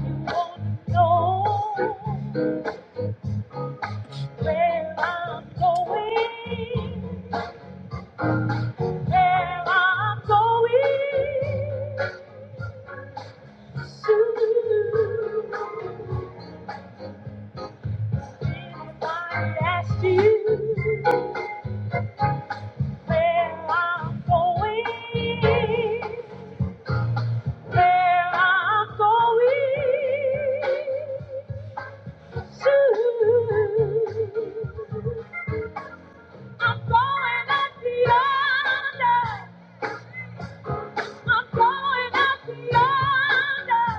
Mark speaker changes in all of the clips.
Speaker 1: You know where I'm going where I'm going soon. If I asked you where I'm going, where I'm going soon. I'm going up the yonder. I'm going out yonder.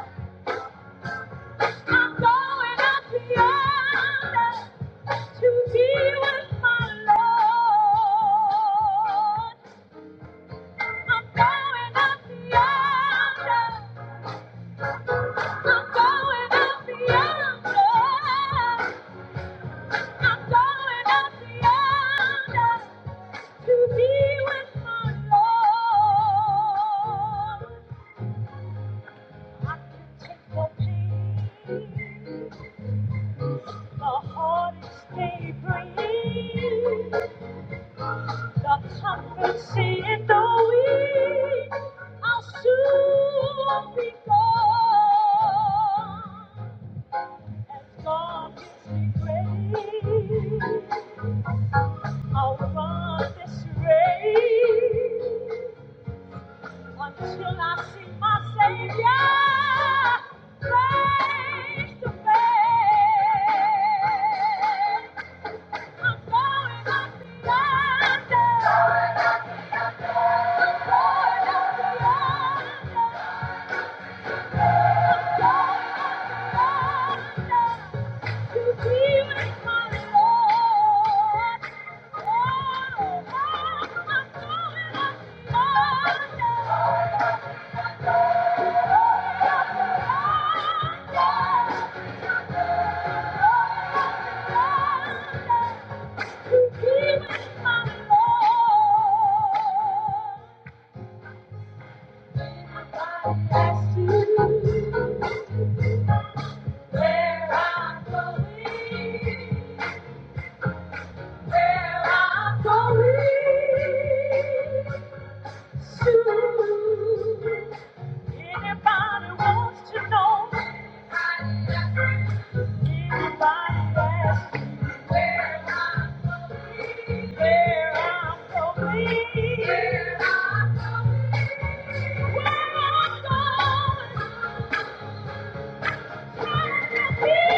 Speaker 1: I'm going out yonder to be with my Lord. I'm going out yonder. I'm going out yonder. I'm going out yonder to be with my Lord. I can take your pain. The hardest day bring the comforting and the weak, I'll soon be gone. As God gives me grace, I'll run this race until I see my Savior face to face. Thank you. That's you. Where I'm going, where I'm going Anybody wants to know? Anybody asks me where I'm going, where I'm going, where I'm going. Yes, I,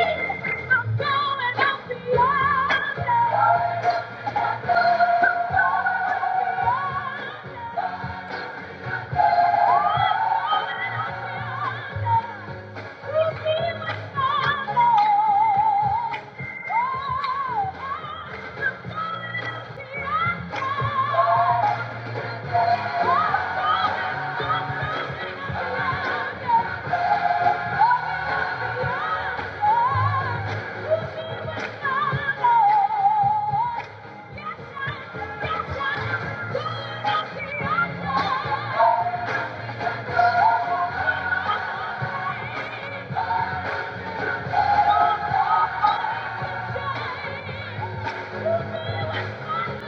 Speaker 1: yes, I,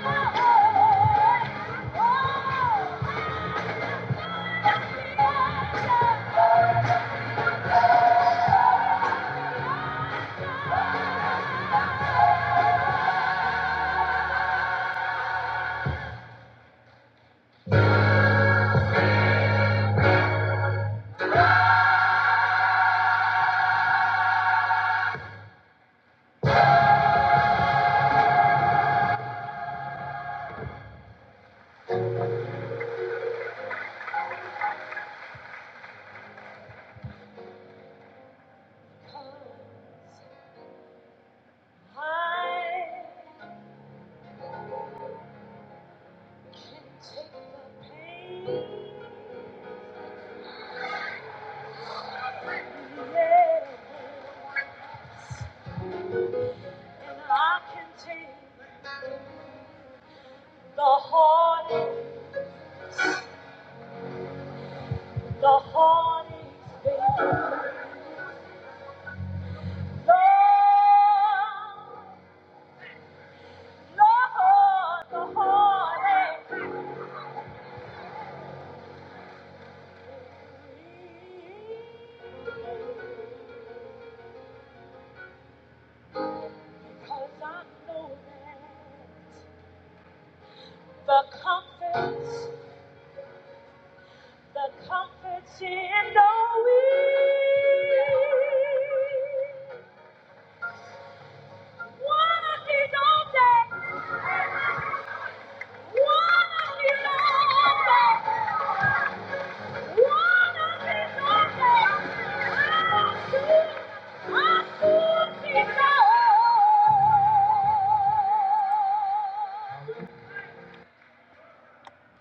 Speaker 1: The heart, the heart is big. Lord, Lord, the heart is big. Cause I know that the comforts, the comforts in knowing one of these old days, one of these old days.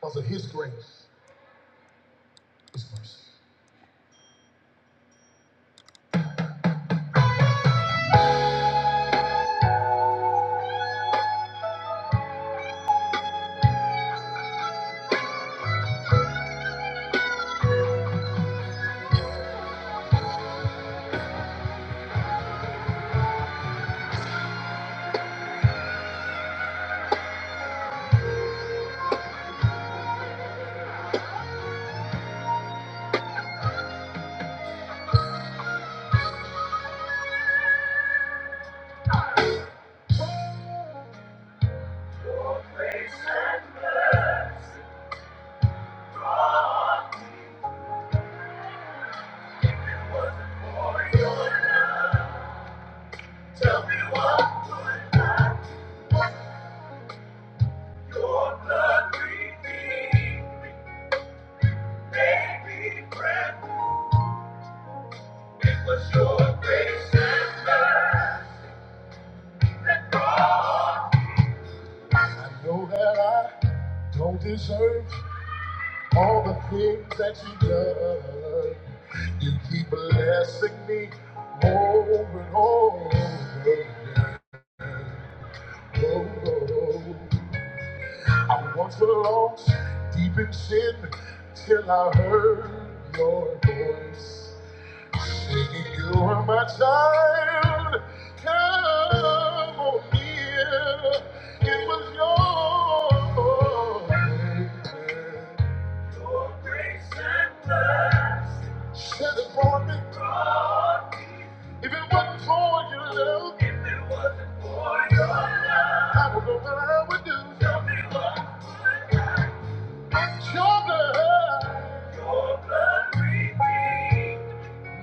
Speaker 1: Because of his grace, his mercy. Tell me me, what Your Your blood redeemed It made me bread. It was your grace and mercy. I know that I don't deserve All the things that you've done, you keep blessing me over and over again. Oh, oh, oh. I once was lost deep in sin till I heard your voice. You are my child, come on here. It was your Your grace and mercy. Said it me. If it wasn't for your love, if it wasn't for your love, I don't know what I would do. Tell me what would I do? Your blood, Your blood redeemed.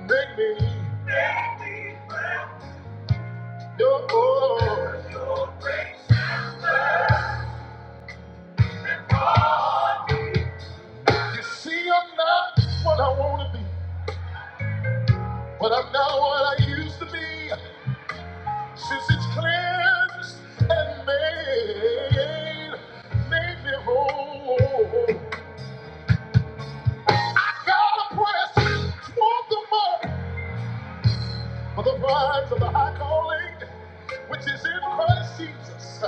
Speaker 1: Make me. Make me fresh. Your, oh. Your grace is fresh. You see, I'm not what I want to be, but I'm not what I used to be. Since it's cleansed and made, made me whole. God, I press, want the more. for the prize of the high calling which is in Christ Jesus.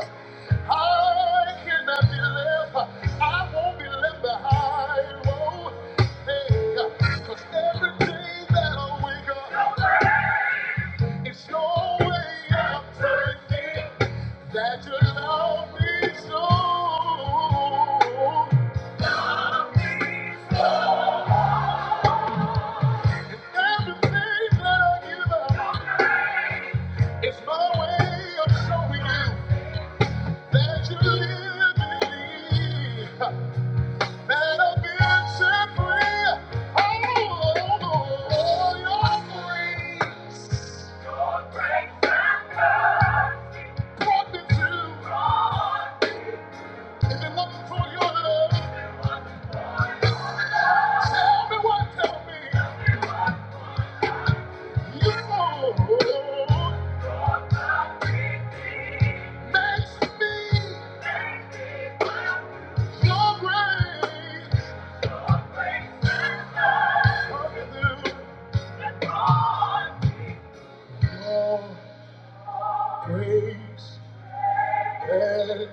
Speaker 1: I cannot be left. I won't be left behind. Whoa, hey, cause every day that I wake up, it's your way of turning that you love me so. And Everything that I give up, it's my way of showing you. That you live in me, that I've been set free. Oh, your grace brought me through. If it wasn't for your love, tell me what, tell me. You makes me your grace brought me through. Your grace and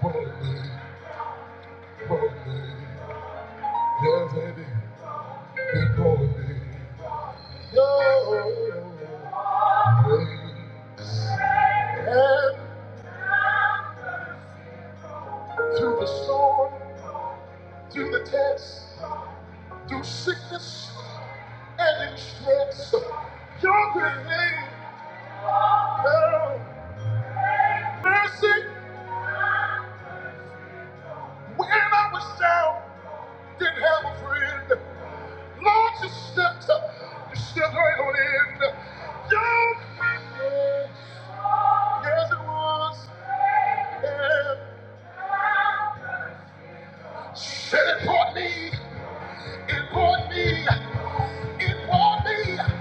Speaker 1: brought me, brought me. Your And through the storm, through the test, through sickness and in stress, your good name held mercy. When I was down, didn't have a friend. Lord, you stepped up, you stepped right on in. Your goodness, yes it was. And said it brought me, it brought me, it brought me.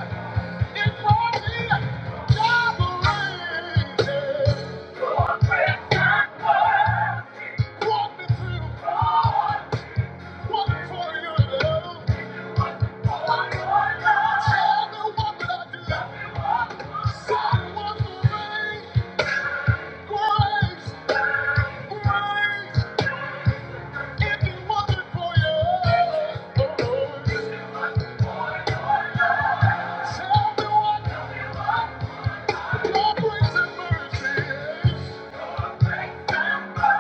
Speaker 1: me. your Tell me what Your grace, Thank you.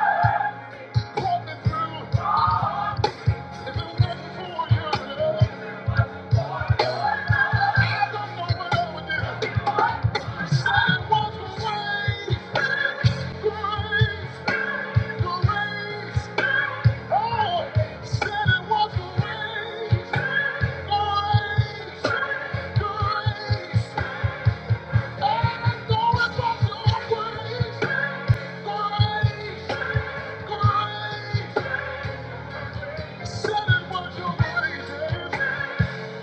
Speaker 1: Grace, grace, said it was your grace. Oh, he keeps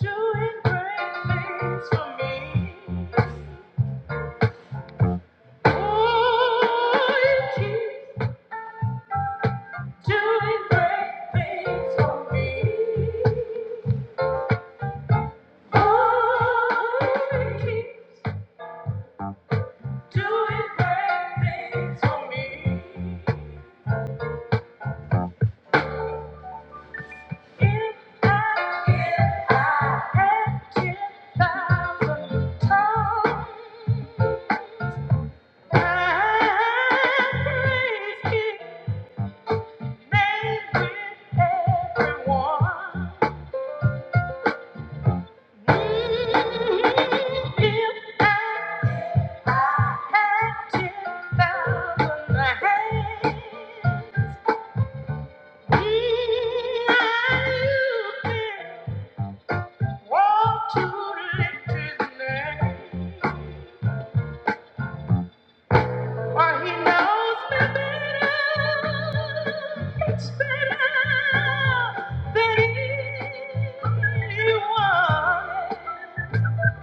Speaker 1: doing great things for me. Oh, you doing great things for me. Oh, you doing great things for me. If I, if I had 10,000 tongues, I'd praise His name with everyone.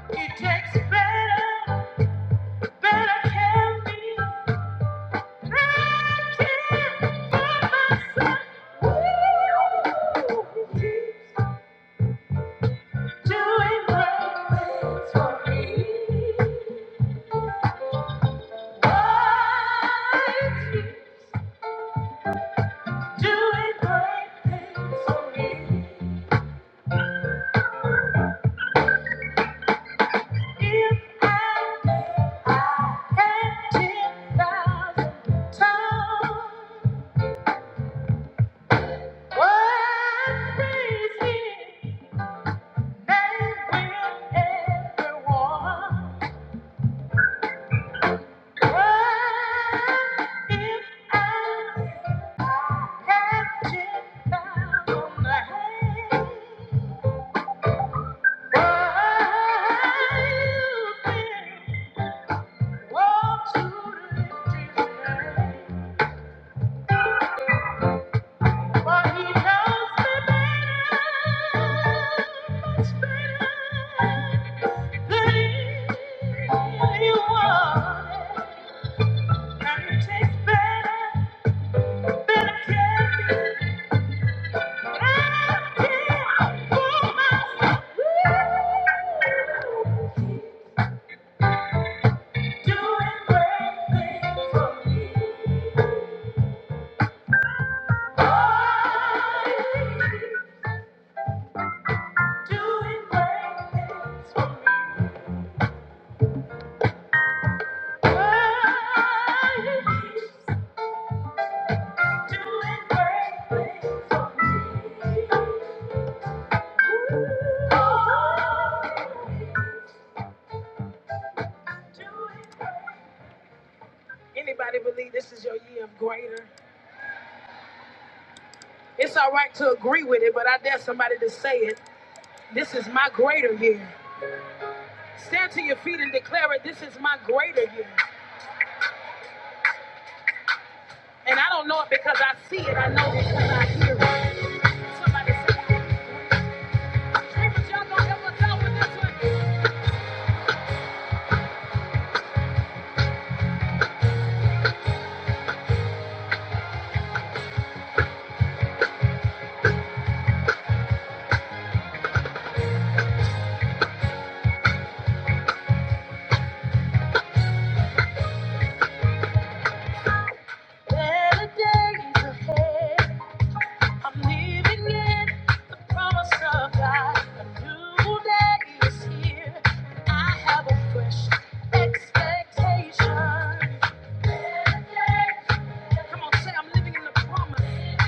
Speaker 1: It takes better, better care of me. Thank you. Doing great things. Anybody believe this is your year of greater? It's all right to agree with it, but I dare somebody to say it. This is my greater year. Stand to your feet and declare it. This is my greater year. And I don't know it because I see it. I know it because I hear it. Somebody say, "Dreamers, y'all gonna help us out with this one." Better days ahead. I'm living in the promise of God. A new day is here. I have a fresh expectation. Come on, say I'm living in the promise.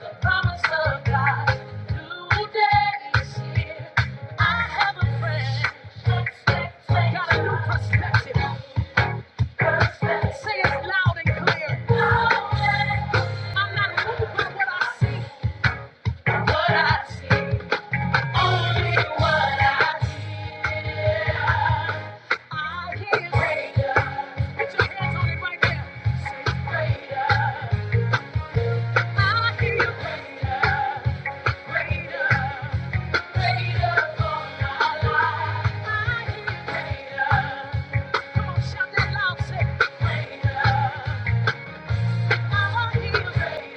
Speaker 1: The promise of God. A new day is here. I have a fresh expectation. Got a new perspective. Say it loud and clear. I'm not moved by what I see. What I see, only what I see. I hear greater. Put your hands on it right there. I hear greater, greater, greater for my life. I hear greater. Come on, shout that loud, say, I hear greater,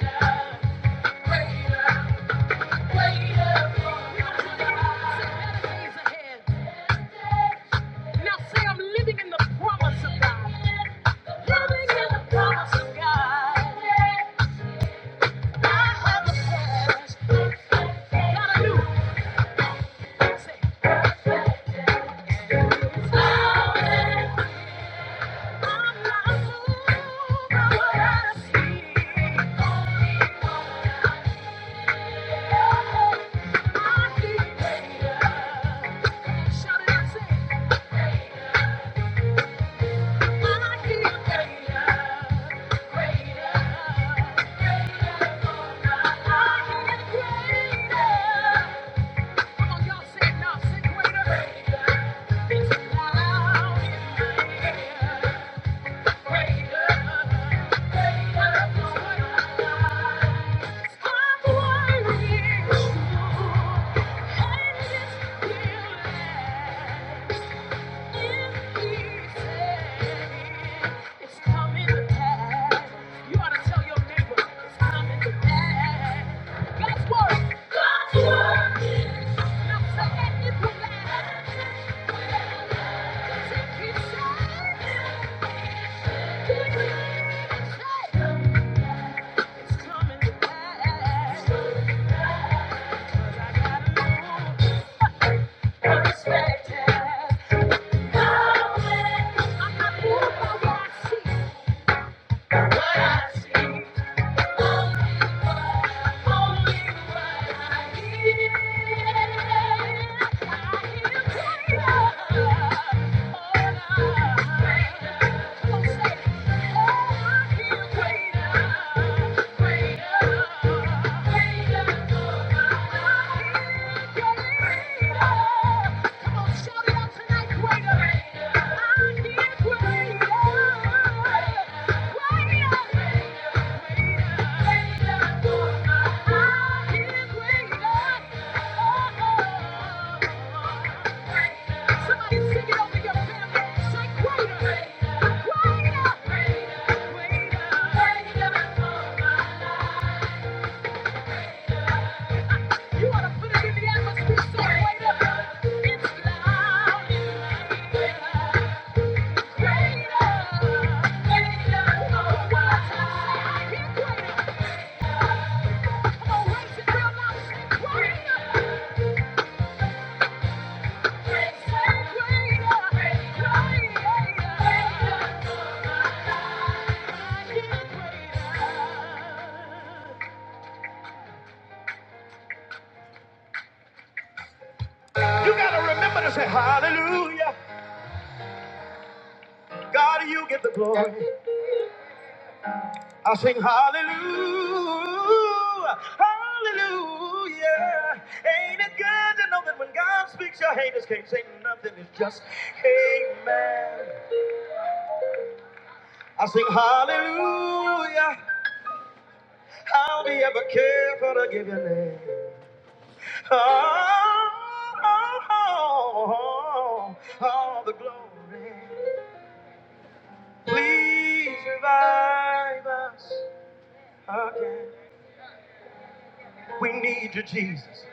Speaker 1: for my life. better days ahead. Now say, I'm living in the promise of God. Living in the promise of God. Greater. Yeah. It's coming to You ought to tell your neighbor it's coming to God's word. God's word. Now say that it will last. Take it safe. Do it safe. It's coming to pass. It's coming to pass. 'Cause I got a new perspective. No way. I'm not moved by what I see. Greater, greater, greater. Come on, shout it out tonight. Somebody sing it over your family. Say, greater, greater, greater. You ought to put it in the atmosphere. Say, greater. It's loud. Ain't it good to know that when God speaks, your haters can't say nothing. It's just amen. I sing hallelujah. I'll be ever careful to give your name. Oh, oh, oh, oh, all the glory. Please revive us again. We need you, Jesus.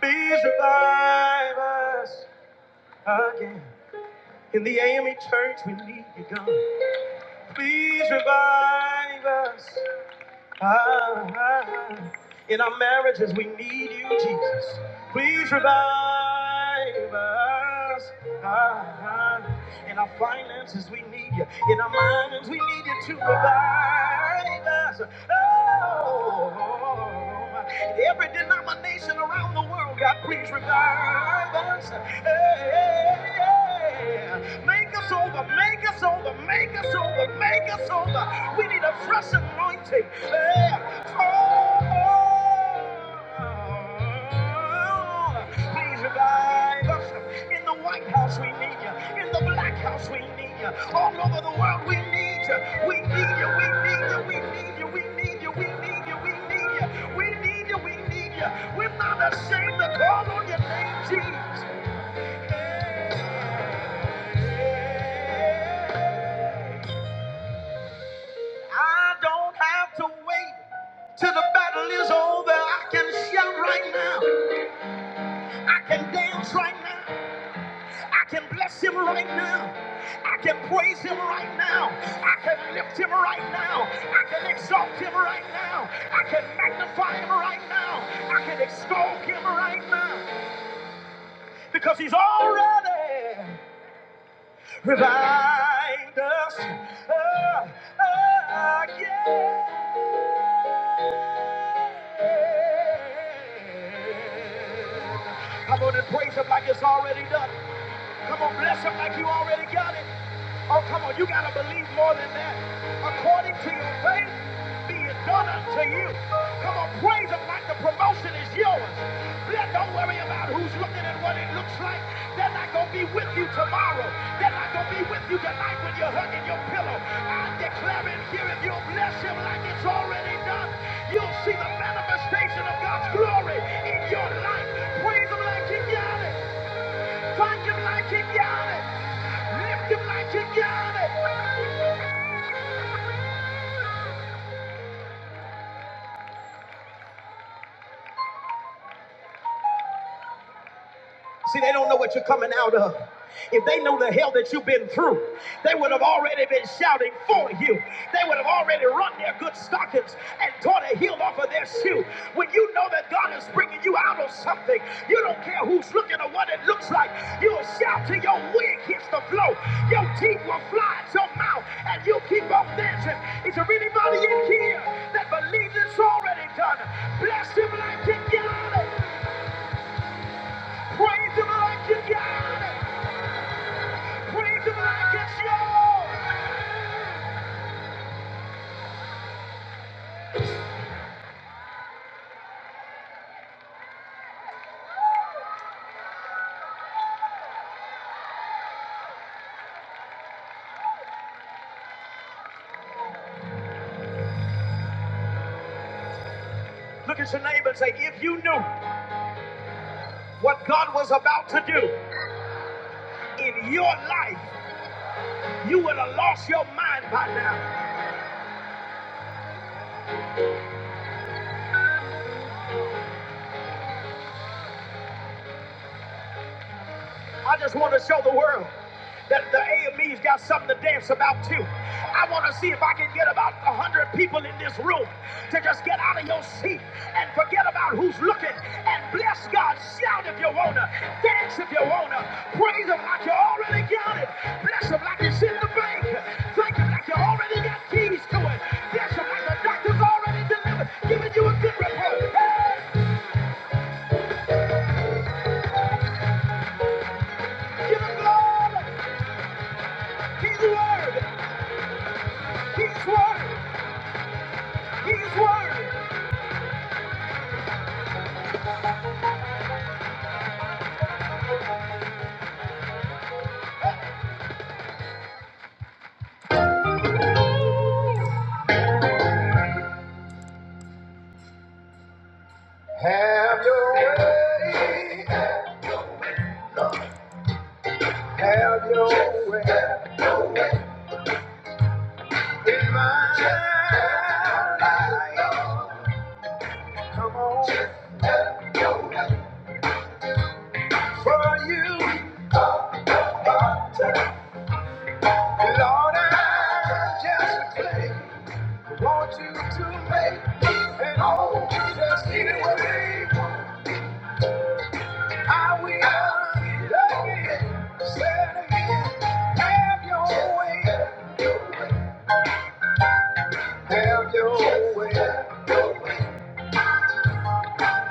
Speaker 1: Please revive us again. In the AME church, we need you, God. Please revive us Ah, ah, ah. In our marriages, we need you, Jesus. Please revive us. Ah, ah. In our finances, we need you. In our minds, we need you to revive us. Oh, oh, oh, oh world, Every denomination around the world, God, please revive us. Hey, hey, hey. Make us over, make us over, make us over, make us over. We need a fresh anointing. Hey, oh, please revive us. In the White House, we need you. In the Black House, we need you. All over the world, we need you. We need you. We need you. We need you. We need you. We need you. We need you. We need you. We need you. We're not ashamed to call on your name, Jesus. I don't have to wait till the battle is over. I can shout right now. I can dance right now. I can bless him right now. I can praise him right now. I can lift him right now. I can exalt him right now. I can magnify him right now. I can extol him right now. Because he's already revived us uh, again. Come on and praise him like it's already done. Come on, bless him like you already got it. Oh, come on, you gotta believe more than that. According to your faith, be it done unto you. Come on, praise Him like the promotion is yours. Let- Don't worry about who's looking and what it looks like. They're not gonna be with you tomorrow. They're not gonna be with you tonight when you're hugging your pillow. I am declaring here, if you'll bless Him like it's already done, you'll see the manifestation of God's glory in your life. Praise Him like you got it. Thank him like he got it. Lift him like he got it. See, they don't know what you're coming out of. If they know the hell that you've been through, they would have already been shouting for you. They would have already run their good stockings and torn a heel off of their shoe. When you know that God is bringing you out of something, you don't care who's looking or what it looks like. You'll shout till your wig hits the floor. Your teeth will fly out your mouth, and you'll keep on dancing. Is there anybody in here that believes it's already done? Bless him like you got it. Praise him like you got it. Praise him like it's yours. Look at your neighbor and say, if you knew what God was about to do in your life, you would have lost your mind by now. I just want to show the world that the AME's got something to dance about too. I want to see if I can get about a hundred people in this room to just get out of your seat and forget about who's looking and bless God. Shout if you wanna, dance if you wanna, praise Him like you already got it, bless Him like it's in the bank, thank Him like you already got keys to it, bless Him like the doctor's already delivered, giving you a good report. Hey, give Him glory. He's worthy. He's worthy. He's worthy. Have your way. Have your way. in My life. Come on. For you, Lord, I just pray. Want you to make an old just leave it with me. I will love it. Say it again. Have your way. Have your way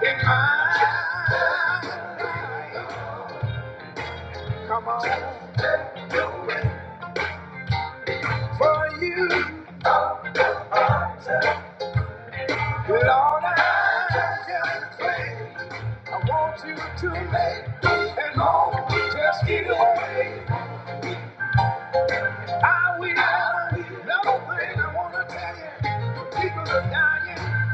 Speaker 1: in my Come on. For you, Lord, I just pray. I want you to make and all just get away. I will. Another thing I want to tell you, people are dying.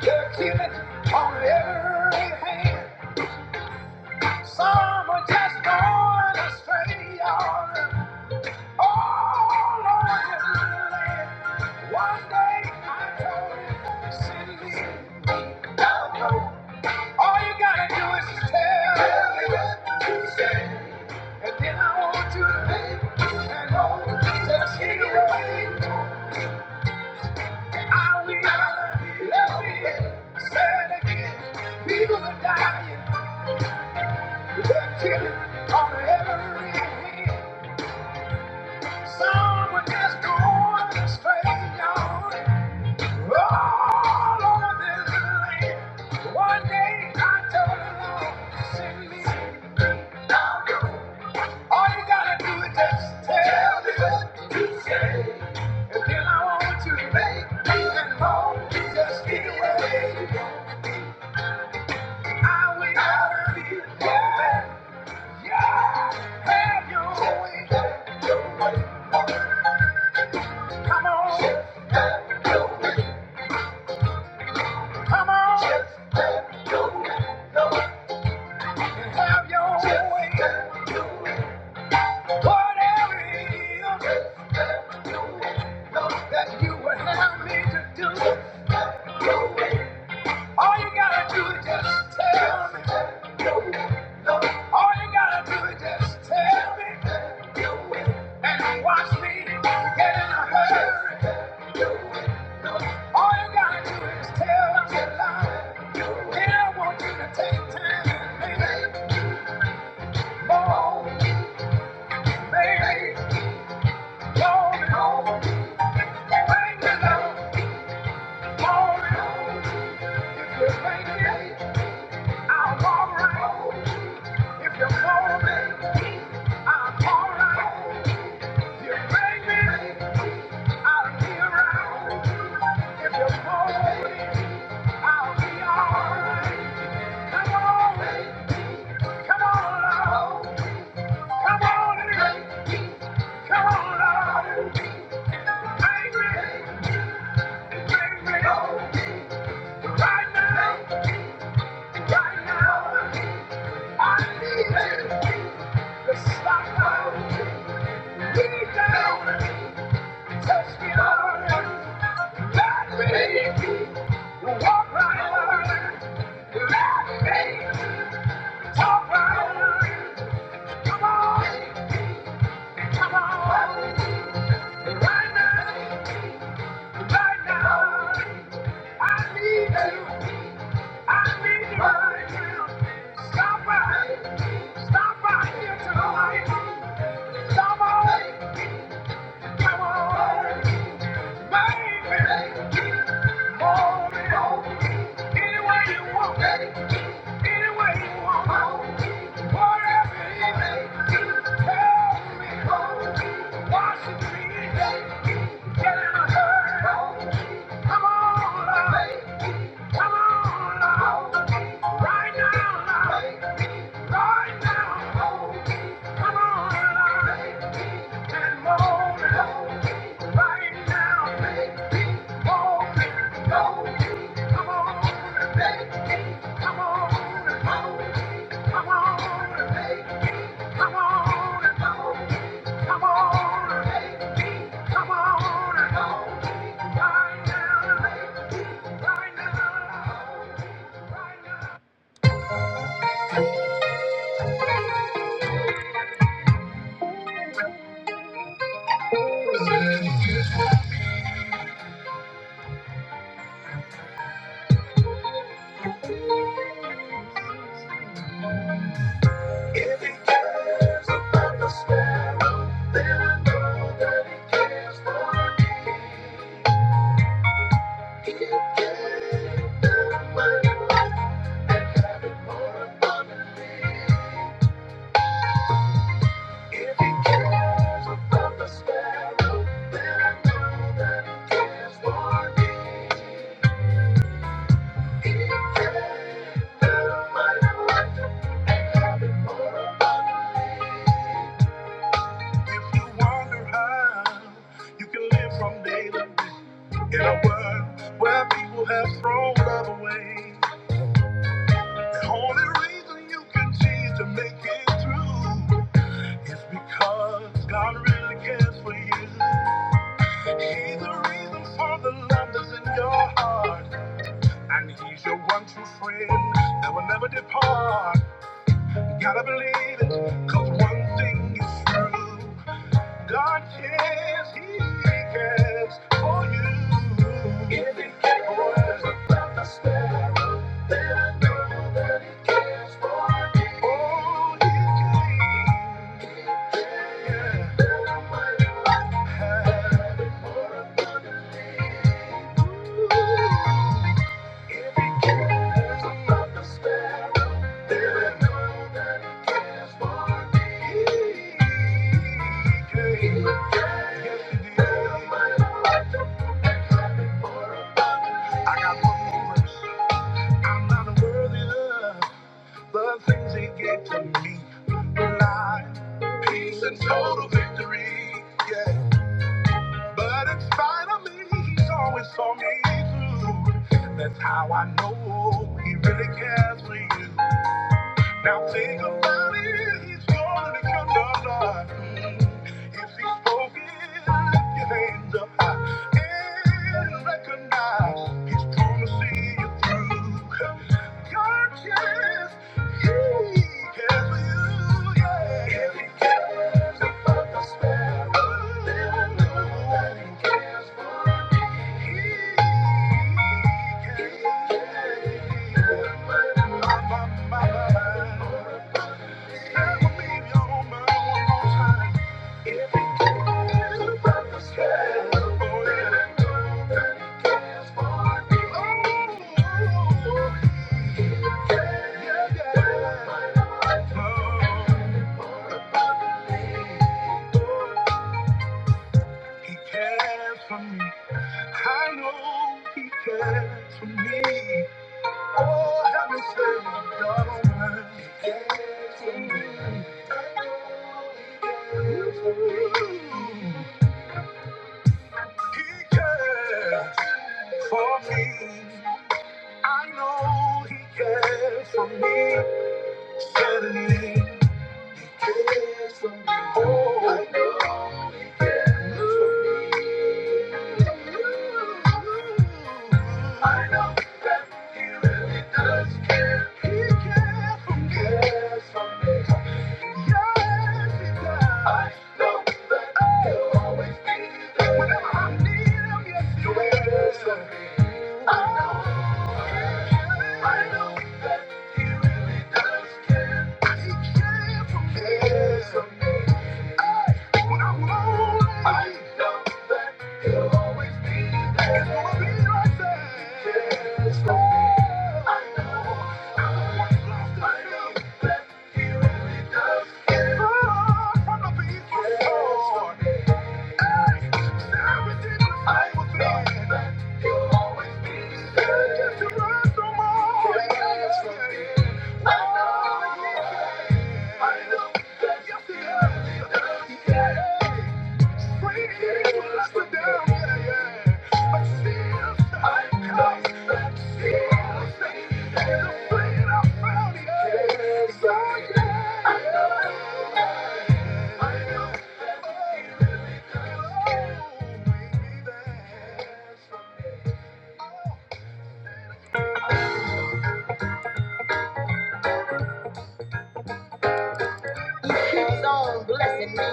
Speaker 1: They're killing on every hand. Some are just going astray, y'all. All over the land. One day I told him, send me down the road. All you gotta do is just tell me what you say. And then I want you to leave. And oh, just hit it away. I will let me say it again. People are dying. They're killing on every hand. Someone is going astray, y'all. All over this land. One day I told the Lord, send me. All you gotta do is just tell me what you say. And then I want you to make me and more. You just feel it. away. I will never be yeah. Yeah. Have your way. Come on, come on. And have your way. Whatever it is that you would have me to do. All you gotta do is just tell me. All you gotta do is just tell me. and watch me get in a hurry. All you gotta do is tell us a lie. Then I want you to take time and think more, baby, more and more. Bang me up, more and more. If you bang it, I'll walk right. If you call me, I'll call right. You bring me, I'll be around. If you call me, I'll be alright. Come on, come on, love. Come on, baby. come on, love. Bring me, bring me Right now, right now. I need you to stop. Get down. Stop right here tonight. Stop right. Come on, baby. Mold it on. Any way you want. Any way you want. Whatever it is. Tell me. Wash it clean. Get in a hurry. Come on, love. Come on, love. Right now, love. Thank you. In a world where people have thrown love away, the only reason you continue to make it through is because God really cares for you. He's the reason for the love that's in your heart. And he's your one true friend that will never depart. Gotta believe it, cause one thing is true. God cares, he cares for you. If it cares, he cares. Yes, he did. I got one more verse. I'm not worthy of the things he gave to me. Life, peace, and total victory. Yeah. But in spite of me, he's always saw me through. That's how I know he really cares for you. Now think about it, he's gonna become the blood. If he's spoke it, your hands up high and recognize he's gonna see you through. Your chance, he cares for you, yeah. If he cares about the sparrow, then know that he cares for me. He cares about my Thank you. He cares for me. I know he cares for me. Certainly he cares for me. Oh, I know he cares for me. I know that he really does care. He cares for me. Cares for me. Yes, he does. I know that he'll always be there. Whenever I need him, yes, he is. I know. Yes, he is. Keeps on blessing me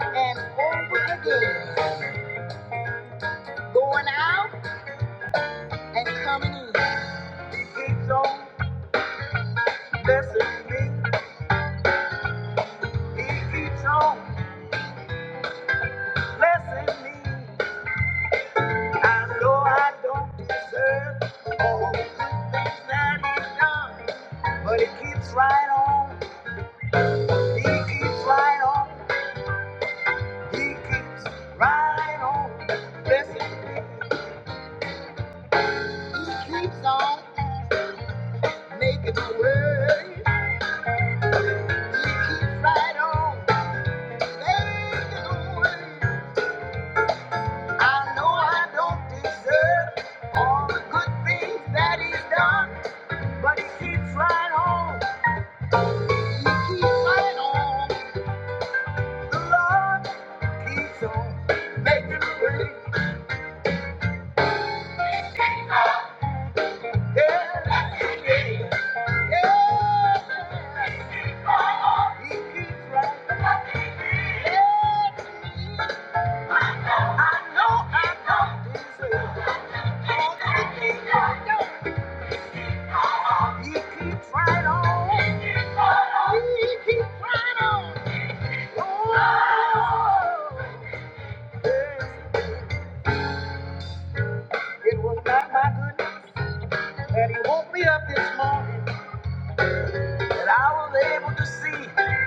Speaker 1: and born again, going out, coming in. He keeps right on. Hey, I know I don't deserve all the good things that he's done, but he keeps right on. He keeps right on. The Lord keeps on making a way. Yeah, yeah.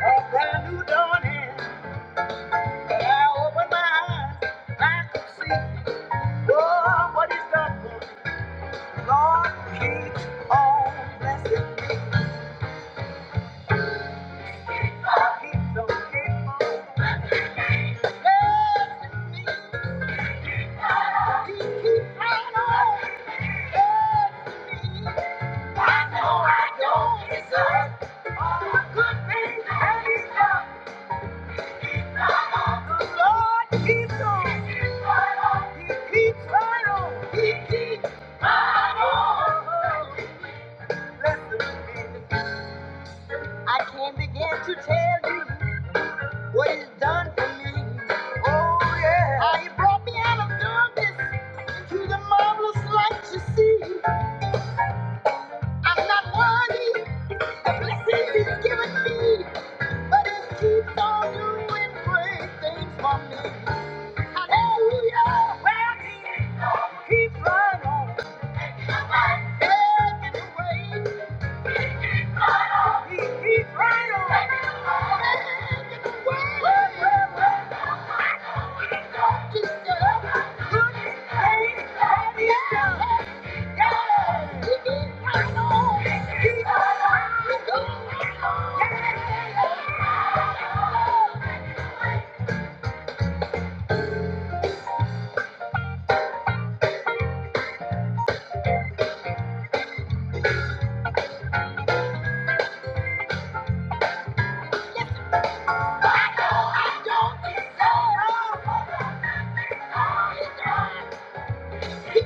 Speaker 1: Up and I open my eyes, I can see oh, what he's done for me. Lord keeps on blessing. Keeps on, keeps on. blessing. Oh yeah. How you brought me out of darkness into the marvelous light you see. I'm not worthy of blessings he's given me, but he keeps on doing great things for me. Hallelujah. Well, he keeps right on. Making a way. He keeps right on. He keeps right on. He keeps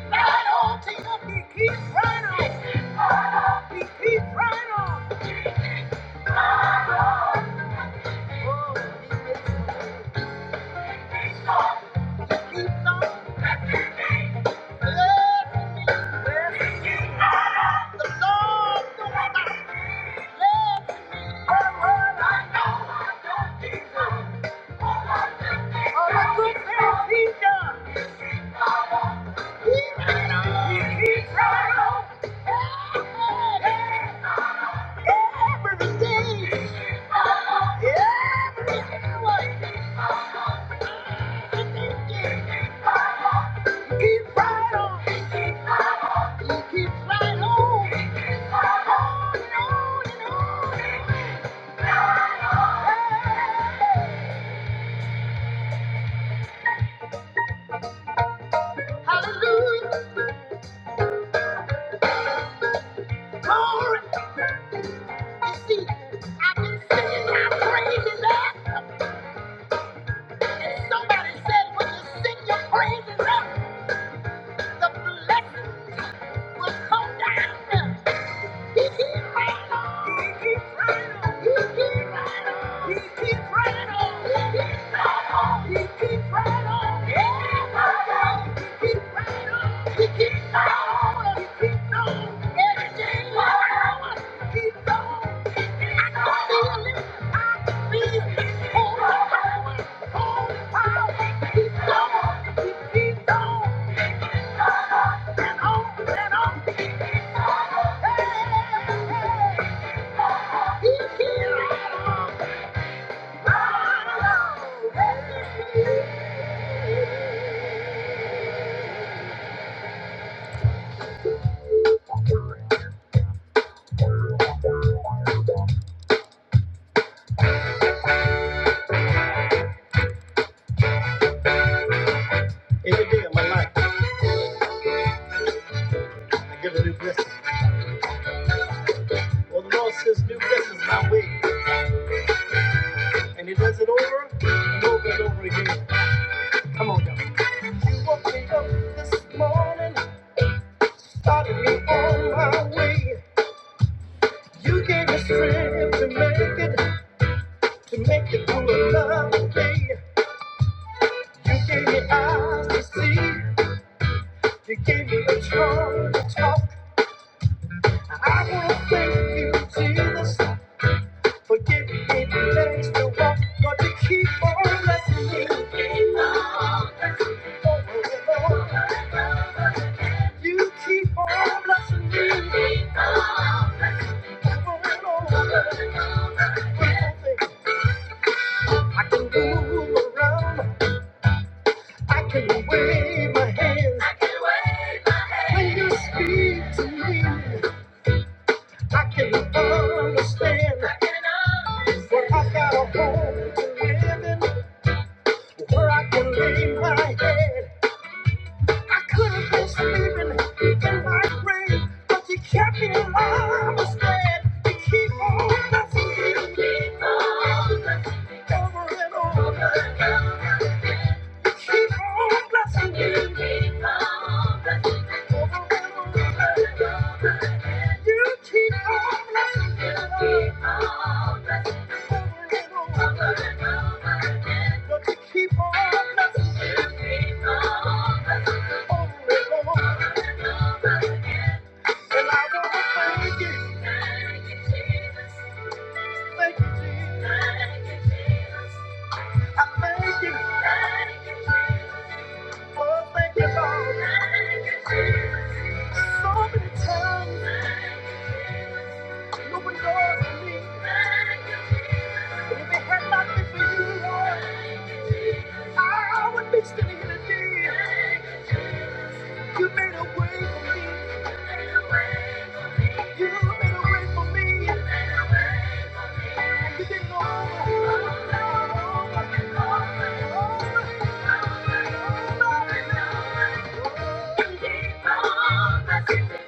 Speaker 1: right on. He keeps right on. Keep right on. Keep on. Yeah. Yeah. The Lord will not let her lie down. Oh, the good things he He keeps right on. Every day, every hour, every day. Keep right on. When you sing your praises up, the blessings will come down. Every day of my life, I get a new blessing. Well, the Lord says new blessings my way, and He does it over and over and over again. You gave me strength to make it, to make it through another day. You gave me eyes to see. You gave me a tongue to talk. I want to thank you, Jesus, for giving me the legs to walk. God, you keep on blessing me. Over and over and around me. I can understand what I got. heard. I could have been sleeping in my grave, but you kept me alive instead. You keep on blessing me. You keep on blessing me. Over and over again. You keep on blessing me. You keep on blessing me. Over and over again. You keep on blessing me. You keep on blessing me. Over and over again. Keep on blessing. Keep on blessing. Over and over. And I want to thank you. Thank you, Jesus. Thank you, Jesus. I thank you. Thank you, Jesus. Oh, thank you, Lord. So many times. open doors for me. If it had not been for you, Lord, I would be standing here today. You made a way for me. You made a way for me. And you did it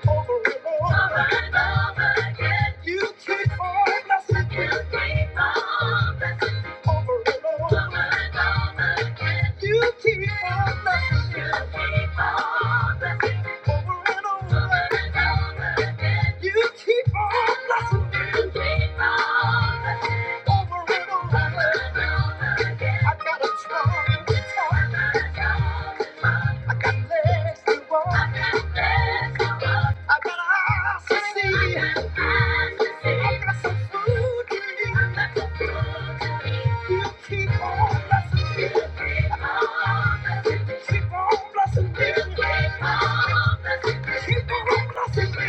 Speaker 1: over and over. again. You keep on blessing me. Over and over. again. You keep on blessing me. Over and over. I gotta try. I got legs to walk. I got eyes to see. I got some food to eat. You keep on blessing me. keep on blessing me. Keep on blessing me. You keep on blessing me. Keep on blessing me.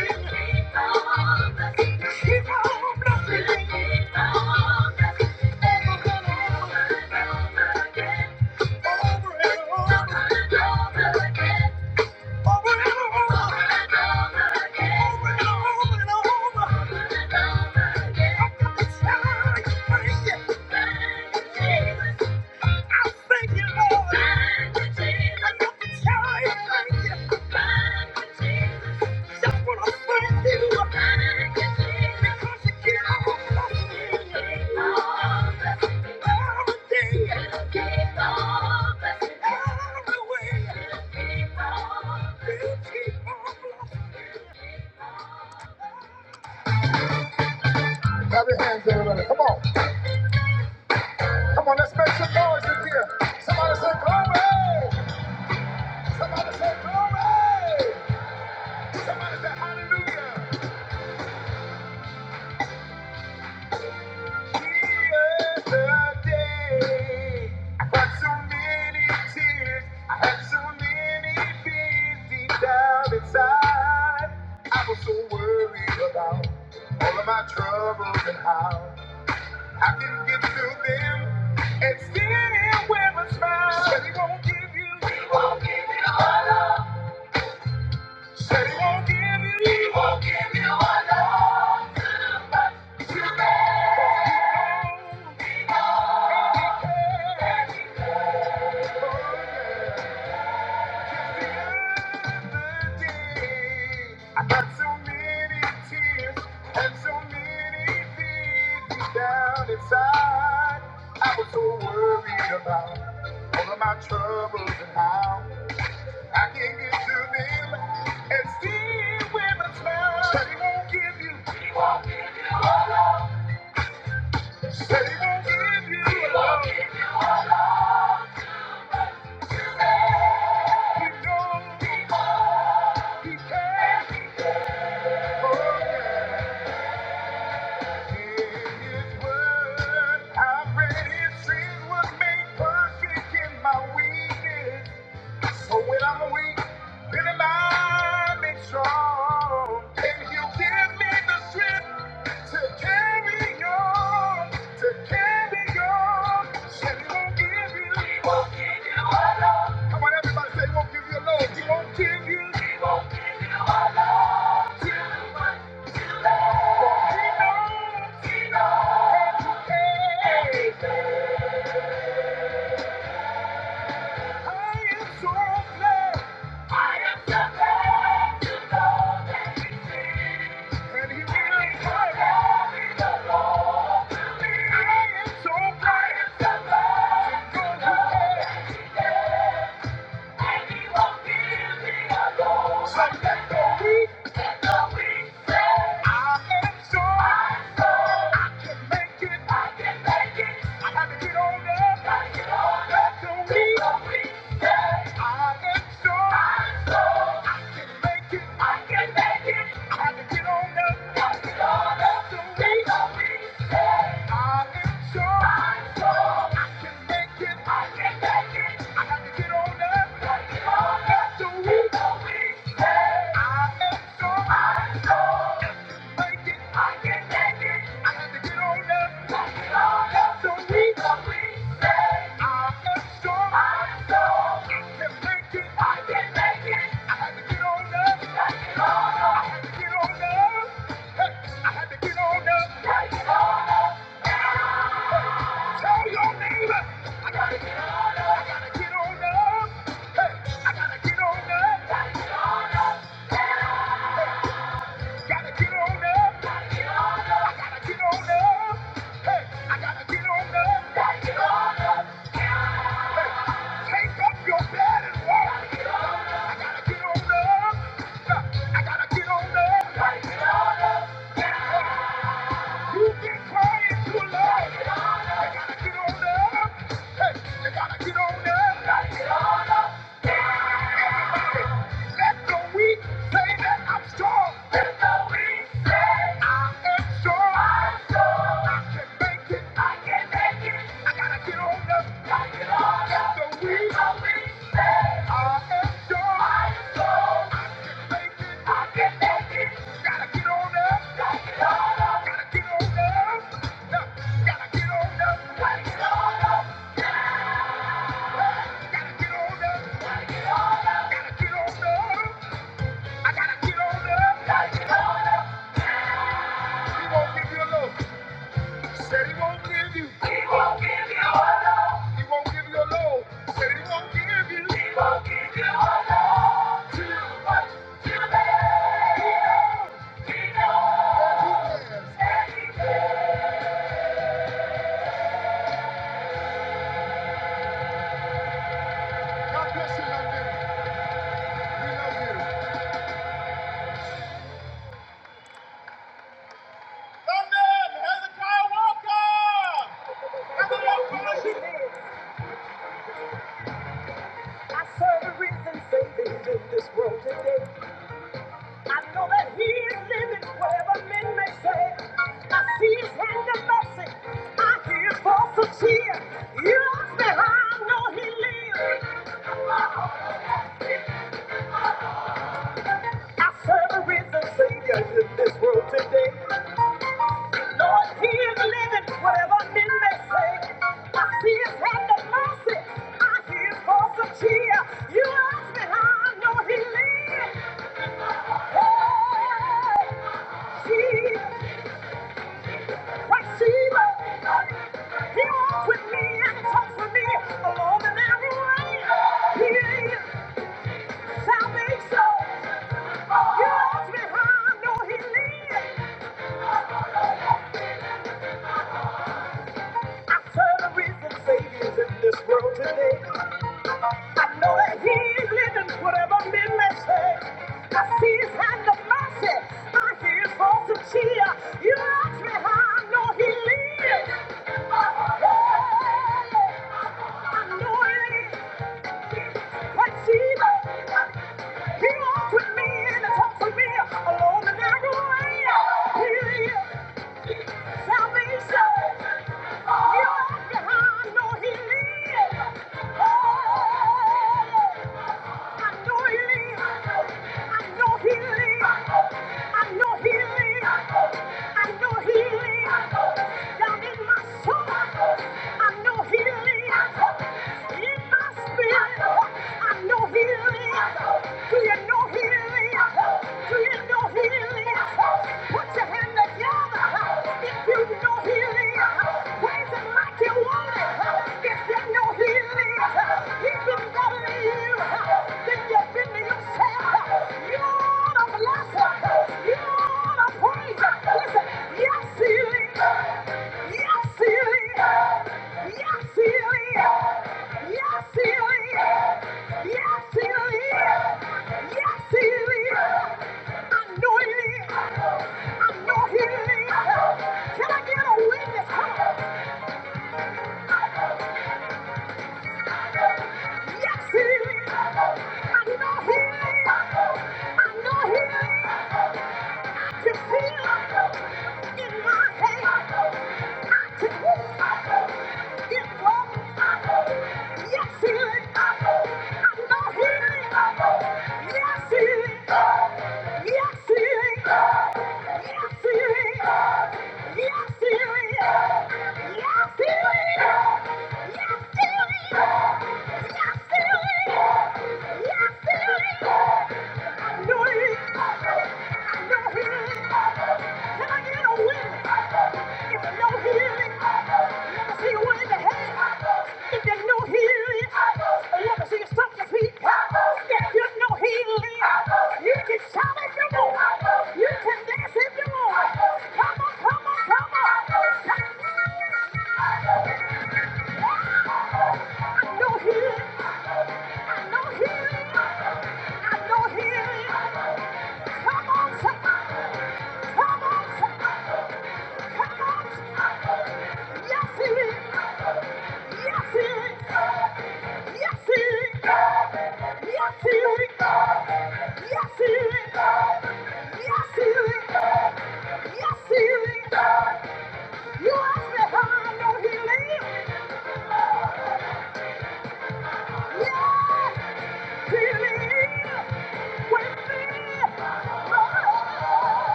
Speaker 1: Thank you. He won't give care. I got so many tears and so many things down inside. I was so worried about all of my troubles and how I can get to them and see with a smile. Said he won't give you, said he won't give you. He won't give you. don't care for you. Come on, everybody say, won't give you love. won't give you. I am so glad. I am so glad to know. And he will. forever be the Lord. I can make it. I can make it. I had to get on up. I Hey! Gotta get on up. I gotta get on up. Hey, I gotta get on up. Gotta get on up. Hey, take up your bed and walk. I gotta get on up. I gotta get on up. Gotta get on up. Hey, hey. You've been crying too long. They gotta get on up. Hey, they gotta get on up. Gotta get on up. Everybody, let the weak say that I'm strong. Let the weak say I am strong. I'm strong. I can make it. I can't make it. I gotta get on up. Gotta get on up. So we so we say, I am strong. I am strong. I can make it. I can make it. Gotta get on up. Gotta get on up. Gotta get on up. Up. Gotta get on up. Gotta get on up. Gotta get on up. Gotta get on up. Get on up. He won't give you a low. Said he won't give you. He won't give you a low. Said he won't give you. He won't give you. Oh, he has. God bless you, young man. I serve a risen Savior in this world today. I know that He is living wherever men may say. I see His hand of mercy. I hear His voice of cheer. Years I know He lives. I serve a risen Savior in this world today. Lord, He is living, whatever men may say. I see His hand of mercy. I hear His voice of cheer. You ask me how I know He lives. Oh, Jesus, Christ, Jesus. He walks with me and He talks with me along in every way. He is salvation. You ask me how I know He lives. I'm Trying to reason saviors in this world today. I know that he's living whatever men may say. I see his hand of mercy. I hear his voice of cheer. You ask me how I know he lives. I know it is like Jesus. He walks with me and he talks with me along the narrow way. He lives. Do you know he lives? Do you know he lives? Listen, yes, healing. Yes, healing. Yes, healing. Yes, healing. Yes, healing. Yes, healing. I know healing. I know healing. Can I get a witness? Come on. Yes, I know healing. I know healing. Yes, I know healing. I know healing. ain't I get a witness? If you know he ain't see you in the head. If you know he ain't see you stomp your feet. If you know he you can shout if you want. You can dance if you want. Come on, come on, come on. I know he I know he I know he ain't. Come on, somebody. Yes, yes, yes.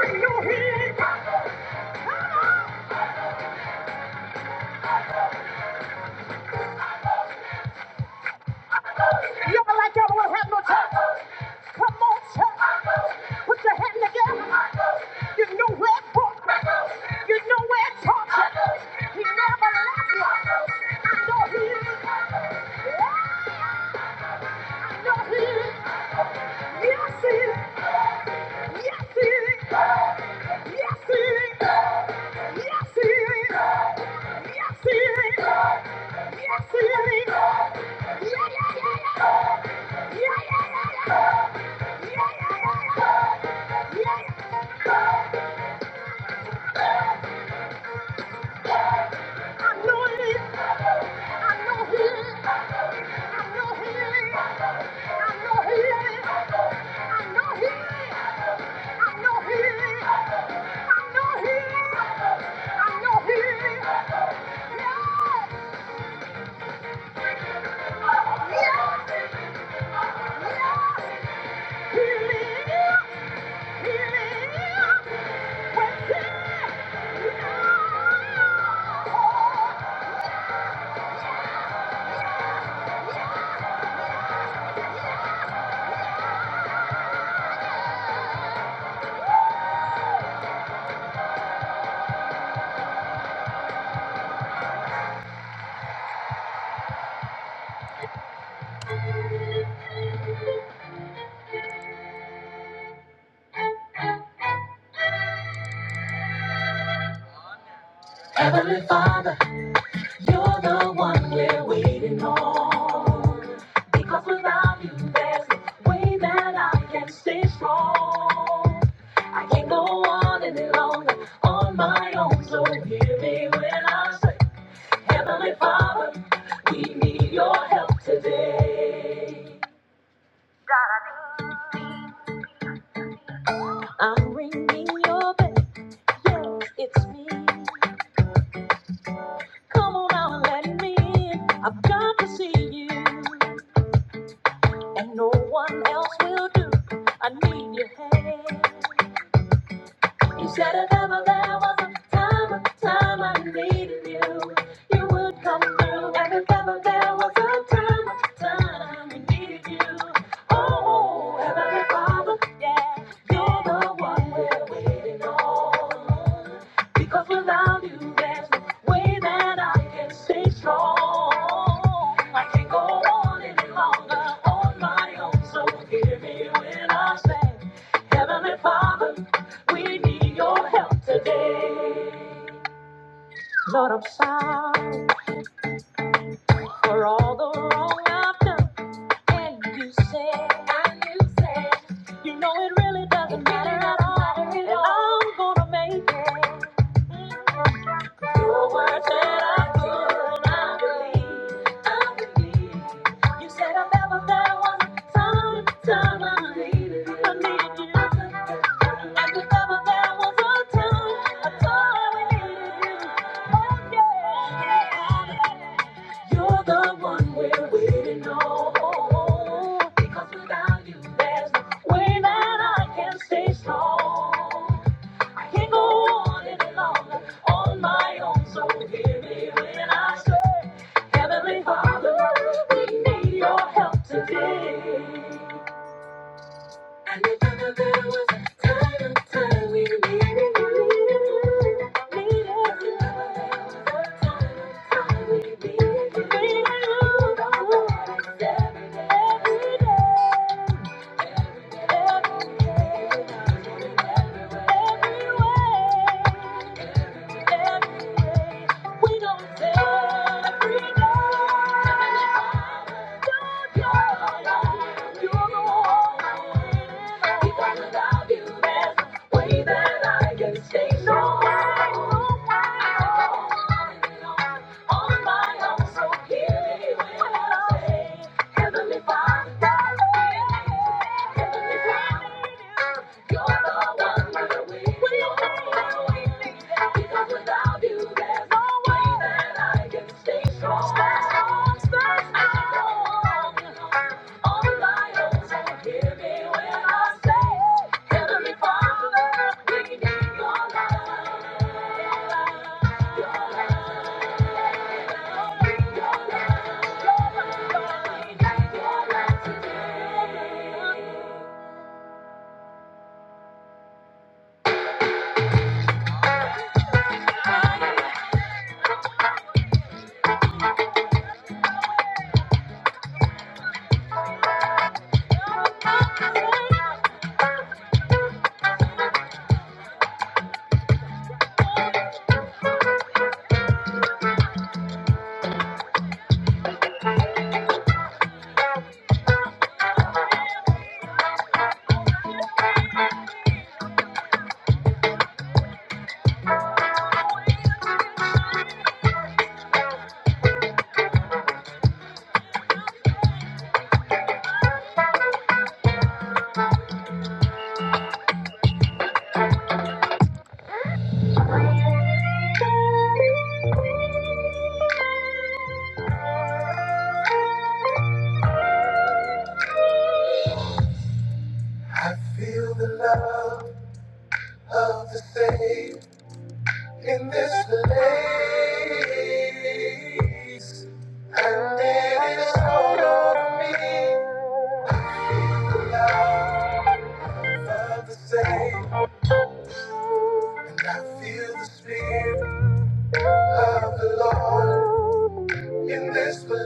Speaker 1: I know Yeah. You ever like y'all will not have no church? Come on, church. Put your hand together. You know where it brought you. You know where it taught you. He never left you. I know he is. Yeah, I know he is. Yes, he is. Yes, he is. Yes, he is. Yes, he is. Yes, he is. Yes, he is. Yeah, yeah, yeah, yeah. Yeah, yeah, yeah, yeah. Yeah, yeah, yeah, yeah. Yeah, yeah. I know healing. I know healing. I know healing. I know healing. I know healing. I know healing. I know healing. I know healing. Yes. Yes. Yes. Healing. Healing. Within. Yes. Heavenly Father. You're the one we're waiting on. Because without you, there's no way that I can stay strong. I can't go on any longer on my own. So hear me when I say, Heavenly Father, we need your help today. I'm ringing your bell. Yes, it's me. Come on out and let me in. I've got to see you. and no one else will do. I need your hand. You said if ever there was a time, a time I needed you, you would come through. And if ever there was a time, a time we needed you, oh, Heavenly Father, yeah, you're the one we're waiting on. Because without you, there's no way that I can stay strong. I can't go on any longer on my own, so hear me when I say, Heavenly Father. We need your help today. Lord, I'm sorry for all the wrong I've done. And you said, and you said, you know it really doesn't really matter at all. and I'm gonna make it. Your word said i could good, I believe, I believe. You said i ever there was a time, time I needed you. I needed you. Like if ever there was a time, a time we needed you. Oh yeah. You're the one we're waiting on. Because without you, there's no way that I can stay strong. Can't go on any longer on my own, so hear me when I say, Heavenly Father, we need your help today. And if ever there was a time, a time we needed you, needed you, needed you. there was a time, a time we needed you, needed you. The Lord is every day, every day, every day, every day, every way. Stay strong. On my own, so hear me when I say, Heavenly Father. Heavenly Father, we need your love, your love. In this place, and it is all over me. I Love the same, and I feel the spirit of the Lord in this place.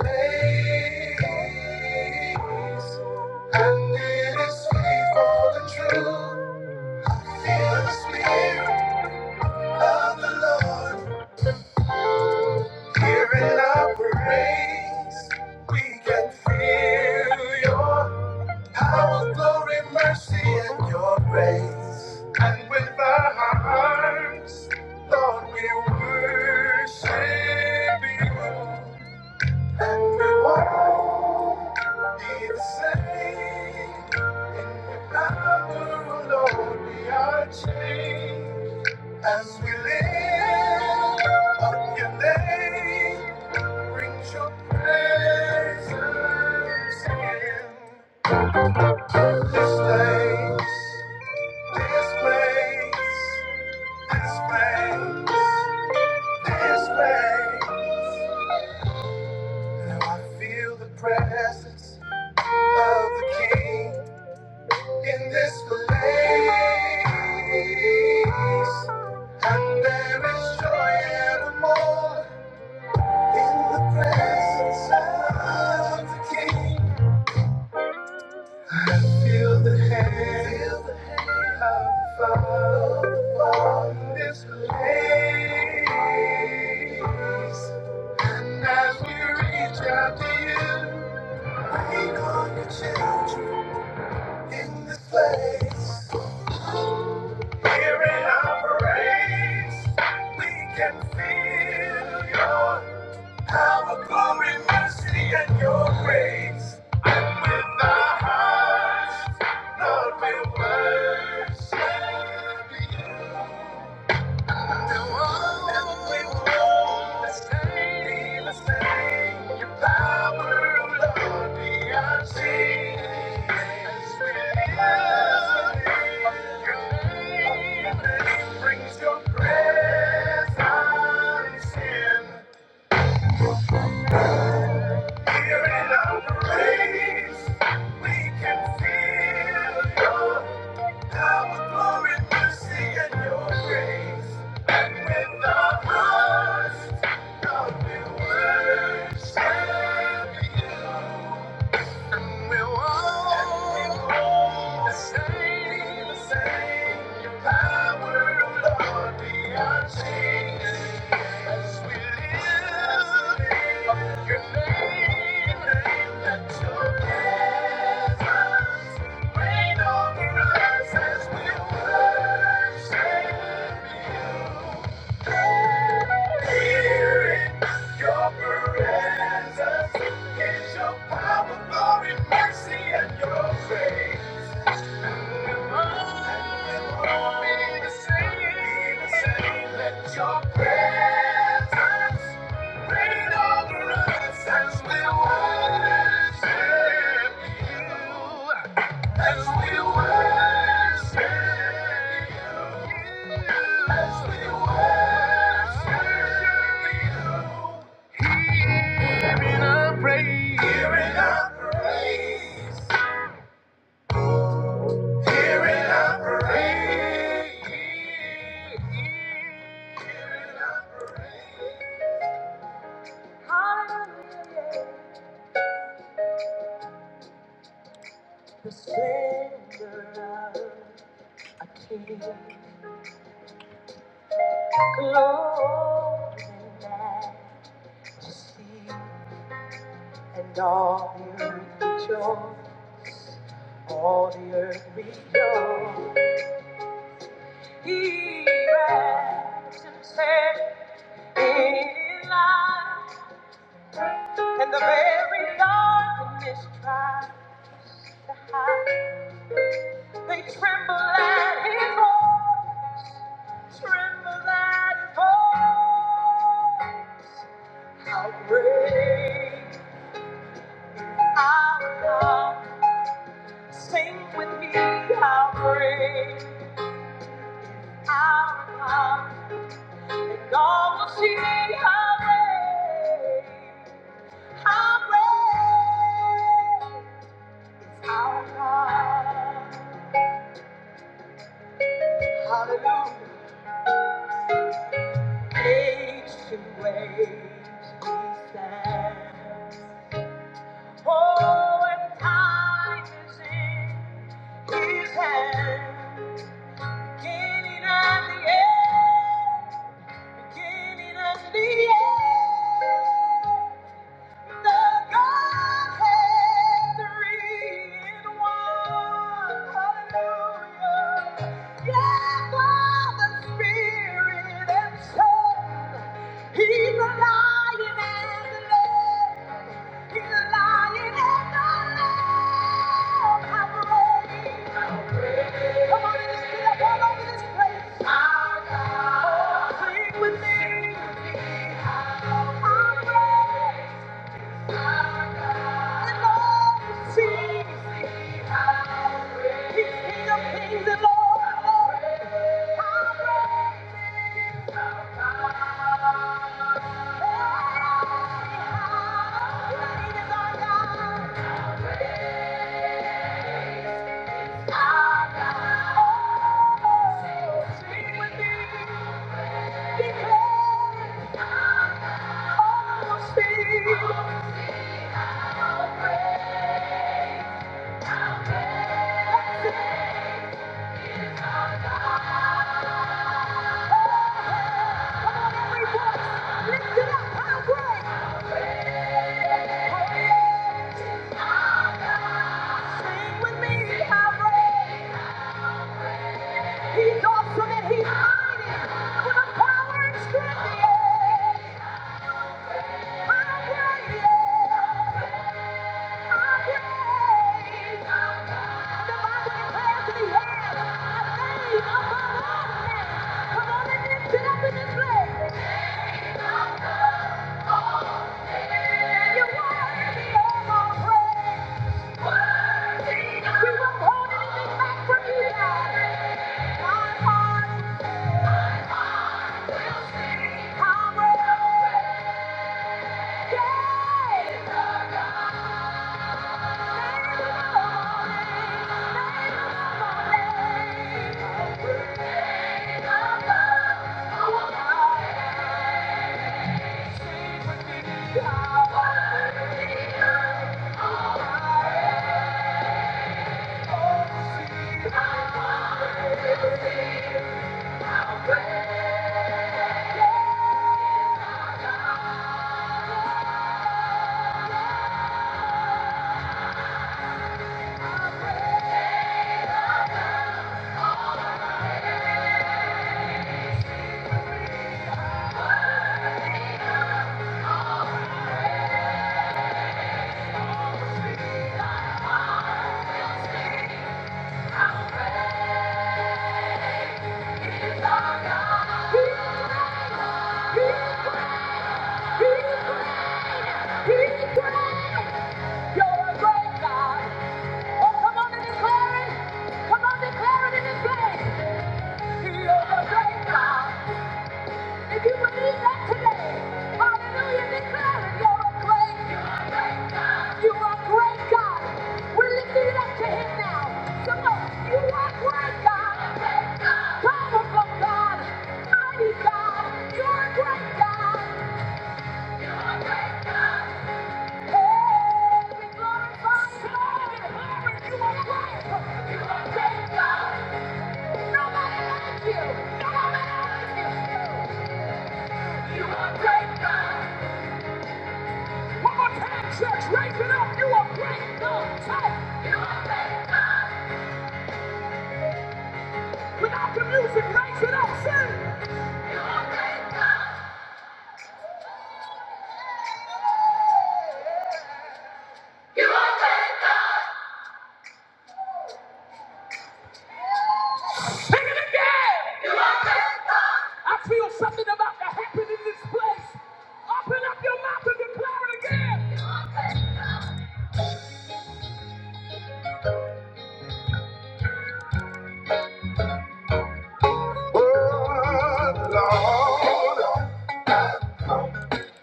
Speaker 1: And it is faithful and true. Feel the spirit. of the Lord. Hearing our praise, we can feel your power, glory, mercy, and your grace. And with our hearts, Lord, we worship you. And we won't be the same. In your power, oh Lord, we are changed. As we lift up your name, brings your presence in this place, this place, this place, this place. Now I feel the presence of the King in this place, and there is joy evermore. In the presence of the King, I feel the hand of the Father on this place. And as we reach out to you, we call your children in this place. Here in our praise, we can feel your Power, glory, mercy, and your grace. And with our hearts, Lord, we worship you. No one that we won't mistake, mistake. Your power, Lord, be our change. As we live, your name brings your presence in. Here in our praise, we can feel your power, glory, mercy, and your grace. And with our hearts, God, we worship you. And we'll all be the same, the same. Your power, Lord, be our change as we live up your name. Let your presence reign over us as we worship you. Your presence is your power, glory, mercy, and your grace. Hearing our praise. Hearing our praise. Spirit operate. Savior of kings, glory majesty, and all the earth rejoice, all the earth rejoice. He wraps himself in light, and the very darkness tries to hide. They tremble at his voice, tremble at his voice. How great our God, sing with me, how great our God. And all will see how great, how great is our God. Hallelujah. Age to age, he stands. Oh, and time is in His hand. Beginning and the end. Beginning and the end. The Godhead three in one. Hallelujah. Yeah, Father, Spirit, and Son. He's the Lion and the Lamb. Sing with me, how great. He's awesome and he's mighty with the power and strength. Yeah. Oh, yeah, yeah. I yeah. The Bible declares that he has a name above all names. Come on and lift it up in this place. He's great. You're a great God. Come on and declare it. Come on, and declare it in this place. You're a great God. If you believe that today, hallelujah, declare it, you're a great, you are a great God. We're lifting it up to Him now. Come on, you are a great God, powerful God, mighty God, you're a great God. Hey, we glorify you, you are great, you are a great God. Nobody like you, nobody like you. You are a great God. One more time, church, raise it up. You are great God. Say, you are great God. Without the music, raise it up. Sing. You are great God. I feel something about to happen in this place. Open up your mouth and declare it again.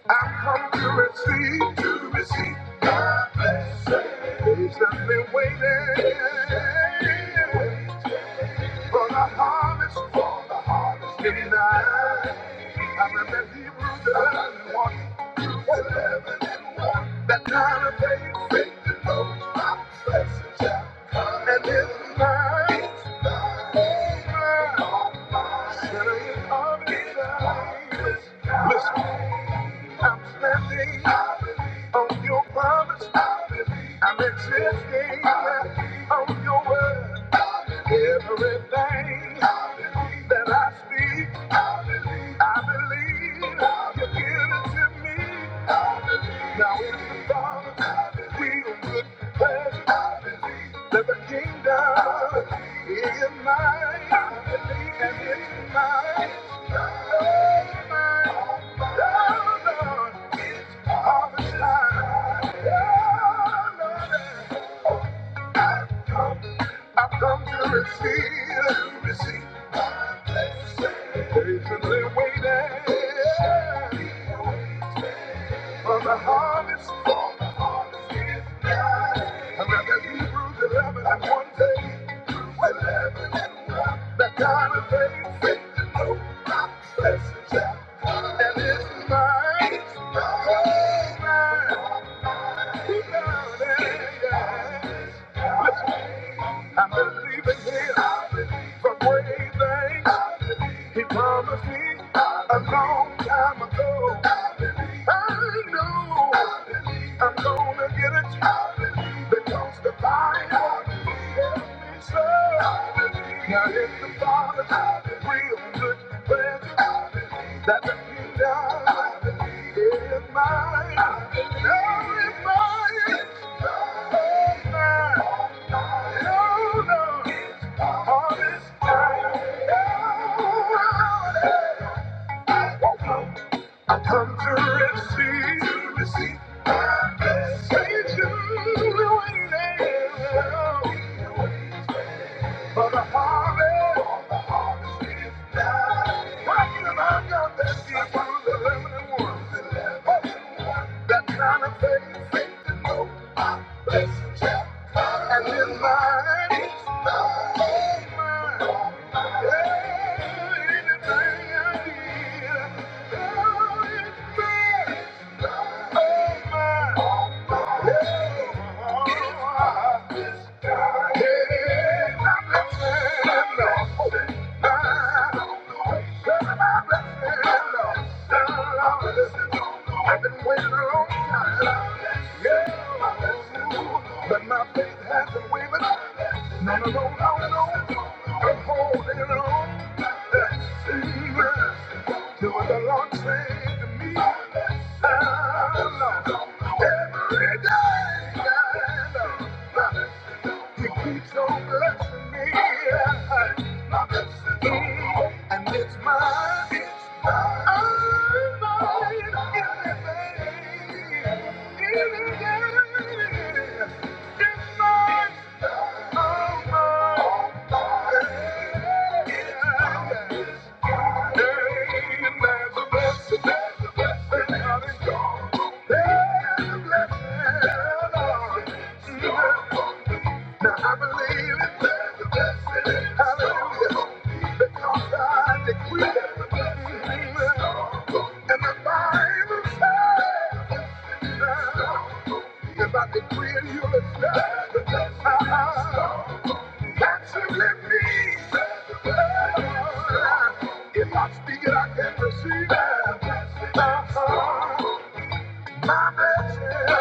Speaker 1: I've come to receive, to receive my blessing. He's not been waiting. For the harvest, for the harvest, in life. I remember Hebrews 11 and 1. Hebrews 11 and 1. That kind of faith, faith that knows not oppression shall come. And it's mine. It's mine. It's mine. All mine. Sinners are It's mine. Listen, I'm standing I believe. on your promise. I believe. I'm existing I believe. on your word. Everything I believe. that I speak. I believe you give it to me. Now it's the Father's will, good pleasure. There's a kingdom is mine. I believe and it's mine. Oh, mine. Oh, Lord, it's harvest time. Oh, Lord, I've come to receive, receive, patiently waiting. From the harvest, from the harvest is nigh. And that the Hebrews 11 and 1 day, 11 and 1. That God of faith, faith to know, not blessed shall And it's mine, it's mine, it's mine. He got it, yeah. I'm believing him for great things. He promised me a long time ago. I know I'm gonna get it because the Bible tells me so. Now if the Father's real good pleasure that the kingdom is mine, now is mine. Come to receive, receive Thank you. For the harvest, for the harvest is nigh. Why you the got that seed from the living one? That kind of faith, faith to know I bless and shall come. And in mine, it's mine, it's mine. Yeah, anything I need, oh, it's mine, oh, mine. Oh, I- yeah, no, it's mine. I've been waiting a long time, yeah. I bless you. But my faith hasn't wavered. No, no, no, no, no. I'm holding on. And it's mine, it's mine, oh, mine, everything, Hallelujah. And the Bible says if I decree and you understand, it, again. My blessing.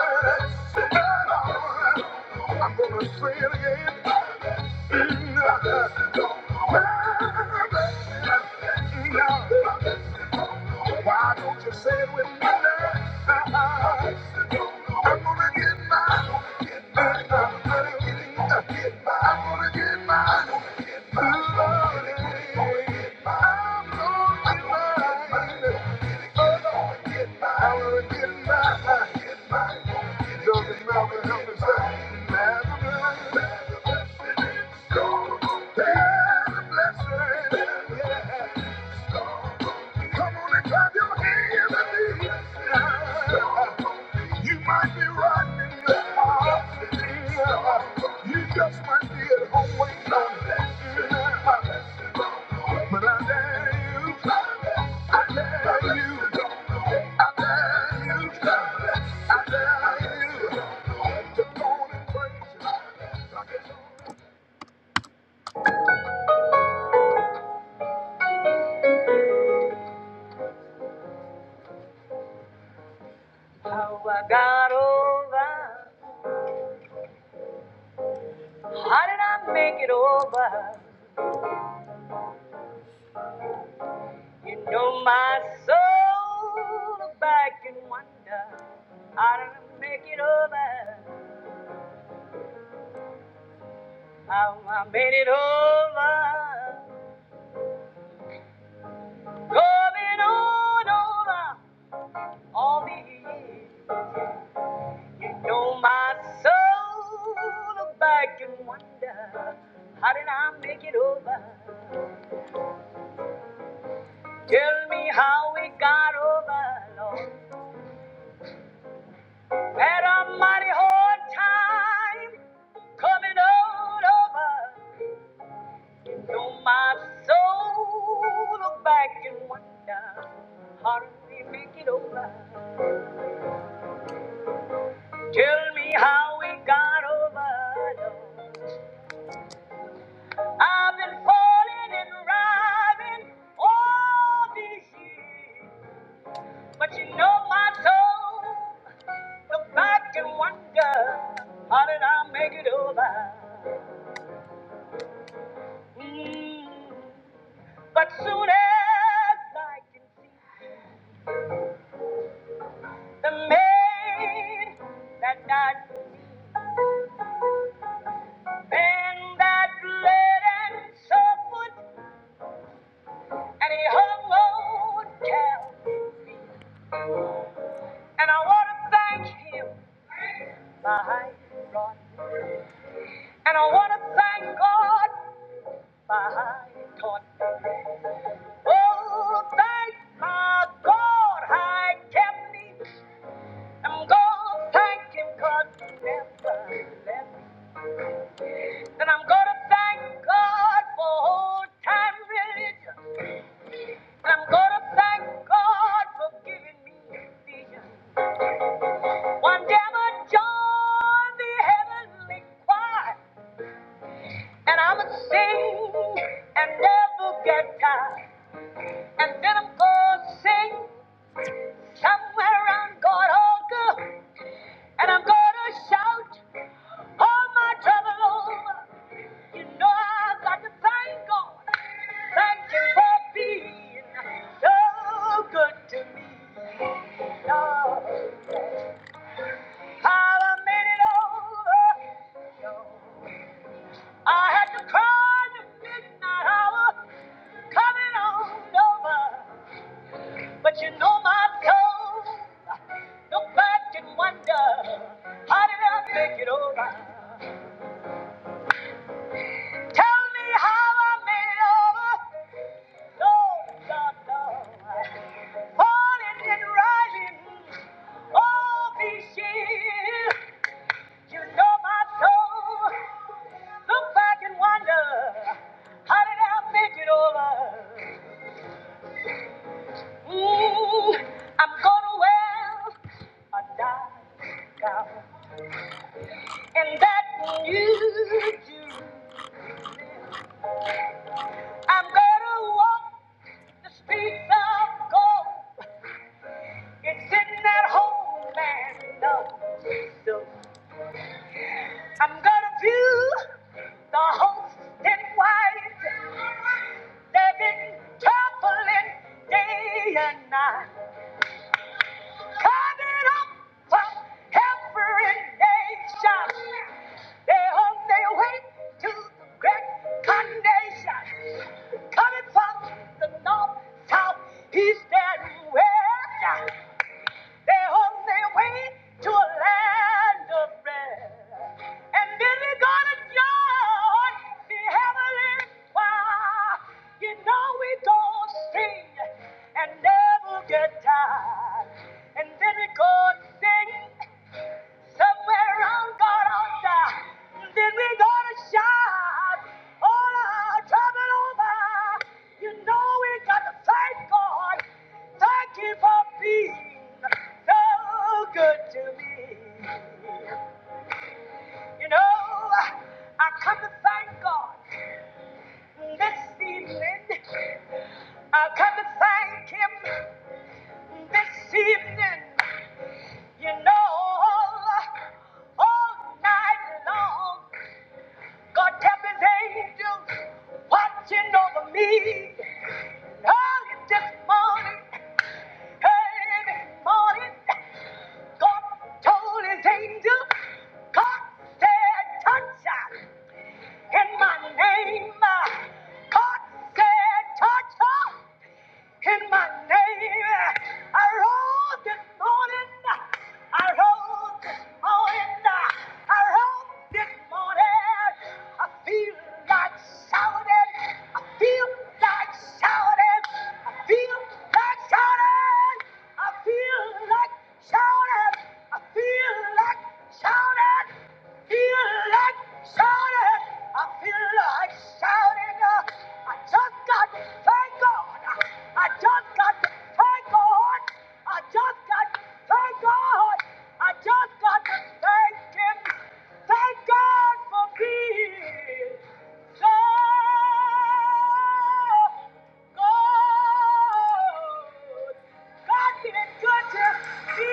Speaker 1: I'm gonna say it again. My blessing. Why don't you say it with me now? I'm gonna get mine. Get mine. I'm gonna get mine. Get mine. I'm gonna get mine. Get mine. I'm gonna get mine. I'm gonna get mine. I'm gonna get mine, get mine, get doesn't matter how to say, matter, blessing, blessing, yeah. Come on and clap your hands and leave us. You might be right in the hospital. You just might be at home waiting on blessing. But I dare you, I dare you, I dare you, I dare you to go on and praise. Him. How I got over, how did I make it over? You know my soul look back and wonder how didn't make it over How I made it over Going on over all the years You know my soul look back and wonder How did I make it over Tell me how we got over Lord Had a mighty hard time coming on over Though my soul look back and wonder, how did we make it over? Tell me how we got over. Lord. I've been falling and rising all these years, but you know my soul look back and wonder, how did I make it over? Mm. But soon as I can see the maid that died. And that bled and suffered, and he hung on Calvary. And I want to thank him, my high God. And I want to thank God, my high God. Oh, thank my God, I kept me. I'm gonna thank him, God, never left me. And I'm gonna thank God for old time religion. I'm gonna thank God for giving me a vision. One day I'm gonna join the heavenly choir, and I'm gonna sing and never get tired. And then I'm gonna sing somewhere around God altar, and I'm gonna shout all my trouble over. You know I've got to thank God. Thank you for being so good to me, Lord. I done made it over. I had to cry the midnight hour, coming on over. But you know my soul, look back and wonder, how did I make it over? Tell me how I made it over. Lord, God, Lord. Falling and rising, oh, be still. You know my soul. Look back and wonder, how did I make it over? Ooh, I'm gonna wear a dark gown, and that new you. do. I'm gonna walk the streets of gold. It's in that home man knows. I'm gonna view the host in white. Living traveling day and night. Coming up from every nation. They're on their way to the great condemnation. Coming from the north, south, east, and west. They're on their way to a land of rest. And then they're gonna join the heavenly choir. You know we gonna sing and never get tired. And then we are gonna sing. Somewhere around God altar, then we going to shout all our trouble over. You know we gotta thank God. Thank you for being so good to me. You know, I come to thank God this evening. I come to thank Him this evening. You know, all night long. God kept his angels watching over me. Early this morning, early this morning, God told his angels, God said, touch her in my name. Touch shouted. I feel like shouting. I just got to thank God. I just got to thank God. I just got to thank God. I just got to thank Him. Thank God for being so good. God is good to me.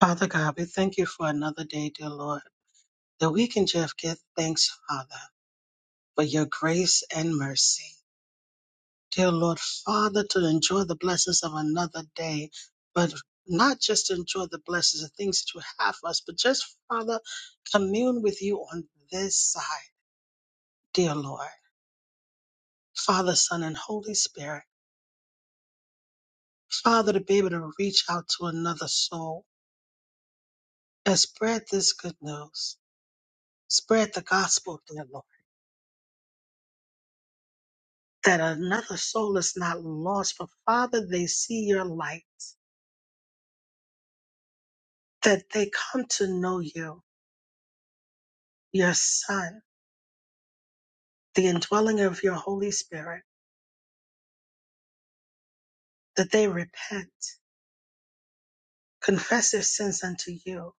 Speaker 2: Father God, we thank you for another day, dear Lord, that we can just give thanks, Father, for your grace and mercy. Dear Lord, Father, to enjoy the blessings of another day, but not just to enjoy the blessings of things that you have for us, but just, Father, commune with you on this side, dear Lord, Father, Son, and Holy Spirit. Father, to be able to reach out to another soul and spread this good news, spread the gospel, dear Lord that another soul is not lost, but Father, they see your light, that they come to know you, your Son, the indwelling of your Holy Spirit, that they repent, confess their sins unto you,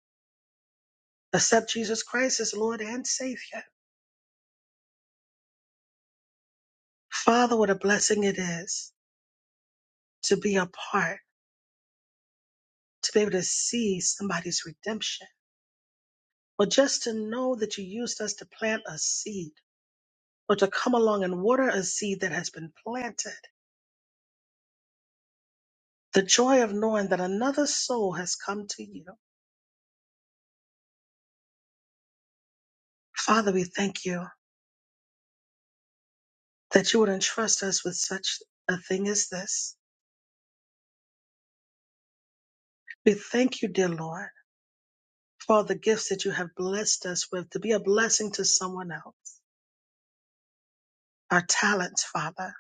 Speaker 2: accept Jesus Christ as Lord and Savior. Father, what a blessing it is to be a part, to be able to see somebody's redemption, or just to know that you used us to plant a seed, or to come along and water a seed that has been planted the joy of knowing that another soul has come to you. Father, we thank you that you would entrust us with such a thing as this. We thank you, dear Lord, for all the gifts that you have blessed us with to be a blessing to someone else. Our talents, Father,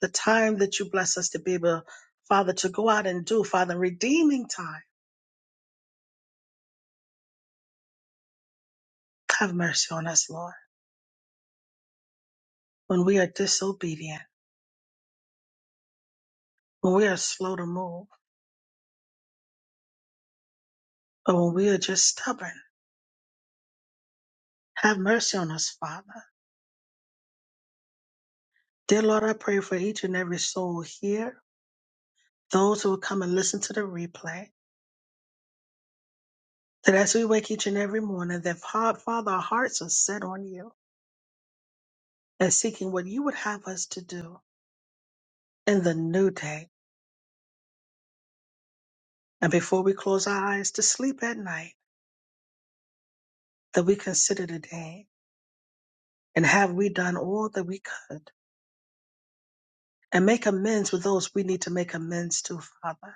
Speaker 2: the time that you bless us to be able, Father, to go out and do, Father, redeeming time. Have mercy on us, Lord, when we are disobedient, when we are slow to move, or when we are just stubborn. Have mercy on us, Father. Dear Lord, I pray for each and every soul here, those who will come and listen to the replay, that as we wake each and every morning, that Fa- Father, our hearts are set on you and seeking what you would have us to do in the new day. And before we close our eyes to sleep at night, that we consider the day and have we done all that we could and make amends with those we need to make amends to, Father.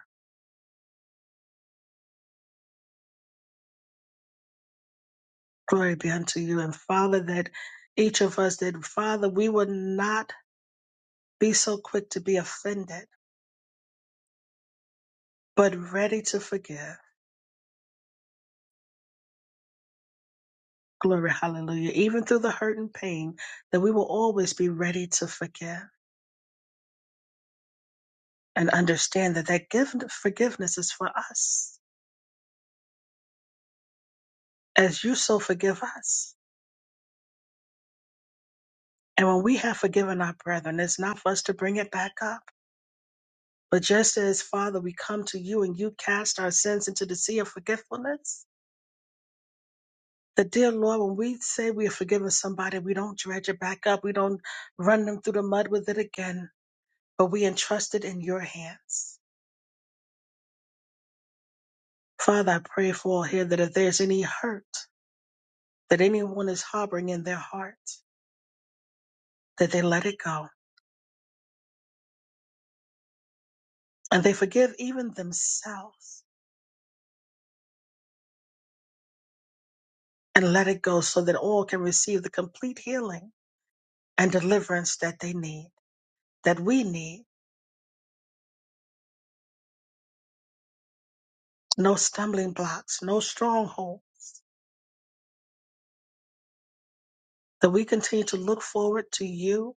Speaker 2: Glory be unto you. And Father, that each of us, that Father, we would not be so quick to be offended but ready to forgive. Glory, hallelujah. Even through the hurt and pain, that we will always be ready to forgive and understand that that gift, forgiveness is for us as you so forgive us. And when we have forgiven our brethren, it's not for us to bring it back up. But just as, Father, we come to you and you cast our sins into the sea of forgetfulness, the dear Lord, when we say we have forgiven somebody, we don't dredge it back up. We don't run them through the mud with it again, but we entrust it in your hands Father, I pray for all here that if there's any hurt that anyone is harboring in their heart, that they let it go and they forgive even themselves and let it go so that all can receive the complete healing and deliverance that they need, that we need. No stumbling blocks, no stronghold, that we continue to look forward to you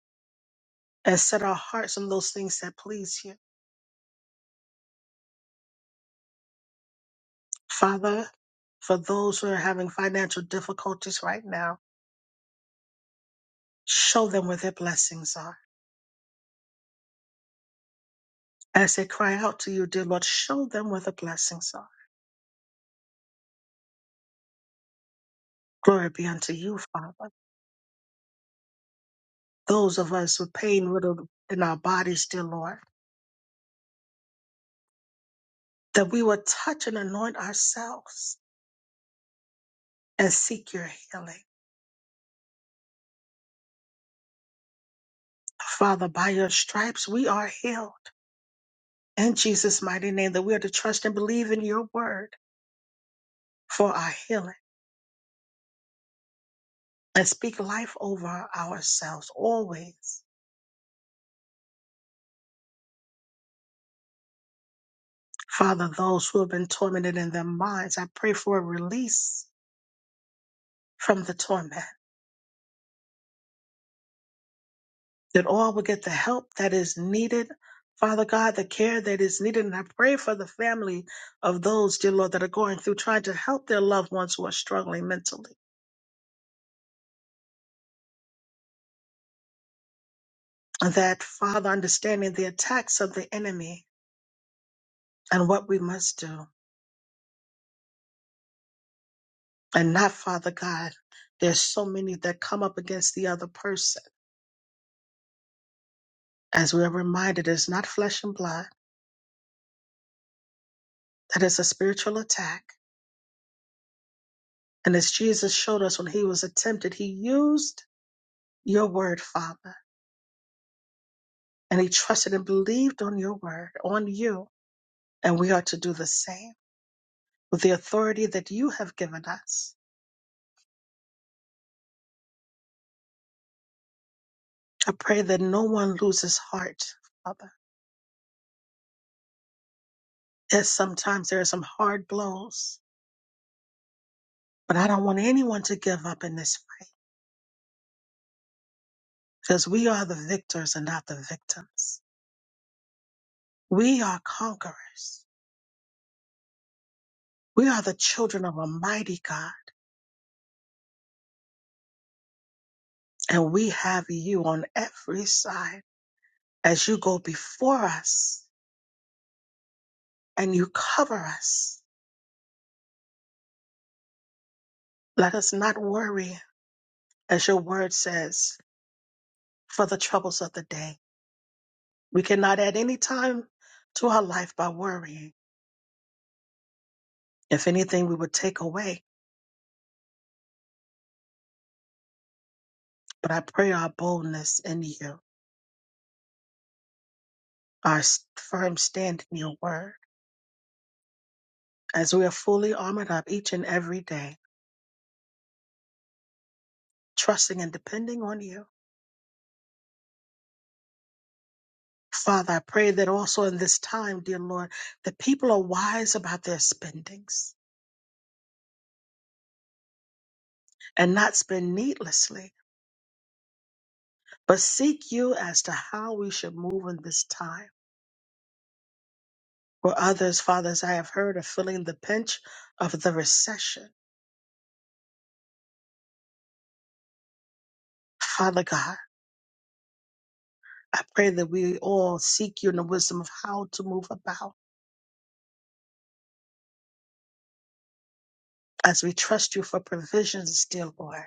Speaker 2: and set our hearts on those things that please you. Father, for those who are having financial difficulties right now, show them where their blessings are As they cry out to you, dear Lord, show them where the blessings are. Glory be unto you, Father. Those of us with pain riddled in our bodies, dear Lord, that we would touch and anoint ourselves and seek your healing. Father, by your stripes we are healed. In Jesus' mighty name, that we are to trust and believe in your word for our healing and speak life over ourselves always. Father, those who have been tormented in their minds, I pray for a release from the torment that all will get the help that is needed. Father God, the care that is needed. And I pray for the family of those, dear Lord, that are going through trying to help their loved ones who are struggling mentally. That, Father, understanding the attacks of the enemy and what we must do. And not, Father God, there's so many that come up against the other person. As we are reminded, it's not flesh and blood, that is a spiritual attack. And as Jesus showed us when he was tempted, he used your word, Father. and he trusted and believed on your word, on you. And we are to do the same with the authority that you have given us. I pray that no one loses heart, Father. Yes, sometimes there are some hard blows, but I don't want anyone to give up in this fight because we are the victors and not the victims. We are conquerors. We are the children of a mighty God, and we have you on every side as you go before us and you cover us. Let us not worry as your word says, for the troubles of the day. We cannot add any time to our life by worrying. If anything, we would take away. But I pray our boldness in you, our s- firm stand in your word, as we are fully armored up each and every day, trusting and depending on you. Father, I pray that also in this time, dear Lord, that people are wise about their spendings and not spend needlessly, but seek you as to how we should move in this time For others, Father, as I have heard, are feeling the pinch of the recession. Father God, I pray that we all seek you in the wisdom of how to move about as we trust you for provisions, dear Lord.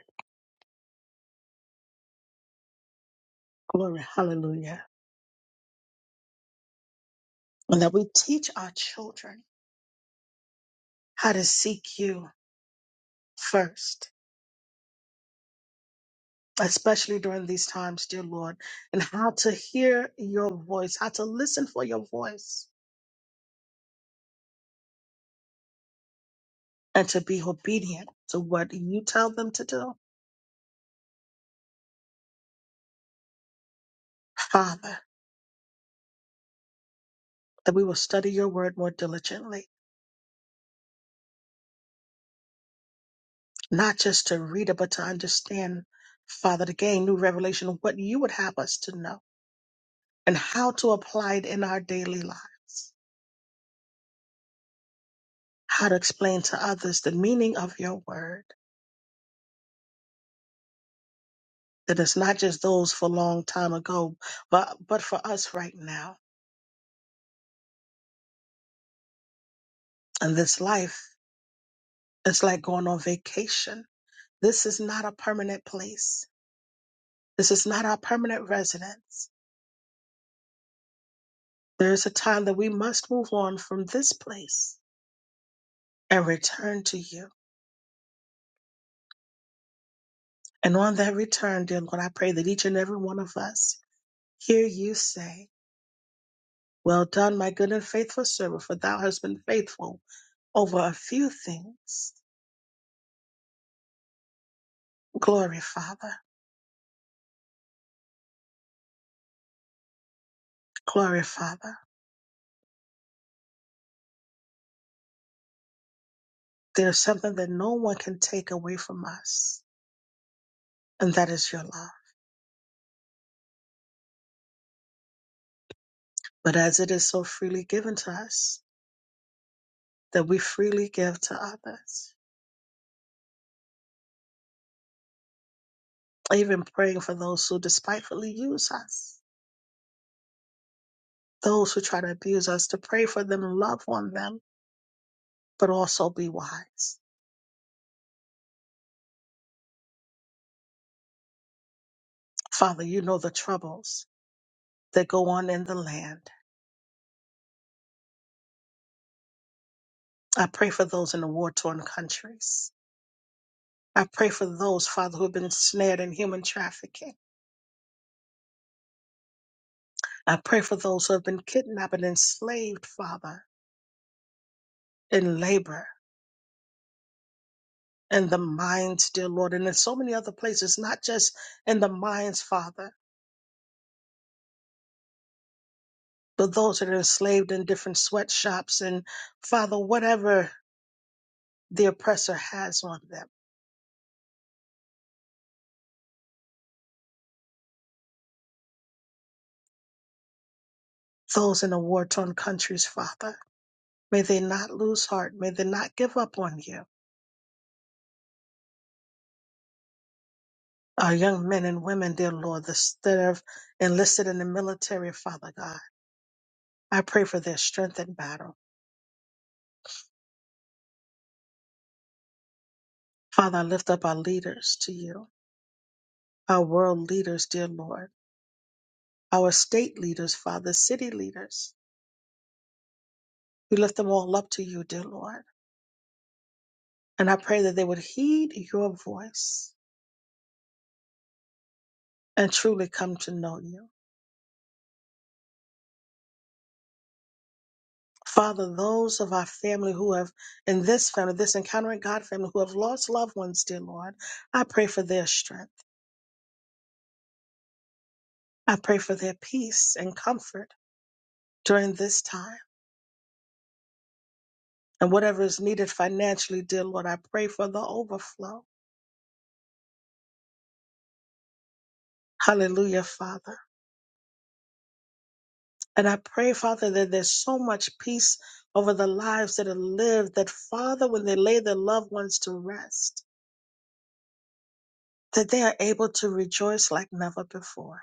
Speaker 2: Glory, hallelujah. And that we teach our children how to seek you first, especially during these times, dear Lord, and how to hear your voice, how to listen for your voice, and to be obedient to what you tell them to do. Father, that we will study your word more diligently, not just to read it, but to understand, Father, to gain new revelation of what you would have us to know and how to apply it in our daily lives, how to explain to others the meaning of your word, that it's not just those for a long time ago, but, but for us right now. And this life is like going on vacation. This is not a permanent place. This is not our permanent residence. There is a time that we must move on from this place and return to you. And on that return, dear Lord, I pray that each and every one of us hear you say, Well done, my good and faithful servant, for thou hast been faithful over a few things. Glory, Father. Glory, Father. There's something that no one can take away from us, and that is your love. But as it is so freely given to us, that we freely give to others, even praying for those who despitefully use us, those who try to abuse us, to pray for them, love on them, but also be wise. Father, you know the troubles that go on in the land. I pray for those in the war torn countries. I pray for those, Father, who have been snared in human trafficking. I pray for those who have been kidnapped and enslaved, Father, in labor, in the mines, dear Lord, and in so many other places, not just in the mines, Father, but those that are enslaved in different sweatshops and, Father, whatever the oppressor has on them. Those in the war torn countries, Father. May they not lose heart. May they not give up on you. Our young men and women, dear Lord, this- that have enlisted in the military, Father God, I pray for their strength in battle. Father, I lift up our leaders to you, our world leaders, dear Lord, our state leaders, Father, city leaders. We lift them all up to you, dear Lord. And I pray that they would heed your voice and truly come to know you. Father, those of our family who have, in this family, this Encountering God family, who have lost loved ones, dear Lord, I pray for their strength. I pray for their peace and comfort during this time. And whatever is needed financially, dear Lord, I pray for the overflow. Hallelujah, Father. And I pray, Father, that there's so much peace over the lives that are lived that, Father, when they lay their loved ones to rest, that they are able to rejoice like never before,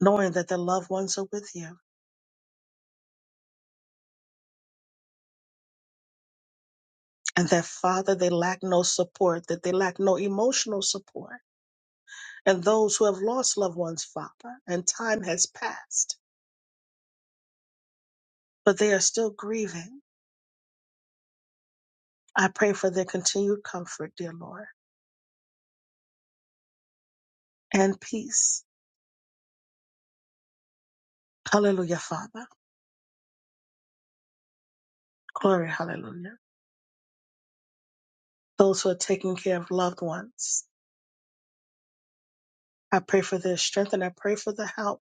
Speaker 2: knowing that their loved ones are with you and that father they lack no support that they lack no emotional support and those who have lost loved ones father and time has passed but they are still grieving i pray for their continued comfort dear lord and peace hallelujah father glory hallelujah those who are taking care of loved ones i pray for their strength and i pray for the help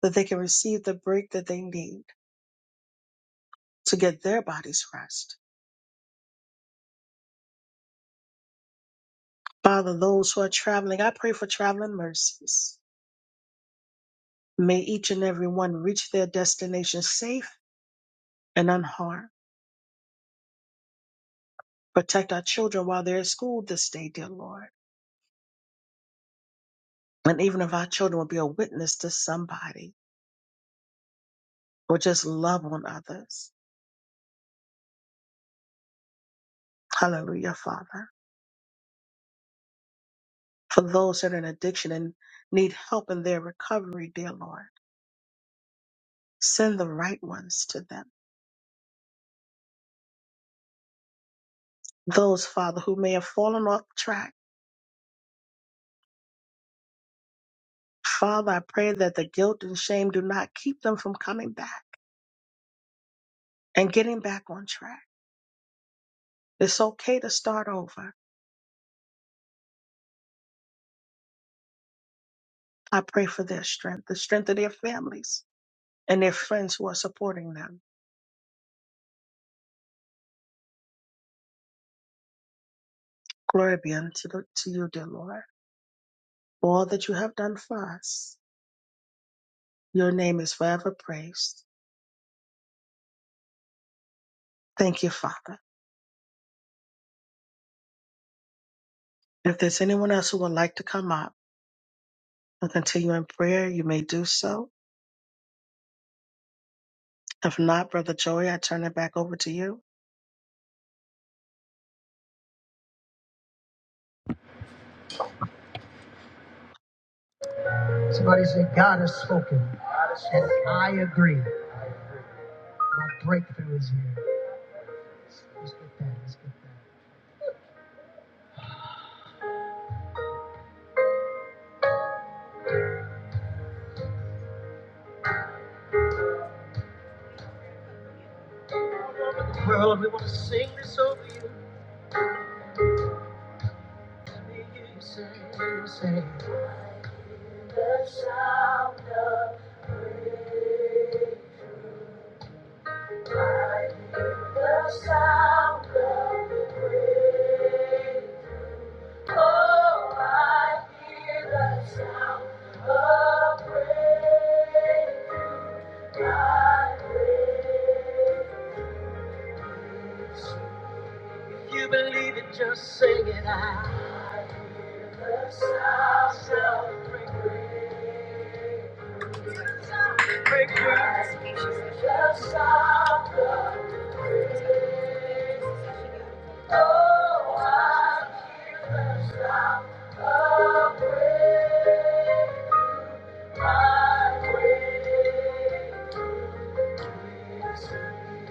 Speaker 2: that they can receive the break that they need to get their bodies rest father those who are traveling i pray for traveling mercies May each and every one reach their destination safe and unharmed. Protect our children while they're at school this day, dear Lord. And even if our children will be a witness to somebody or just love on others. Hallelujah, Father. For those that are in addiction and need help in their recovery, dear Lord, send the right ones to them. Those, Father, who may have fallen off track, Father, I pray that the guilt and shame do not keep them from coming back and getting back on track. It's okay to start over. I pray for their strength, the strength of their families and their friends who are supporting them. Glory be unto the, to you, dear Lord, for all that you have done for us. Your name is forever praised. Thank you, Father. If there's anyone else who would like to come up and continue in prayer, you may do so. If not, Brother Joey, I turn it back over to you.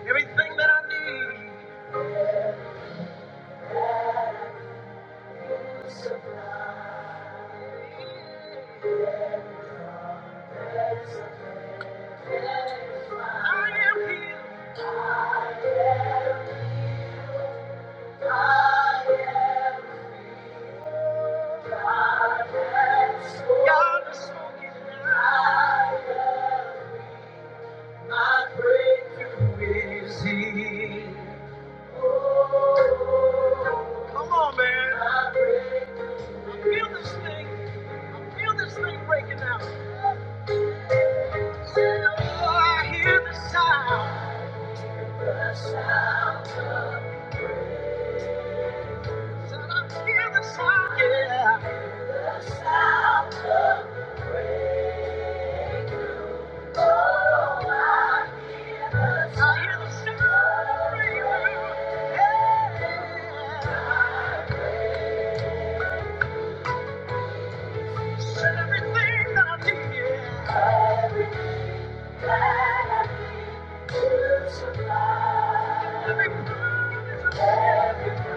Speaker 1: Everything that I need. Thank you. Are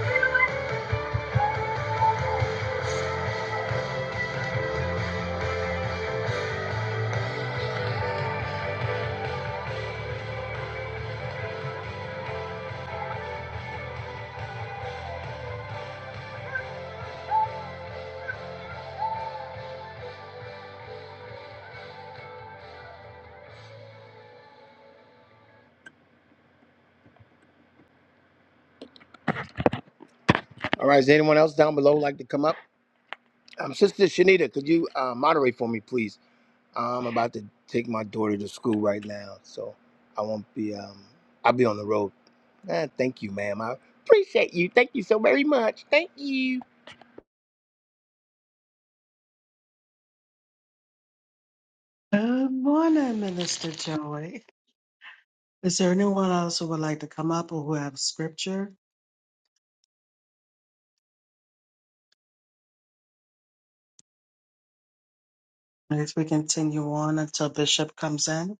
Speaker 1: You're you to
Speaker 2: Good morning, Minister Joey. Is there anyone else who would like to come up or who have scripture? And if we continue on until Bishop comes in.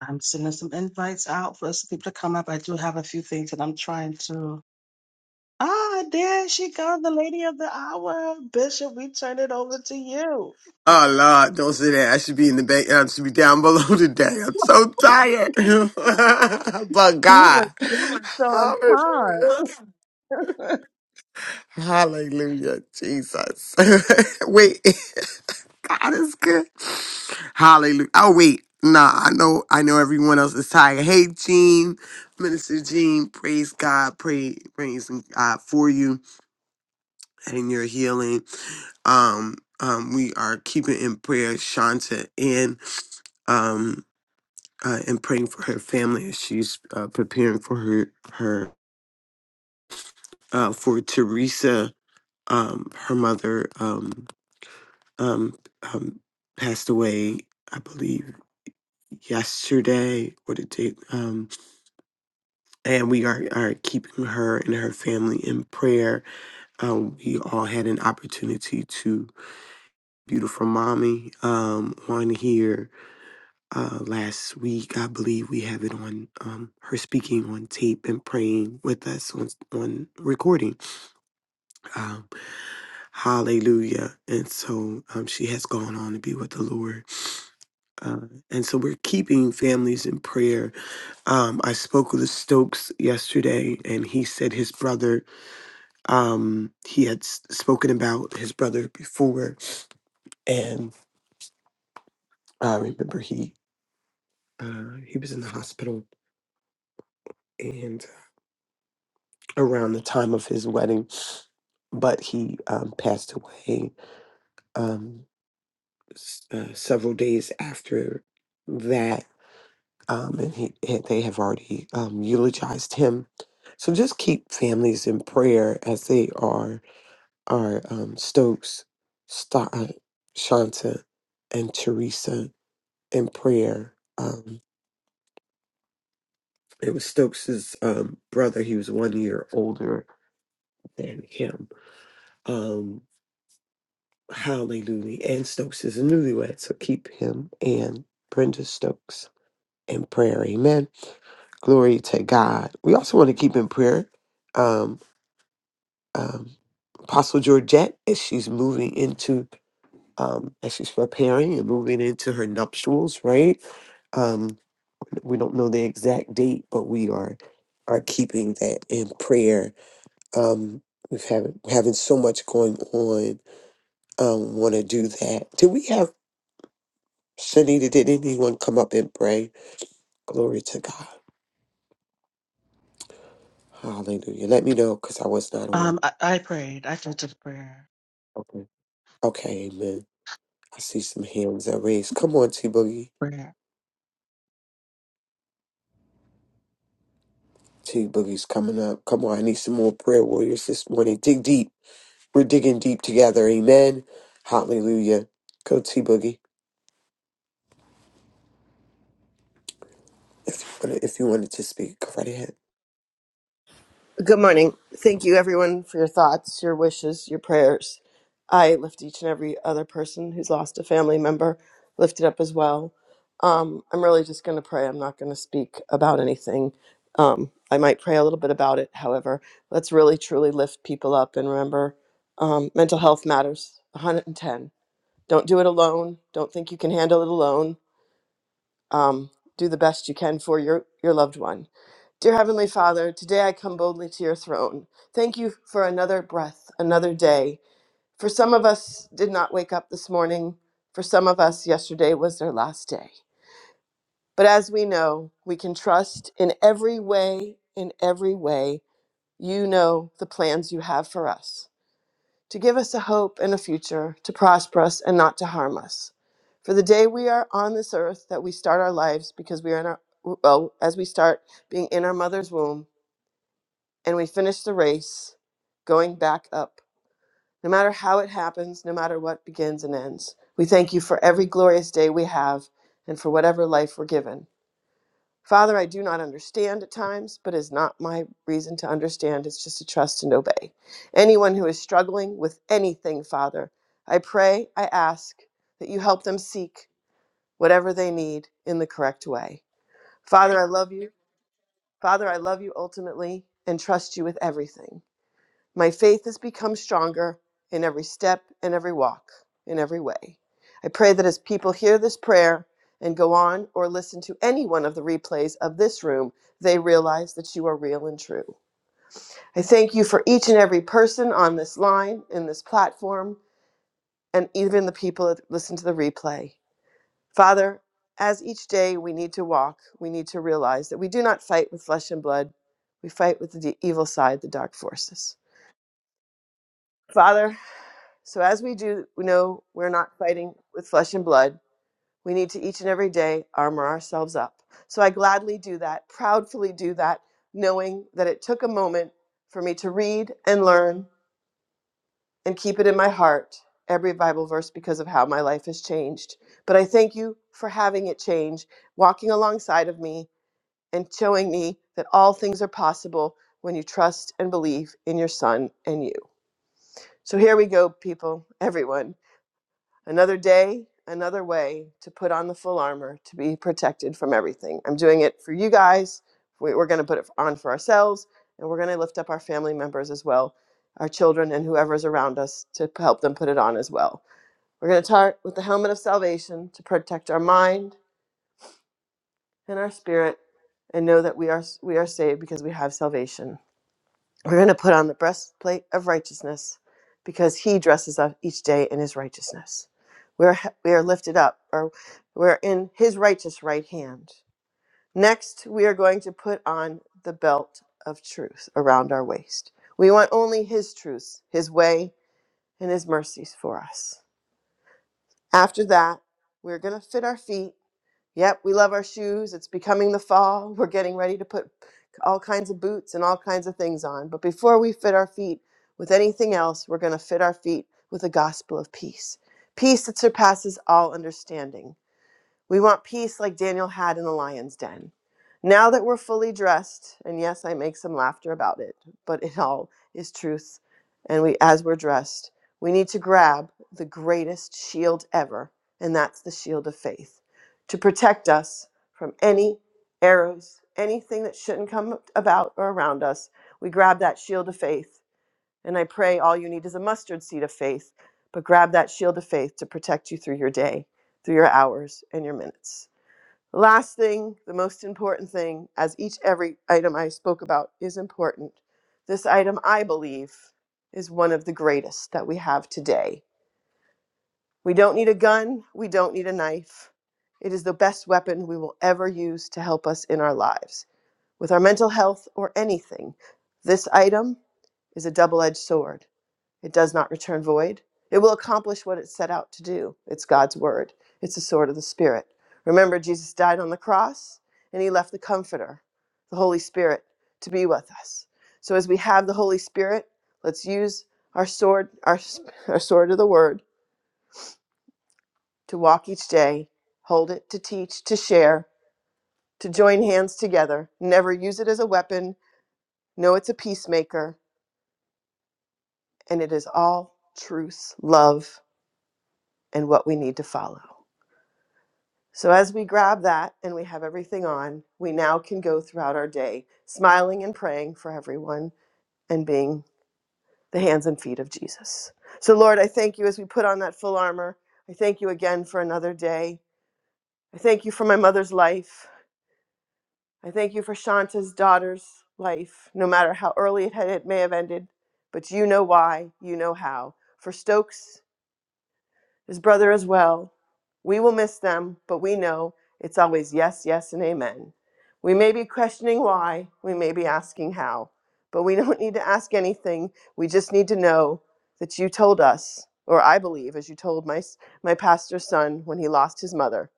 Speaker 2: I'm sending some invites out for some people to come up. I do have a few things that I'm trying to. Ah, there she goes, the lady of the hour. Bishop, we turn it over to you.
Speaker 3: Oh Lord, don't say that. I should be in the bank. I should be down below today. I'm so tired. but
Speaker 2: You were
Speaker 3: God.
Speaker 2: just on
Speaker 3: Hallelujah.
Speaker 2: time.
Speaker 3: Hallelujah. Jesus. wait. God is good. Hallelujah. Oh wait. Nah, I know I know everyone else is tired. Hey Gene, Minister Gene, praise God, pray praising God for you and your healing. Um, um, we are keeping in prayer Shanta and um. uh, and praying for her family as she's uh, preparing for her her uh, for Teresa. Um, her mother um, um, um, passed away, I believe, yesterday or the day. Um, and we are, are keeping her and her family in prayer. Um, we all had an opportunity to beautiful mommy um, on here uh, last week. I believe we have it on um, her speaking on tape and praying with us on, on recording. Um, hallelujah. And so um, she has gone on to be with the Lord. Uh, and so we're keeping families in prayer. Um, I spoke with the Stokes yesterday, and he said his brother, um, he had s- spoken about his brother before. And I remember he, uh, he was in the hospital and around the time of his wedding but he um, passed away um, s- uh, several days after that, um, and he, he- they have already um, eulogized him. So just keep families in prayer as they are are um, Stokes, Sta- uh, Shanta, and Teresa in prayer. Um, it was Stokes's um, brother. He was one year older than him. Um, Hallelujah. And Stokes is a newlywed, so keep him and Brenda Stokes in prayer. Amen. Glory to God. We also want to keep in prayer um, um, Apostle Georgette as she's moving into, um, as she's preparing and moving into her nuptials, right? Um, we don't know the exact date, but we are are keeping that in prayer. Um, we've having having so much going on. Um, want to do that? Do we have? Shanita, did anyone come up and pray? Glory to God. Hallelujah. Let me know because I was not on.
Speaker 2: Um, I, I prayed. I took to the prayer.
Speaker 3: Okay. Okay, amen. I see some hands are raised. Come on, T Boogie.
Speaker 2: Prayer.
Speaker 3: T Boogie's coming up. Come on, I need some more prayer warriors this morning. Dig deep. We're digging deep together. Amen. Hallelujah. Go T Boogie. If you wanted, if you wanted to speak, go right ahead.
Speaker 4: Good morning. Thank you, everyone, for your thoughts, your wishes, your prayers. I lift each and every other person who's lost a family member, Lift it up as well. Um, I'm really just going to pray. I'm not going to speak about anything. Um, I might pray a little bit about it. However, let's really truly lift people up and remember um, mental health matters 110. Don't do it alone. Don't think you can handle it alone um, do the best you can for your, your loved one. Dear Heavenly Father, today I come boldly to your throne. Thank you for another breath, another day. For some of us did not wake up this morning. For some of us, yesterday was their last day. But as we know, we can trust in every way, in every way, you know the plans you have for us to give us a hope and a future, to prosper us and not to harm us. For the day we are on this earth that we start our lives because we are in our well, as we start being in our mother's womb and we finish the race going back up. No matter how it happens, no matter what begins and ends. We thank you for every glorious day we have and for whatever life we're given. Father, I do not understand at times, but is not my reason to understand. It's just to trust and obey. Anyone who is struggling with anything, Father, I pray, I ask that you help them seek whatever they need in the correct way. Father, I love you. Father, I love you ultimately and trust you with everything. My faith has become stronger in every step and every walk, in every way. I pray that as people hear this prayer and go on or listen to any one of the replays of this room, they realize that you are real and true. I thank you for each and every person on this line, in this platform, and even the people that listen to the replay. Father, as each day we need to walk, we need to realize that we do not fight with flesh and blood, we fight with the evil side, the dark forces. Father, So as we do, we know we're not fighting with flesh and blood. We need to each and every day armor ourselves up. So I gladly do that, proudly do that, knowing that it took a moment for me to read and learn and keep it in my heart every Bible verse because of how my life has changed. But I thank you for having it change, walking alongside of me and showing me that all things are possible when you trust and believe in your son and you. So here we go, people, everyone. Another day, another way to put on the full armor to be protected from everything. I'm doing it for you guys. We- We're going to put it on for ourselves, and we're going to lift up our family members as well, our children, and whoever's around us to p- help them put it on as well. We're going to start with the helmet of salvation to protect our mind and our spirit, and know that we are we are saved because we have salvation. We're going to put on the breastplate of righteousness because he dresses up each day in his righteousness. We're, we are lifted up, or we're in his righteous right hand. Next, we are going to put on the belt of truth around our waist. We want only his truth, his way, and his mercies for us. After that, we're going to fit our feet Yep, we love our shoes. It's becoming the fall. We're getting ready to put all kinds of boots and all kinds of things on. But before we fit our feet with anything else, we're going to fit our feet with the gospel of peace. Peace that surpasses all understanding. We want peace like Daniel had in the lion's den. Now that we're fully dressed, and yes, I make some laughter about it, but it all is truth. And we, as we're dressed, we need to grab the greatest shield ever, and that's the shield of faith, to protect us from any arrows, anything that shouldn't come about or around us. We grab that shield of faith and I pray all you need is a mustard seed of faith, but grab that shield of faith to protect you through your day, through your hours, and your minutes. The last thing, the most important thing, as each every item I spoke about is important, this item I believe is one of the greatest that we have today. We don't need a gun, we don't need a knife. It is the best weapon we will ever use to help us in our lives, with our mental health or anything. This item is a double edged sword. It does not return void. It will accomplish what it set out to do. It's God's word. It's the sword of the Spirit. Remember, Jesus died on the cross and he left the Comforter, the Holy Spirit, to be with us. So as we have the Holy Spirit, let's use our sword, our, our sword of the word to walk each day, hold it, to teach, to share, to join hands together. Never use it as a weapon. Know it's a peacemaker, and it is all truth, love, and what we need to follow. So, as we grab that and we have everything on, we now can go throughout our day smiling and praying for everyone and being the hands and feet of Jesus. So, Lord, I thank you as we put on that full armor. I thank you again for another day. I thank you for my mother's life. I thank you for Shanta's daughter's life, no matter how early it, had, it may have ended, but you know why, you know how. For Stokes, his brother as well. We will miss them, but we know it's always yes, yes, and amen. We may be questioning why, we may be asking how, but we don't need to ask anything. We just need to know that you told us, or I believe, as you told my, my pastor's son when he lost his mother.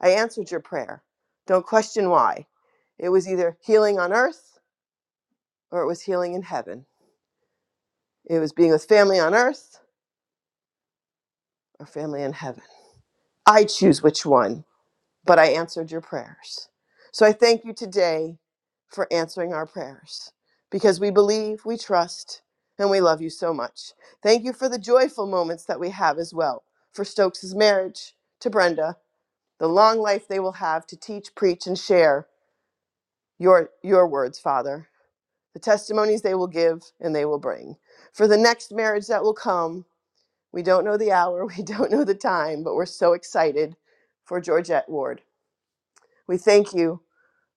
Speaker 4: I answered your prayer. Don't question why. It was either healing on earth or it was healing in heaven. It was being with family on earth or family in heaven. I choose which one. but I answered your prayers. So I thank you today for answering our prayers because we believe, we trust, and we love you so much. Thank you for the joyful moments that we have as well, for Stokes' marriage to Brenda, the long life they will have to teach, preach, and share your, your words, Father, the testimonies they will give and they will bring. For the next marriage that will come, we don't know the hour, we don't know the time, but we're so excited for Georgette Ward. We thank you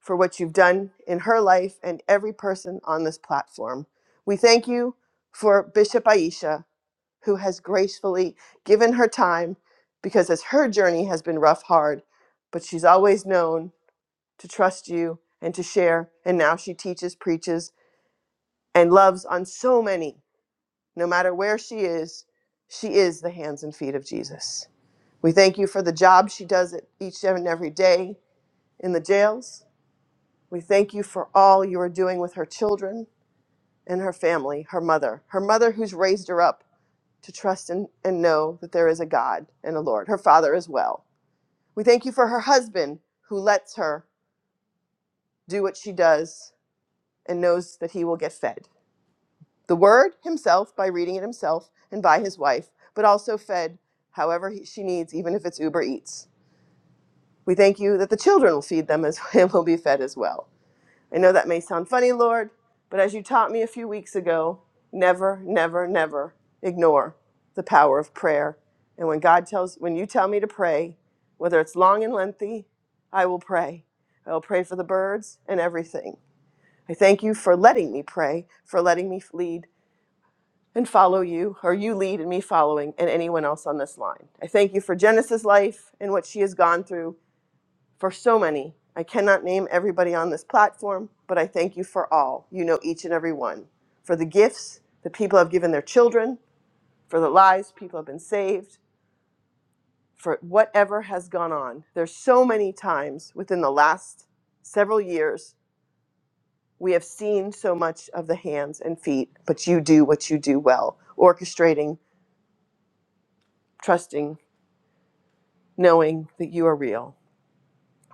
Speaker 4: for what you've done in her life and every person on this platform. We thank you for Bishop Aisha, who has gracefully given her time because as her journey has been rough, hard, but she's always known to trust you and to share. And now she teaches, preaches, and loves on so many. No matter where she is, she is the hands and feet of Jesus. We thank you for the job she does it each and every day in the jails. We thank you for all you are doing with her children and her family, her mother, her mother who's raised her up to trust and, and know that there is a God and a Lord, her father as well. We thank you for her husband who lets her do what she does and knows that he will get fed. The word himself by reading it himself and by his wife, but also fed however he, she needs, even if it's Uber Eats. We thank you that the children will feed them as and will be fed as well. I know that may sound funny, Lord, but as you taught me a few weeks ago, never, never, never ignore the power of prayer. And when God tells, when you tell me to pray, whether it's long and lengthy, I will pray. I will pray for the birds and everything. I thank you for letting me pray, for letting me lead and follow you, or you lead and me following, and anyone else on this line. I thank you for Genesis' life and what she has gone through for so many. I cannot name everybody on this platform, but I thank you for all. You know each and every one. For the gifts that people have given their children, for the lives people have been saved, for whatever has gone on. There's so many times within the last several years we have seen so much of the hands and feet, but you do what you do well, orchestrating, trusting, knowing that you are real.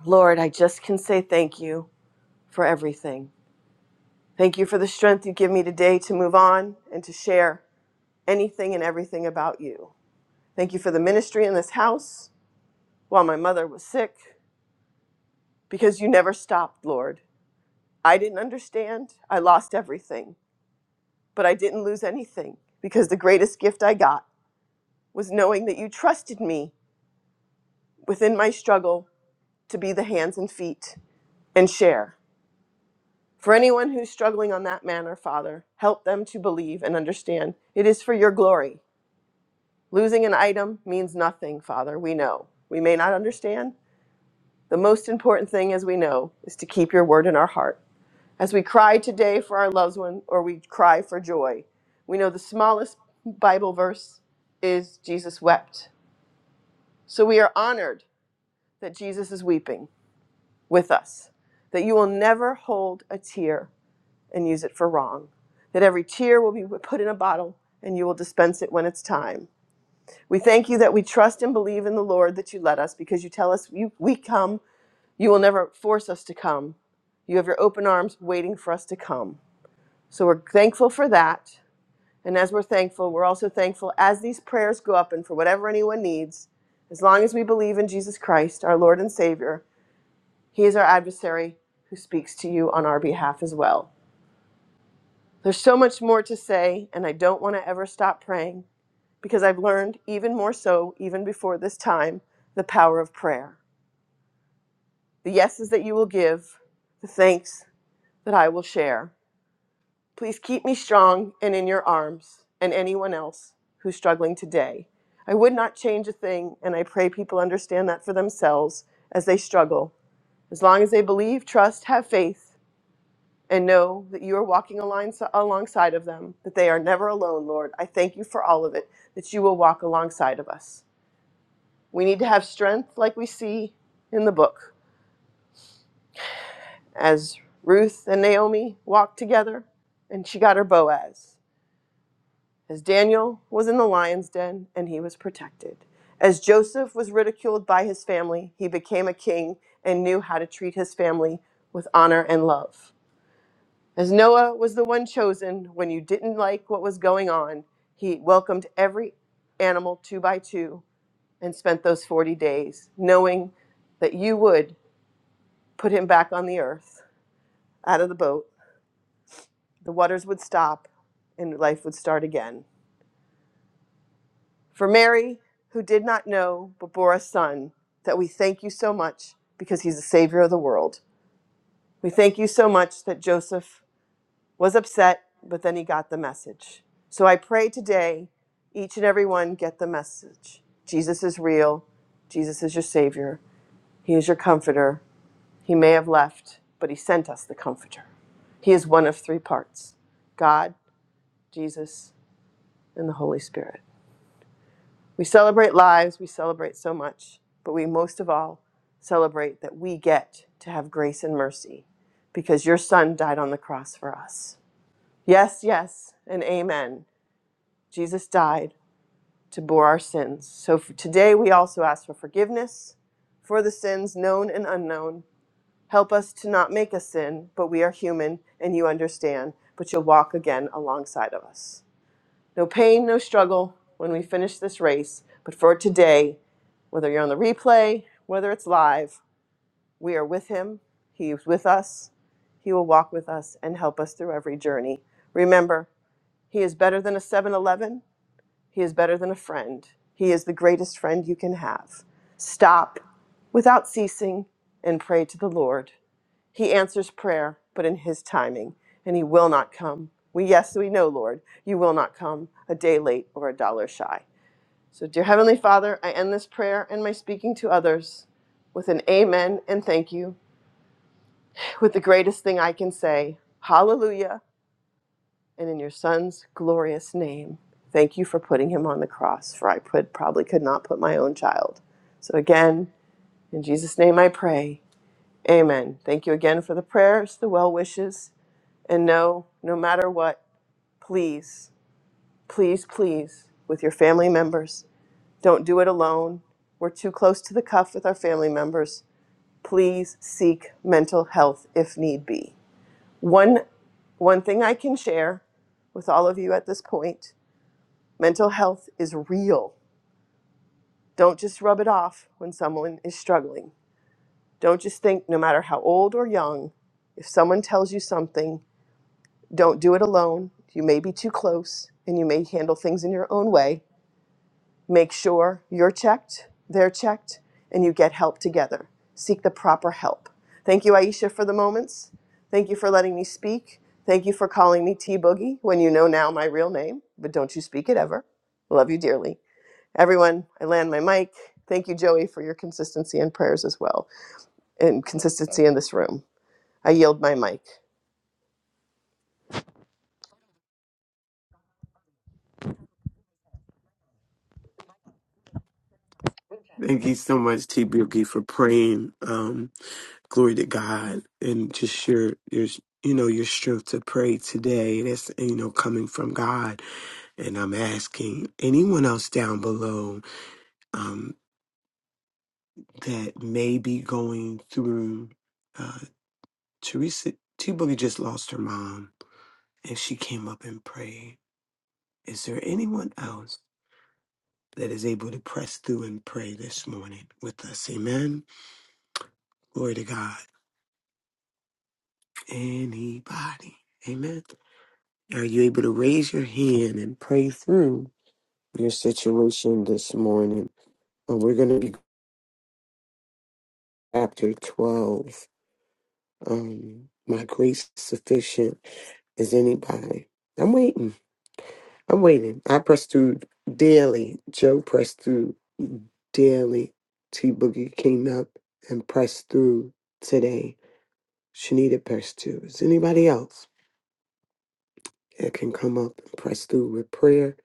Speaker 4: Lord, I just can say thank you for everything. Thank you for the strength you give me today to move on and to share anything and everything about you. Thank you for the ministry in this house while my mother was sick, because you never stopped, Lord. I didn't understand. I lost everything, but I didn't lose anything because the greatest gift I got was knowing that you trusted me within my struggle to be the hands and feet and share. For anyone who's struggling on that manner, Father, help them to believe and understand it is for your glory Losing an item means nothing, Father. We know. We may not understand. The most important thing, as we know, is to keep your word in our heart. As we cry today for our loved one or we cry for joy, we know the smallest Bible verse is Jesus wept. So we are honored that Jesus is weeping with us, that you will never hold a tear and use it for wrong, that every tear will be put in a bottle and you will dispense it when it's time. We thank you that we trust and believe in the Lord that you let us because you tell us you, we come. You will never force us to come. You have your open arms waiting for us to come. So we're thankful for that. And as we're thankful, we're also thankful as these prayers go up and for whatever anyone needs, as long as we believe in Jesus Christ, our Lord and Savior, He is our adversary who speaks to you on our behalf as well. There's so much more to say, and I don't want to ever stop praying because I've learned even more so, even before this time, the power of prayer. The yeses that you will give, the thanks that I will share. Please keep me strong and in your arms, and anyone else who's struggling today. I would not change a thing, and I pray people understand that for themselves as they struggle. As long as they believe, trust, have faith, and know that you are walking align- alongside of them, that they are never alone, Lord. I thank you for all of it, that you will walk alongside of us. We need to have strength like we see in the book, as Ruth and Naomi walked together and she got her Boaz, as Daniel was in the lion's den and he was protected, as Joseph was ridiculed by his family, he became a king and knew how to treat his family with honor and love As Noah was the one chosen when you didn't like what was going on, he welcomed every animal two by two and spent those 40 days, knowing that you would put him back on the earth, out of the boat. The waters would stop and life would start again. For Mary, who did not know but bore a son, that we thank you so much because he's the Savior of the world. We thank you so much that Joseph was upset, but then he got the message. So I pray today, each and every one get the message. Jesus is real. Jesus is your Savior. He is your Comforter. He may have left, but He sent us the Comforter. He is one of three parts God, Jesus, and the Holy Spirit. We celebrate lives, we celebrate so much, but we most of all celebrate that we get to have grace and mercy because your Son died on the cross for us. Yes, yes, and amen. Jesus died to bore our sins. So for today we also ask for forgiveness for the sins known and unknown. Help us to not make a sin, but we are human and you understand, but you'll walk again alongside of us. No pain, no struggle when we finish this race, but for today, whether you're on the replay, whether it's live, we are with him. He is with us. He will walk with us and help us through every journey. Remember, he is better than a 7 Eleven. He is better than a friend. He is the greatest friend you can have. Stop without ceasing and pray to the Lord. He answers prayer, but in his timing, and he will not come. We, yes, we know, Lord, you will not come a day late or a dollar shy. So, dear Heavenly Father, I end this prayer and my speaking to others with an amen and thank you, with the greatest thing I can say. Hallelujah and in your son's glorious name. Thank you for putting him on the cross, for I put, probably could not put my own child. So again, in Jesus' name I pray. Amen. Thank you again for the prayers, the well wishes, and no, no matter what, please, please, please, with your family members, don't do it alone. We're too close to the cuff with our family members. Please seek mental health if need be. One, one thing I can share with all of you at this point Mental health is real. Don't just rub it off when someone is struggling. Don't just think, no matter how old or young, if someone tells you something, don't do it alone. You may be too close and you may handle things in your own way. Make sure you're checked, they're checked, and you get help together. Seek the proper help. Thank you, Aisha, for the moments. Thank you for letting me speak. Thank you for calling me T Boogie when you know now my real name, but don't you speak it ever. Love you dearly. Everyone, I land my mic. Thank you, Joey, for your consistency and prayers as well, and consistency in this room. I yield my mic.
Speaker 3: Thank you so much, T Boogie, for praying. glory to God and just your your you know your strength to pray today that's you know coming from God and I'm asking anyone else down below um that may be going through uh Teresa T Boogie just lost her mom and she came up and prayed is there anyone else that is able to press through and pray this morning with us amen glory to God anybody amen Are you able to raise your hand and pray through your situation this morning? Uh, we're going to be chapter 12. Um, my grace is sufficient as anybody. I'm waiting. I'm waiting. I press through daily. Joe pressed through daily. T Boogie came up and pressed through today. Shanita pressed through. Is anybody else that can come up and press through with prayer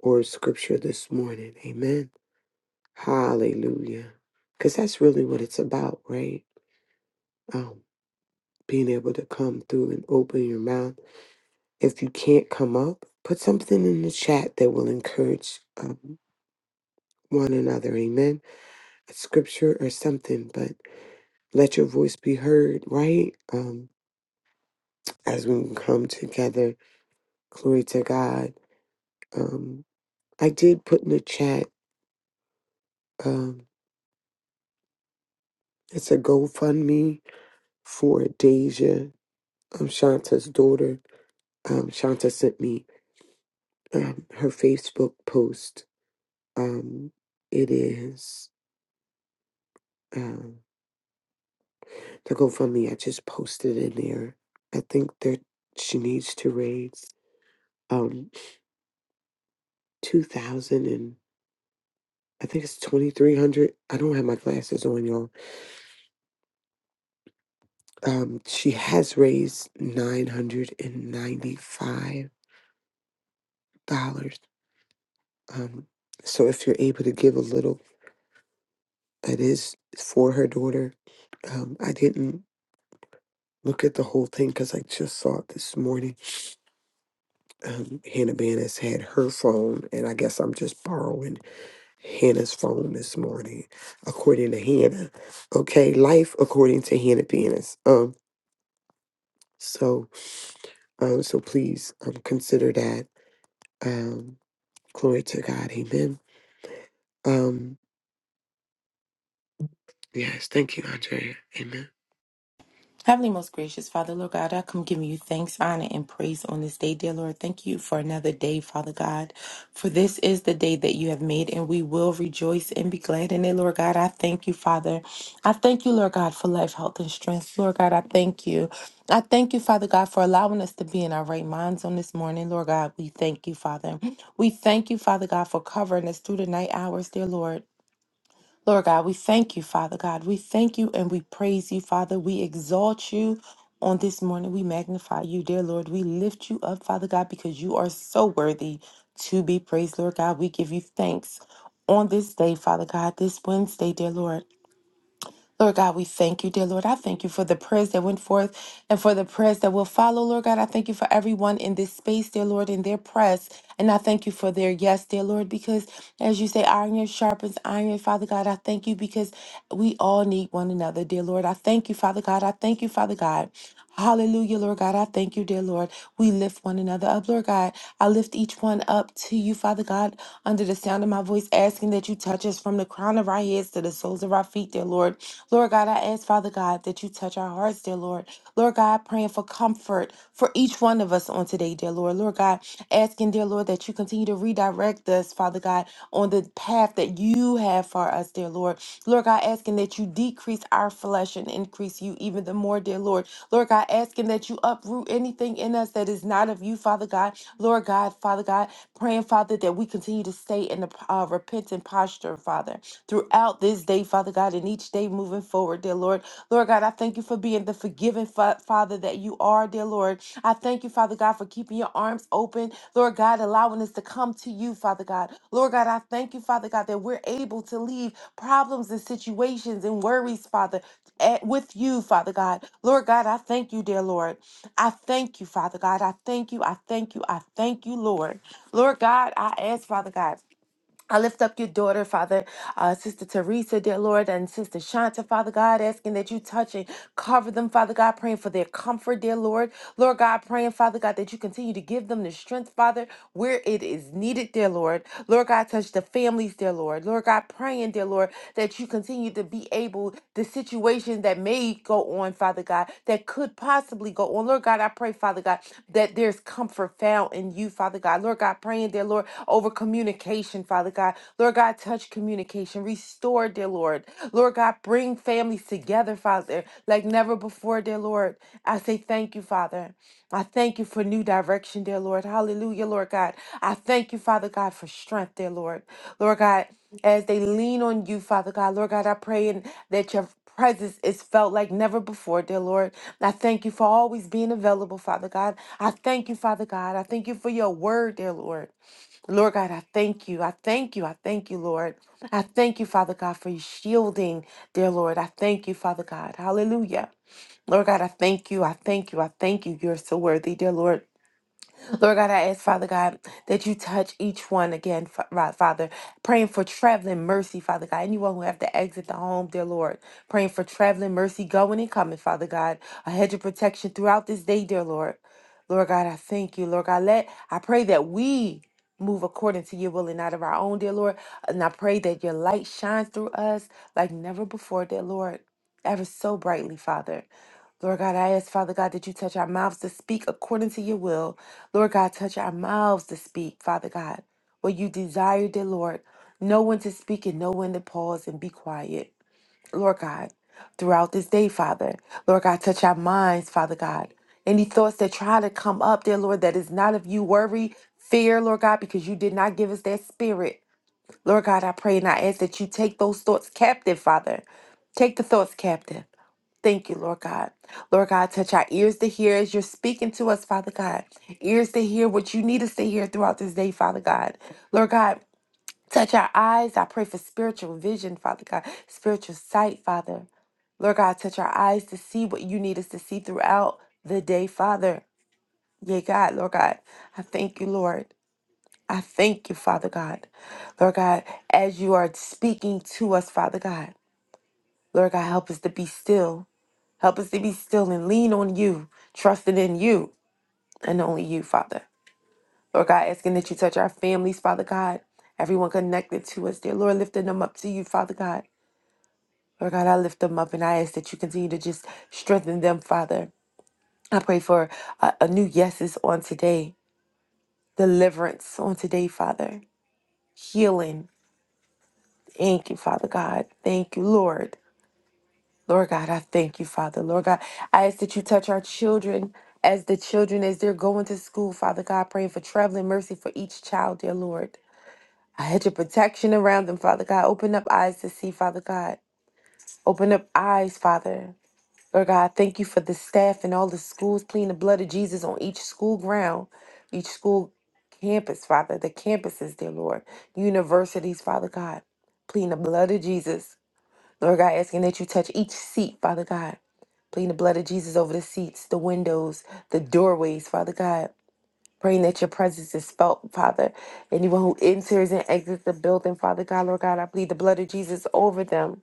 Speaker 3: or scripture this morning? Amen. Hallelujah. Because that's really what it's about, right? Um, being able to come through and open your mouth. If you can't come up, put something in the chat that will encourage um, one another. Amen. A scripture or something, but let your voice be heard, right? Um, as we come together, glory to God. Um, I did put in the chat, um, it's a GoFundMe for Deja, um, Shanta's daughter um, Shanta sent me um, her Facebook post. Um, it is um, the GoFundMe. I just posted in there. I think that she needs to raise um two thousand and I think it's twenty three hundred. I don't have my glasses on, y'all. Um, she has raised nine hundred and ninety five dollars. Um, so if you're able to give a little, that is for her daughter. Um, I didn't look at the whole thing because I just saw it this morning um, Hannah Bannis had her phone, and I guess I'm just borrowing Hannah's phone this morning, according to Hannah. Okay, life according to Hannah Bannis. Um, so, um, so please um, consider that. Um, glory to God. Amen. Um, yes, thank you, Andrea. Amen.
Speaker 5: Heavenly, most gracious Father, Lord God, I come giving you thanks, honor, and praise on this day, dear Lord. Thank you for another day, Father God. For this is the day that you have made, and we will rejoice and be glad in it, Lord God. I thank you, Father. I thank you, Lord God, for life, health, and strength. Lord God, I thank you. I thank you, Father God, for allowing us to be in our right minds on this morning, Lord God. We thank you, Father. We thank you, Father God, for covering us through the night hours, dear Lord. Lord God, we thank you, Father God. We thank you and we praise you, Father. We exalt you on this morning. We magnify you, dear Lord. We lift you up, Father God, because you are so worthy to be praised, Lord God. We give you thanks on this day, Father God, this Wednesday, dear Lord. Lord God, we thank you, dear Lord. I thank you for the prayers that went forth and for the prayers that will follow, Lord God. I thank you for everyone in this space, dear Lord, in their press. And I thank you for their yes, dear Lord, because as you say, iron sharpens iron, Father God. I thank you because we all need one another, dear Lord. I thank you, Father God. I thank you, Father God. Hallelujah, Lord God. I thank you, dear Lord. We lift one another up, Lord God. I lift each one up to you, Father God, under the sound of my voice, asking that you touch us from the crown of our heads to the soles of our feet, dear Lord. Lord God, I ask, Father God, that you touch our hearts, dear Lord. Lord God, praying for comfort for each one of us on today, dear Lord. Lord God, asking, dear Lord, that you continue to redirect us, Father God, on the path that you have for us, dear Lord. Lord God, asking that you decrease our flesh and increase you even the more, dear Lord. Lord God, asking that you uproot anything in us that is not of you, Father God. Lord God, Father God, praying, Father, that we continue to stay in the uh, repentant posture, Father, throughout this day, Father God, and each day moving forward, dear Lord. Lord God, I thank you for being the forgiving fa- Father that you are, dear Lord. I thank you, Father God, for keeping your arms open, Lord God, allowing us to come to you, Father God. Lord God, I thank you, Father God, that we're able to leave problems and situations and worries, Father eh, with you, Father God. Lord God, I thank you, dear Lord. I thank you, Father God. I thank you. I thank you. I thank you, Lord. Lord God, I ask, Father God. I lift up your daughter, Father, uh, Sister Teresa, dear Lord, and Sister Shanta, Father God, asking that you touch and cover them, Father God, praying for their comfort, dear Lord. Lord God, praying, Father God, that you continue to give them the strength, Father, where it is needed, dear Lord. Lord God, touch the families, dear Lord. Lord God, praying, dear Lord, that you continue to be able to situations that may go on, Father God, that could possibly go on. Lord God, I pray, Father God, that there's comfort found in you, Father God. Lord God, praying, dear Lord, over communication, Father God. Lord God, touch communication, restore, dear Lord. Lord God, bring families together, Father, like never before, dear Lord. I say thank you, Father. I thank you for new direction, dear Lord. Hallelujah, Lord God. I thank you, Father God, for strength, dear Lord. Lord God, as they lean on you, Father God, Lord God, I pray and that your presence is felt like never before, dear Lord. I thank you for always being available, Father God. I thank you, Father God. I thank you for your word, dear Lord. Lord God, I thank you. I thank you. I thank you, Lord. I thank you, Father God, for your shielding, dear Lord. I thank you, Father God. Hallelujah. Lord God, I thank you. I thank you. I thank you. You're so worthy, dear Lord. Lord God, I ask, Father God, that you touch each one again, Fa- Ra- Father. Praying for traveling mercy, Father God. Anyone who have to exit the home, dear Lord. Praying for traveling mercy going and coming, Father God. A hedge of protection throughout this day, dear Lord. Lord God, I thank you. Lord God, let I pray that we move according to your will and not of our own, dear Lord. And I pray that your light shines through us like never before, dear Lord. Ever so brightly, Father. Lord God, I ask, Father God, that you touch our mouths to speak according to your will. Lord God, touch our mouths to speak, Father God, what you desire, dear Lord. Know when to speak and know when to pause and be quiet. Lord God, throughout this day, Father. Lord God, touch our minds, Father God. Any thoughts that try to come up, dear Lord, that is not of you, worry, fear, Lord God, because you did not give us that spirit. Lord God, I pray and I ask that you take those thoughts captive, Father. Take the thoughts captive. Thank you, Lord God. Lord God, touch our ears to hear as you're speaking to us, Father God. Ears to hear what you need us to hear throughout this day, Father God. Lord God, touch our eyes. I pray for spiritual vision, Father God, spiritual sight, Father. Lord God, touch our eyes to see what you need us to see throughout the day, Father. Yea, God, Lord God, I thank you, Lord. I thank you, Father God. Lord God, as you are speaking to us, Father God, Lord God, help us to be still. Help us to be still and lean on you, trusting in you and only you, Father. Lord God, asking that you touch our families, Father God, everyone connected to us, dear Lord, lifting them up to you, Father God. Lord God, I lift them up and I ask that you continue to just strengthen them, Father. I pray for a, a new yeses on today, deliverance on today, Father, healing. Thank you, Father God. Thank you, Lord. Lord God, I thank you, Father. Lord God, I ask that you touch our children as the children as they're going to school, Father God, praying for traveling mercy for each child, dear Lord. I had your protection around them, Father God. Open up eyes to see, Father God. Open up eyes, Father. Lord God, thank you for the staff and all the schools, pleading the blood of Jesus on each school ground, each school campus, Father, the campuses, dear Lord, universities, Father God, pleading the blood of Jesus. Lord God, asking that you touch each seat, Father God. Pleading the blood of Jesus over the seats, the windows, the doorways, Father God. Praying that your presence is felt, Father. Anyone who enters and exits the building, Father God, Lord God, I plead the blood of Jesus over them.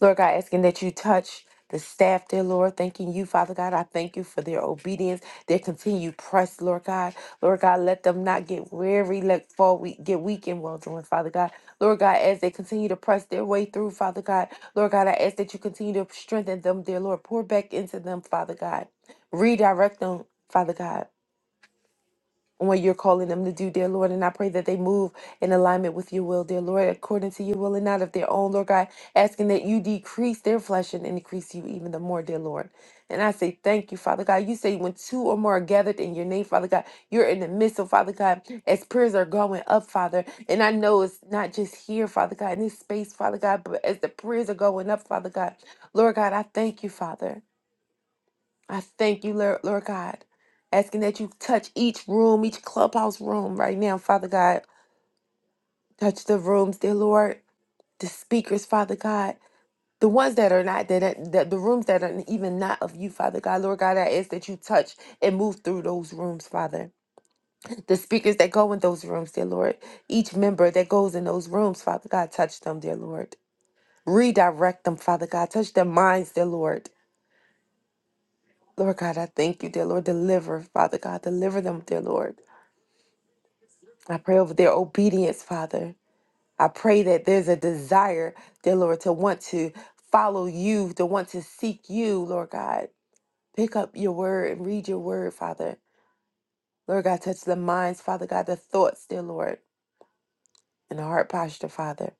Speaker 5: Lord God, asking that you touch the staff, dear Lord, thanking you, Father God. I thank you for their obedience, their continued press, Lord God. Lord God, let them not get weary, let fall weak, get weak in well doing, Father God. Lord God, as they continue to press their way through, Father God. Lord God, I ask that you continue to strengthen them, dear Lord. Pour back into them, Father God. Redirect them, Father God and what you're calling them to do, dear Lord. And I pray that they move in alignment with your will, dear Lord, according to your will and not of their own, Lord God, asking that you decrease their flesh and increase you even the more, dear Lord. And I say thank you, Father God. You say when two or more are gathered in your name, Father God, you're in the midst of Father God, as prayers are going up, Father. And I know it's not just here, Father God, in this space, Father God, but as the prayers are going up, Father God, Lord God, I thank you, Father. I thank you, Lord, Lord God, asking that you touch each room, each clubhouse room right now, Father God. Touch the rooms, dear Lord, the speakers, Father God, the ones that are not, that, that that- the rooms that are even not of you, Father God. Lord God, I ask that you touch and move through those rooms, Father. The speakers that go in those rooms, dear Lord, each member that goes in those rooms, Father God, touch them, dear Lord. Redirect them, Father God. Touch their minds, dear Lord. Lord God, I thank you, dear Lord. Deliver, Father God. Deliver them, dear Lord I pray over their obedience, Father. I pray that there's a desire, dear Lord, to want to follow you, to want to seek you, Lord God. Pick up your word and read your word, Father. Lord God, touch the minds, Father God, the thoughts, dear Lord, and the heart posture, Father.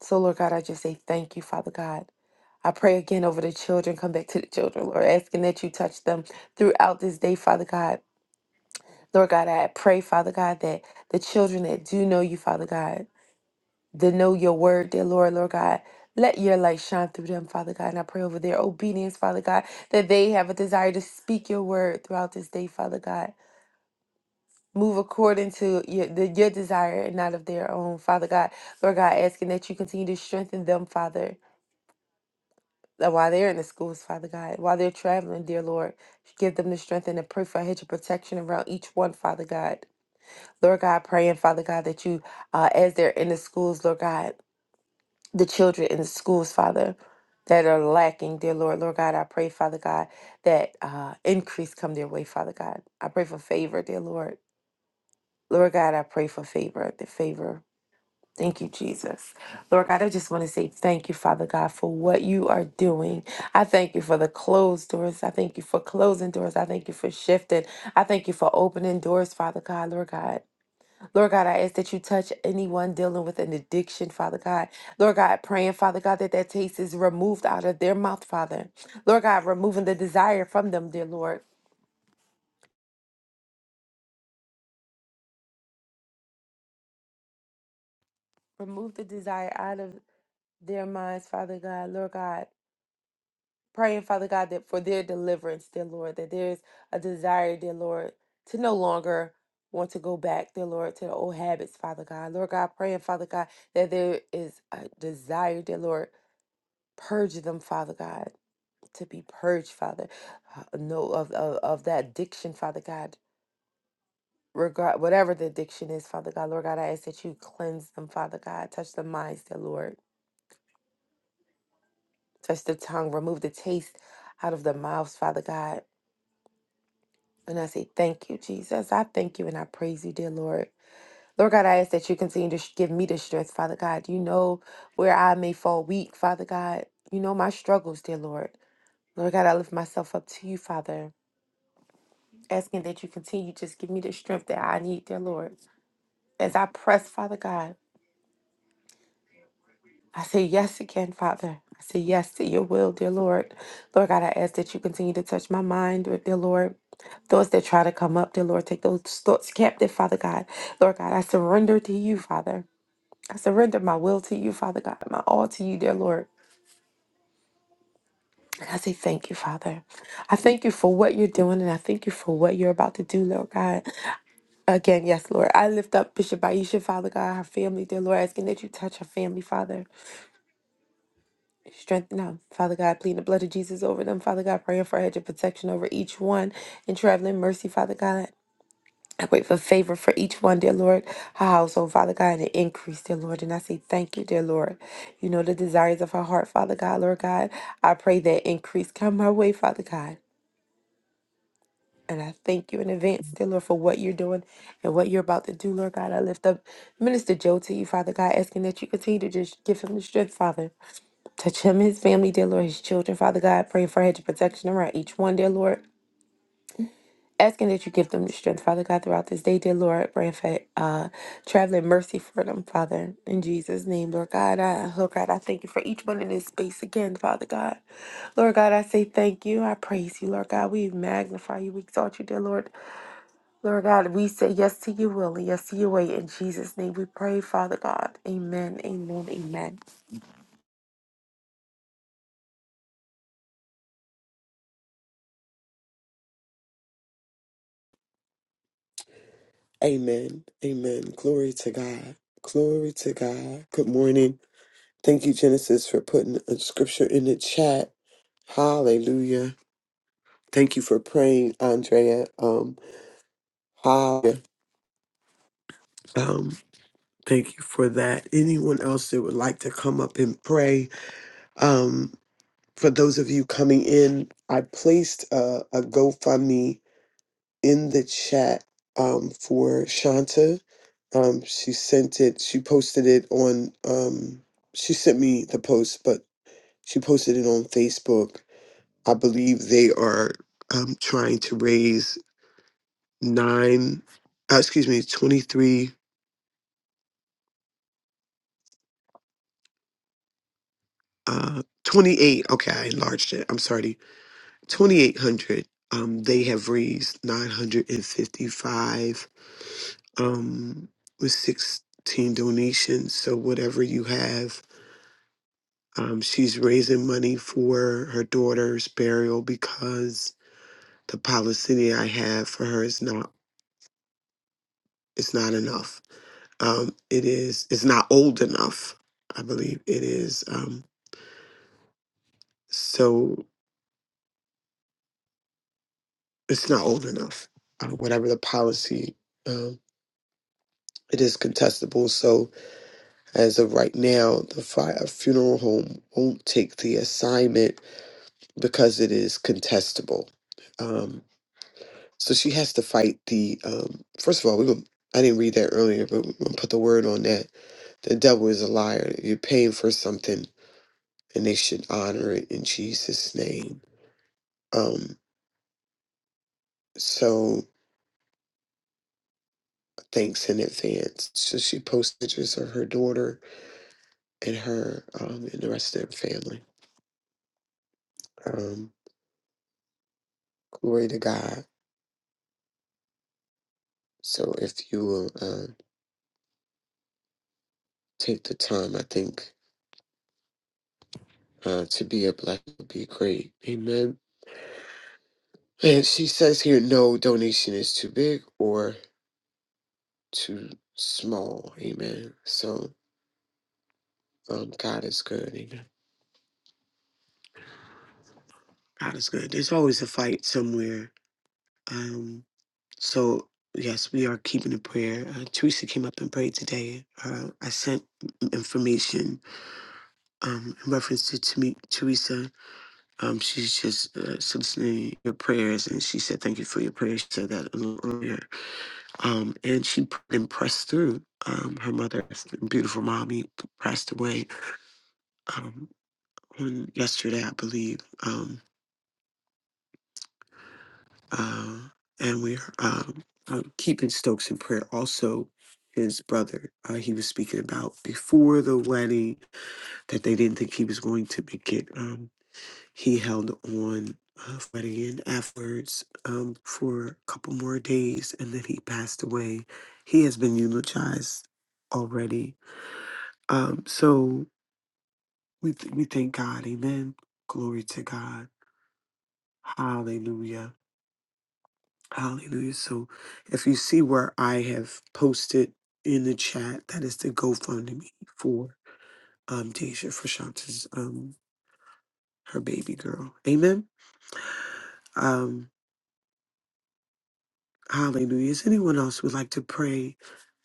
Speaker 5: So, Lord God, I just say thank you, Father God. I pray again over the children. Come back to the children, Lord, asking that you touch them throughout this day, Father God. Lord God, I pray, Father God, that the children that do know you, Father God, to know your word, dear Lord, Lord God. Let your light shine through them, Father God. And I pray over their obedience, Father God, that they have a desire to speak your word throughout this day, Father God. Move according to your, the, your desire and not of their own, Father God. Lord God, asking that you continue to strengthen them, Father, uh, while they're in the schools, Father God, while they're traveling, dear Lord. Give them the strength and the pray for a hedge of protection around each one, Father God. Lord God, praying, Father God, that you, uh, as they're in the schools, Lord God, the children in the schools, Father, that are lacking, dear Lord. Lord God, I pray, Father God, that uh, increase come their way, Father God. I pray for favor, dear Lord. Lord God, I pray for favor, the favor. Thank you, Jesus. Lord God, I just want to say thank you, Father God, for what you are doing. I thank you for the closed doors. I thank you for closing doors. I thank you for shifting. I thank you for opening doors, Father God, Lord God. Lord God, I ask that you touch anyone dealing with an addiction, Father God. Lord God, praying, Father God, that that taste is removed out of their mouth, Father. Lord God, removing the desire from them, dear Lord. Remove the desire out of their minds, Father God. Lord God, praying, Father God, that for their deliverance, dear Lord, that there's a desire, dear Lord, to no longer want to go back, dear Lord, to the old habits, Father God. Lord God, praying, Father God, that there is a desire, dear Lord, purge them, Father God. to be purged, Father. Uh, No, of, of, of that addiction, Father God. Regard whatever the addiction is, Father God, Lord God, I ask that you cleanse them, Father God. Touch the minds, dear Lord. Touch the tongue. Remove the taste out of the mouths, Father God. And I say, thank you, Jesus. I thank you and I praise you, dear Lord. Lord God, I ask that you continue to sh- give me the strength, Father God. You know where I may fall weak, Father God. You know my struggles, dear Lord. Lord God, I lift myself up to you, Father. asking that you continue just give me the strength that I need, dear Lord. As I press, Father God, I say yes again, Father. I say yes to your will, dear Lord. Lord God, I ask that you continue to touch my mind, dear Lord. Thoughts that try to come up, dear Lord, take those thoughts captive, Father God. Lord God, I surrender to you, Father. I surrender my will to you, Father God, my all to you, dear Lord. And I say thank you, Father. I thank you for what you're doing, and I thank you for what you're about to do, Lord God. Again, yes, Lord. I lift up Bishop Aisha, Father God, her family, dear Lord, asking that you touch her family, Father. Strengthen them, Father God. Plead the blood of Jesus over them, Father God. Praying for a hedge of protection over each one and traveling mercy, Father God. I wait for favor for each one, dear Lord, her household, Father God, and an increase, dear Lord. And I say thank you, dear Lord. You know the desires of her heart, Father God, Lord God. I pray that increase come her way, Father God. And I thank you in advance, dear Lord, for what you're doing and what you're about to do, Lord God. I lift up Minister Joe to you, Father God, asking that you continue to just give him the strength, Father. Touch him, his family, dear Lord, his children, Father God. Praying for a hedge of protection around each one, dear Lord. Asking that you give them the strength, Father God, throughout this day, dear Lord. Praying for uh, traveling mercy for them, Father. In Jesus' name, Lord God. I, Lord God, I thank you for each one in this space again, Father God. Lord God, I say thank you. I praise you, Lord God. We magnify you. We exalt you, dear Lord. Lord God, we say yes to your will and yes to your way. In Jesus' name we pray, Father God. Amen, amen, amen.
Speaker 3: Amen. Amen. Glory to God. Glory to God. Good morning. Thank you, Genesis, for putting a scripture in the chat. Hallelujah. Thank you for praying, Andrea. Um, hi. Um, thank you for that. Anyone else that would like to come up and pray? Um, for those of you coming in, I placed a, a GoFundMe in the chat um, for Shanta. Um, she sent it. She posted it on. Um, she sent me the post, but she posted it on Facebook. I believe they are um, trying to raise nine. Uh, excuse me, twenty three. uh 28 okay i enlarged it i'm sorry 2800 um they have raised 955 um with 16 donations so whatever you have um she's raising money for her daughter's burial because the policy i have for her is not it's not enough um it is it's not old enough i believe it is um so it's not old enough uh, whatever the policy um, It is contestable, so as of right now, the fi- a funeral home won't take the assignment because it is contestable. Um, so she has to fight the. Um, first of all, we gonna, I didn't read that earlier, but we're gonna put the word on that. The devil is a liar. You're paying for something, and they should honor it in Jesus' name. Um, so thanks in advance. So she posts pictures of her daughter and her um, and the rest of their family. Um. Glory to God. So if you will uh, take the time, I think uh, to be a blessing would be great. Amen. And she says here, no donation is too big or too small. Amen. So um, God is good. Amen. God is good. There's always a fight somewhere. Um, so yes, we are keeping a prayer. Uh, Teresa came up and prayed today. Uh, I sent information um, in reference to, to Teresa Um, she's just uh, soliciting your prayers, and she said, "Thank you for your prayers." She said that a little earlier. Um, and she pr- and pressed through. Um, her mother, beautiful mommy, passed away um, on yesterday, I believe. Um, uh, and we're um, um, keeping Stokes in prayer. Also, his brother, uh, he was speaking about before the wedding that they didn't think he was going to make it. He held on uh, fighting in afterwards um, for a couple more days, and then he passed away. He has been eulogized already. Um, so we th- we thank God. Amen. Glory to God. Hallelujah. Hallelujah. So if you see where I have posted in the chat, that is the GoFundMe for um Deja Frashanta's um her baby girl. Amen. Um hallelujah. Is anyone else would like to pray?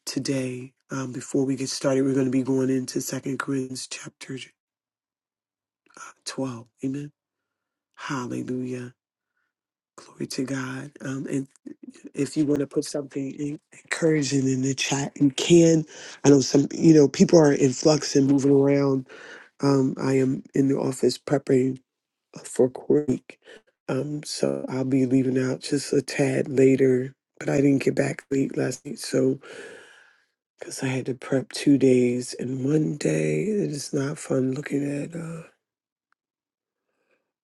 Speaker 3: today. Um, before we get started, we're going to be going into Second Corinthians chapter uh, 12. Amen. Hallelujah. Glory to God. Um, and if you want to put something en- encouraging in the chat, you can. I know some, you know, people are in flux and moving around. Um, I am in the office preparing for court week. Um, so I'll be leaving out just a tad later, but I didn't get back late last night. So because I had to prep two days in one day. It is not fun looking at uh,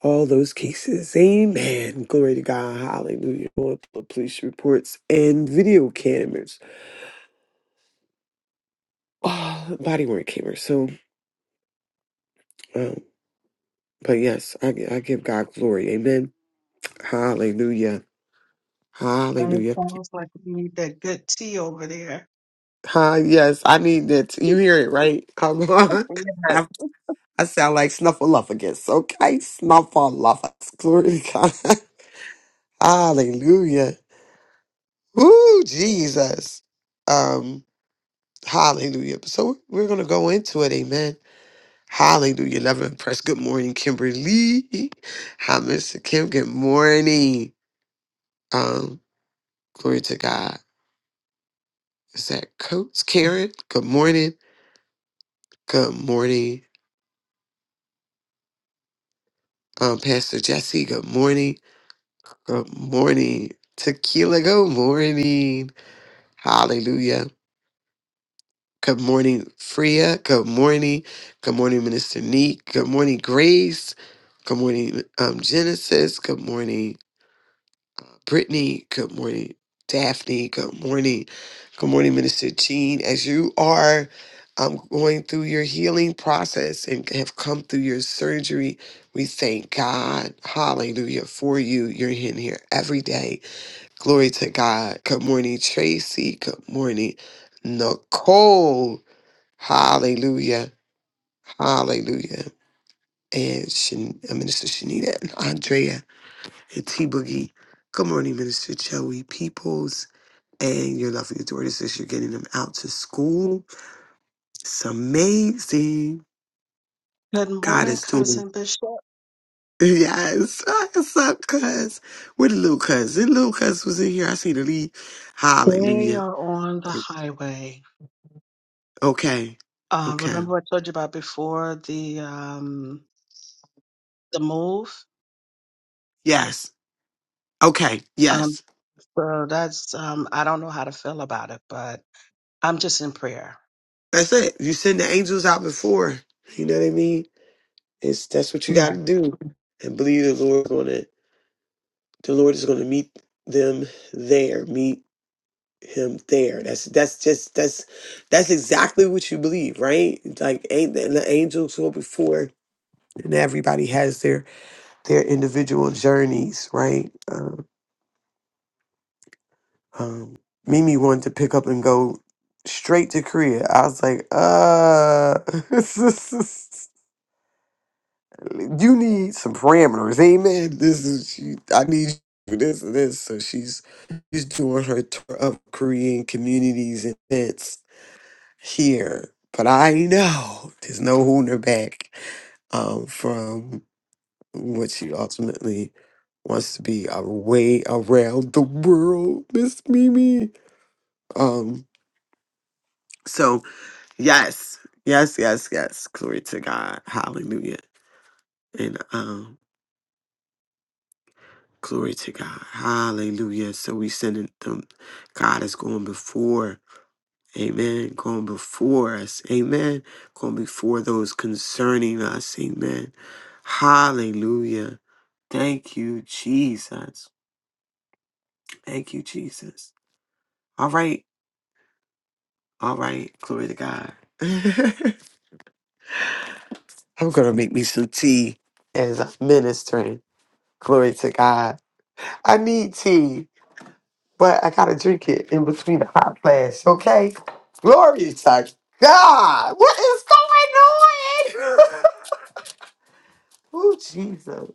Speaker 3: all those cases. Amen. Glory to God. Hallelujah. Lord, the Police reports and video cameras, oh, body worn cameras. So, um, but yes, I, gi- I give God glory. Amen. Hallelujah.
Speaker 2: It
Speaker 3: Hallelujah.
Speaker 2: sounds like you need that good tea over there.
Speaker 3: Hi, yes, I need that. You hear it, right? Come on.
Speaker 2: Yes.
Speaker 3: I, I sound like Snuffleupagus. Okay, Snuffleupagus. Glory to God. Hallelujah. Ooh, Jesus. Um, hallelujah. So we're gonna go into it, amen. Hallelujah. Love and press. Good morning, Kimberly. Hi, Mr. Kim. Good morning. Um, glory to God. Is that Coach Karen? Good morning. Good morning. Um, Pastor Jesse, good morning. Good morning. Tequila, good morning. Hallelujah. Good morning, Freya. Good morning. Good morning, Minister Neek. Good morning, Grace. Good morning, um, Genesis. Good morning, uh, Brittany. Good morning, Daphne. Good morning. Good morning, Minister Jean. As you are um, going through your healing process and have come through your surgery, we thank God, hallelujah, for you. You're in here every day. Glory to God. Good morning, Tracy. Good morning, Nicole. Hallelujah. Hallelujah. And Shan- uh, Minister Shanita and Andrea and T Boogie. Good morning, Minister Joey Peoples and your lovely daughters as you're getting them out to school. It's amazing.
Speaker 2: Good
Speaker 3: God
Speaker 2: morning,
Speaker 3: is doing.
Speaker 2: cousin Bishop.
Speaker 3: Yes. What's up, cuz? Where the little cuz? The little cuz was in here. I see the lead.
Speaker 2: They
Speaker 3: Hallelujah.
Speaker 2: are on the highway.
Speaker 3: Okay.
Speaker 2: Um,
Speaker 3: Okay.
Speaker 2: remember what I told you about before the um the move?
Speaker 3: Yes. Okay.
Speaker 2: Um,
Speaker 3: Yes.
Speaker 2: So that's um I don't know how to feel about it, but I'm just in prayer.
Speaker 3: That's it. You send the angels out before. You know what I mean? It's that's what you got
Speaker 2: Yeah.
Speaker 3: to do, and believe the Lord's gonna. The Lord is gonna meet them there. Meet him there. That's that's just that's that's exactly what you believe, right? Like ain't the, the angels go before, and everybody has their their individual journeys, right? Um, um, Mimi wanted to pick up and go straight to Korea. I was like, uh. You need some parameters, amen. This is she, I need you for this and this. So she's she's doing her tour of Korean communities and events here. But I know there's no holding her back um, from what she ultimately wants to be a way around the world, Miss Mimi. Um, so yes, yes, yes, yes. Glory to God. Hallelujah. And um Glory to God. Hallelujah. So we sending them. God is going before. Amen. Going before us. Amen. Going before those concerning us. Amen. Hallelujah. Thank you, Jesus. Thank you, Jesus. All right. All right. Glory to God. I'm going to make me some tea as I'm ministering. Glory to God. I need tea. but I gotta drink it in between the hot flash, okay? Glory to God! What is going on? oh Jesus!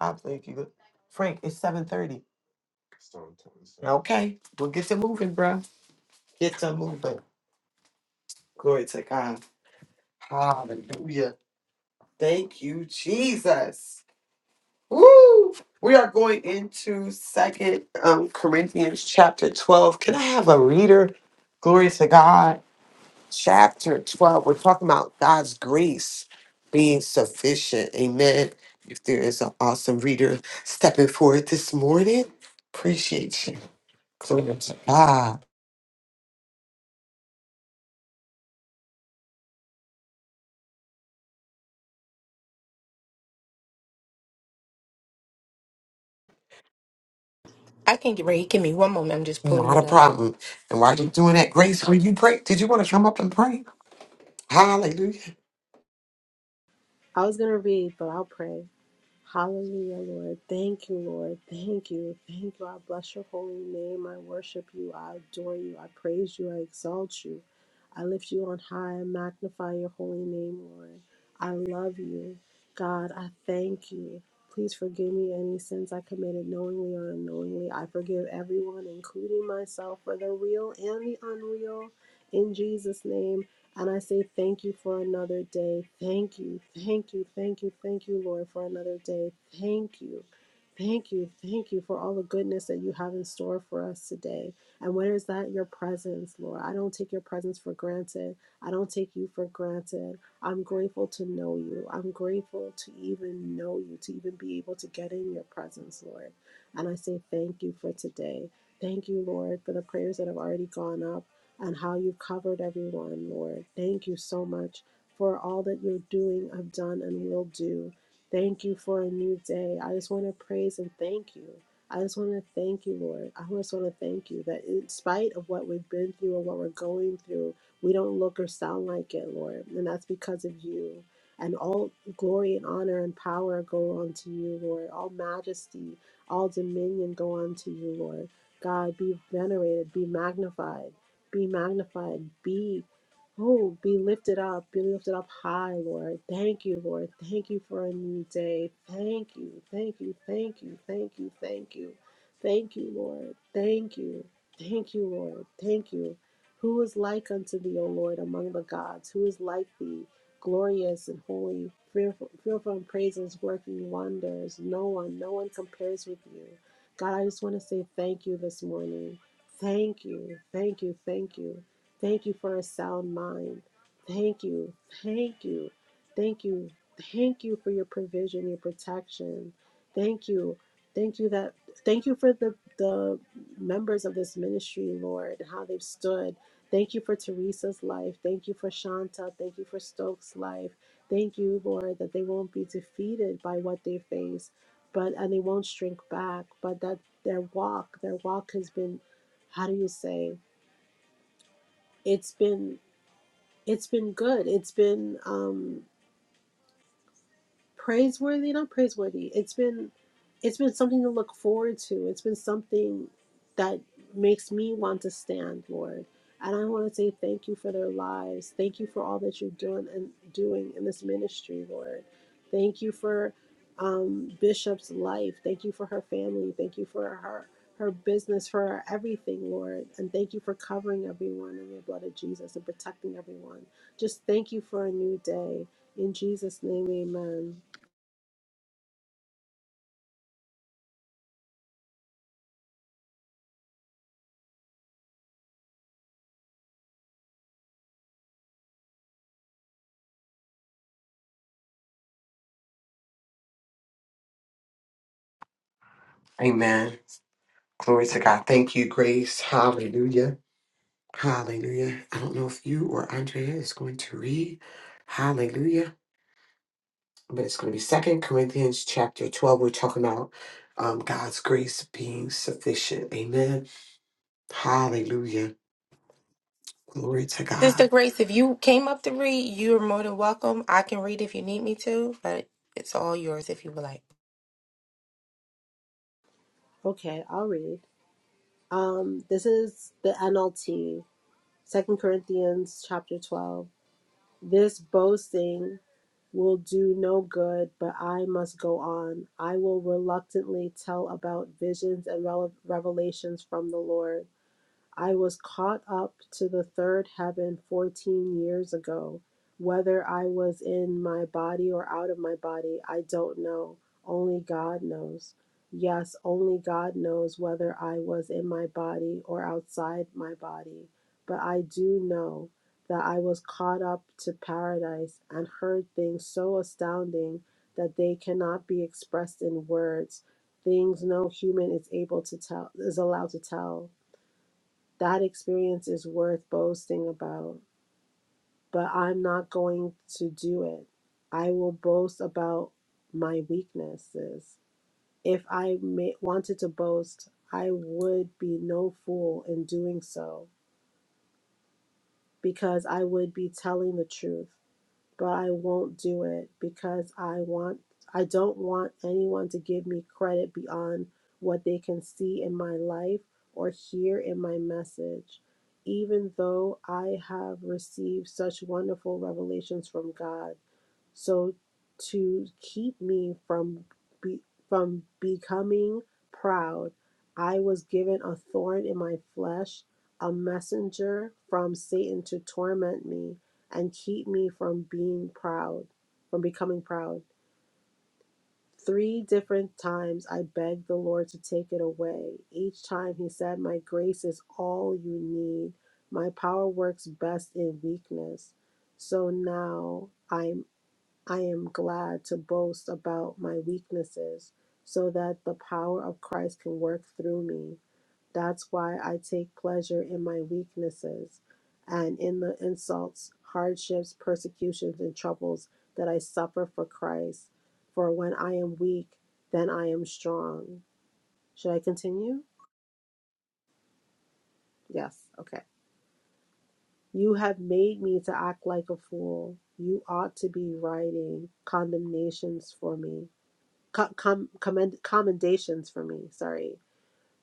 Speaker 3: I thank you, Frank. It's seven thirty. Okay, we'll get to moving, bro. Get to moving. Glory to God. Hallelujah. Thank you, Jesus. Woo! We are going into Second um, Corinthians chapter twelve. Can I have a reader? Glory to God. chapter 12, we're talking about God's grace being sufficient. Amen. If there is an awesome reader stepping forward this morning, appreciate you. Glory to God.
Speaker 5: I can get ready. Give me one moment. I'm just pulling
Speaker 3: Not a
Speaker 5: it up.
Speaker 3: problem. And while you're doing that, Grace, will you pray? Did you want to come up and pray? Hallelujah.
Speaker 6: I was going to read, but I'll pray. Hallelujah, Lord. Thank you, Lord. Thank you. Thank you. I bless your holy name. I worship you. I adore you. I praise you. I exalt you. I lift you on high. I magnify your holy name, Lord. I love you. God, I thank you. Please forgive me any sins I committed knowingly or unknowingly. I forgive everyone, including myself, for the real and the unreal. In Jesus' name, and I say thank you for another day. Thank you, thank you, thank you, thank you, Lord, for another day. Thank you, thank you, thank you for all the goodness that you have in store for us today. And what is that? Your presence, Lord. I don't take your presence for granted. I don't take you for granted. I'm grateful to know you. I'm grateful to even know you, to even be able to get in your presence, Lord. And I say thank you for today. Thank you, Lord, for the prayers that have already gone up and how you covered everyone, Lord. Thank you so much for all that you're doing, have done, and will do. Thank you for a new day. I just want to praise and thank you. I just want to thank you, Lord. I just want to thank you that in spite of what we've been through and what we're going through, we don't look or sound like it, Lord. And that's because of you. And all glory and honor and power go unto you, Lord. All majesty, all dominion go unto you, Lord. God, be venerated, be magnified. Be magnified. Be, oh, be lifted up. Be lifted up high, Lord. Thank you, Lord. Thank you for a new day. Thank you. Thank you. Thank you. Thank you. Thank you. Thank you, Lord. Thank you. Thank you, Lord. Thank you. Who is like unto thee, O Lord, among the gods? Who is like thee, glorious and holy, fearful, fearful in praises, working wonders? No one, no one compares with you. God, I just want to say thank you this morning. Thank you, thank you, thank you. Thank you for a sound mind. Thank you, thank you, thank you, thank you for your provision, your protection. Thank you, thank you that, thank you for the, the members of this ministry, Lord, and how they've stood. Thank you for Teresa's life. Thank you for Shanta. Thank you for Stokes' life. Thank you, Lord, that they won't be defeated by what they face, but and they won't shrink back, but that their walk, their walk has been how do you say it's been it's been good it's been um praiseworthy not praiseworthy it's been it's been something to look forward to it's been something that makes me want to stand lord and i want to say thank you for their lives thank you for all that you're doing and doing in this ministry lord thank you for um, bishop's life thank you for her family thank you for her her business for her everything lord and thank you for covering everyone in the blood of jesus and protecting everyone just thank you for a new day in jesus name amen
Speaker 3: Amen. Glory to God. Thank you, Grace. Hallelujah. Hallelujah. I don't know if you or Andrea is going to read. Hallelujah. but it's going to be second corinthians chapter 12 we're talking about um, god's grace being sufficient amen hallelujah glory to
Speaker 5: Sister
Speaker 3: god
Speaker 5: Grace, if you came up to read, you're more than welcome. I can read if you need me to, but it's all yours if you would like.
Speaker 6: Okay, I'll read. Um, this is the NLT, Second Corinthians chapter 12. This boasting will do no good, but I must go on. I will reluctantly tell about visions and rele- revelations from the Lord. I was caught up to the third heaven 14 years ago. Whether I was in my body or out of my body, I don't know. Only God knows. Yes, only God knows whether I was in my body or outside my body. But I do know that I was caught up to paradise and heard things so astounding that they cannot be expressed in words, things no human is able to tell, is allowed to tell. That experience is worth boasting about, but I'm not going to do it. I will boast about my weaknesses. If I ma- wanted to boast, I would be no fool in doing so because I would be telling the truth. but I won't do it because I want I don't want anyone to give me credit beyond what they can see in my life or hear in my message. Even though I have received such wonderful revelations from God, so to keep me from be, from becoming proud, I was given a thorn in my flesh, a messenger from Satan to torment me and keep me from being proud, from becoming proud. Three different times I begged the Lord to take it away. Each time he said, "My grace is all you need. My power works best in weakness." So now I'm I am glad to boast about my weaknesses so that the power of Christ can work through me. That's why I take pleasure in my weaknesses and in the insults, hardships, persecutions, and troubles that I suffer for Christ. For when I am weak, then I am strong. Should I continue? Yes. Okay. You have made me to act like a fool. You ought to be writing condemnations for me. co- com- commend- commendations for me sorry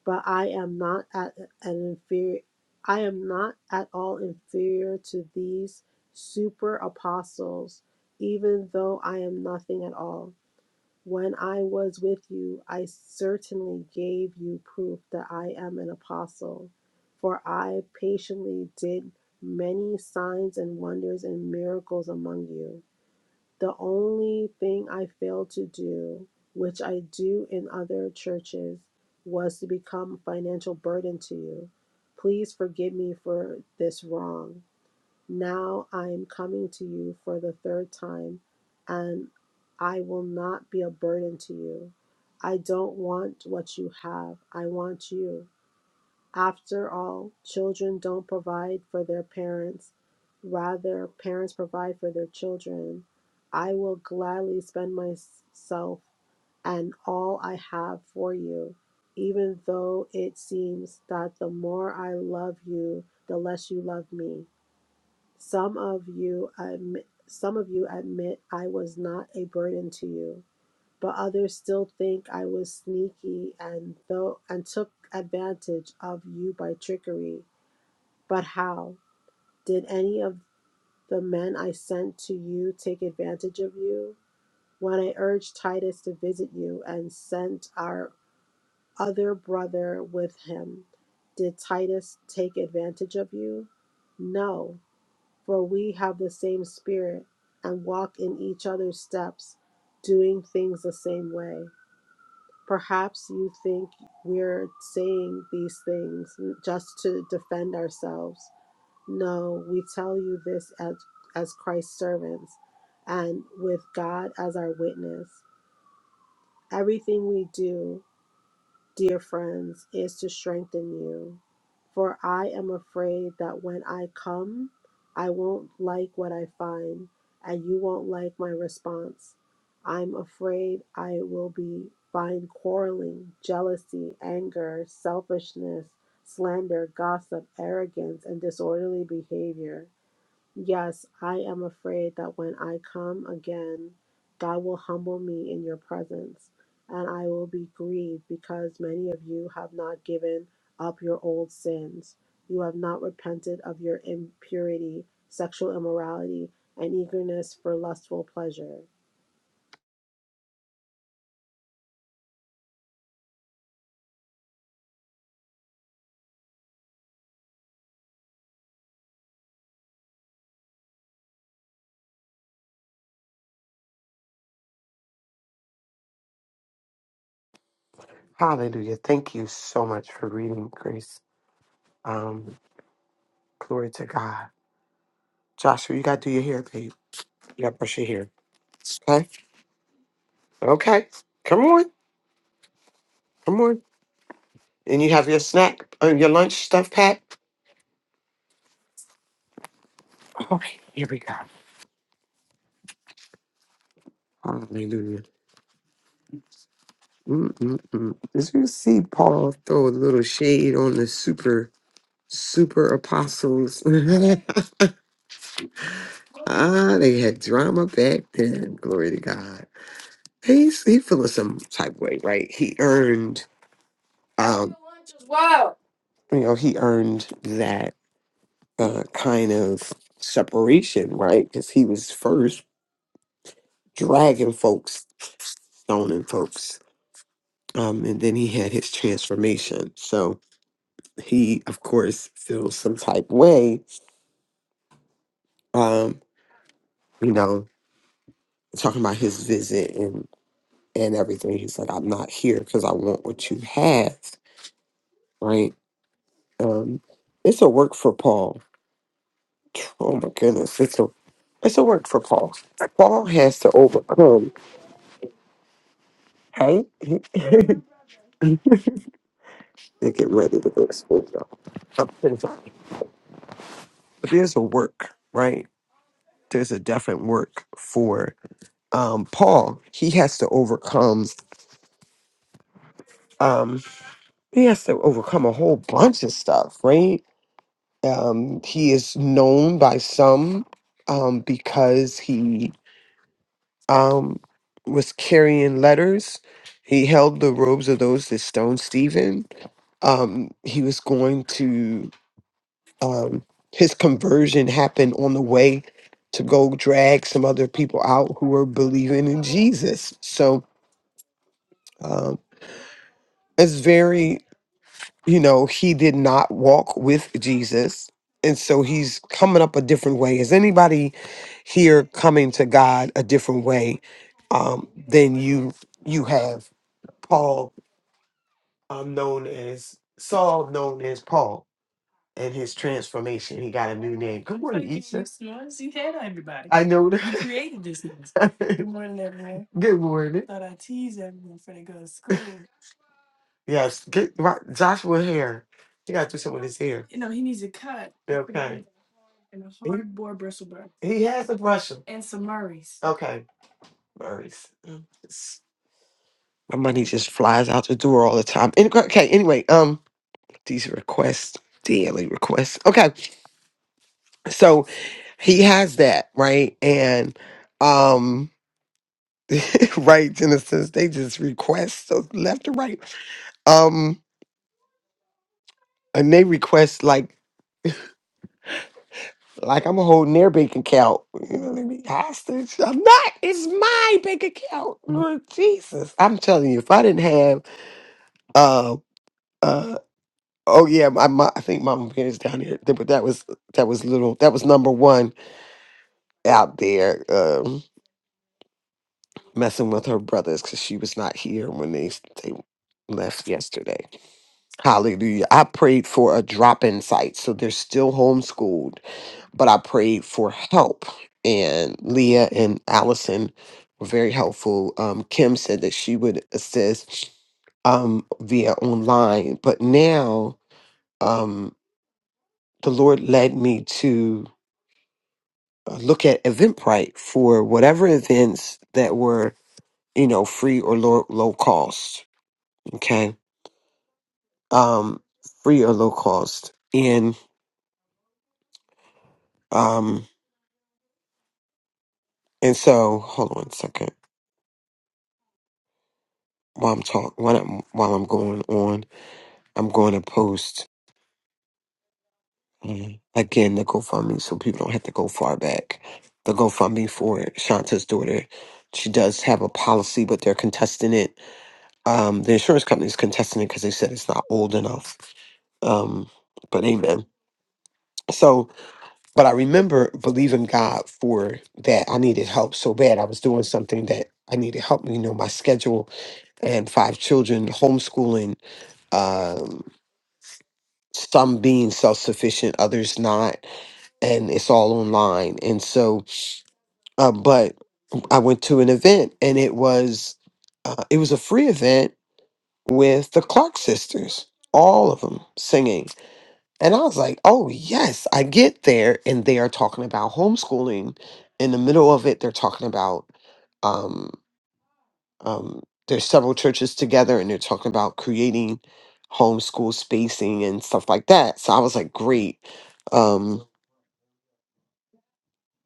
Speaker 6: but i am not at an inferior i am not at all inferior to these super apostles even though i am nothing at all when i was with you i certainly gave you proof that i am an apostle for i patiently did many signs and wonders and miracles among you the only thing I failed to do, which I do in other churches, was to become a financial burden to you. Please forgive me for this wrong. Now I am coming to you for the third time, and I will not be a burden to you. I don't want what you have, I want you. After all, children don't provide for their parents, rather, parents provide for their children. I will gladly spend myself and all I have for you, even though it seems that the more I love you, the less you love me. Some of you admit, some of you admit I was not a burden to you but others still think I was sneaky and though and took advantage of you by trickery. But how? Did any of the men I sent to you take advantage of you? When I urged Titus to visit you and sent our other brother with him, did Titus take advantage of you? No, for we have the same spirit and walk in each other's steps, doing things the same way. Perhaps you think we're saying these things just to defend ourselves. No, we tell you this as, as Christ's servants and with God as our witness. Everything we do dear friends, is to strengthen you. For I am afraid that when I come, I won't like what I find, and you won't like my response. I'm afraid I will be find quarreling, jealousy, anger, selfishness, slander, gossip, arrogance, and disorderly behavior. Yes, I am afraid that when I come again, God will humble me in your presence, and I will be grieved because many of you have not given up your old sins. You have not repented of your impurity, sexual immorality, and eagerness for lustful pleasure.
Speaker 3: hallelujah thank you so much for reading grace um, glory to god joshua you got to do your hair babe you got to brush your hair okay okay come on come on and you have your snack uh, your lunch stuff pat all right here we go hallelujah Mm-mm-mm. Did you see Paul throw a little shade on the super super apostles. ah, they had drama back then. Glory to God. He's he feeling some type of way, right? He earned um wow. You know, he earned that uh kind of separation, right? Because he was first dragging folks, stoning folks. Um, and then he had his transformation. So he of course feels some type of way. Um, you know, talking about his visit and everything. He said, I'm not here because I want what you have, right? Um, it's a work for Paul. Oh my goodness, it's a it's a work for Paul. Paul has to overcome. Hey, they get ready to go to school. y'all. I'm so sorry. But there's a work, right? There's a definite work for um, Paul. He has to overcome. Um, he has to overcome a whole bunch of stuff, right? Um, he is known by some um, because he um, was carrying letters. He held the robes of those that stoned Stephen. Um, he was going to, um, his conversion happened on the way to go drag some other people out who were believing in Jesus. So um, it's very you know, he did not walk with Jesus. And so he's coming up a different way. Is anybody here coming to God a different way um, than you you have? Paul, um, known as Saul, known as Paul, and his transformation. He got a new name. Good morning, Issa. You had everybody. I know. that. You created this noise. Good morning. everyone. Good morning. Thought I'd everyone for they go to school. Yes, get right, Joshua hair. He got to do something with his hair. Okay. He, he has a brush. Okay. murrays. Mm, it's- My money just flies out the door all the time. Any- Okay, anyway, um, these requests, daily requests. Okay, so he has that, right? And um, right, in a sense, they just request so left and right. Um, and they request like Like I'm holding their bank account. You know what I mean? Hostage. I'm not. It's my bank account. Lord Jesus. I'm telling you, if I didn't have uh uh oh yeah, my, my I think Mama Bear is down here. Th- But that was that was little that was number one out there um messing with her brothers because she was not here when they they left yesterday. Hallelujah. I prayed for a drop in site. So they're still homeschooled but I prayed for help. And Leah and Allison were very helpful. Um, Kim said that she would assist um, via online, but now um, the Lord led me to uh, look at Eventbrite for whatever events that were, you know, free or low, low cost. Okay, um, free or low cost, and um, and so hold on a second while I'm talking while I'm while I'm going on. I'm going to post um, again the GoFundMe so people don't have to go far back. The GoFundMe for Shanta's daughter. She does have a policy, but they're contesting it. Um, the insurance company is contesting it because they said it's not old enough. Um, but amen. So, but I remember believing God for that. I needed help so bad. I was doing something that I needed help. You know, my schedule and five children, homeschooling, um, some being self sufficient, others not and it's all online. And so, uh, but I went to an event, and it was uh, it was a free event with the Clark sisters, all of them singing. And I was like, oh yes, I get there, and they are talking about homeschooling. In the middle of it, they're talking about um, um, there's several churches together, and they're talking about creating homeschool spacing and stuff like that. So I was like, great. Um,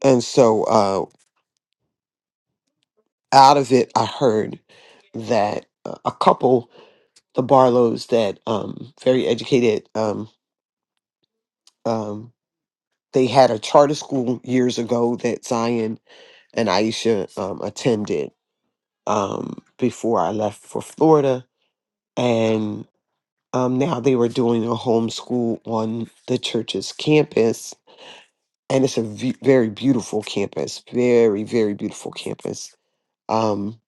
Speaker 3: and so uh, out of it, I heard that uh, a couple, the Barlows, that um, very educated, um, um, they had a charter school years ago that Zion and Aisha um, attended um, before I left for Florida. And um, now they were doing a homeschool on the church's campus. And it's a v- very beautiful campus, very, very beautiful campus. Um,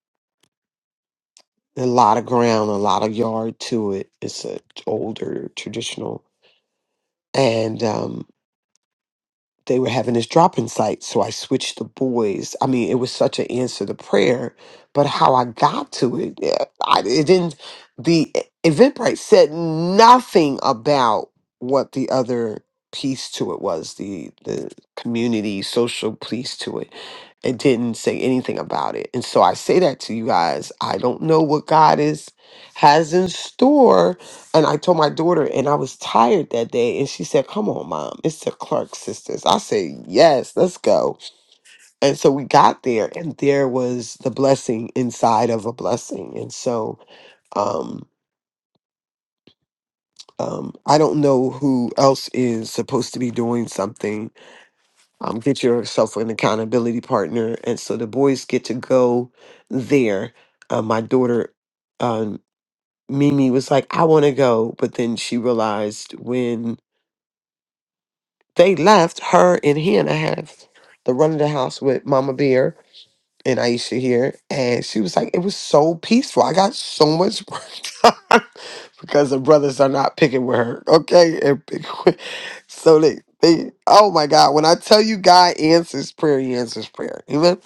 Speaker 3: a lot of ground, a lot of yard to it. It's an older traditional and um, they were having this drop-in site. So I switched the boys. I mean, it was such an answer to prayer, but how I got to it, eh, I, it didn't. The e, Eventbrite said nothing about what the other piece to it was the the community social piece to it and didn't say anything about it. And so I say that to you guys. I don't know what God is has in store. And I told my daughter, and I was tired that day, and she said, "Come on, mom, it's the Clark sisters." I said, "Yes, let's go." And so we got there, and there was the blessing inside of a blessing. And so, um, um, I don't know who else is supposed to be doing something um, get yourself an accountability partner. And so the boys get to go there. Uh, my daughter, um, Mimi, was like, I want to go. But then she realized when they left, her and Hannah have the run of the house with Mama Bear and Aisha here, and she was like, it was so peaceful. I got so much work done because the brothers are not picking with her. Okay. And so they, they, oh my God, when I tell you God answers prayer, he answers prayer. Amen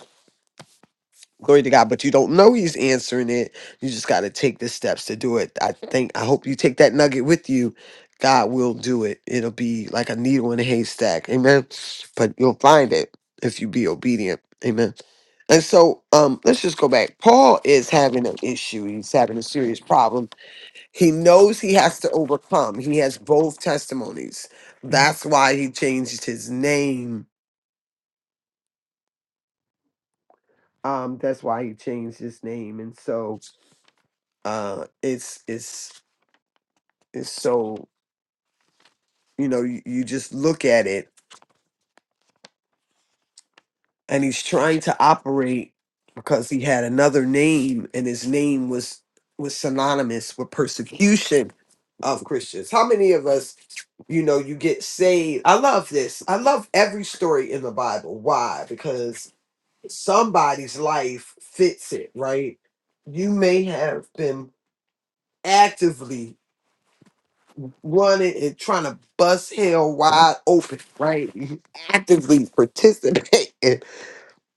Speaker 3: glory to God, but you don't know he's answering it. You just got to take the steps to do it. I think, I hope you take that nugget with you. God will do it. It'll be like a needle in a haystack. Amen. But you'll find it if you be obedient. Amen. And so um, let's just go back. Paul is having an issue. He's having a serious problem. He knows he has to overcome. He has both testimonies. That's why he changed his name. Um, that's why he changed his name. And so uh it's it's it's so you know you, you just look at it and he's trying to operate because he had another name and his name was was synonymous with persecution of christians how many of us you know you get saved i love this i love every story in the bible why because somebody's life fits it right you may have been actively running and trying to bust hell wide open, right? Actively participating.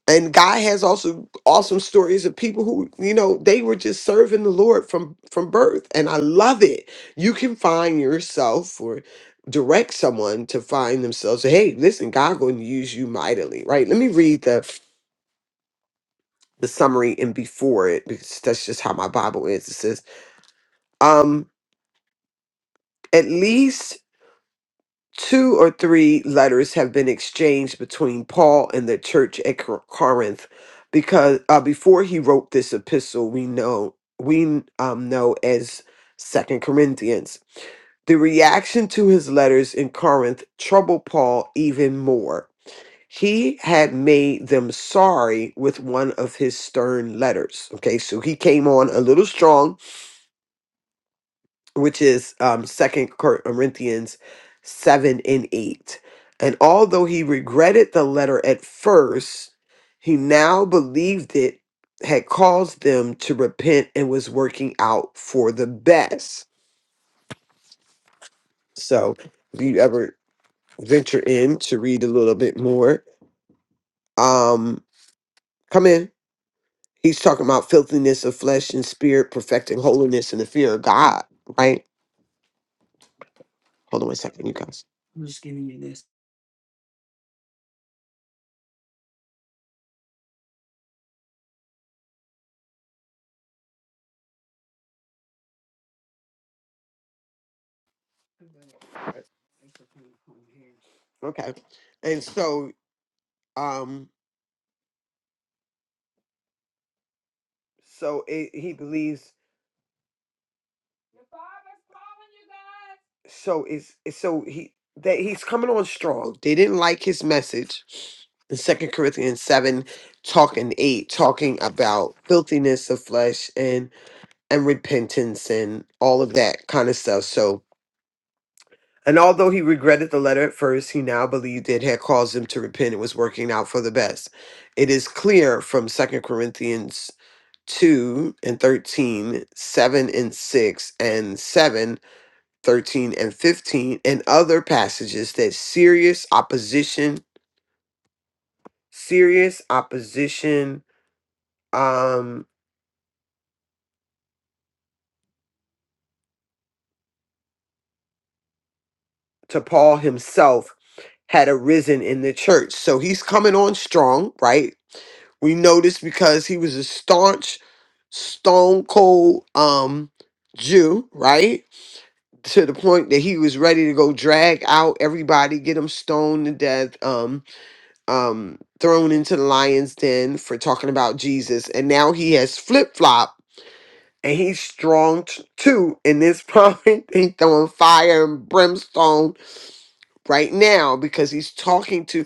Speaker 3: And God has also awesome stories of people who, you know, they were just serving the Lord from from birth. And I love it. You can find yourself or direct someone to find themselves, hey, listen, God gonna use you mightily, right? Let me read the the summary and before it, because that's just how my Bible is. It says, um, at least Two or three letters have been exchanged between Paul and the church at Cor- Corinth because uh, before he wrote this epistle we know we um, know as Second Corinthians. The reaction to his letters in Corinth troubled Paul even more. He had made them sorry with one of his stern letters. Okay, so he came on a little strong which is um second corinthians 7 and 8 and although he regretted the letter at first he now believed it had caused them to repent and was working out for the best so if you ever venture in to read a little bit more um come in he's talking about filthiness of flesh and spirit perfecting holiness in the fear of god right hold on one second you guys okay and so um So it, he believes. So it's it's- so he that he's coming on strong. They didn't like his message in Second Corinthians seven, talking eight, talking about filthiness of flesh and and repentance and all of that kind of stuff. So. And although he regretted the letter at first, he now believed it had caused him to repent and was working out for the best. It is clear from Second Corinthians 2 and 13, 7 and 6, and 7 13 and 15 and other passages that serious opposition serious opposition um to Paul himself had arisen in the church. So he's coming on strong, right? We know this because he was a staunch, stone cold um Jew, right? To the point that he was ready to go drag out everybody, get them stoned to death. um um thrown into the lion's den for talking about Jesus and now he has flip-flop and he's strong t- too in this moment, he's throwing fire and brimstone right now because he's talking to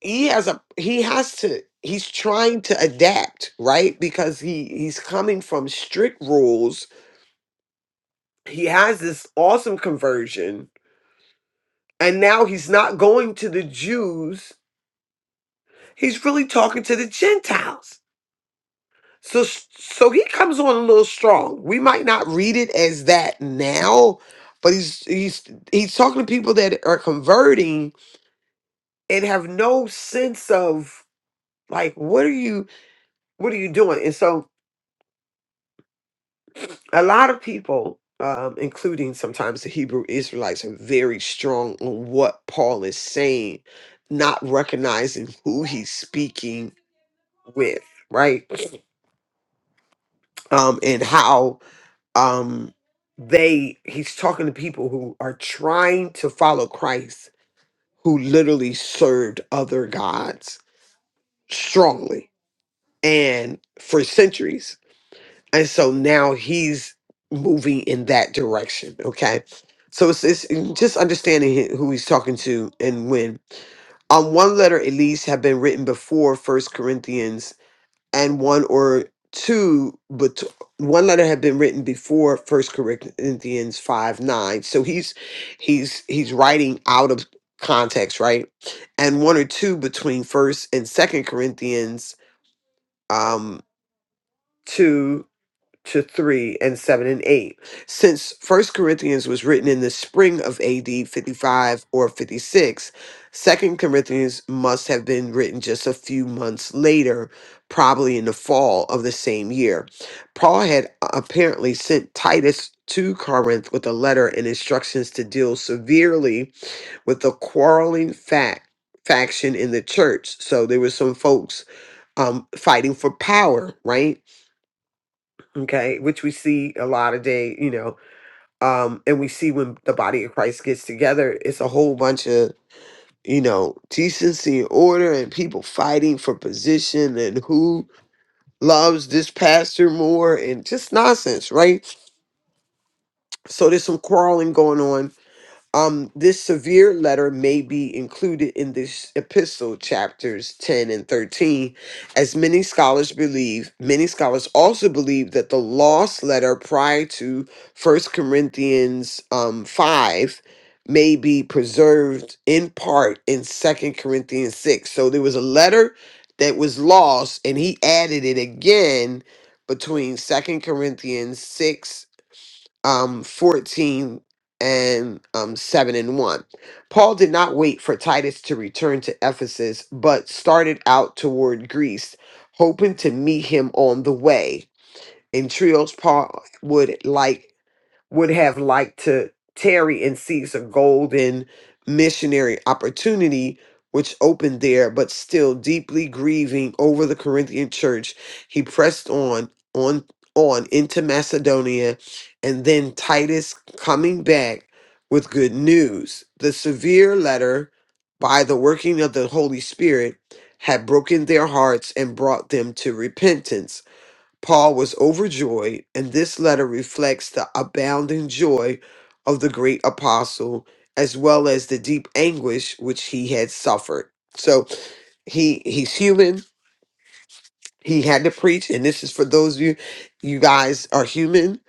Speaker 3: he has a he has to he's trying to adapt right because he he's coming from strict rules he has this awesome conversion and now he's not going to the Jews he's really talking to the Gentiles So so he comes on a little strong. We might not read it as that now, but he's he's he's talking to people that are converting and have no sense of like what are you what are you doing? And so a lot of people um, including sometimes the Hebrew Israelites are very strong on what Paul is saying, not recognizing who he's speaking with, right? Um, and how um they he's talking to people who are trying to follow Christ who literally served other gods strongly and for centuries and so now he's moving in that direction okay so it's, it's just understanding he- who he's talking to and when on one letter at least have been written before first corinthians and one or two but one letter had been written before first corinthians 5 9 so he's he's he's writing out of context right and one or two between first and second corinthians um 2 to 3 and 7 and 8. Since First Corinthians was written in the spring of AD 55 or 56, Second Corinthians must have been written just a few months later, probably in the fall of the same year. Paul had apparently sent Titus to Corinth with a letter and instructions to deal severely with the quarreling fact faction in the church. So there were some folks um fighting for power, right? okay which we see a lot of day you know um and we see when the body of christ gets together it's a whole bunch of you know decency and order and people fighting for position and who loves this pastor more and just nonsense right so there's some quarreling going on Um, this severe letter may be included in this epistle, chapters 10 and 13, as many scholars believe. Many scholars also believe that the lost letter prior to First Corinthians um, 5 may be preserved in part in Second Corinthians 6. So there was a letter that was lost, and he added it again between Second Corinthians 6 um, 14 and um, 7 and 1. Paul did not wait for Titus to return to Ephesus, but started out toward Greece, hoping to meet him on the way. In Trios, Paul would like would have liked to tarry and seize a golden missionary opportunity which opened there, but still deeply grieving over the Corinthian church, he pressed on, on, on into Macedonia, and then Titus coming back with good news. The severe letter, by the working of the Holy Spirit, had broken their hearts and brought them to repentance Paul was overjoyed, and this letter reflects the abounding joy of the great apostle as well as the deep anguish which he had suffered. So he he's human, he had to preach and this is for those of you you guys are human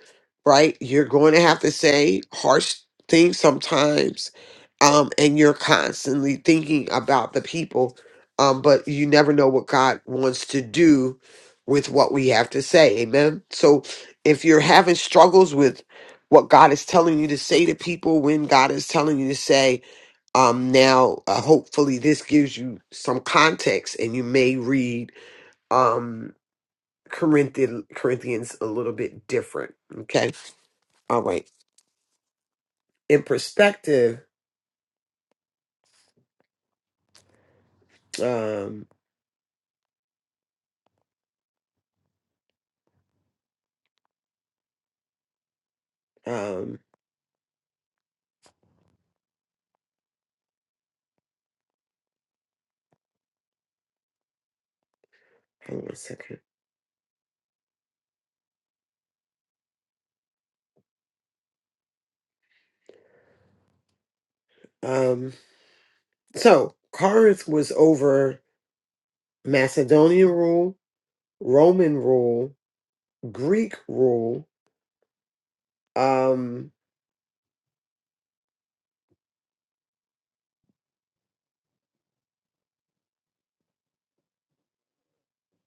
Speaker 3: right you're going to have to say harsh things sometimes um and you're constantly thinking about the people um but you never know what god wants to do with what we have to say amen so if you're having struggles with what god is telling you to say to people when god is telling you to say um now uh, hopefully this gives you some context and you may read um. Corinthian, Corinthians a little bit different. Okay. All right. In perspective, um, um, hold on a second. Um, so Corinth was over Macedonian rule, Roman rule, Greek rule, um,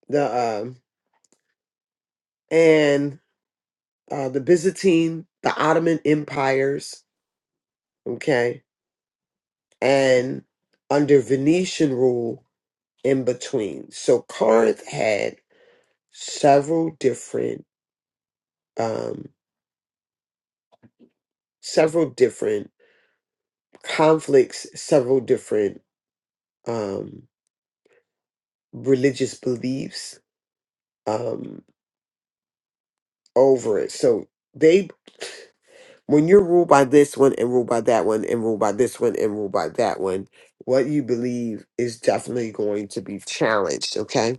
Speaker 3: the um, and uh, the Byzantine, the Ottoman empires. Okay, and under Venetian rule in between. So Corinth had several different um several different conflicts several different um religious beliefs um over it so they when you're ruled by this one and ruled by that one and ruled by this one and ruled by that one what you believe is definitely going to be challenged okay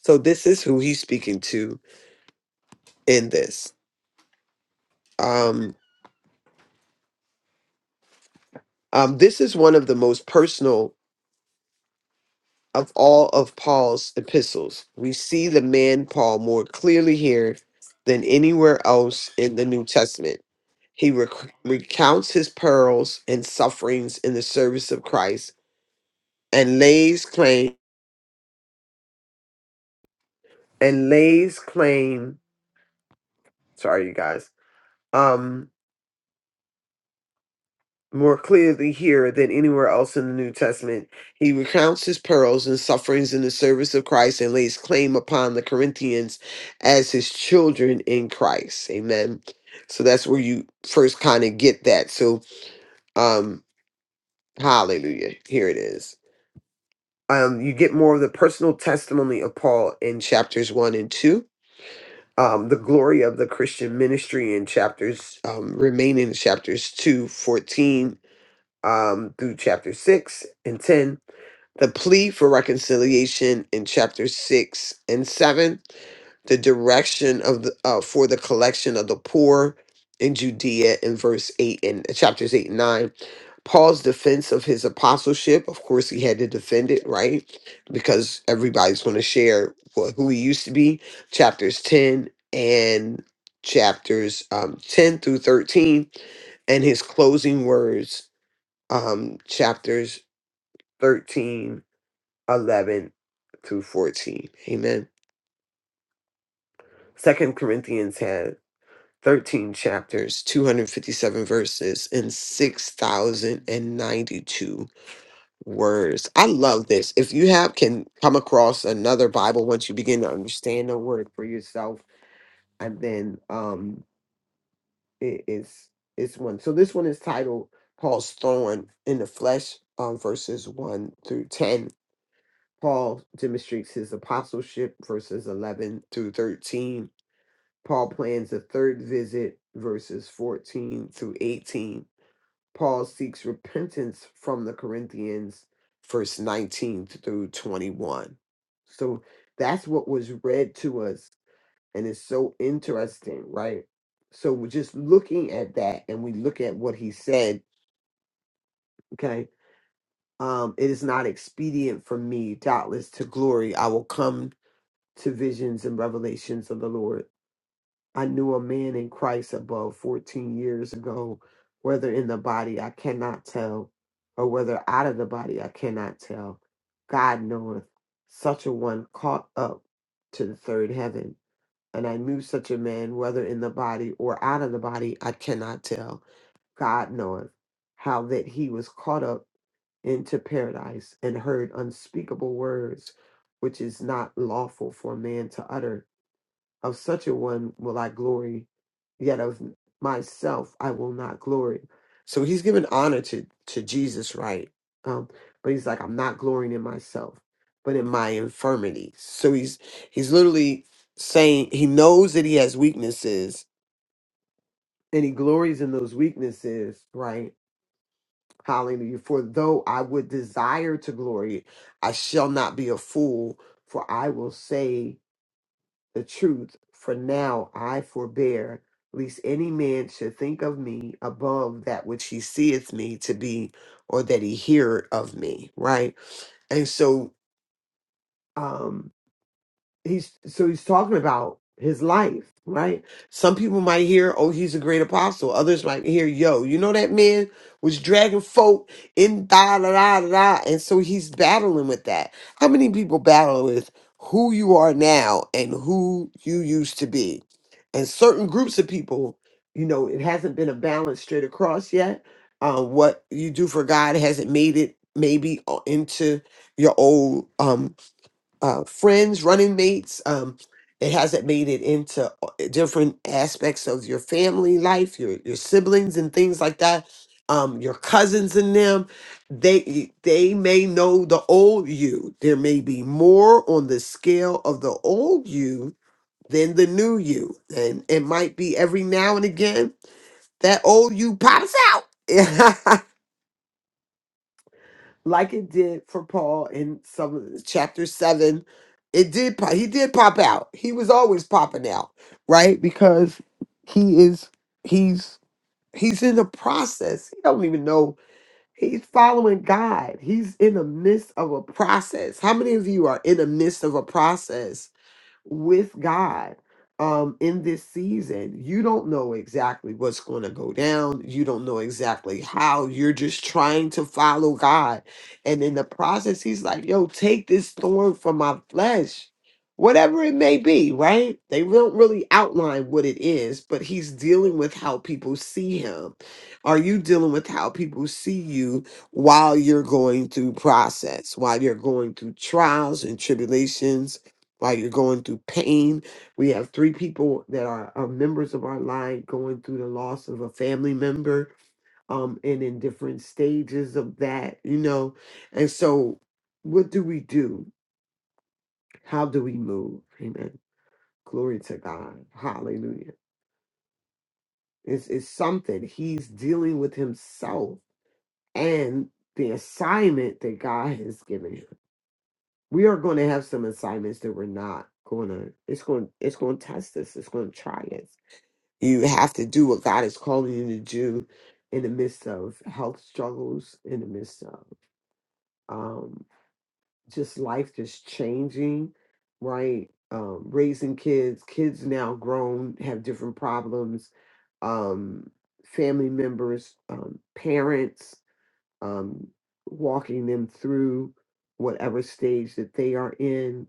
Speaker 3: so this is who he's speaking to in this um um this is one of the most personal of all of Paul's epistles. We see the man Paul more clearly here than anywhere else in the New Testament. He rec- recounts his perils and sufferings in the service of Christ and lays claim and lays claim sorry you guys um, more clearly here than anywhere else in the New Testament. He recounts his perils and sufferings in the service of Christ and lays claim upon the Corinthians as his children in Christ. Amen. So that's where you first kind of get that. So um hallelujah. Here it is. Um you get more of the personal testimony of Paul in chapters 1 and 2. Um, the glory of the Christian ministry in chapters um, remaining in chapters 2 14. um, through chapter 6 and 10, the plea for reconciliation in chapter 6 and 7, the direction of the, uh, for the collection of the poor in Judea in verse 8 and uh, chapters 8 and 9. Paul's defense of his apostleship, of course, he had to defend it, right? Because everybody's going to share wh- who he used to be. Chapters 10 and chapters um, 10 through 13 and his closing words um, chapters thirteen, eleven 11 through 14. Amen. Second Corinthians had 13 chapters, 257 verses, and 6,092 words. I love this. If you have can come across another Bible once you begin to understand the word for yourself, and then um it is it's one. So this one is titled Paul's Thorn in the Flesh, um, verses 1 through 10 Paul demonstrates his apostleship, verses 11 through 13. Paul plans a third visit, verses 14 through 18. Paul seeks repentance from the Corinthians, verse 19 through 21. So that's what was read to us, and it's so interesting, right? So we're just looking at that, and we look at what he said, okay? Um, it is not expedient for me, doubtless, to glory. I will come to visions and revelations of the Lord. I knew a man in Christ above 14 years ago, whether in the body, I cannot tell, or whether out of the body, I cannot tell. God knoweth. Such a one caught up to the third heaven. And I knew such a man, whether in the body or out of the body, I cannot tell. God knoweth how that he was caught up into paradise and heard unspeakable words which is not lawful for man to utter of such a one will I glory, yet of myself I will not glory. So he's giving honor to, to Jesus, right? Um, but he's like, I'm not glorying in myself, but in my infirmities. So he's he's literally saying he knows that he has weaknesses and he glories in those weaknesses, right? Hallelujah. For though I would desire to glory, I shall not be a fool, for I will say the truth. For now I forbear, lest any man should think of me above that which he seeth me to be, or that he hear of me. Right, and so. um he's so he's talking about his life, right? Some people might hear, "Oh, he's a great apostle." Others might hear, "Yo, you know that man was dragging folk in da da da da," da," and so he's battling with that. How many people battle with who you are now and who you used to be? And certain groups of people, you know, it hasn't been a balance straight across yet. Uh, what you do for God hasn't made it maybe uh, into your old um, uh, friends, running mates. Um, it hasn't made it into uh, different aspects of your family life, your your siblings and things like that. Um, your cousins and them, they they may know the old you. There may be more on the scale of the old you than the new you, and it might be every now and again that old you pops out. like it did for Paul in some of the- chapter seven. It did pop, he did pop out. He was always popping out, right? Because he is he's he's in the process. He don't even know he's following God. He's in the midst of a process. How many of you are in the midst of a process? with God um, in this season. You don't know exactly what's going to go down. You don't know exactly how. You're just trying to follow God. And in the process, He's like, yo, take this thorn from my flesh. Whatever it may be, right? They don't really outline what it is, but he's dealing with how people see him. Are you dealing with how people see you while you're going through process, while you're going through trials and tribulations, like you're going through pain. We have three people that are uh, members of our line going through the loss of a family member um, and in different stages of that, you know. And so, what do we do? How do we move? Amen. Glory to God. Hallelujah. It's, it's something he's dealing with himself and the assignment that God has given him. We are going to have some assignments that we're not going to. It's going. It's going to test us. It's going to try us You have to do what God is calling you to do in the midst of health struggles, in the midst of um, just life just changing, right? Um, raising kids, kids now grown have different problems. Um, family members, um, parents, um, walking them through whatever stage that they are in.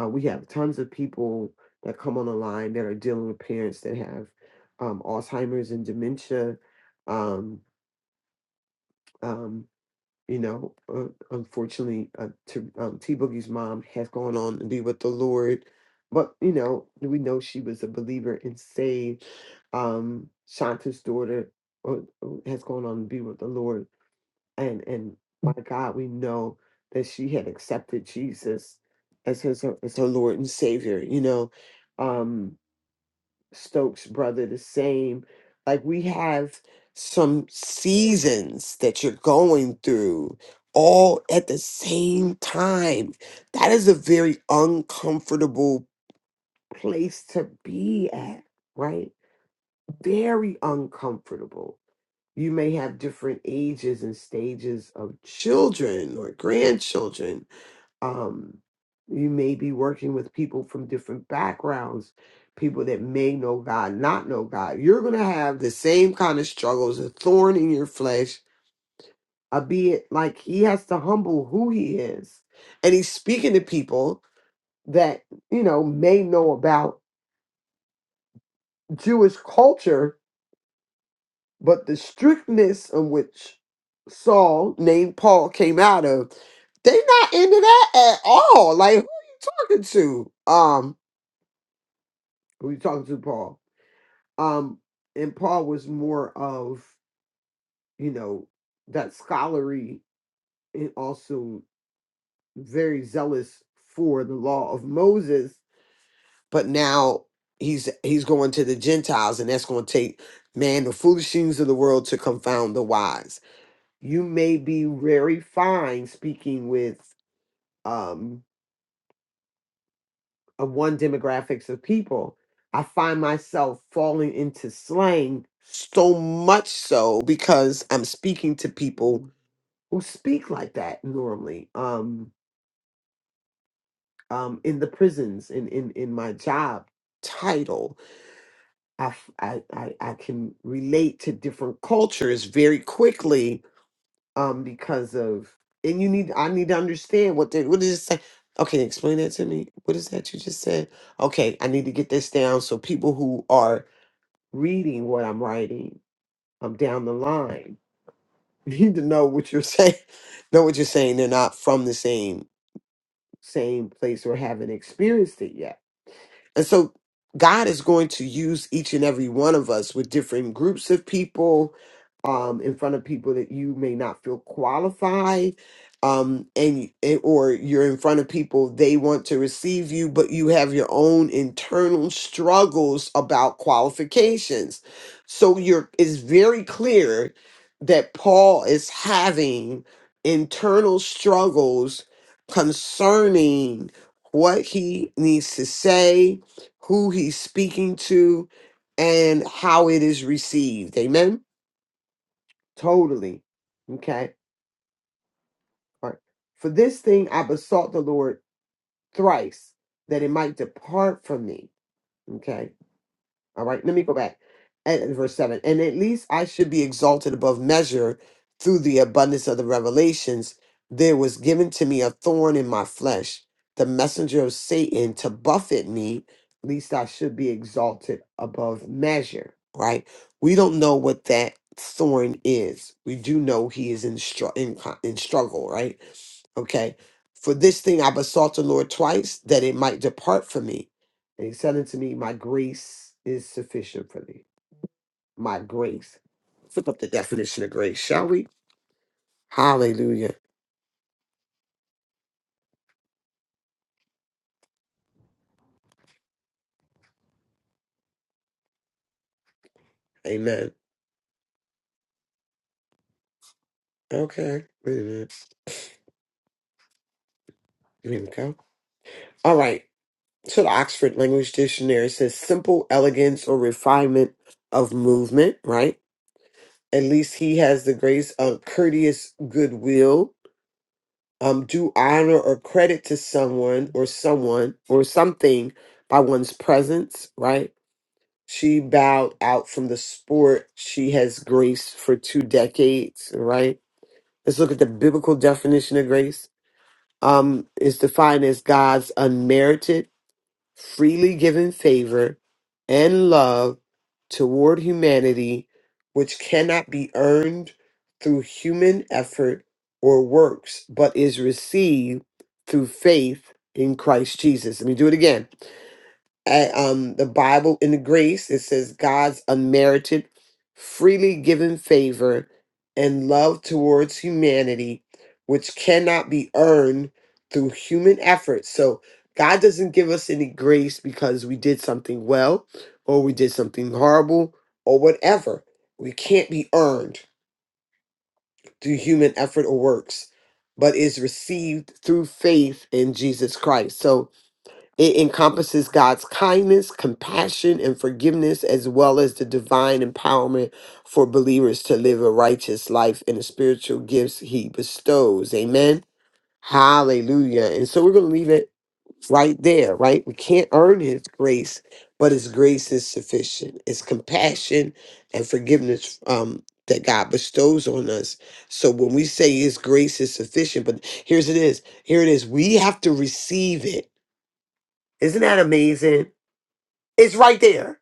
Speaker 3: Uh, we have tons of people that come on the line that are dealing with parents that have um, Alzheimer's and dementia. Um, um, you know, uh, unfortunately, uh, T- um, T Boogie's mom has gone on to be with the Lord, but you know, we know she was a believer and saved. Um, Shanta's daughter uh, uh, has gone on to be with the Lord and and my God, we know that she had accepted Jesus as his as her Lord and Savior. You know, um, Stokes' brother, the same. Like we have some seasons that you're going through all at the same time. That is a very uncomfortable place to be at, right? Very uncomfortable you may have different ages and stages of children or grandchildren um, you may be working with people from different backgrounds, people that may know God, not know God. You're going to have the same kind of struggles, a thorn in your flesh, albeit like he has to humble who he is. And he's speaking to people that, you know, may know about Jewish culture, but the strictness in which Saul, named Paul, came out of, they not into that at all. Like, who are you talking to? Um, we were talking to Paul. Um, and Paul was more of, you know, that scholarly and also very zealous for the law of Moses, but now he's he's going to the Gentiles, and that's gonna take man the foolish things of the world to confound the wise. You may be very fine speaking with um of one demographics of people, I find myself falling into slang so much so because I'm speaking to people who speak like that normally. Um, um, in the prisons, in in in my job title, I f- I I I can relate to different cultures very quickly um because of and you need I need to understand what they what did it say? Okay, explain that to me. What is that you just said? Okay, I need to get this down so people who are reading what I'm writing um down the line need to know what you're saying. Know what you're saying. They're not from the same same place or haven't experienced it yet and so God is going to use each and every one of us with different groups of people, um, in front of people that you may not feel qualified, um, and and- or you're in front of people they want to receive you, but you have your own internal struggles about qualifications. So you're it's very clear that Paul is having internal struggles concerning what he needs to say who he's speaking to, and how it is received. Amen. Totally. Okay. All right. For this thing I besought the Lord thrice that it might depart from me. Okay. All right, let me go back at verse 7. And at least I should be exalted above measure through the abundance of the revelations. There was given to me a thorn in my flesh, the messenger of Satan to buffet me, least I should be exalted above measure. Right? We don't know what that thorn is. We do know he is in, str- in, co- in struggle, right? Okay. For this thing I besought the Lord twice that it might depart from me. And he said unto me, My grace is sufficient for thee. My grace. Flip up the definition of grace, shall we? Hallelujah. Amen. Okay. Wait a minute. Here we go. All right. So the Oxford Language Dictionary says simple elegance or refinement of movement, right? At least he has the grace of courteous goodwill. Um, do honor or credit to someone or someone or something by one's presence, right? She bowed out from the sport she has graced for two decades, right? Let's look at the biblical definition of grace. Um, it's defined as God's unmerited, freely given favor and love toward humanity, which cannot be earned through human effort or works, but is received through faith in Christ Jesus. Let me do it again I, um, the Bible in the grace, it says God's unmerited, freely given favor and love towards humanity, which cannot be earned through human effort. So God doesn't give us any grace because we did something well or we did something horrible or whatever. We can't be earned through human effort or works, but is received through faith in Jesus Christ. So it encompasses God's kindness, compassion, and forgiveness, as well as the divine empowerment for believers to live a righteous life and the spiritual gifts He bestows. Amen. Hallelujah. And so we're going to leave it right there, right? We can't earn His grace, but His grace is sufficient. It's compassion and forgiveness um, that God bestows on us. So when we say His grace is sufficient, but here's it is here it is. We have to receive it isn't that amazing? It's right there.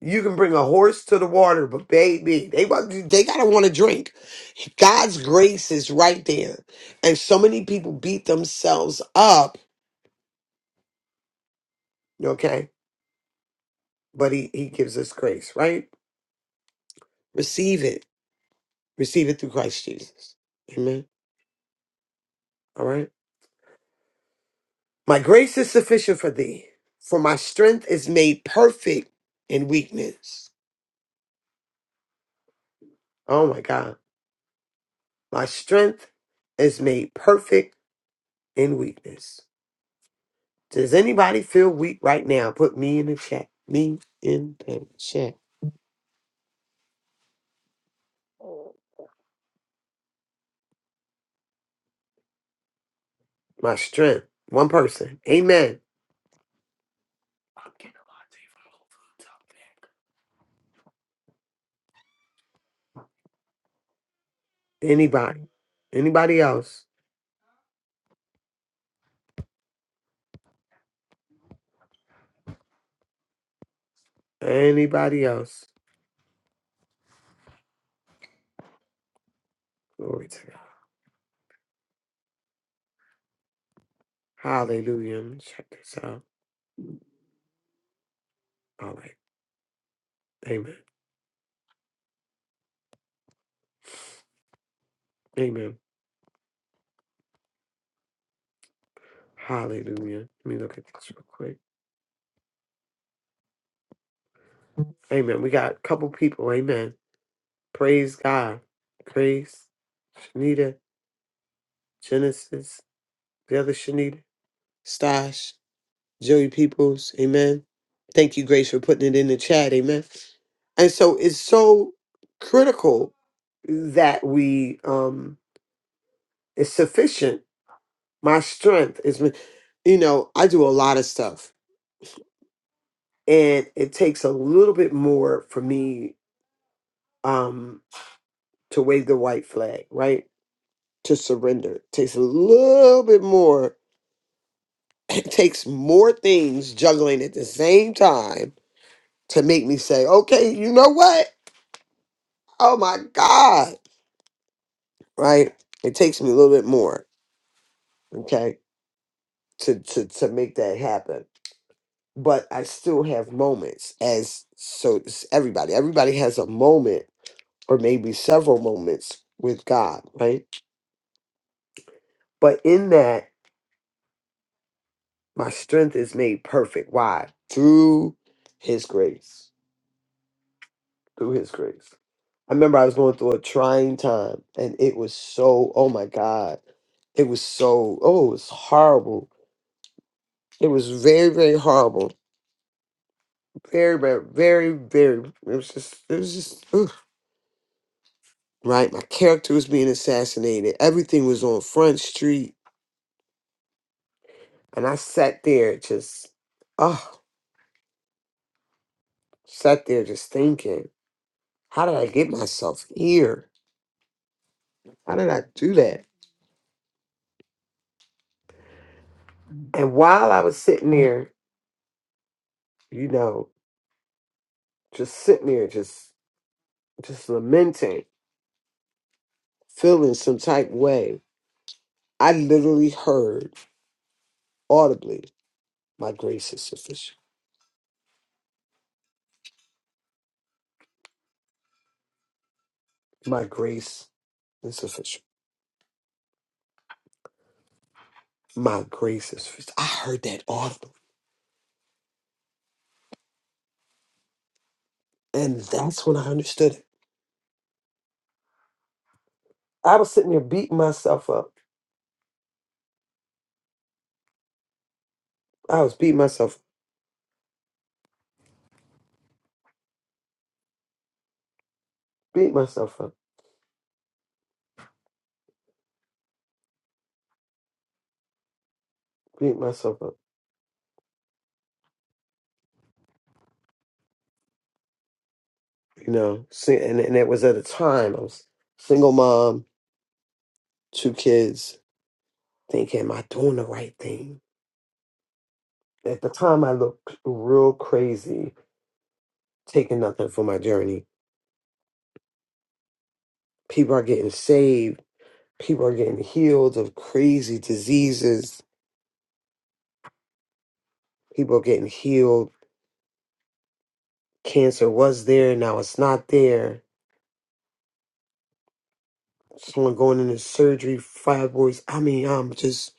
Speaker 3: You can bring a horse to the water, but baby, they want- they gotta want to drink. God's grace is right there, and so many people beat themselves up. Okay, but He He gives us grace, right? Receive it. Receive it through Christ Jesus. Amen. All right. My grace is sufficient for thee, for my strength is made perfect in weakness. Oh my God, my strength is made perfect in weakness. Does anybody feel weak right now? Put me in the chat. Me in the chat. My strength. One person. Amen. Anybody. Anybody else? Anybody else? Glory to God. Hallelujah. Let me check this out. All right. Amen. Amen. Hallelujah. Let me look at this real quick. Amen. We got a couple people. Amen. Praise God. Praise. Shanita. Genesis. The other Shanita. Stash. Joey Peoples, amen. Thank you, Grace, for putting it in the chat, amen. And so it's so critical that we um it's sufficient. My strength is me- you know, I do a lot of stuff and it takes a little bit more for me um to wave the white flag, right? To surrender. It takes a little bit more. It takes more things juggling at the same time to make me say, okay, you know what? oh my god right it takes me a little bit more okay to to to make that happen but i still have moments as so it's everybody everybody has a moment or maybe several moments with god right but in that my strength is made perfect why through his grace through his grace i remember i was going through a trying time and it was so oh my god it was so oh it was horrible it was very very horrible Very, very, very, very. It was just, it was just ugh, right. My character was being assassinated. Everything was on Front Street, and I sat there just, oh, sat there just thinking, how did I get myself here? How did I do that? And while I was sitting there, you know, just sitting there, just, just lamenting, feeling some type of way, I literally heard audibly, "My grace is sufficient. My grace is sufficient." My grace is sufficient. I heard that often. And that's when I understood it. I was sitting there beating myself up. I was beating myself up, beating myself up, beating myself up. You know, See, and, and it was at a time I was single mom, two kids, thinking, am I doing the right thing? At the time, I looked real crazy, taking nothing for my journey. People are getting saved. People are getting healed of crazy diseases. People are getting healed. Cancer was there, now it's not there someone going into surgery, fibroids. I mean, I'm just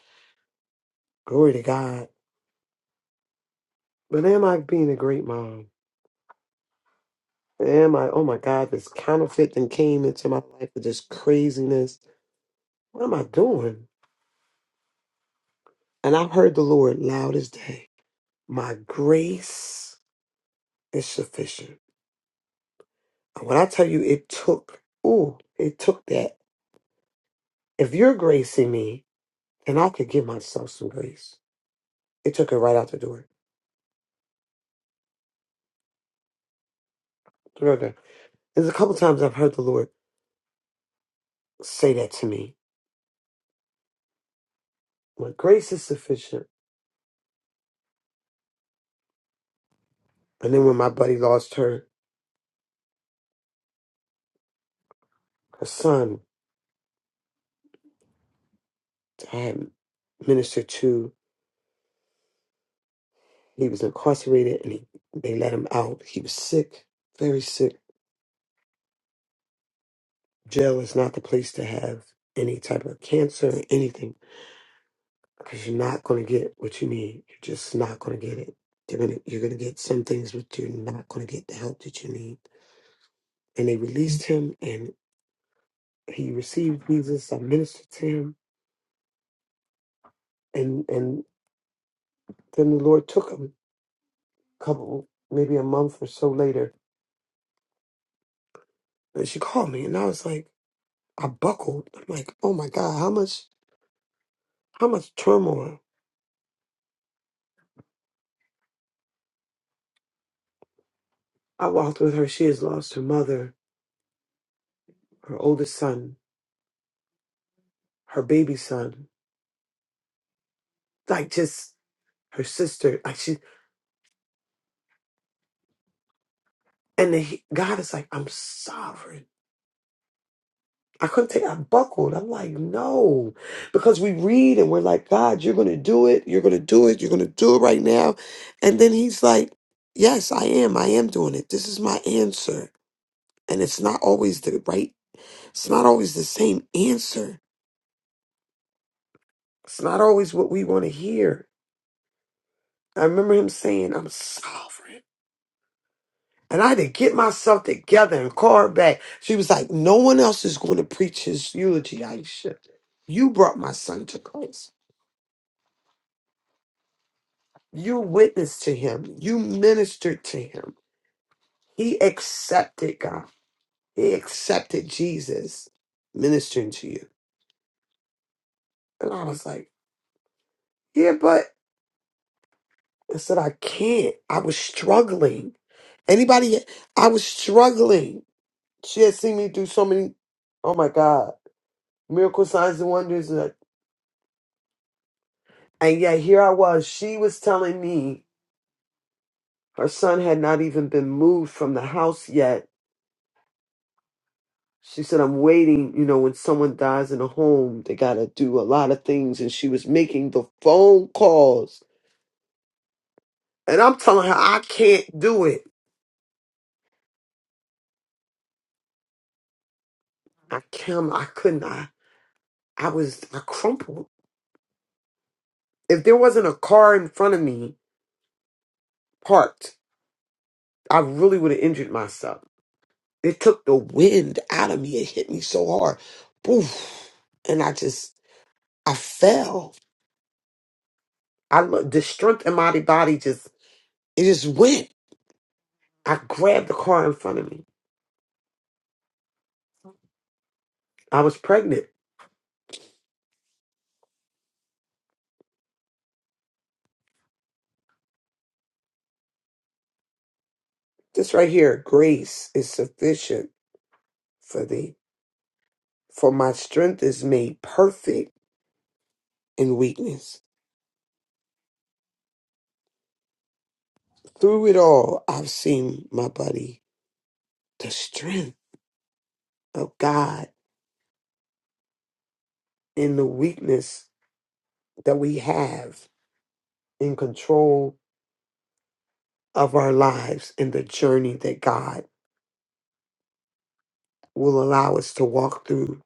Speaker 3: glory to God. But am I being a great mom? Am I? Oh my God, this counterfeit thing came into my life with this craziness. What am I doing? And I have heard the Lord loud as day. My grace is sufficient. And when I tell you, it took. Ooh, it took that. If you're gracing me, then I could give myself some grace. It took it right out the door. Throw it down. There's a couple times I've heard the Lord say that to me But grace is sufficient. And then when my buddy lost her, her son, I had ministered to, he was incarcerated and he, they let him out. He was sick, very sick. Jail is not the place to have any type of cancer or anything because you're not going to get what you need. You're just not going to get it. You're going to you're going to get some things, but you're not going to get the help that you need. And they released him and he received Jesus. I ministered to him and, and then the Lord took him couple, maybe a month or so later, and she called me, and I was like, I buckled. I'm like, oh my god, how much, how much turmoil. I walked with her. She has lost her mother, her oldest son, her baby son, like just her sister. Like she, and the, God is like, I'm sovereign. I couldn't take. I buckled. I'm like, no, because we read and we're like, God, you're gonna do it. You're gonna do it. You're gonna do it right now, and then He's like, Yes, I am. I am doing it. This is my answer. And it's not always the right, it's not always the same answer. It's not always what we want to hear. I remember him saying, I'm sovereign. And I had to get myself together and call her back. She was like, No one else is going to preach his eulogy, Aisha. You brought my son to Christ. You witnessed to him. You ministered to him. He accepted God. He accepted Jesus ministering to you. And I was like, Yeah, but I said, I can't. I was struggling. Anybody, I was struggling. She had seen me do so many, oh my God, miracle signs and wonders. And and yet here I was. She was telling me her son had not even been moved from the house yet. She said, I'm waiting. You know, when someone dies in a home, they got to do a lot of things. And she was making the phone calls. And I'm telling her, I can't do it. I can't, I couldn't. I, I was, I crumpled. If there wasn't a car in front of me parked, I really would have injured myself. It took the wind out of me. It hit me so hard. Poof. And I just, I fell. I lo- The strength in my body just, it just went. I grabbed the car in front of me. I was pregnant. This right here, grace is sufficient for thee. For my strength is made perfect in weakness. Through it all, I've seen my buddy, the strength of God in the weakness that we have in control of our lives and the journey that God will allow us to walk through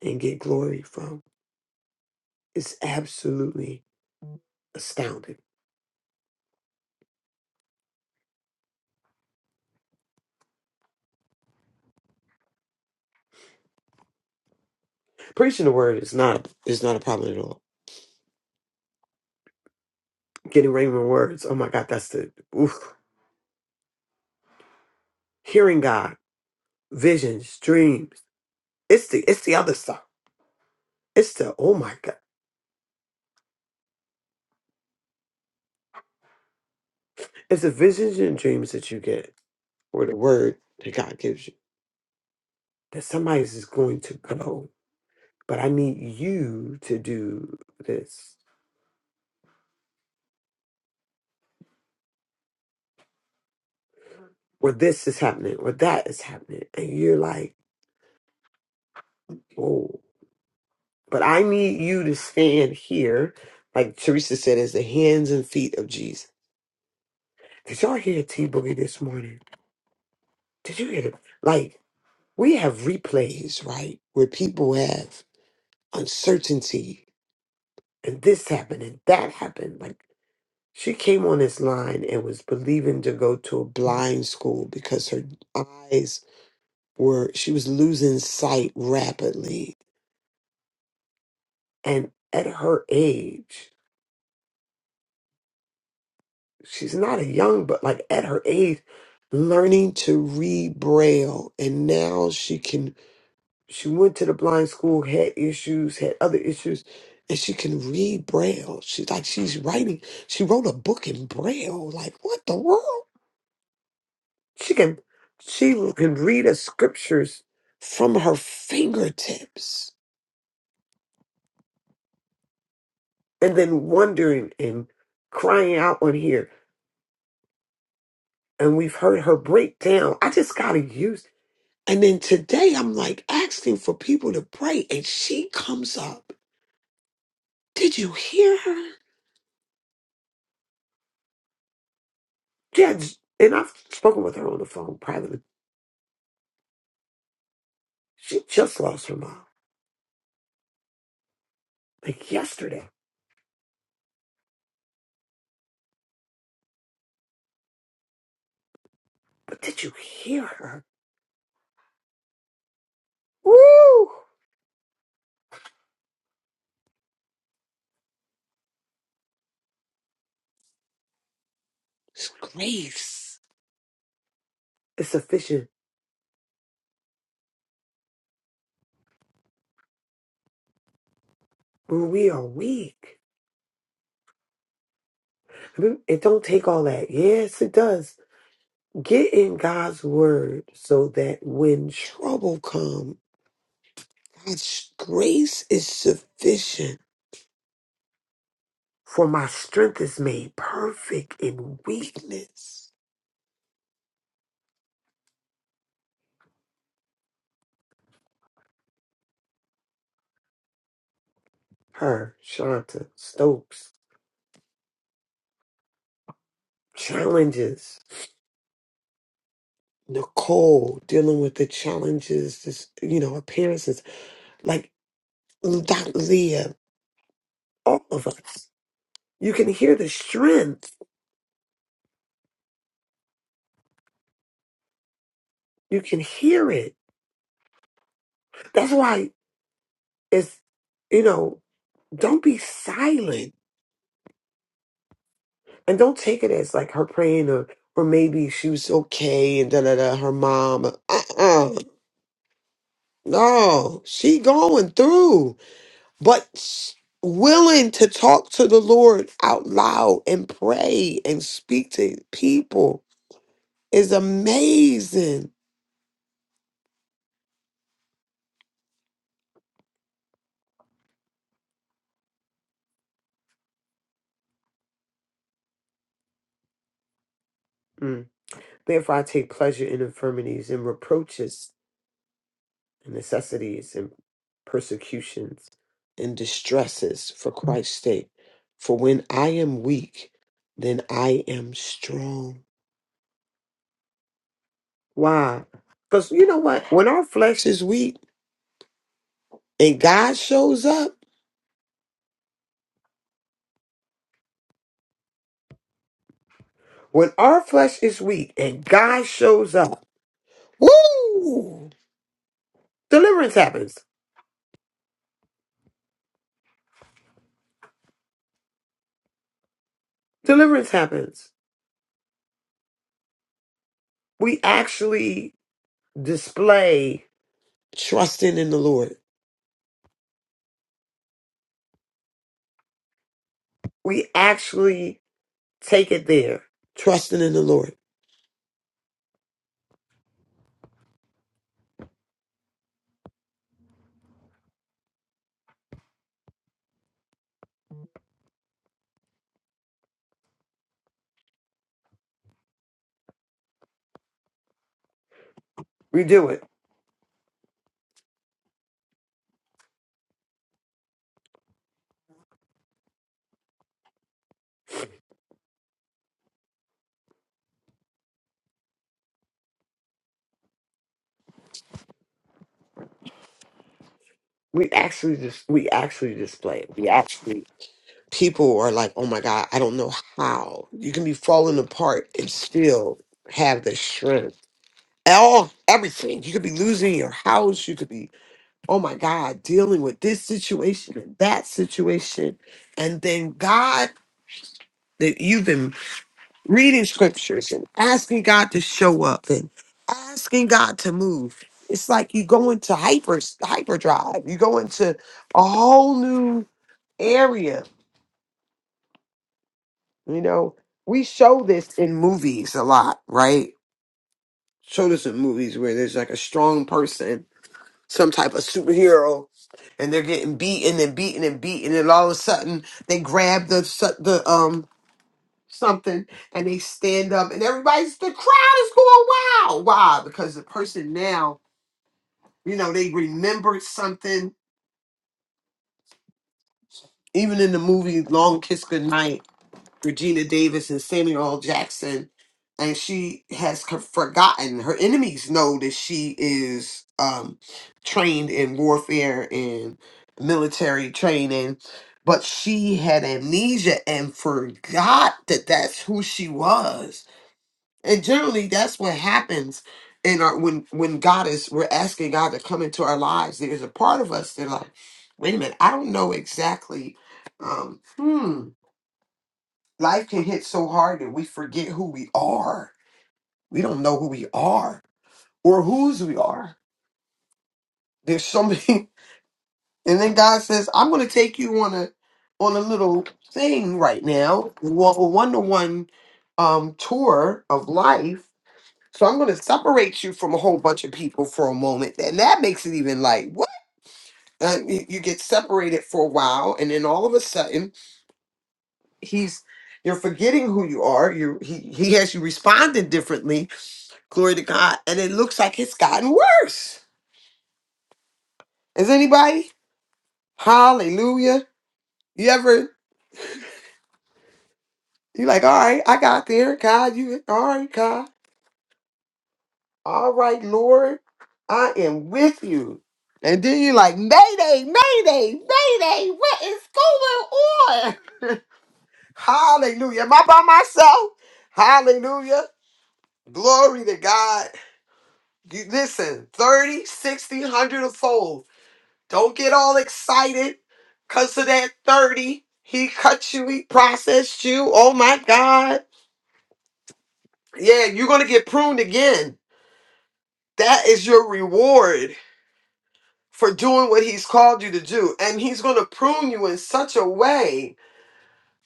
Speaker 3: and get glory from. It's absolutely astounding. Preaching the word is not is not a problem at all. Getting rhema words, oh my God, that's the oof. hearing God, visions, dreams. It's the it's the other stuff. It's the oh my God. It's the visions and dreams that you get or the word that God gives you that somebody's is going to go. but I need you to do this, or this is happening, or that is happening. And you're like, whoa. But I need you to stand here, like Teresa said, as the hands and feet of Jesus. Did y'all hear T Boogie this morning? Did you hear it? Like, we have replays, right? Where people have uncertainty and this happened and that happened. Like, she came on this line and was believing to go to a blind school because her eyes Where she was losing sight rapidly and at her age she's not a young but like at her age learning to read braille and now she can she went to the blind school had issues had other issues and she can read braille she's like she's writing she wrote a book in braille like what the world she can she can read the scriptures from her fingertips and then wondering and crying out on here. And we've heard her break down. I just got to use. And then today I'm like asking for people to pray, and she comes up. Did you hear her? Judge, and I've spoken with her on the phone privately. She just lost her mom like yesterday. But did you hear her? Woo! It's grace. It's sufficient when we are weak. I mean, it don't take all that. Yes, it does Get in God's word so that when trouble comes, God's grace is sufficient. For my strength is made perfect in weakness. Her, Shanta, Stokes, challenges. Nicole dealing with the challenges, this you know, appearances. Like Dr. Leah, all of us. You can hear the strength. You can hear it. That's why it's you know, don't be silent and don't take it as like her praying or or maybe she was okay and da da da her mom uh-uh no she going through but s- willing to talk to the lord out loud and pray and speak to people is amazing Mm. therefore i take pleasure in infirmities and reproaches and necessities and persecutions and distresses for Christ's sake. For when I am weak, then I am strong. Why? Because you know what? When our flesh is weak and God shows up, when our flesh is weak and God shows up, woo! Deliverance happens. Deliverance happens. We actually display trusting in the Lord. We actually take it there, trusting in the Lord. We do it. We actually just we actually display it. We actually people are like, oh my god, I don't know how you can be falling apart and still have the strength. All everything you could be losing your house. You could be oh my god dealing with this situation and that situation, and then God that you've been reading scriptures and asking God to show up and asking God to move. It's like you go into hyper hyperdrive. You go into a whole new area. You know, we show this in movies a lot, right? Show this in movies where there's like a strong person, some type of superhero, and they're getting beaten and beaten and beaten, and all of a sudden they grab the su- the um something and they stand up and everybody's the crowd is going wild. Why? Because the person now, you know, they remembered something. Even in the movie Long Kiss Goodnight, Regina Davis and Samuel L. Jackson, and she has co- forgotten. Her enemies know that she is um, trained in warfare and military training, but she had amnesia and forgot that that's who she was And generally, that's what happens in our when when God is we're asking God to come into our lives. There's a part of us that like, wait a minute, I don't know exactly. Um, hmm, life can hit so hard that we forget who we are. We don't know who we are or whose we are. There's so many, and then God says, "I'm going to take you on a on a little thing right now, Well, a one to one um tour of life." So I'm going to separate you from a whole bunch of people for a moment. And that makes it even like, what? Uh, you, you get separated for a while. And then all of a sudden, he's. You're forgetting who you are. You he he has you responding differently. Glory to God, and it looks like it's gotten worse. Is anybody? Hallelujah. You ever? You like? All right, I got there. God, you all right? God. All right, Lord, I am with you. And then you're like, Mayday, Mayday, Mayday, what is going on? Hallelujah. Am I by myself? Hallelujah. Glory to God. You, listen, 30, sixty, one hundred a fold. Don't get all excited because of that 30. He cut you, he processed you. Oh my God. Yeah, you're going to get pruned again. That is your reward. for doing what he's called you to do. And he's going to prune you in such a way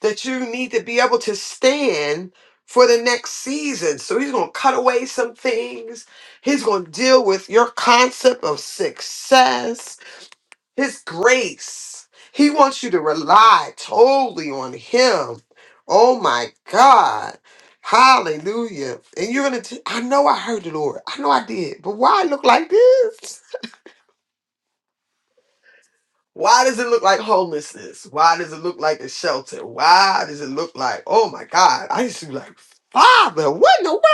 Speaker 3: that you need to be able to stand for the next season. So he's going to cut away some things. He's going to deal with your concept of success, his grace. He wants you to rely totally on him. Oh my God. Hallelujah. And you're going to, I know I heard the Lord. I know I did. But why I look like this? Why does it look like homelessness? Why does it look like a shelter? Why does it look like, oh my God, I used to be like, Father, what in the world?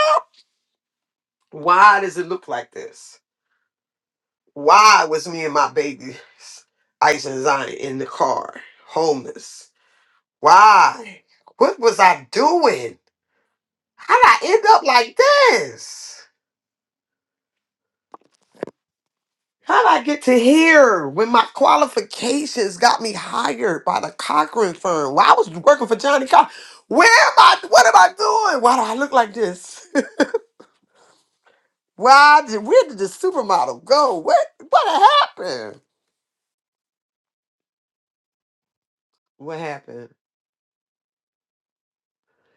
Speaker 3: Why does it look like this? Why was me and my baby, Ice and Zion, in the car, homeless? Why? What was I doing? How did I end up like this? How'd I get to here when my qualifications got me hired by the Cochrane firm? Why I was working for Johnny Cochran. Where am I? What am I doing? Why do I look like this? Why did where did the supermodel go? What what happened? What happened?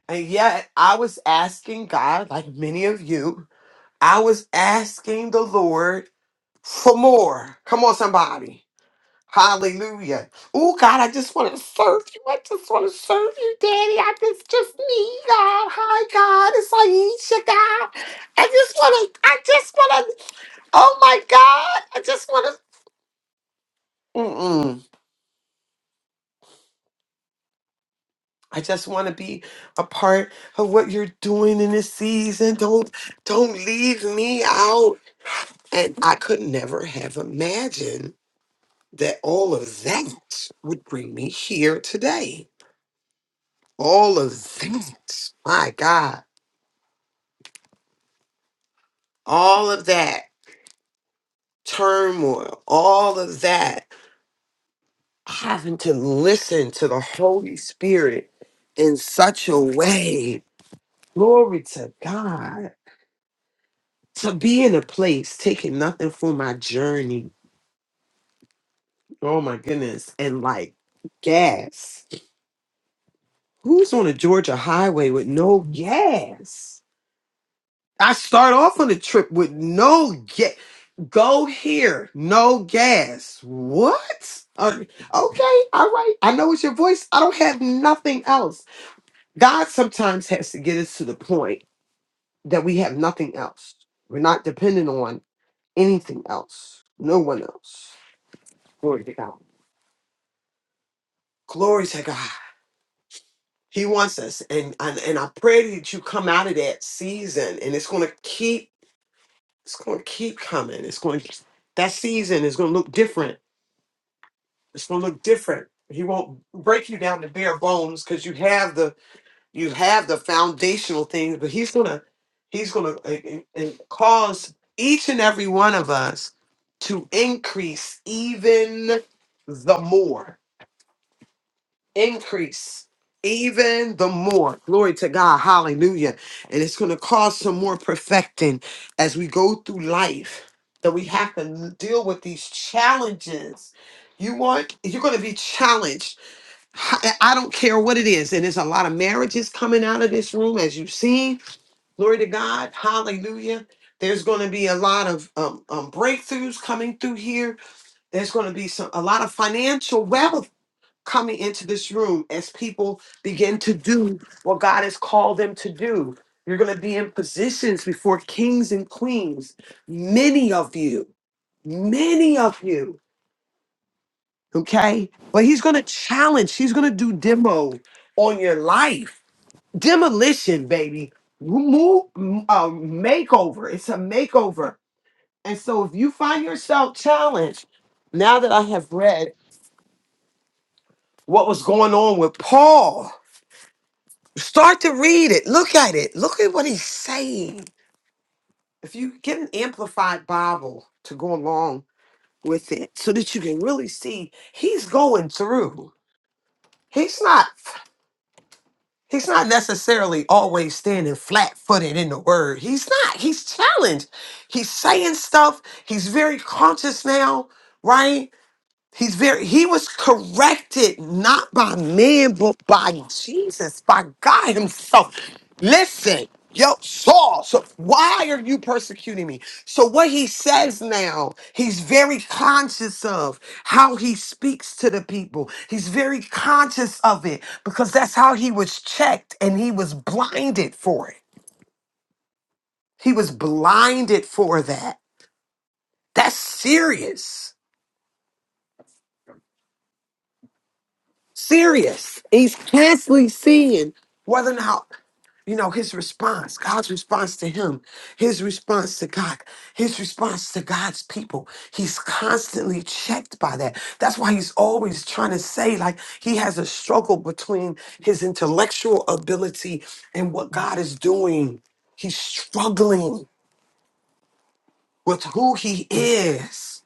Speaker 3: And yet I was asking God, like many of you, I was asking the Lord for more. Come on, somebody. Hallelujah. Oh, God, I just want to serve you. I just want to serve you, Daddy. I just, just me, God. Hi, God. It's Aisha, God. I just want to, I just want to, oh, my God. I just want to, mm-mm. I just want to be a part of what you're doing in this season. Don't, don't leave me out. And I could never have imagined that all of that would bring me here today all of that. My God, all of that turmoil, all of that having to listen to the Holy Spirit in such a way. Glory to God. To be in a place taking nothing for my journey. Oh my goodness. And like gas. Who's on a Georgia highway with no gas? I start off on the trip with no gas. Go here, no gas. What? Uh, okay, all right. I know it's your voice. I don't have nothing else. God sometimes has to get us to the point that we have nothing else. We're not dependent on anything else, no one else. Glory to God. Glory to God. He wants us, and and, and I pray that you come out of that season, and it's going to keep It's going to keep coming. It's going that season is going to look different. It's going to look different. He won't break you down to bare bones because you have the you have the foundational things, but he's gonna he's gonna uh, uh, uh, cause each and every one of us to increase even the more increase even the more. Glory to God. Hallelujah. And it's going to cause some more perfecting as we go through life that we have to deal with these challenges. You want, you're going to be challenged. I I don't care what it is. And there's a lot of marriages coming out of this room, as you've seen. Glory to God. Hallelujah. There's going to be a lot of um, um, breakthroughs coming through here. There's going to be some a lot of financial wealth coming into this room as people begin to do what God has called them to do. You're going to be in positions before kings and queens, many of you, many of you, okay? But he's going to challenge, he's going to do demo on your life. Demolition, baby. Move, uh, makeover. It's a makeover. And so if you find yourself challenged, now that I have read what was going on with Paul, Start to read it. Look at it. Look at what he's saying. If you get an amplified Bible to go along with it so that you can really see he's going through. He's not he's not necessarily always standing flat-footed in the word. He's not. He's challenged. He's saying stuff. He's very conscious now, right? He's very he was corrected not by man but by Jesus, by God himself. Listen, yo, Saul, so why are you persecuting me? So what he says now, he's very conscious of how he speaks to the people. He's very conscious of it because that's how he was checked and he was blinded for it. He was blinded for that. That's serious. Serious. He's constantly seeing whether or not, you know, his response, God's response to him, his response to God, his response to God's people. He's constantly checked by that. That's why he's always trying to say, like, he has a struggle between his intellectual ability and what God is doing. He's struggling with who he is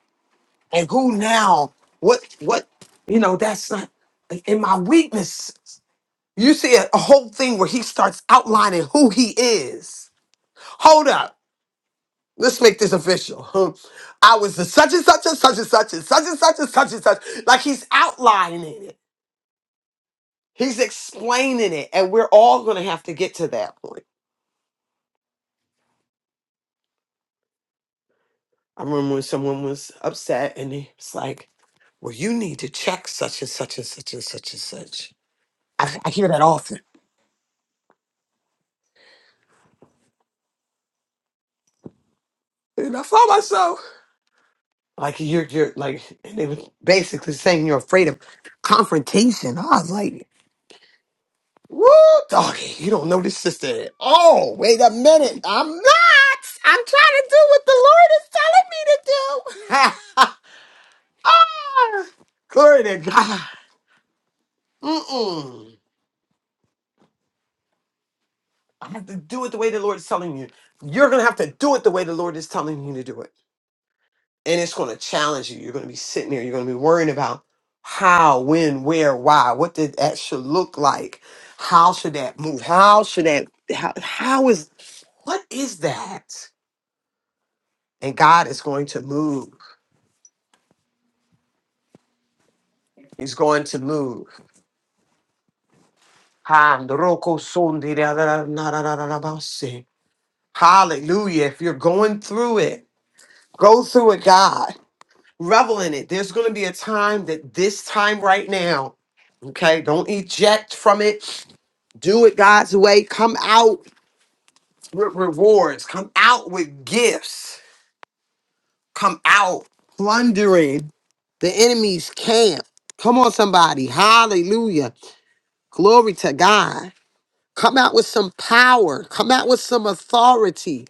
Speaker 3: and who now, what, what, you know, that's not in my weakness. You see a, a whole thing where he starts outlining who he is. Hold up. Let's make this official. Hmm. I was the such and such and such and such and such and such and such and such. Like he's outlining it. He's explaining it. And we're all gonna have to get to that point. I remember when someone was upset and he was like, Well, you need to check such and such and such and such and such. I, I hear that often. And I found myself. Like you're you're like and they was basically saying you're afraid of confrontation. I was like, Woo doggy, you don't know this sister at all. Wait a minute. I'm not I'm trying to do what the Lord is telling me to do. Ah, Glory to God. Mm-mm. I have to do it the way the Lord is telling you. You're gonna have to do it the way the Lord is telling you to do it. and it's going to challenge you. You're going to be sitting there, you're going to be worrying about how, when, where, why, what did that should look like? How should that move? How should that, how, how is, what is that? And God is going to move. He's going to move. si. Hallelujah. If you're going through it, go through it, God. Revel in it. There's going to be a time that this time right now, okay, don't eject from it Do it God's way. Come out with rewards. Come out with gifts. Come out plundering the enemy's camp. Come on, somebody. Hallelujah. Glory to God. Come out with some power. Come out with some authority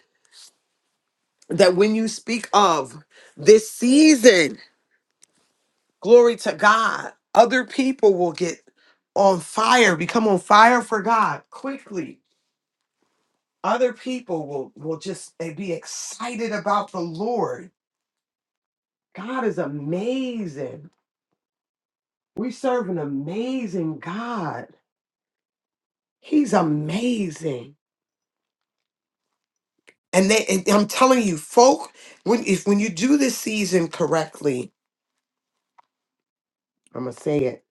Speaker 3: that when you speak of this season, glory to God, other people will get on fire, become on fire for God quickly other people will will just eh, be excited about the Lord. God is amazing. We serve an amazing God. He's amazing. And they and I'm telling you, folk, when if when you do this season correctly, I'm gonna say it,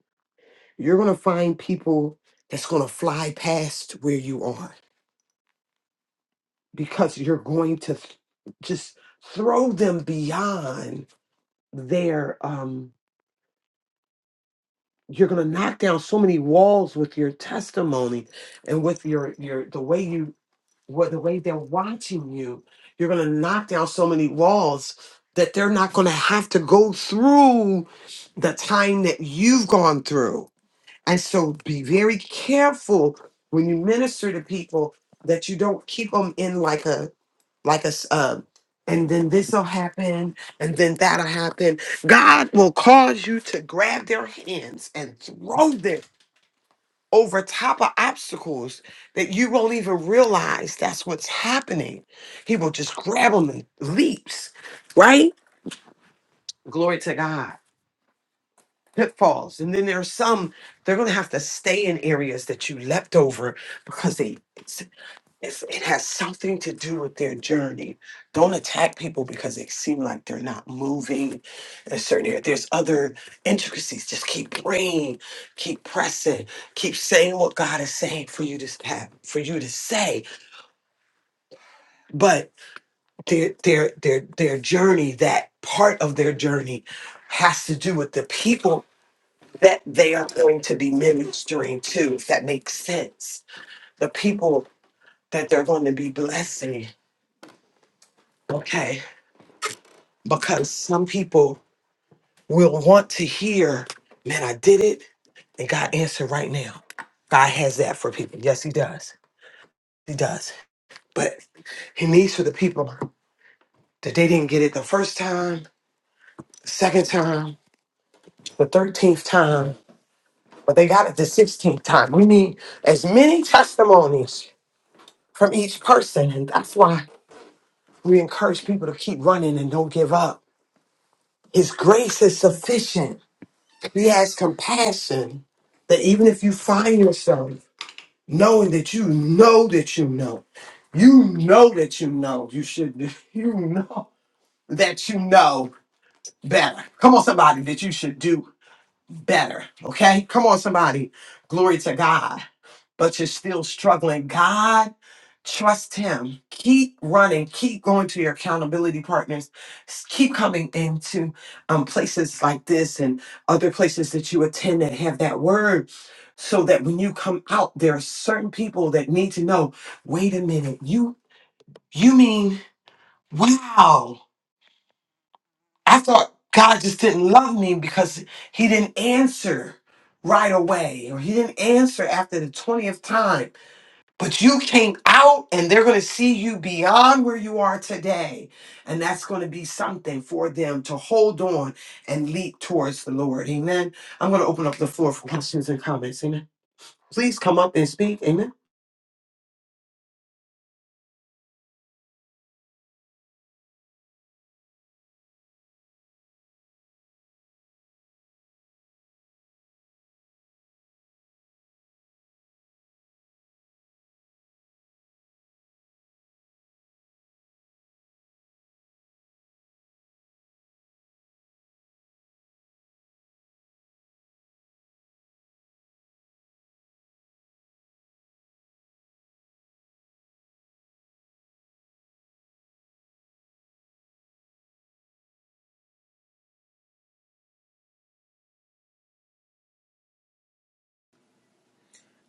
Speaker 3: you're gonna find people that's gonna fly past where you are because you're going to th- just throw them beyond their um you're going to knock down so many walls with your testimony and with your your the way you what the way they're watching you you're going to knock down so many walls that they're not going to have to go through the time that you've gone through and so be very careful when you minister to people that you don't keep them in like a like a s- uh, and then this will happen and then that'll happen god will cause you to grab their hands and throw them over top of obstacles that you won't even realize that's what's happening he will just grab them and leaps right glory to god pitfalls and then there's some they're going to have to stay in areas that you leapt over because they It's, it has something to do with their journey. Don't attack people because they seem like they're not moving in a certain area. There's other intricacies. Just keep praying, keep pressing, keep saying what God is saying for you to have, for you to say. But their their their their journey, that part of their journey, has to do with the people that they are going to be ministering to. If that makes sense, the people that they're going to be blessing. Okay because some people will want to hear, man, I did it and God answered right now. God has that for people. Yes, He does. He does. But He needs for the people that they didn't get it the first time, the second time, the 13th time, but they got it the 16th time. We need as many testimonies from each person. And that's why we encourage people to keep running and don't give up. His grace is sufficient. He has compassion that even if you find yourself knowing that you know that you know, you know that you know you should do, you know that you know better. Come on, somebody, that you should do better. Okay? Come on, somebody. Glory to God but you're still struggling. God, trust Him. Keep running. Keep going to your accountability partners. S- Keep coming into um, places like this and other places that you attend that have that word. So that when you come out, there are certain people that need to know. Wait a minute, you you mean wow? I thought God just didn't love me because He didn't answer right away, or He didn't answer after the twentieth time but you came out and they're going to see you beyond where you are today. And that's going to be something for them to hold on and leap towards the Lord. Amen. I'm going to open up the floor for questions and comments. Amen. Please come up and speak. Amen.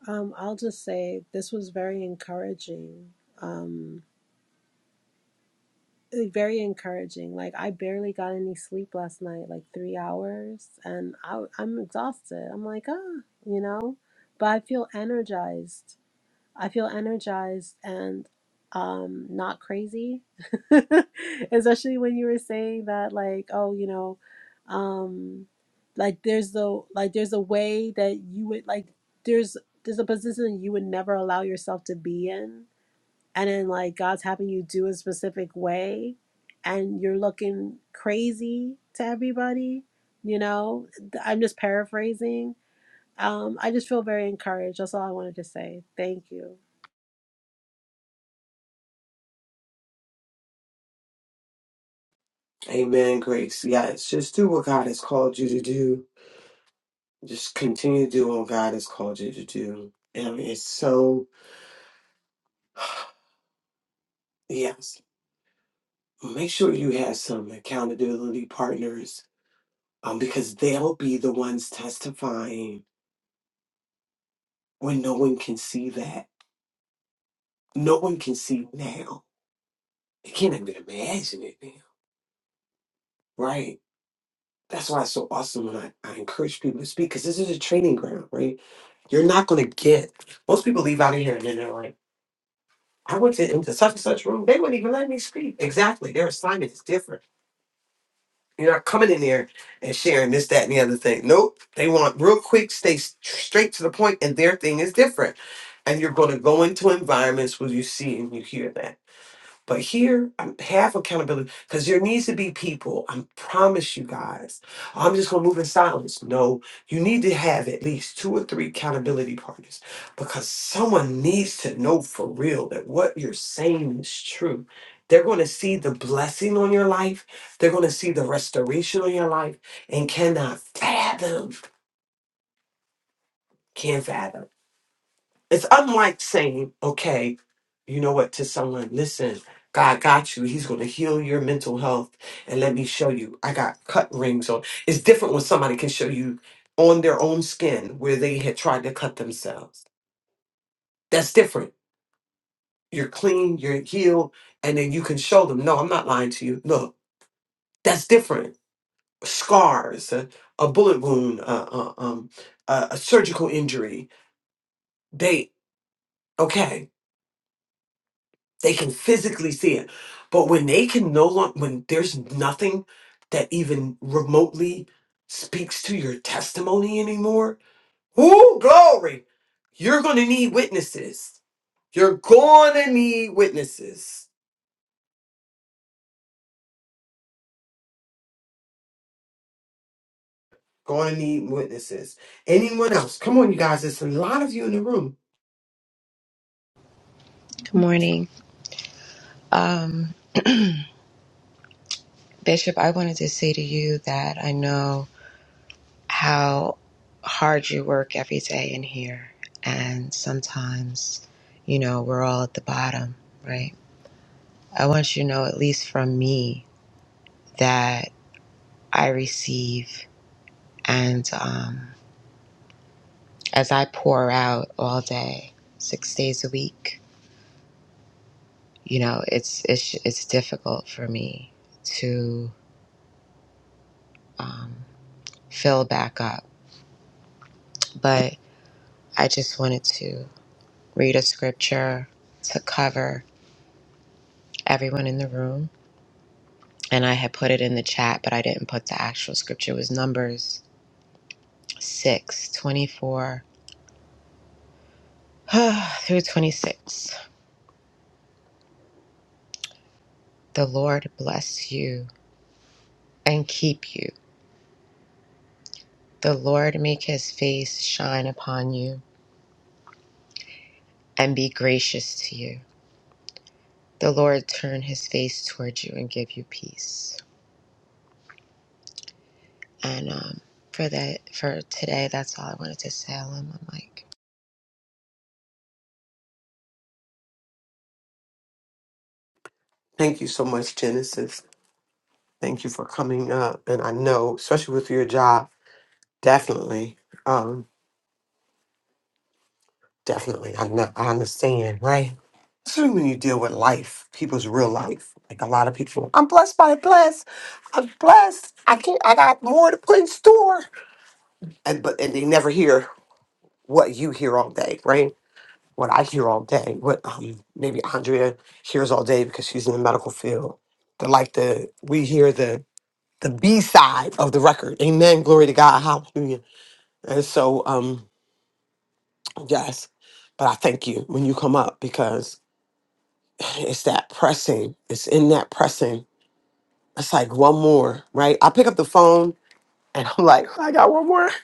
Speaker 6: Um, I'll just say this was very encouraging. Um. like, very encouraging. Like I barely got any sleep last night, like three hours, and I, I'm exhausted. I'm like, ah, you know, but I feel energized. I feel energized and um not crazy. Especially when you were saying that, like, oh, you know, um, like there's the like there's a way that you would like there's there's a position you would never allow yourself to be in and then like God's having you do a specific way and you're looking crazy to everybody, you know. I'm just paraphrasing. Um, I just feel very encouraged. That's all I wanted to say. Thank you.
Speaker 3: Amen, Grace. Yes, just do what God has called you to do. Just continue to do what God has called you to do. And it's so, yes, make sure you have some accountability partners um, because they'll be the ones testifying when no one can see that. No one can see now. They can't even imagine it now, right? That's why it's so awesome when I, I encourage people to speak because this is a training ground, right? You're not going to get, most people leave out of here and then they're like, I went to, into such and such room, they wouldn't even let me speak. Exactly. Their assignment is different. You're not coming in there and sharing this, that, and the other thing. Nope. They want real quick, stay s- straight to the point, and their thing is different. And you're going to go into environments where you see and you hear that. But here, um, have accountability because there needs to be people. I promise you guys. I'm just gonna move in silence. No, you need to have at least two or three accountability partners because someone needs to know for real that what you're saying is true. They're gonna see the blessing on your life. They're gonna see the restoration on your life, and cannot fathom. Can't fathom it's unlike saying, okay, you know what, to someone, listen, God got you. He's going to heal your mental health. And let me show you. I got cut rings on. It's different when somebody can show you on their own skin where they had tried to cut themselves. That's different. You're clean, you're healed, and then you can show them, no, I'm not lying to you. Look, that's different. Scars, a, a bullet wound, a, a, um, a, a surgical injury. They, okay. They can physically see it. But when they can no longer, when there's nothing that even remotely speaks to your testimony anymore, whoo, glory, you're going to need witnesses. You're going to need witnesses. Going to need witnesses. Anyone else? Come on, you guys. There's a lot of you in the room.
Speaker 7: Good morning. Um, Bishop, I wanted to say to you that I know how hard you work every day in here. And sometimes, you know, we're all at the bottom, right? I want you to know, at least from me, that I receive. And um, as I pour out all day, six days a week, you know, it's, it's, it's difficult for me to um, fill back up. But I just wanted to. read a scripture to cover everyone in the room. And I had put it in the chat, but I didn't put the actual scripture. It was Numbers 6 24 through 26. The Lord bless you and keep you. The Lord make his face shine upon you and be gracious to you. The Lord turn his face toward you and give you peace. And um, for that, for today, that's all I wanted to say. i my mic.
Speaker 3: Thank you so much, Genesis. Thank you for coming up. And I know, especially with your job, definitely, um, definitely, I know, I understand, right? especially when you deal with life, people's real life. Like a lot of people, I'm blessed by a bless. I'm blessed. I can't. I got more to put in store. And but and they never hear what you hear all day, right? What I hear all day. What um maybe Andrea hears all day because she's in the medical field. But like the we hear the the B side of the record. Amen. Glory to God. Hallelujah. And so um yes, but I thank you when you come up because it's that pressing. It's in that pressing It's like one more, right? I pick up the phone and I'm like, I got one more.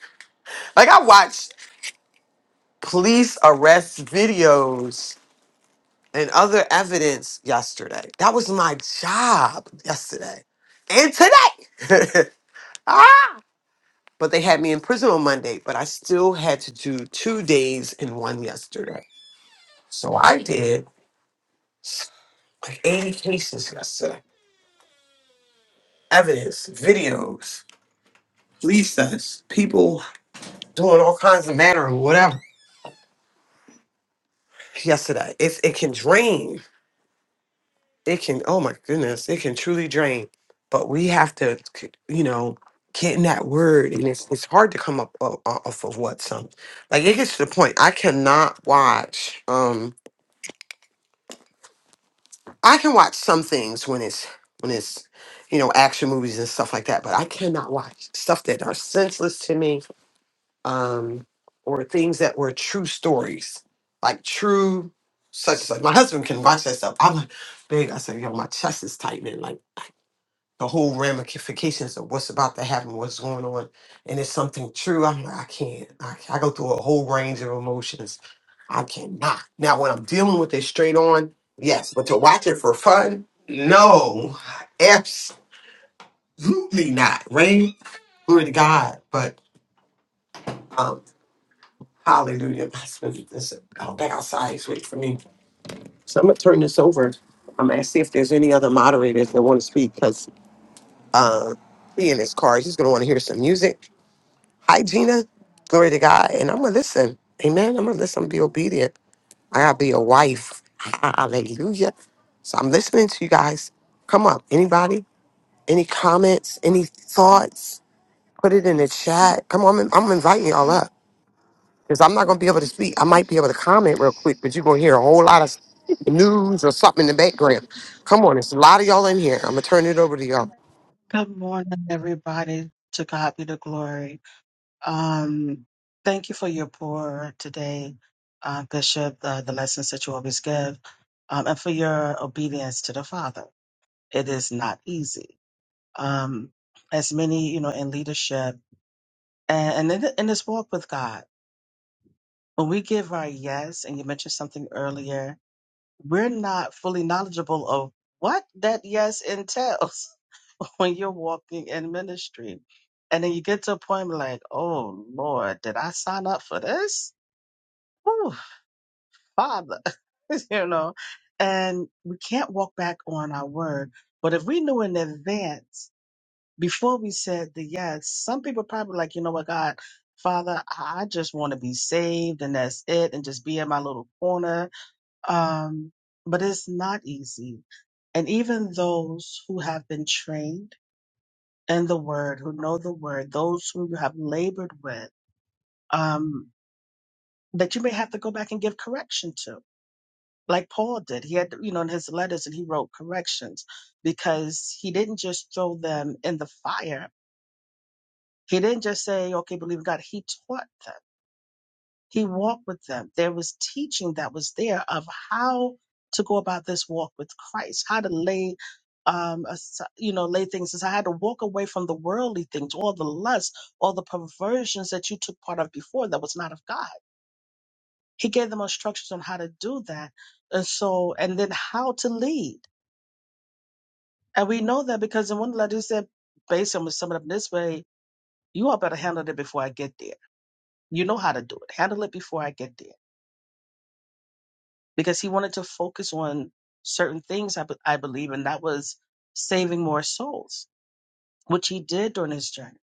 Speaker 3: Like I watched police arrest videos and other evidence yesterday. That was my job yesterday and today. ah! But they had me in prison on Monday, but I still had to do two days and one yesterday. So I did like 80 cases yesterday. Evidence, videos, police us, people doing all kinds of manner of whatever yesterday. It's it can drain. It can oh my goodness, it can truly drain. But we have to, you know, get in that word, and it's it's hard to come up o- o- off of what some like it gets to the point. I cannot watch. Um, I can watch some things when it's when it's you know action movies and stuff like that, but I cannot watch stuff that are senseless to me um, or things that were true stories, like true such and such. My husband can watch that stuff. I'm like, big. I said, yo, my chest is tightening. Like the whole ramifications of what's about to happen, what's going on, and it's something true. I'm like, I can't. I, I go through a whole range of emotions. I cannot. Now, when I'm dealing with it straight on, yes, but to watch it for fun, no, absolutely not. Rain, glory to God, but. um, Hallelujah. Pastor, this I'll back outside. It's wait for me. So I'm gonna turn this over. I'm gonna see if there's any other moderators that want to speak because uh, he in his car, he's gonna want to hear some music. Hi, Gina. Glory to God. And I'm gonna listen. Amen. I'm gonna listen. I'm Be obedient. I gotta be a wife. Hallelujah. So I'm listening to you guys. Come up. Anybody? Any comments? Any thoughts? Put it in the chat. Come on. I'm I'm inviting y'all up. because I'm not going to be able to speak. I might be able to comment real quick, but you're going to hear a whole lot of news or something in the background. Come on, there's a lot of y'all in here. I'm going to turn it over to y'all.
Speaker 2: Good morning, everybody. To God be the glory. Um, thank you for your pour today, uh, Bishop, uh, the lessons that you always give, um, and for your obedience to the Father. It is not easy. Um, as many, you know, in leadership and, and in, in this walk with God, when we give our yes, and you mentioned something earlier, we're not fully knowledgeable of what that yes entails when you're walking in ministry. And then you get to a point where like, oh Lord, did I sign up for this? Oh, Father, you know, and we can't walk back on our word. But if we knew in advance before we said the yes, some people probably like, you know what, God, Father, I I just want to be saved and that's it, and just be in my little corner um, but it's not easy. And even those who have been trained in the word, who know the word, those who you have labored with, um, that you may have to go back and give correction to, like Paul did. He had, you know, in his letters and he wrote corrections because he didn't just throw them in the fire. He didn't just say, okay, believe in God. He taught them. He walked with them. There was teaching that was there of how to go about this walk with Christ, how to lay, um, asi- you know, lay things aside, how to walk away from the worldly things, all the lust, all the perversions that you took part of before that was not of God. He gave them instructions on how to do that, and so, and then how to lead. And we know that because in one letter he said, basically, I'm gonna sum it up this way: you all better handle it before I get there. You know how to do it. Handle it before I get there because he wanted to focus on certain things, I, be- I believe, and that was saving more souls, which he did during his journey.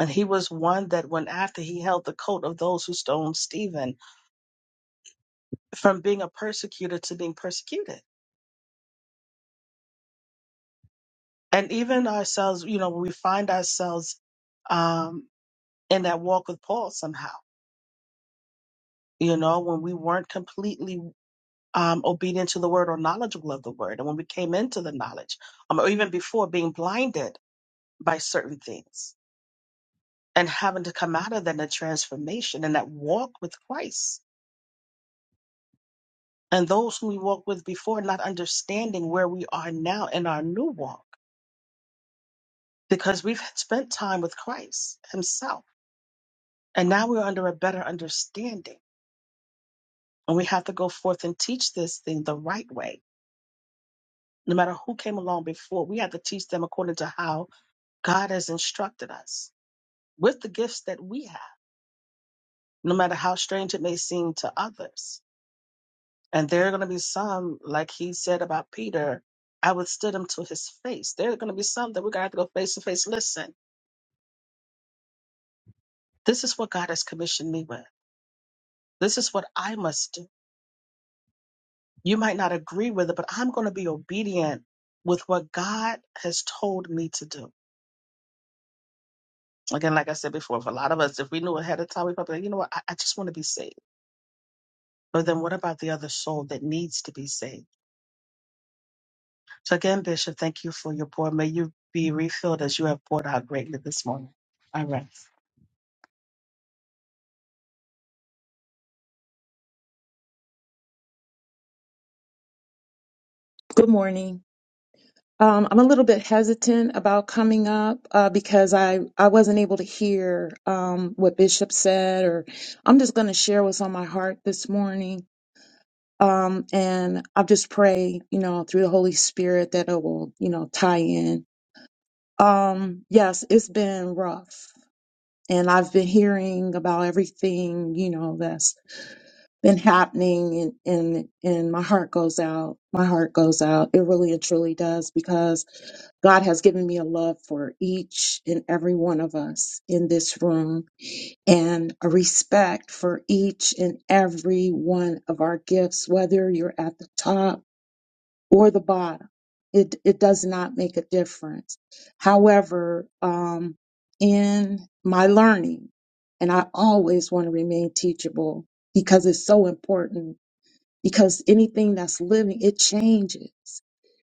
Speaker 2: And he was one that went after he held the coat of those who stoned Stephen from being a persecutor to being persecuted. And even ourselves, you know, we find ourselves um, in that walk with Paul somehow, you know, when we weren't completely um, obedient to the word or knowledgeable of the word. And when we came into the knowledge, um, or even before being blinded by certain things and having to come out of that in a transformation and that walk with Christ. And those whom we walked with before not understanding where we are now in our new walk because we've spent time with Christ Himself. And now we're under a better understanding. And we have to go forth and teach this thing the right way. No matter who came along before, we have to teach them according to how God has instructed us with the gifts that we have, no matter how strange it may seem to others And there are going to be some, like he said about Peter, I withstood him to his face. There are going to be some that we're going to have to go face to face. Listen, this is what God has commissioned me with. This is what I must do. You might not agree with it, but I'm going to be obedient with what God has told me to do. Again, like I said before, for a lot of us, if we knew ahead of time, we probably, you know what, I, I just want to be saved. But then what about the other soul that needs to be saved? So again, Bishop, thank you for your pour. May you be refilled as you have poured out greatly this morning. I rest.
Speaker 8: Good morning. Um, I'm a little bit hesitant about coming up uh, because I, I wasn't able to hear um, what Bishop said, or I'm just going to share what's on my heart this morning. Um, and I just pray, you know, through the Holy Spirit that it will, you know, tie in. Um, yes, it's been rough. And I've been hearing about everything, you know, that's been happening. And, and, and my heart goes out. My heart goes out. It really and truly does because God has given me a love for each and every one of us in this room and a respect for each and every one of our gifts, whether you're at the top or the bottom. It, it does not make a difference. However, um, in my learning, and I always want to remain teachable because it's so important because anything that's living, it changes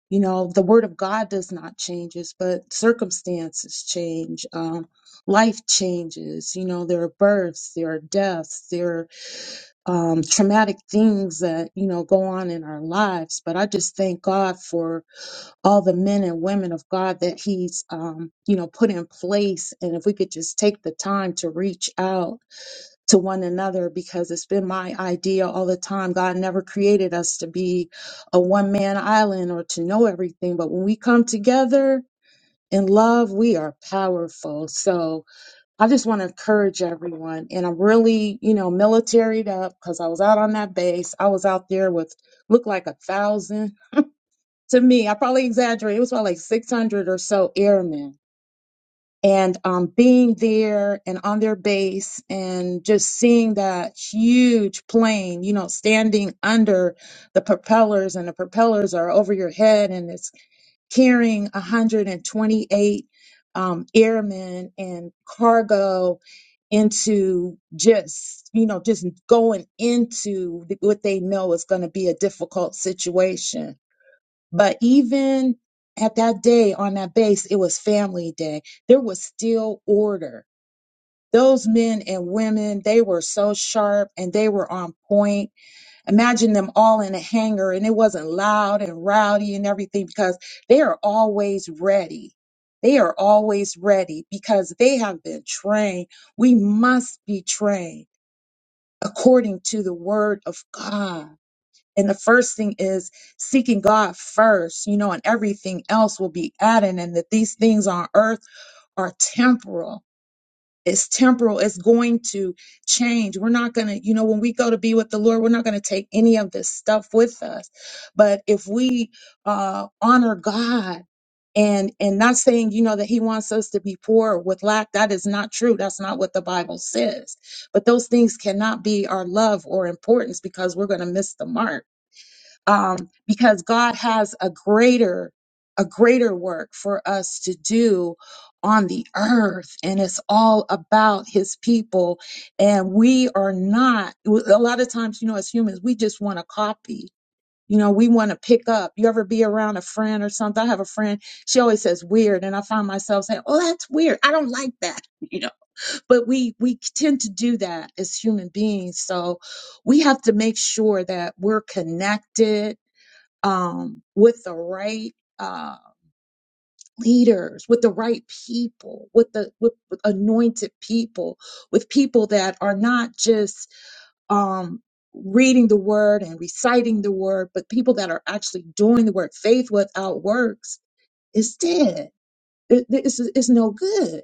Speaker 8: you know, the word of God does not changes, but circumstances change. Um, life changes. You know, there are births, there are deaths, there are um, traumatic things that, you know, go on in our lives. But I just thank God for all the men and women of God that He's, um, you know, put in place. And if we could just take the time to reach out to one another because it's been my idea all the time. God never created us to be a one man island or to know everything. But when we come together in love, we are powerful. So I just want to encourage everyone. And I'm really, you know, militaried up because I was out on that base. I was out there with looked like a thousand. To me, I probably exaggerate. It was probably like 600 or so airmen and um, being there and on their base and just seeing that huge plane, you know, standing under the propellers and the propellers are over your head and it's carrying 128 um, airmen and cargo into just, you know, just going into what they know is going to be a difficult situation but even at that day on that base, it was family day. There was still order. Those men and women, they were so sharp and they were on point. Imagine them all in a hangar and it wasn't loud and rowdy and everything because they are always ready. They are always ready because they have been trained. We must be trained according to the word of God and the first thing is seeking God first, you know, and everything else will be added. And that these things on earth are temporal. It's temporal. It's going to change. We're not going to, you know, when we go to be with the Lord, we're not going to take any of this stuff with us. But if we uh, honor God, and and not saying you know that he wants us to be poor with lack that is not true that's not what the bible says but those things cannot be our love or importance because we're going to miss the mark um, because God has a greater a greater work for us to do on the earth and it's all about his people and we are not a lot of times you know as humans we just want to copy you know we want to pick up you ever be around a friend or something i have a friend she always says weird and i find myself saying oh that's weird i don't like that you know but we we tend to do that as human beings so we have to make sure that we're connected um, with the right uh, leaders, with the right people, with the with, with anointed people, with people that are not just um, reading the word and reciting the word, but people that are actually doing the work. Faith without works is dead. It, it's, it's no good.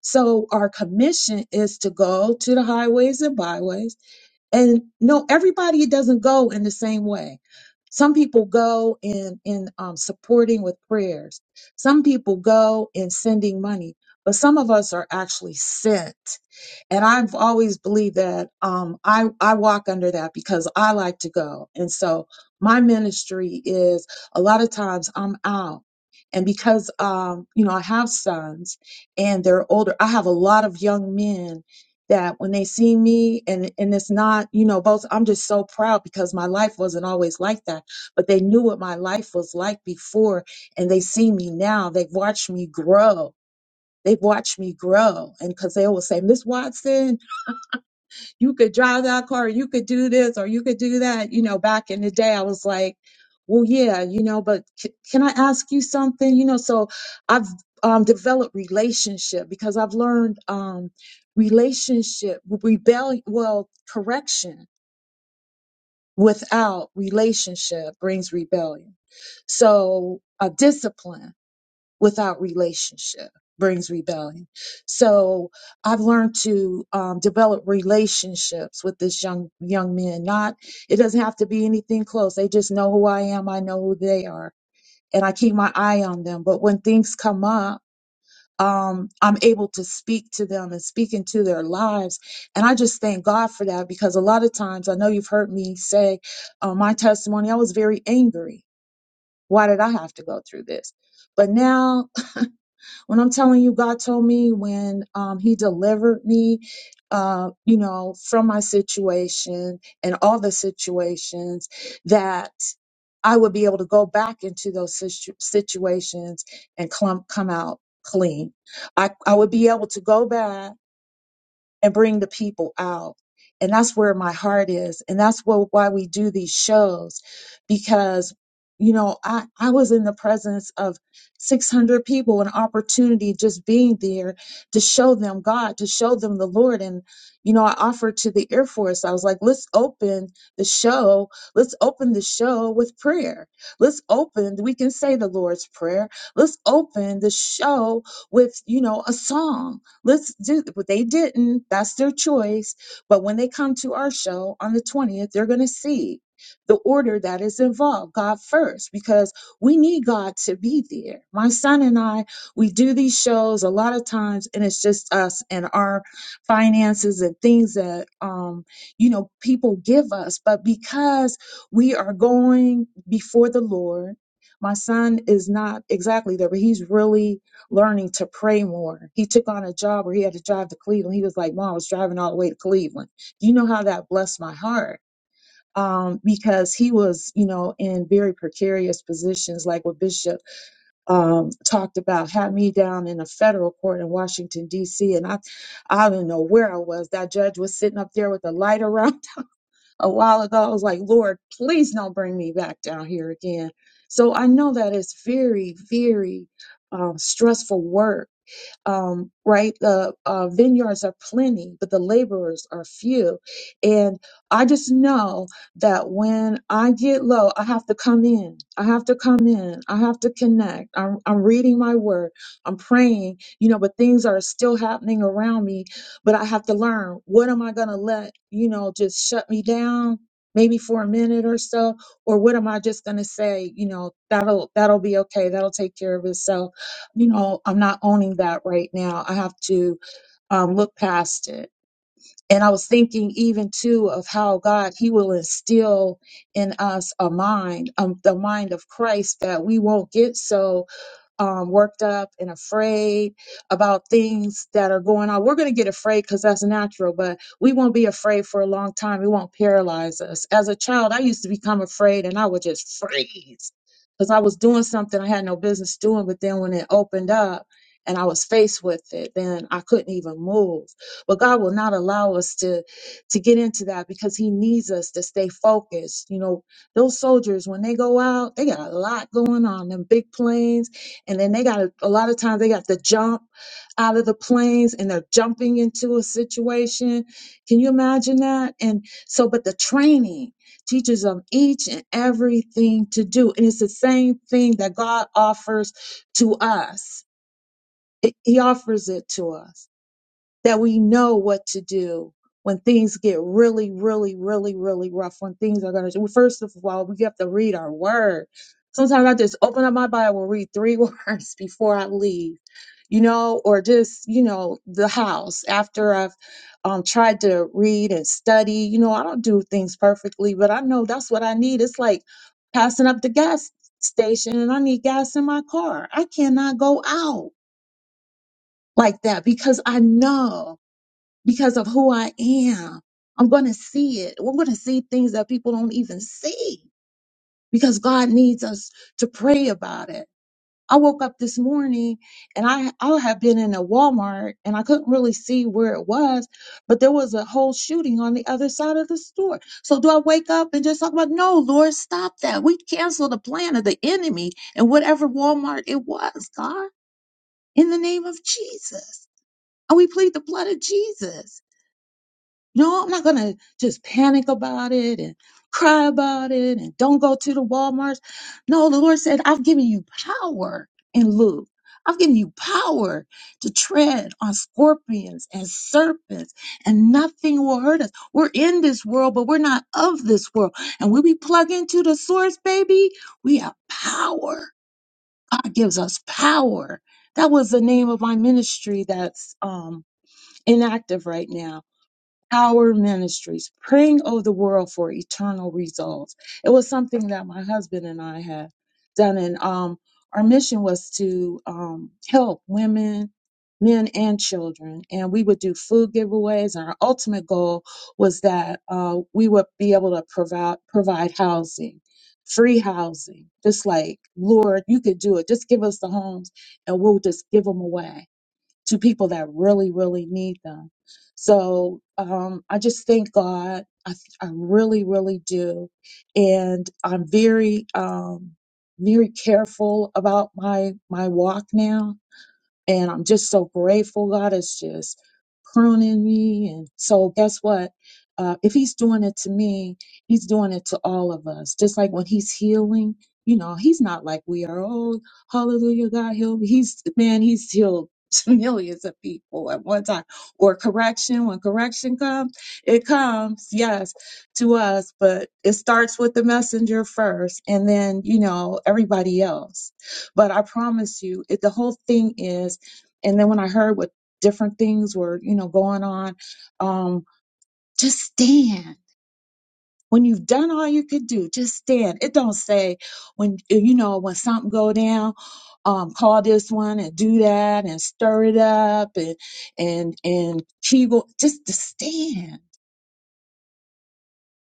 Speaker 8: So our commission is to go to the highways and byways and no everybody doesn't go in the same way some people go in in um, supporting with prayers some people go in sending money but some of us are actually sent and I've always believed that um, I I walk under that because I like to go, and so my ministry is a lot of times I'm out, and because um, you know I have sons and they're older, I have a lot of young men that when they see me and and it's not you know both I'm just so proud because my life wasn't always like that but they knew what my life was like before and they see me now they've watched me grow they've watched me grow and because they always say miss watson you could drive that car, you could do this or you could do that. You know, back in the day, I was like, well, yeah, you know, but c- can I ask you something? You know, so I've um, developed relationship because I've learned um, relationship, rebellion, well, correction without relationship brings rebellion. So a discipline without relationship brings rebellion. So I've learned to um, develop relationships with this young young men. Not it doesn't have to be anything close. They just know who I am. I know who they are, and I keep my eye on them. But when things come up. Um, I'm able to speak to them and speak into their lives. And I just thank God for that because a lot of times I know you've heard me say uh, my testimony, I was very angry. Why did I have to go through this? But now when I'm telling you, God told me when um, He delivered me, uh, you know, from my situation and all the situations that I would be able to go back into those situ- situations and clump, come out clean. I, I would be able to go back and bring the people out. And that's where my heart is. And that's what, why we do these shows because, you know, I, I was in the presence of 600 people, an opportunity just being there to show them God, to show them the Lord. And, you know, I offered to the Air Force, I was like, let's open the show. Let's open the show with prayer. Let's open, we can say the Lord's Prayer. Let's open the show with, you know, a song Let's do but they didn't. That's their choice. But when they come to our show on the 20th, they're gonna see the order that is involved. God first, because we need God to be there. My son and I, we do these shows a lot of times, and it's just us and our finances and things that um, you know, people give us. But because we are going before the Lord, my son is not exactly there, but he's really learning to pray more. He took on a job where he had to drive to Cleveland. He was like, Mom, I was driving all the way to Cleveland. Do you know how that blessed my heart? Um, because he was, you know, in very precarious positions, like what Bishop um, talked about, had me down in a federal court in Washington, D.C. And I, I didn't know where I was. That judge was sitting up there with a light around a while ago. I was like, Lord, please don't bring me back down here again. So I know that it's very, very um, stressful work um, right? The uh, vineyards are plenty, but the laborers are few. And I just know that when I get low, I have to come in. I have to come in. I have to connect. I'm, I'm reading my word. I'm praying, you know, but things are still happening around me. But I have to learn what am I going to let, you know, just shut me down? maybe for a minute or so or what am i just going to say you know that'll that'll be okay that'll take care of itself you know, I'm not owning that right now. I have to um, look past it. And I was thinking even too of how God, He will instill in us a mind, um, the mind of Christ that we won't get so um, worked up and afraid about things that are going on. We're going to get afraid because that's natural, but we won't be afraid for a long time. It won't paralyze us. As a child, I used to become afraid and I would just freeze because I was doing something I had no business doing. But then when it opened up, and I was faced with it, then I couldn't even move. But God will not allow us to to get into that because He needs us to stay focused. You know, those soldiers when they go out, they got a lot going on. Them big planes, and then they got to, a lot of times they got to jump out of the planes and they're jumping into a situation. Can you imagine that? And so, but the training teaches them each and everything to do. And it's the same thing that God offers to us, It- He offers it to us that we know what to do when things get really, really, really, really rough, when things are going to, first of all, we have to read our word. Sometimes I just open up my Bible, read three words before I leave, you know, or just, you know, the house after I've um, tried to read and study. You know, I don't do things perfectly, but I know that's what I need. It's like passing up the gas station and I need gas in my car. I cannot go out like that because I know because of who I am. I'm going to see it. We're going to see things that people don't even see because God needs us to pray about it. I woke up this morning and I, I have been in a Walmart and I couldn't really see where it was, but there was a whole shooting on the other side of the store. So do I wake up and just talk about, no, Lord, stop that. We cancel the plan of the enemy and whatever Walmart it was, God, in the name of Jesus. And we plead the blood of Jesus. No, I'm not gonna just panic about it and cry about it and don't go to the Walmarts. No, the Lord said, I've given you power in Luke. I've given you power to tread on scorpions and serpents, and nothing will hurt us. We're in this world, but we're not of this world. And when we plug into the source, baby, we have power. God gives us power. That was the name of my ministry that's um, inactive right now Power Ministries, praying over the world for eternal results. It was something that my husband and I had done, and um, our mission was to um, help women, men, and children. And we would do food giveaways, and our ultimate goal was that uh, we would be able to provide provide housing. Free housing, just like Lord, you could do it. Just give us the homes, and we'll just give them away to people that really, really need them. So um, I just thank God. I, I really, really do. And I'm very, um, very careful about my, my walk now and I'm just so grateful. God is just pruning me. And so, guess what? Uh, if He's doing it to me, He's doing it to all of us. Just like when He's healing, you know, He's not like we are. Oh, hallelujah, God healed me. He's, man, He's healed millions of people at one time. Or correction, when correction comes, it comes, yes, to us, but it starts with the messenger first and then, you know, everybody else. But I promise you, it, the whole thing is and then when I heard what different things were, you know, going on, um, just stand. When you've done all you could do, just stand. It don't say when you know when something go down, um, call this one and do that and stir it up and and and kegel. Just to stand.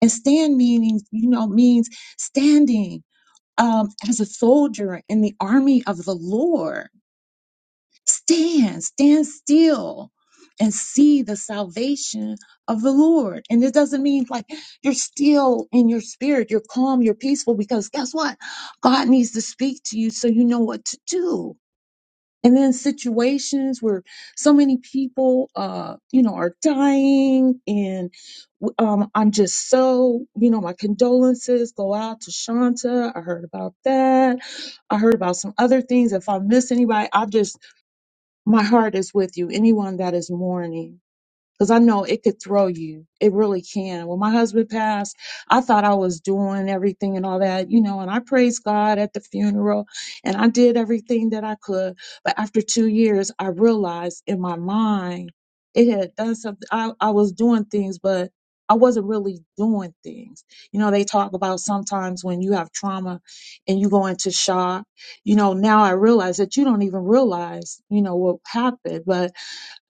Speaker 8: And stand meaning you know means standing um, as a soldier in the army of the Lord Stand, stand still and see the salvation of the Lord. And it doesn't mean like you're still in your spirit, you're calm, you're peaceful, because guess what? God needs to speak to you so you know what to do. And then situations where so many people, uh, you know, are dying and um, I'm just so, you know, my condolences go out to Shanta. I heard about that. I heard about some other things. If I miss anybody, I just my heart is with you. Anyone that is mourning, Cause I know it could throw you. It really can. When my husband passed, I thought I was doing everything and all that, you know, and I praised God at the funeral and I did everything that I could. But after two years, I realized in my mind it had done something. I, I was doing things, but I wasn't really doing things. You know, they talk about sometimes when you have trauma and you go into shock, you know, now I realize that you don't even realize, you know, what happened, but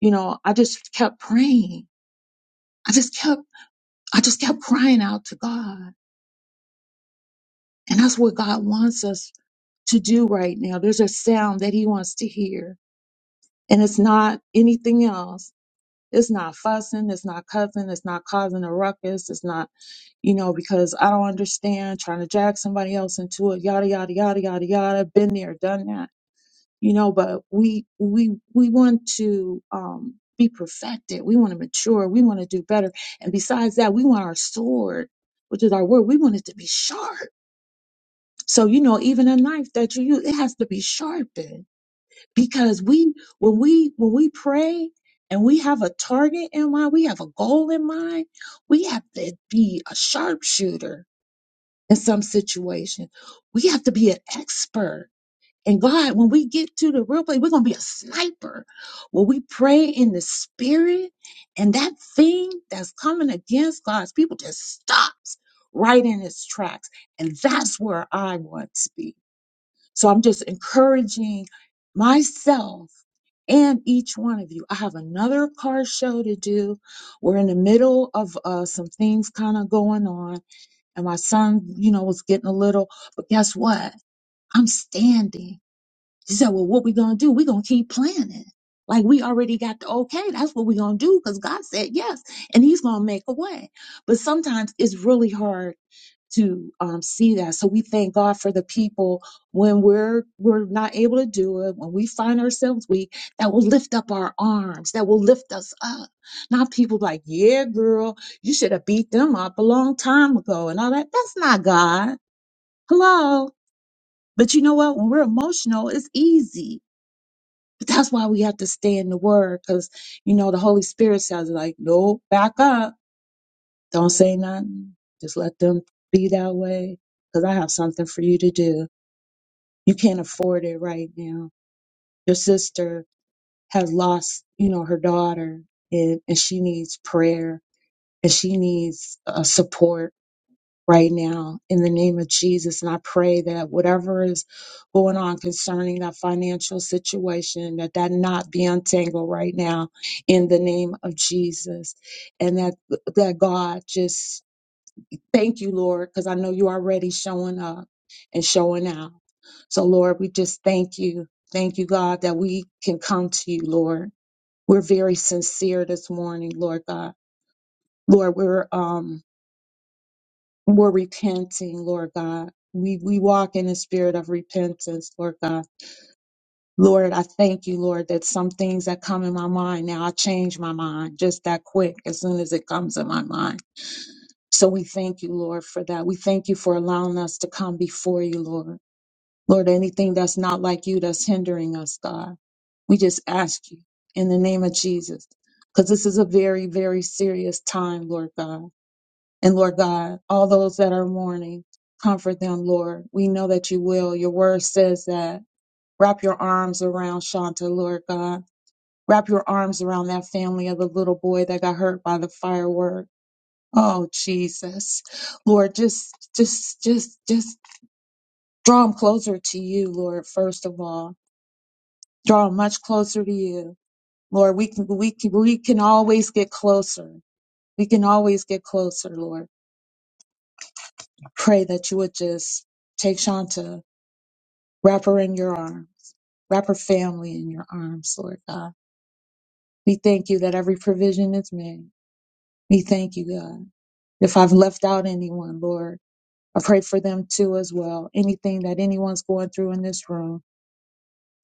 Speaker 8: you know, I just kept praying I just kept, I just kept crying out to God. And that's what God wants us to do right now. There's a sound that he wants to hear. And it's not anything else. It's not fussing. It's not cussing. It's not causing a ruckus. It's not, you know, because I don't understand trying to drag somebody else into it. Yada, yada, yada, yada, yada. Been there, done that you know but we we we want to um be perfected we want to mature we want to do better and besides that we want our sword which is our word we want it to be sharp so you know even a knife that you use it has to be sharpened because we when we when we pray and we have a target in mind we have a goal in mind we have to be a sharpshooter in some situation we have to be an expert and God, when we get to the real place, we're going to be a sniper. When we pray in the spirit and that thing that's coming against God's people just stops right in its tracks. And that's where I want to be. So I'm just encouraging myself and each one of you. I have another car show to do. We're in the middle of uh, some things kind of going on. And my son, you know, was getting a little, but guess what? I'm standing she said, Well, what we gonna do? we gonna keep planning. Like we already got the okay. That's what we gonna do because God said yes, and He's gonna make a way. But sometimes it's really hard to um, see that. So we thank God for the people when we're we're not able to do it, when we find ourselves weak, that will lift up our arms, that will lift us up. Not people like, yeah, girl, you should have beat them up a long time ago and all that. That's not God. Hello. But you know what? When we're emotional, it's easy but that's why we have to stay in the word because, you know, the Holy Spirit says, like, no, back up. Don't say nothing. Just let them be that way because I have something for you to do. You can't afford it right now. Your sister has lost, you know, her daughter and, and she needs prayer and she needs uh, support right now in the name of Jesus. And I pray that whatever is going on concerning that financial situation, that that not be untangled right now in the name of Jesus. And that, that God just thank you, Lord, because I know you already showing up and showing out. So Lord, we just thank you. Thank you, God, that we can come to you, Lord. We're very sincere this morning, Lord God. Lord, we're, um, we're repenting, Lord God. We, we walk in a spirit of repentance, Lord God. Lord, I thank you, Lord, that some things that come in my mind now, I change my mind just that quick as soon as it comes in my mind. So we thank you, Lord, for that. We thank you for allowing us to come before you, Lord. Lord, anything that's not like you that's hindering us, God, we just ask you in the name of Jesus, because this is a very, very serious time, Lord God. And Lord God, all those that are mourning, comfort them, Lord. We know that you will. Your word says that. Wrap your arms around Shanta, Lord God. Wrap your arms around that family of the little boy that got hurt by the firework. Oh, Jesus. Lord, just, just, just, just draw them closer to you, Lord, first of all. Draw them much closer to you. Lord, we can, we can, we can always get closer. We can always get closer, Lord. Pray that you would just take Shanta Wrap her in your arms. Wrap her family in your arms, Lord God. We thank you that every provision is made. We thank you, God. If I've left out anyone, Lord, I pray for them too as well. Anything that anyone's going through in this room,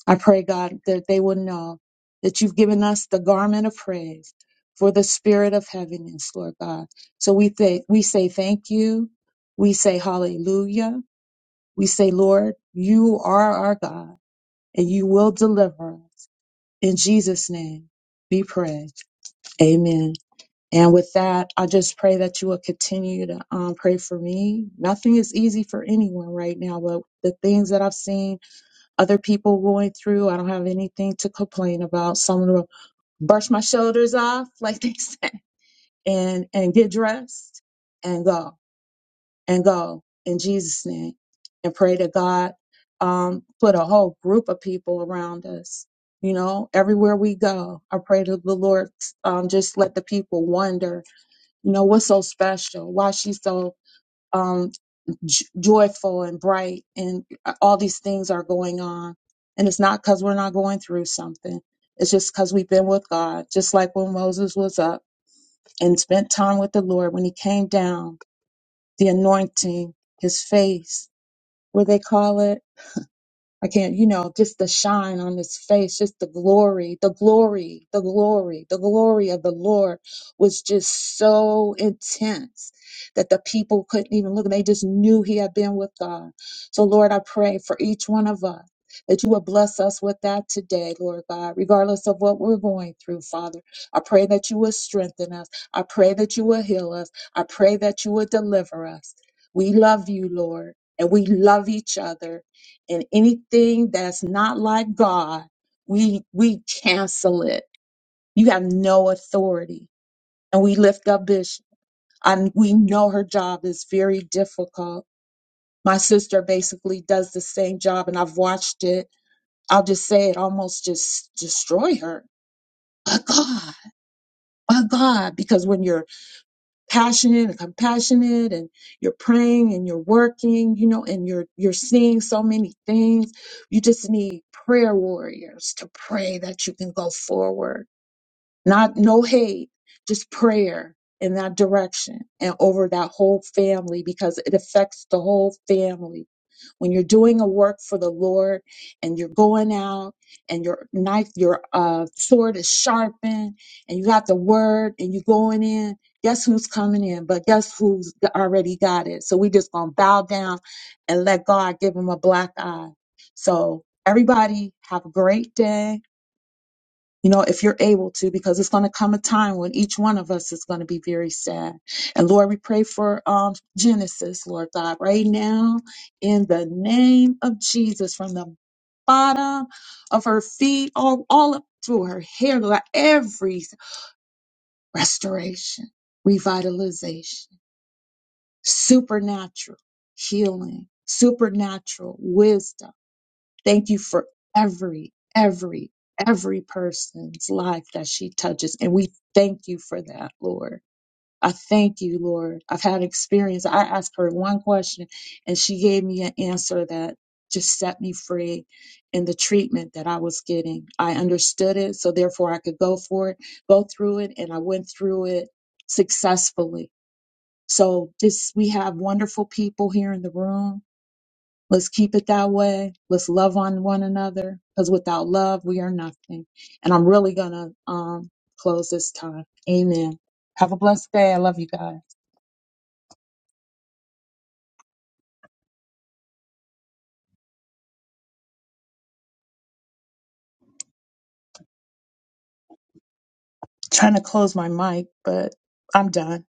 Speaker 8: I pray, God, that they will know that you've given us the garment of praise for the spirit of heaviness, Lord God. So we thank, we say thank you. We say hallelujah. We say, Lord, you are our God and you will deliver us. In Jesus' name be praised. Amen. And with that, I just pray that you will continue to um, pray for me. Nothing is easy for anyone right now, but the things that I've seen other people going through, I don't have anything to complain about. So I'm going to brush my shoulders off, like they said, and, and get dressed and go and go in Jesus' name and pray to God um, put a whole group of people around us. You know, everywhere we go, I pray to the Lord um, just let the people wonder, you know, what's so special? Why she's so um, j- joyful and bright, and all these things are going on. And it's not because we're not going through something. It's just because we've been with God, just like when Moses was up and spent time with the Lord. When he came down, the anointing, his face, what they call it I can't, you know, just the shine on his face, just the glory, the glory, the glory, the glory of the Lord was just so intense that the people couldn't even look and they just knew he had been with God. So, Lord, I pray for each one of us that you would bless us with that today, Lord God, regardless of what we're going through, Father. I pray that you will strengthen us. I pray that you will heal us. I pray that you will deliver us. We love you, Lord, and we love each other and anything that's not like God, we we cancel it. You have no authority. And we lift up Bishop. And we know her job is very difficult. My sister basically does the same job and I've watched it. I'll just say it almost just destroy her. But God, but God, because when you're passionate and compassionate and you're praying and you're working you know and you're you're seeing so many things you just need prayer warriors to pray that you can go forward not no hate, just prayer in that direction and over that whole family because it affects the whole family. When you're doing a work for the Lord and you're going out and your knife, your uh, sword is sharpened and you got the word and you're going in, guess who's coming in? But guess who's already got it? So we just gonna bow down and let God give him a black eye. So everybody have a great day you know, if you're able to, because it's going to come a time when each one of us is going to be very sad. And Lord, we pray for um, Genesis, Lord God, right now in the name of Jesus, from the bottom of her feet, all, all up through her hair, Lord, every restoration, revitalization, supernatural healing, supernatural wisdom Thank you for every, every, every person's life that she touches. And we thank you for that, Lord. I thank you, Lord. I've had experience. I asked her one question and she gave me an answer that just set me free in the treatment that I was getting. I understood it, so therefore I could go for it, go through it, and I went through it successfully. So this we have wonderful people here in the room Let's keep it that way. Let's love on one another because without love, we are nothing. And I'm really going to um, close this time. Amen. Have a blessed day. I love you guys. Trying to close my mic, but I'm done.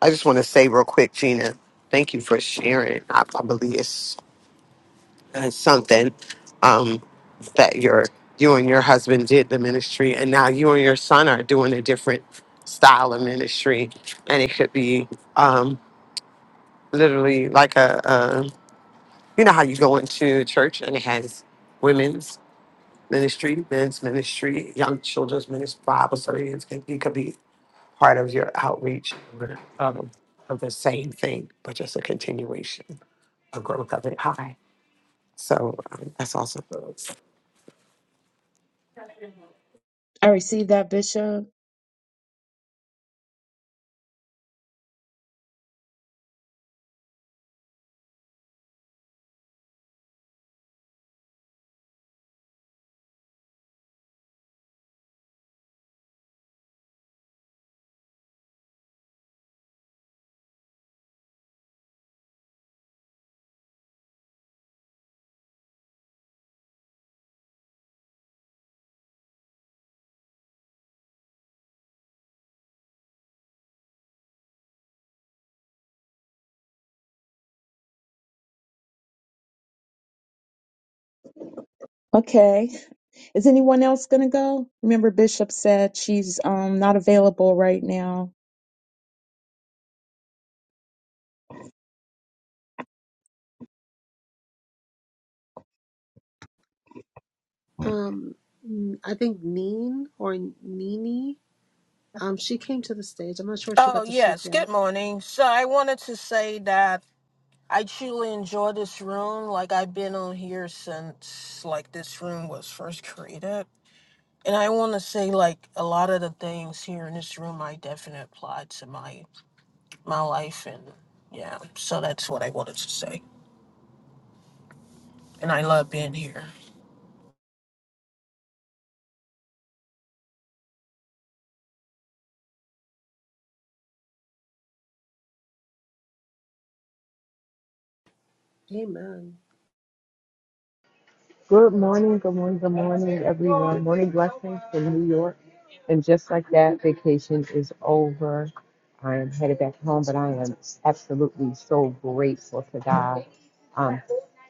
Speaker 3: I just want to say real quick, Gina, thank you for sharing. I, I believe it's, it's something um, that your you and your husband did the ministry, and now you and your son are doing a different style of ministry, and it could be um, literally like a, a you know how you go into church and it has women's ministry, men's ministry, young children's ministry, Bible studies. It could, it could be part of your outreach um, of the same thing, but just a continuation, of growth of it high. So um, that's also good.
Speaker 8: I received that, Bishop. Okay. Is anyone else going to go? Remember, Bishop said she's um, not available right now.
Speaker 6: Um, n- I think Neen or Nini, um, she came to the stage. I'm not sure if she
Speaker 9: Oh,
Speaker 6: got to speak
Speaker 9: yes.
Speaker 6: yet.
Speaker 9: Good morning. So I wanted to say that I truly enjoy this room. Like, I've been on here since, like, this room was first created. And I want to say, like, a lot of the things here in this room I definitely applied to my my life. And, yeah, so that's what I wanted to say. And I love being here.
Speaker 6: Amen.
Speaker 10: Good morning, good morning, good morning, everyone. Morning blessings from New York. And just like that, vacation is over. I am headed back home, but I am absolutely so grateful to God. Um,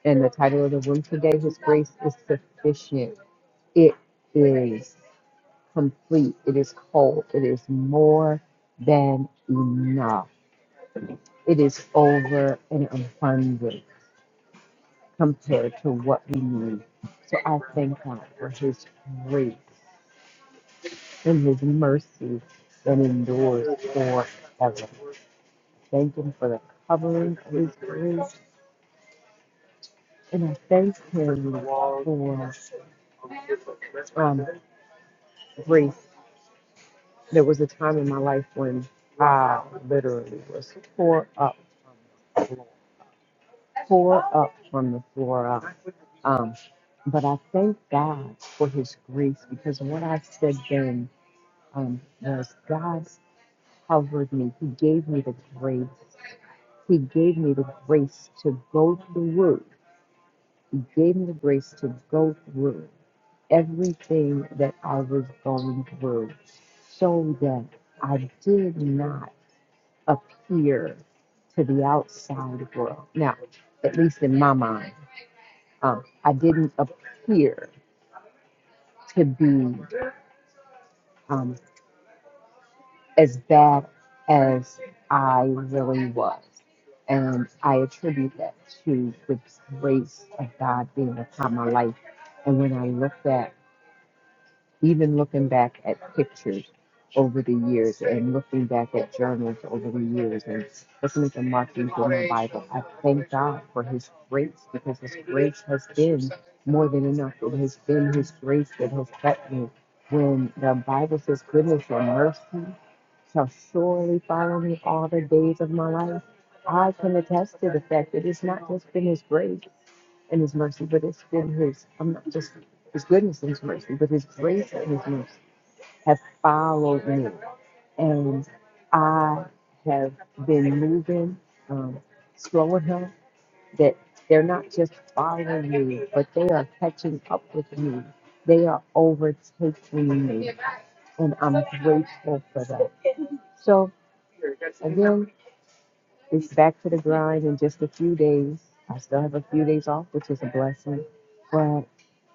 Speaker 10: and the title of the room today, His Grace is Sufficient. It is complete. It is whole. It is more than enough. It is over and abundant compared to what we need. So I thank God for His grace and His mercy that endures forever. Thank Him for the covering of His grace, and I thank Him for um, grace. There was a time in my life when I literally was tore up, tore up from the floor up. Um, but I thank God for His grace because what I said then um, was God. covered me. He gave me the grace. He gave me the grace to go through. He gave me the grace to go through everything that I was going through so that I did not appear to the outside world. Now, at least in my mind, um, I didn't appear to be. um, as bad as I really was. And I attribute that to the grace of God being upon my life. And when I look back, even looking back at pictures over the years and looking back at journals over the years and looking at the markings in my Bible, I thank God for His grace because His grace has been more than enough. It has been His grace that has kept me. When the Bible says goodness and mercy shall surely follow me all the days of my life. I can attest to the fact that it's not just been his grace and his mercy, but it's been his, I'm not just his goodness and his mercy, but his grace and his mercy have followed me. And I have been moving um, slow enough that they're not just following me, but they are catching up with me. They are overtaking me. And I'm grateful for that. So, again. It's back to the grind in just a few days. I still have a few days off, which is a blessing. But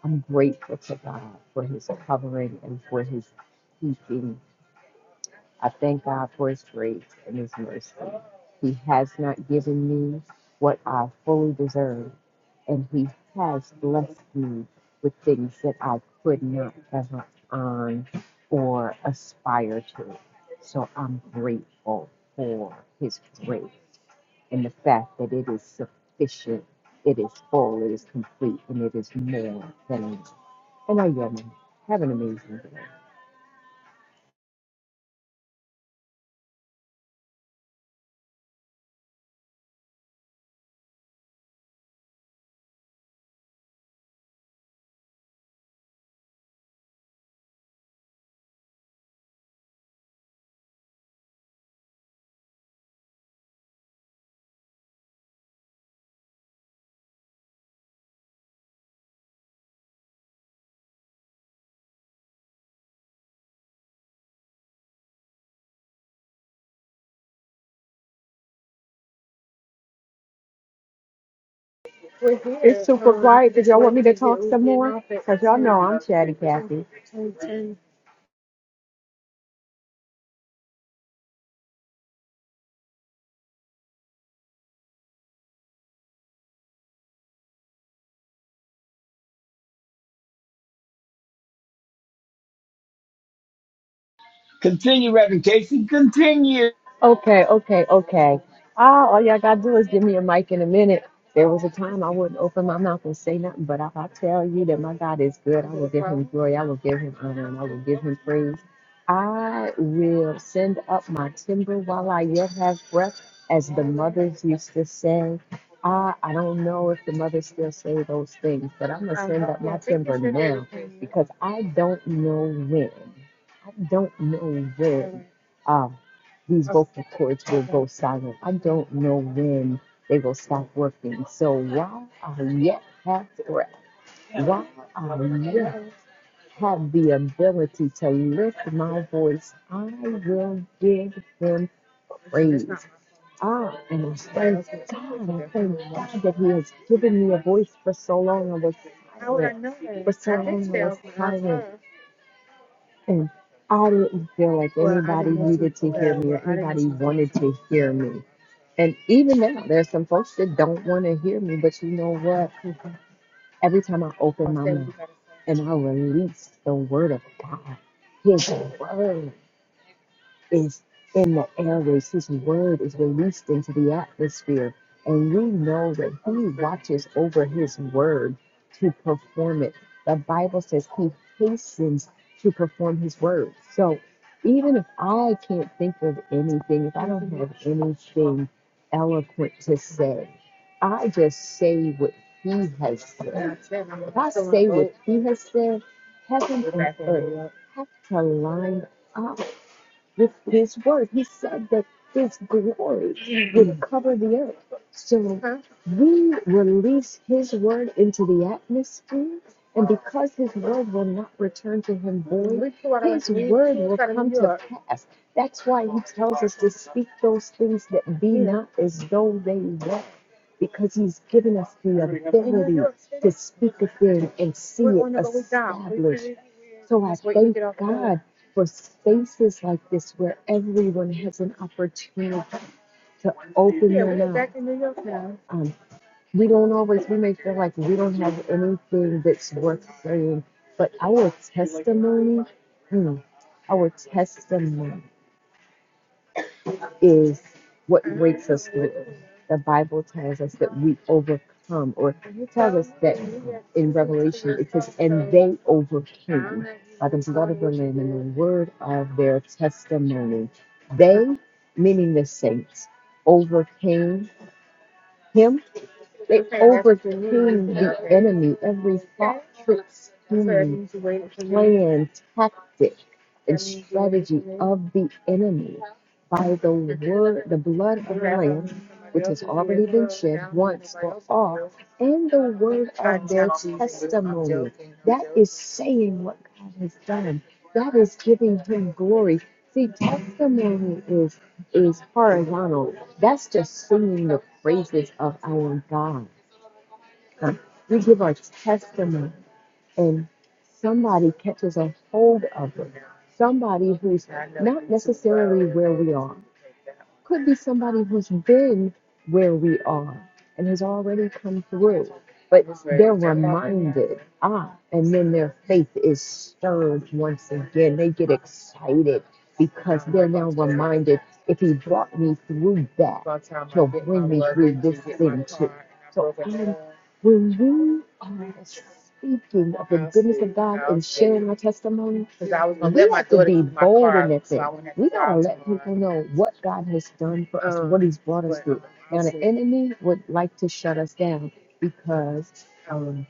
Speaker 10: I'm grateful to God for his covering and for his keeping. I thank God for his grace and his mercy. He has not given me what I fully deserve, and he has blessed me with things that I could not ever earn or aspire to. So I'm grateful for his grace in the fact that it is sufficient, it is full, it is complete, and it is more than enough. And I yell, man, have an amazing day. We're here. It's super Um, quiet. Did y'all want me to talk some more? Because y'all know i I'm chatty Kathy.
Speaker 11: Continue, Reverend Casey. Continue.
Speaker 10: Okay, okay, okay. Ah, all y'all gotta do is give me a mic in a minute. There was a time I wouldn't open my mouth and say nothing, but if I tell you that my God is good, I will give him glory, I will give him honor, and I will give him praise. I will send up my timber while I yet have breath, as the mothers used to say. I, I don't know if the mothers still say those things, but I'm gonna send up my timber now because I don't know when. I don't know when. Um, these vocal cords will go silent. I don't know when they will stop working. So while I yet have breath, while I yet have the ability to lift my voice, I will give him praise. I am thank God. I thank God that he has given me a voice for so long. I was silent. For so long, I was silent. And I didn't feel like anybody needed to hear me or anybody wanted to hear me. And even now, there's some folks that don't want to hear me, but you know what? Every time I open my mouth and I release the word of God, His word is in the airways. His word is released into the atmosphere. And we know that he watches over his word to perform it. The Bible says he hastens to perform his word. So even if I can't think of anything, if I don't have anything eloquent to say, I just say what he has said. If I say what he has said, heaven and earth have to line up with his word. He said that his glory would cover the earth. So Huh? we release his word into the atmosphere, and because his word will not return to him void, his word will come to pass. That's why he tells us to speak those things that be not as though they were, because he's given us the ability to speak a thing and see it established. really So I thank God for spaces like this where everyone has an opportunity to open Yeah, we're their minds. Um, we don't always, we may feel like we don't have anything that's worth saying, but our testimony, mm, our testimony is what breaks us through. The Bible tells us that we overcome, or it tells us that in Revelation it says, and they overcame by the blood of the Lamb and the word of their testimony. They, meaning the saints, overcame him they overcame the enemy, every thought, trick, scheme, plan, tactic, and strategy of the enemy by the word, the blood of the Lamb, which has already been shed once for all, and the word of their testimony. That is saying what God has done. That is giving him glory. See, testimony is is horizontal. That's just singing the praises of our God. huh? We give our testimony, and somebody catches a hold of it. Somebody who's not necessarily where we are, Could be somebody who's been where we are and has already come through, but they're reminded, ah, and then their faith is stirred once again. They get excited because they're now reminded if he brought me through that, he'll bring me through this thing too. So I'm, when we are speaking of the goodness of God and sharing our testimony, because I was gonna let we my have to daughter be use my bold in car, that so I thing. wouldn't have to We gotta drive let tomorrow. people tomorrow. know what God has done for us, Um, what He's brought us but through. um, Now, the see. enemy would like to shut us down because Um, um, what time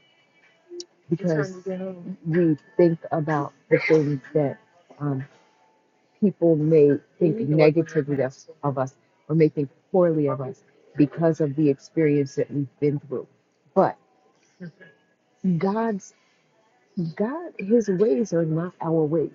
Speaker 10: because you get home? we think about the things that um, people may You think need to work on your negatively of, mask. of us or may think poorly of us because of the experience that we've been through. But God's God, His ways are not our ways.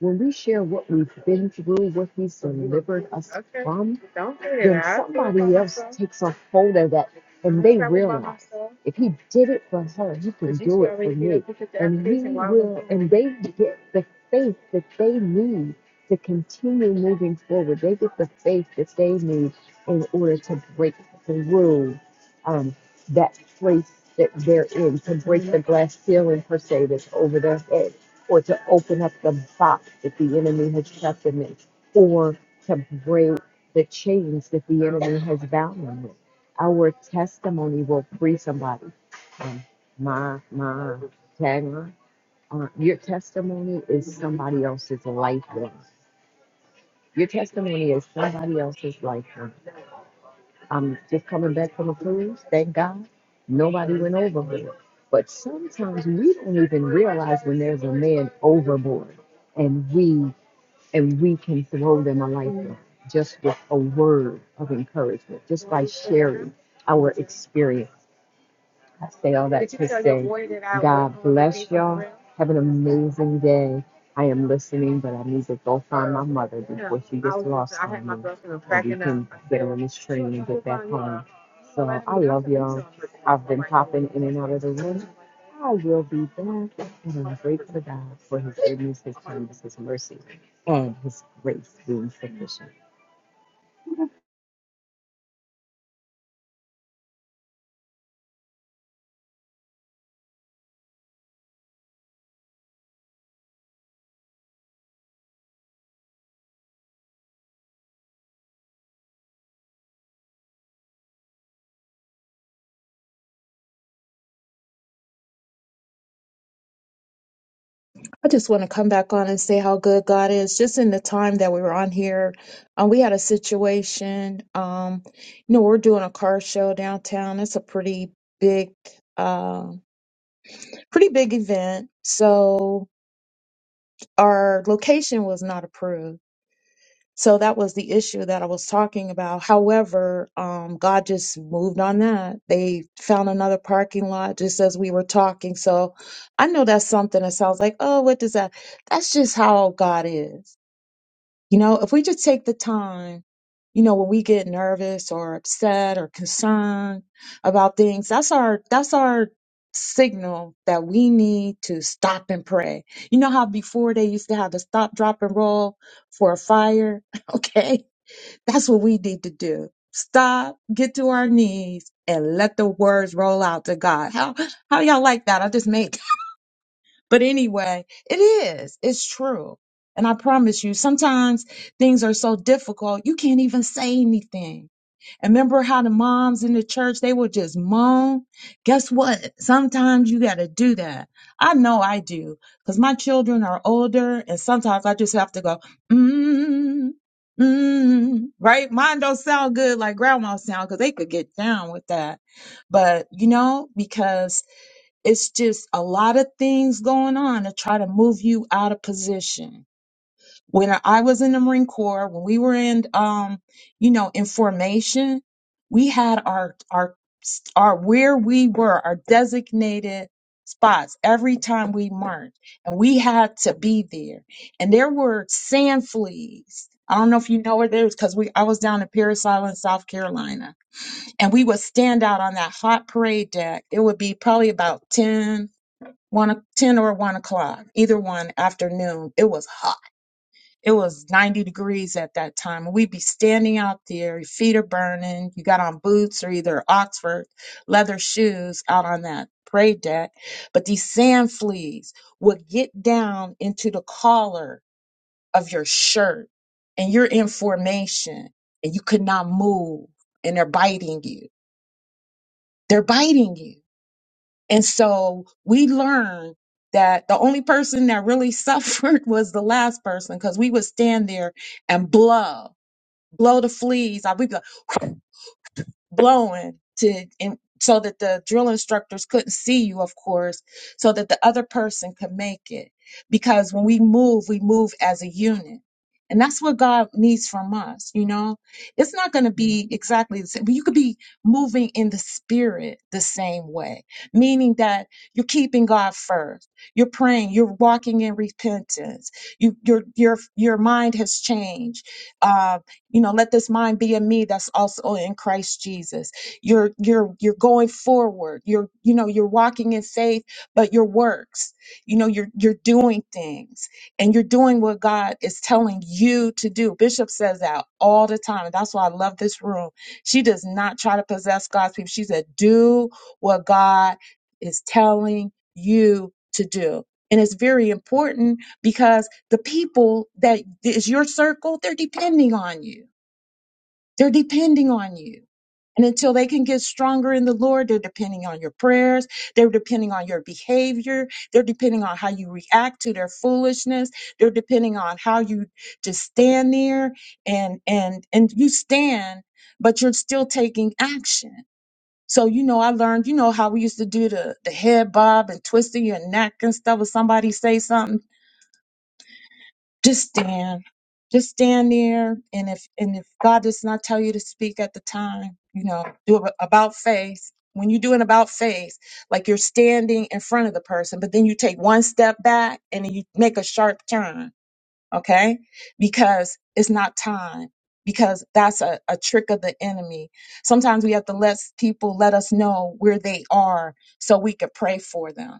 Speaker 10: When we share what we've been through, what He's delivered us Okay. from, Don't say then that. I'll it by somebody else myself. takes a hold of that and I they travel by realize myself. if He did it for her, He can But you do should it already for already be able me. to put the And He while I was will, doing and they get the faith that they need to continue moving forward. They get the faith that they need in order to break through. um, that place that they're in to break the glass ceiling per se that's over their head or to open up the box that the enemy has shut them in or to break the chains that the enemy has bound them with. Our testimony will free somebody. And my, my, Tanner, uh, your testimony is somebody else's life. Your testimony is somebody else's life. I'm just coming back from a cruise. Thank God nobody went overboard. But sometimes we don't even realize when there's a man overboard and we and we can throw them a lifeline just with a word of encouragement, just by sharing our experience. I say all that to say, God bless y'all. Have an amazing day. I am listening, but I need to go find my mother Yeah, before she gets lost on me girlfriend and we can get said, on this train sure, and get back home. So I love y'all. I've been popping in and out of the room. I will be back, and I'm grateful to God for His goodness, His kindness, His mercy, and His grace being sufficient.
Speaker 8: I just want to come back on and say how good God is. Just in the time that we were on here, um, we had a situation. Um, you know, we're doing a car show downtown. It's a pretty big, um, pretty big event. So our location was not approved. So that was the issue that I was talking about. However, um, God just moved on that. They found another parking lot just as we were talking. So I know that's something that sounds like, oh, what does that? That's just how God is You know, if we just take the time, you know, when we get nervous or upset or concerned about things, that's our that's our signal that we need to stop and pray. You know how before they used to have to stop, drop, and roll for a fire? Okay. That's what we need to do. Stop, get to our knees, and let the words roll out to God. How how y'all like that? I just made but anyway, it is. It's true. And I promise you, sometimes things are so difficult, you can't even say anything. And remember how the moms in the church, they would just moan? Guess what? Sometimes you got to do that. I know I do because my children are older and sometimes I just have to go, mm, mm, right? Mine don't sound good like grandma sound because they could get down with that. But, you know, because it's just a lot of things going on to try to move you out of position. When I was in the Marine Corps, when we were in, um, you know, in formation, we had our our our where we were, our designated spots every time we marched, and we had to be there. And there were sand fleas. I don't know if you know where there's because we I was down in Parris Island, South Carolina, and we would stand out on that hot parade deck. It would be probably about 10, one o- ten or 1 o'clock either one afternoon it was hot it was 90 degrees at that time we'd be standing out there your feet are burning you got on boots or either oxford leather shoes out on that parade deck but these sand fleas would get down into the collar of your shirt and you're in formation and you could not move and they're biting you they're biting you and so we learned that the only person that really suffered was the last person because we would stand there and blow, blow the fleas blowing to and so that the drill instructors couldn't see you of course so that the other person could make it because when we move we move as a unit and that's what god needs from us you know it's not going to be exactly the same but you could be moving in the spirit the same way meaning that you're keeping god first you're praying you're walking in repentance you your your your mind has changed Uh, you know let this mind be in me that's also in christ jesus you're you're you're going forward you're you know you're walking in faith but your works you know you're you're doing things and you're doing what god is telling you to do bishop says that all the time and that's why i love this room she does not try to possess god's people she said do what god is telling you to do and it's very important because. The people that is your circle, they're depending on you. They're depending on you. And until they can get stronger in the Lord, they're depending on your prayers. They're depending on your behavior. They're depending on how you react to their foolishness. They're depending on how you just stand there and, and, and you stand, but you're still taking action. So, you know, I learned, you know, how we used to do the, the head bob and twisting your neck and stuff if somebody say something Just stand. Just stand there. And if and if God does not tell you to speak at the time, you know, do a- about face. When you do an about face, like you're standing in front of the person, but then you take one step back and then you make a sharp turn okay? Because it's not time, because that's a, a trick of the enemy. Sometimes we have to let people let us know where they are so we could pray for them.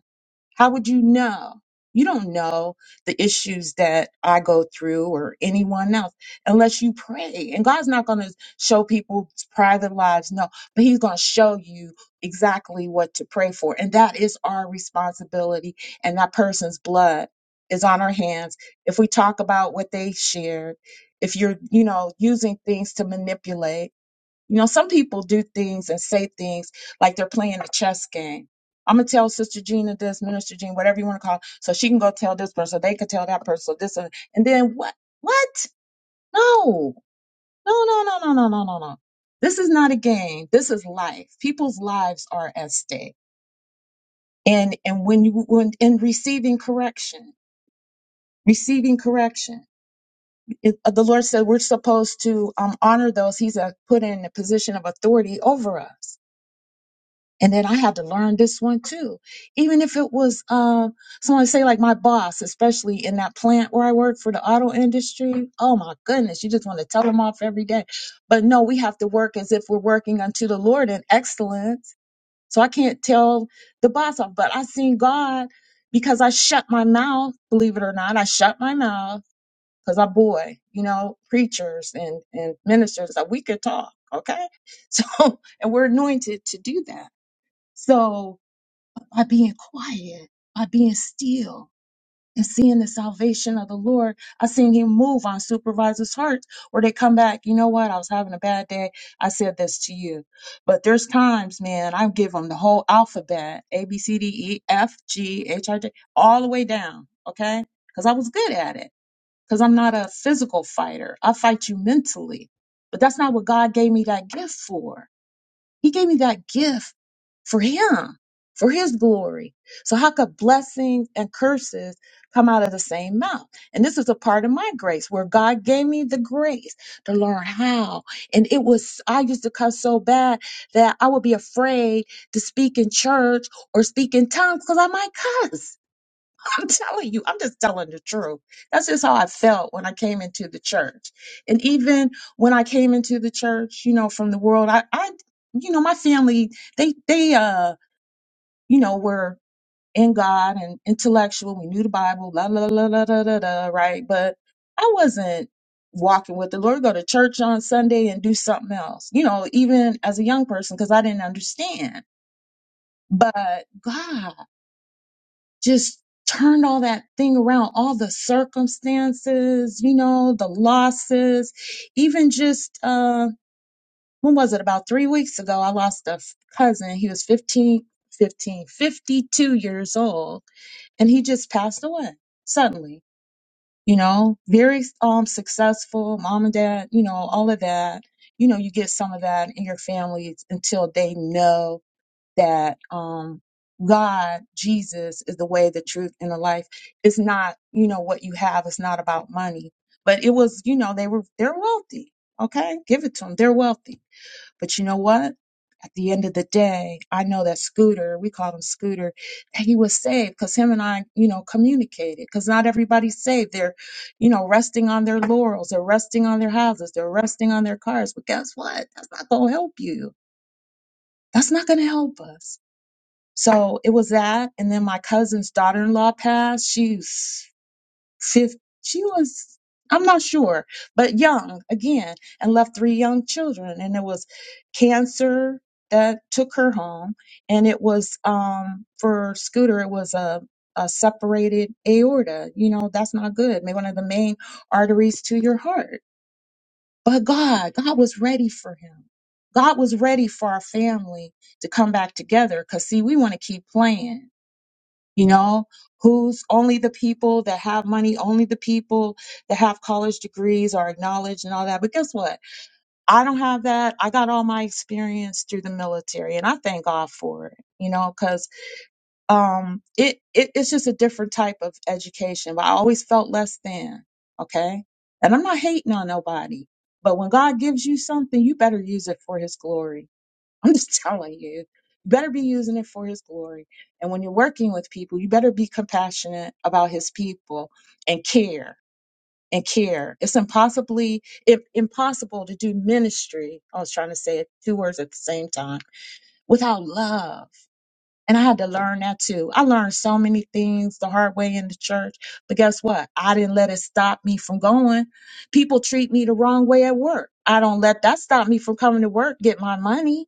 Speaker 8: How would you know? You don't know the issues that I go through or anyone else unless you pray. And God's not going to show people's private lives, no, but He's going to show you exactly what to pray for. And that is our responsibility. And that person's blood is on our hands if we talk about what they shared, if you're, you know, using things to manipulate, you know, some people do things and say things like they're playing a chess game. I'm gonna tell Sister Gina this, Minister Gina, whatever you want to call, it, so she can go tell this person, so they can tell that person, so this and and then what? What? No, no, no, no, no, no, no, no, no. This is not a game. This is life. People's lives are at stake, and and when you when in receiving correction, receiving correction. It, uh, the Lord said we're supposed to um, honor those He's uh, put in a position of authority over us. And then I had to learn this one too. Even if it was um, someone say like my boss, especially in that plant where I work for the auto industry. Oh my goodness, you just want to tell them off every day. But no, we have to work as if we're working unto the Lord in excellence. So I can't tell the boss off, but I seen God because I shut my mouth. Believe it or not, I shut my mouth because our boy, you know, preachers and, and ministers, that we could talk, okay? So, and we're anointed to do that. So, by being quiet, by being still, and seeing the salvation of the Lord, I seen Him move on supervisors' hearts, where they come back. You know what? I was having a bad day. I said this to you, but there's times, man, I give them the whole alphabet: A, B, C, D, E, F, G, H, I, J, all the way down, okay? Because I was good at it because I'm not a physical fighter. I fight you mentally. But that's not what God gave me that gift for. He gave me that gift for Him, for His glory. So, how could blessings and curses come out of the same mouth? And this is a part of my grace where God gave me the grace to learn how. And it was, I used to cuss so bad that I would be afraid to speak in church or speak in tongues because I might cuss I'm telling you, I'm just telling the truth. That's just how I felt when I came into the church. And even when I came into the church, you know, from the world, I, I you know, my family, they, they, uh, you know, were in God and intellectual. We knew the Bible, la, la, la, la, la, la, la, right? But I wasn't walking with the Lord, go to church on Sunday and do something else, you know, even as a young person, because I didn't understand. But God, just turned all that thing around, all the circumstances, you know, the losses, even just, uh, when was it? About three weeks ago, I lost a f- cousin. He was 15, 15, 52 years old, and he just passed away suddenly, you know, very, um, successful mom and dad, you know, all of that. You know, you get some of that in your family until they know that um God, Jesus is the way, the truth, and the life. It's not, you know, what you have. It's not about money. But it was, you know, they were they're wealthy. Okay. Give it to them. They're wealthy. But you know what? At the end of the day, I know that Scooter, we call him Scooter, that he was saved because him and I, you know, communicated. Because not everybody's saved. They're, you know, resting on their laurels. They're resting on their houses. They're resting on their cars. But guess what? That's not gonna help you. That's not gonna help us so it was that, and then my cousin's daughter-in-law passed. She's fifth. She was, I'm not sure, but young again, and left three young children. And it was cancer that took her home, and it was um for Scooter. It was a a separated aorta. You know that's not good. Maybe one of the main arteries to your heart. But God, God was ready for him. God was ready for our family to come back together. Cause see, we want to keep playing you know who's only the people that have money only the people that have college degrees are acknowledged and all that but guess what i don't have that i got all my experience through the military and i thank god for it you know because um it, it it's just a different type of education but i always felt less than okay and i'm not hating on nobody but when god gives you something you better use it for his glory I'm just telling you, you better be using it for his glory. And when you're working with people, you better be compassionate about his people and care and care. It's impossibly im- impossible to do ministry. I was trying to say it two words at the same time without love. And I had to learn that too. I learned so many things the hard way in the church, but guess what? I didn't let it stop me from going. People treat me the wrong way at work. I don't let that stop me from coming to work, get my money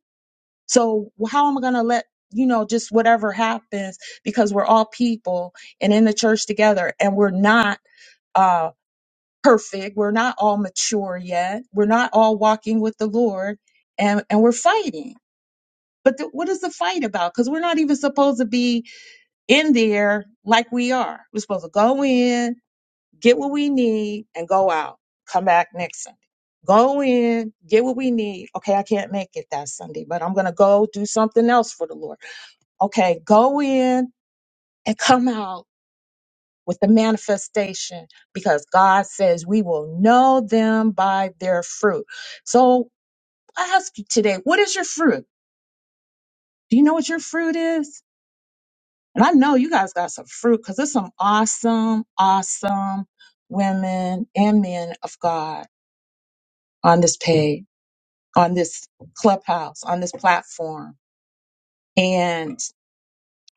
Speaker 8: so how am I going to let you know just whatever happens because we're all people and in the church together and we're not uh perfect. We're not all mature yet. We're not all walking with the Lord and and we're fighting. But th- what is the fight about? Cuz we're not even supposed to be in there like we are. We're supposed to go in, get what we need and go out. Come back next Sunday. Go in, get what we need. Okay, I can't make it that Sunday, but I'm going to go do something else for the Lord. Okay, go in and come out with the manifestation because God says we will know them by their fruit. So I ask you today, what is your fruit? Do you know what your fruit is? And I know you guys got some fruit because there's some awesome, awesome women and men of God on this page, on this clubhouse, on this platform.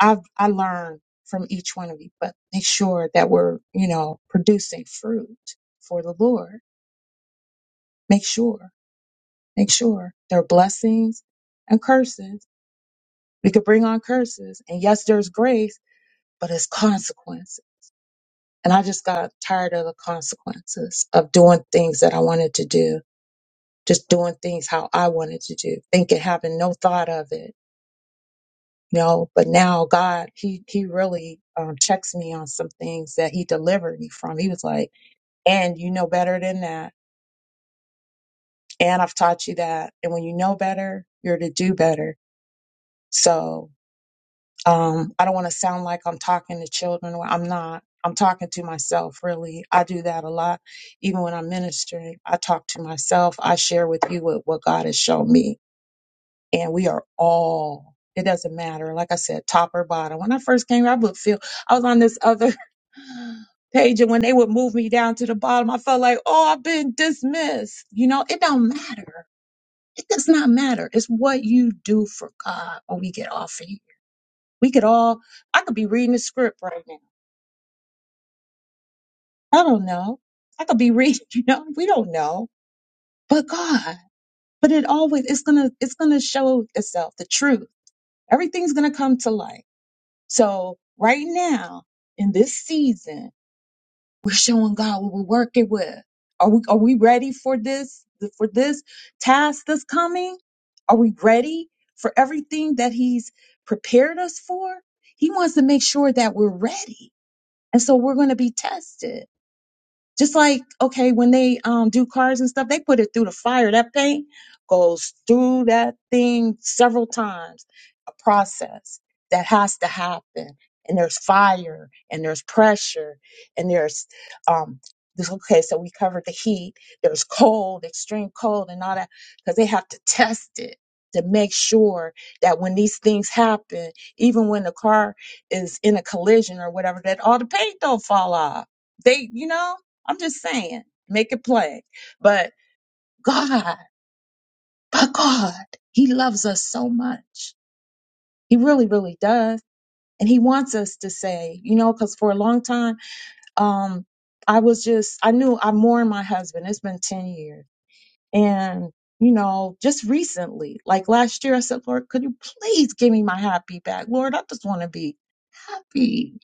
Speaker 8: I've I learn from each one of you, but make sure that we're, you know, producing fruit for the Lord. Make sure, make sure there are blessings and curses. We could bring on curses, and yes, there's grace, but it's consequence. And I just got tired of the consequences of doing things that I wanted to do, just doing things how I wanted to do, thinking, having no thought of it. you know. but now God, He He really um, checks me on some things that He delivered me from. He was like and you know better than that. And I've taught you that. And when you know better, you're to do better. So um, I don't want to sound like I'm talking to children. Well, I'm not. I'm talking to myself, really. I do that a lot. Even when I'm ministering, I talk to myself. I share with you what, what God has shown me and we are all it doesn't matter like i said top or bottom when i first came here, i would feel i was on this other page and when they would move me down to the bottom i felt like oh i've been dismissed you know it don't matter it does not matter it's what you do for god when we get off of here we could all i could be reading a script right now i don't know i could be reading you know we don't know but god but it always it's gonna it's gonna show itself the truth everything's gonna come to light So right now in this season, we're showing God what we're working with. Are we are we ready for this for this task that's coming? Are we ready for everything that He's prepared us for? He wants to make sure that we're ready. And so we're going to be tested. Just like, okay, when they um, do cars and stuff, they put it through the fire. That paint goes through that thing several times, a process that has to happen. And there's fire and there's pressure and there's, um, this, okay, so we covered the heat, there's cold, extreme cold, and all that, because they have to test it to make sure that when these things happen, even when the car is in a collision or whatever, that all the paint don't fall off. They, you know, I'm just saying, make it plain. But God, but God, He loves us so much. He really, really does. And He wants us to say, you know, because for a long time, um, I was just, I knew I mourned my husband. It's been 10 years. And, you know, just recently, like last year, I said, Lord, could you please give me my happy back? Lord, I just want to be happy.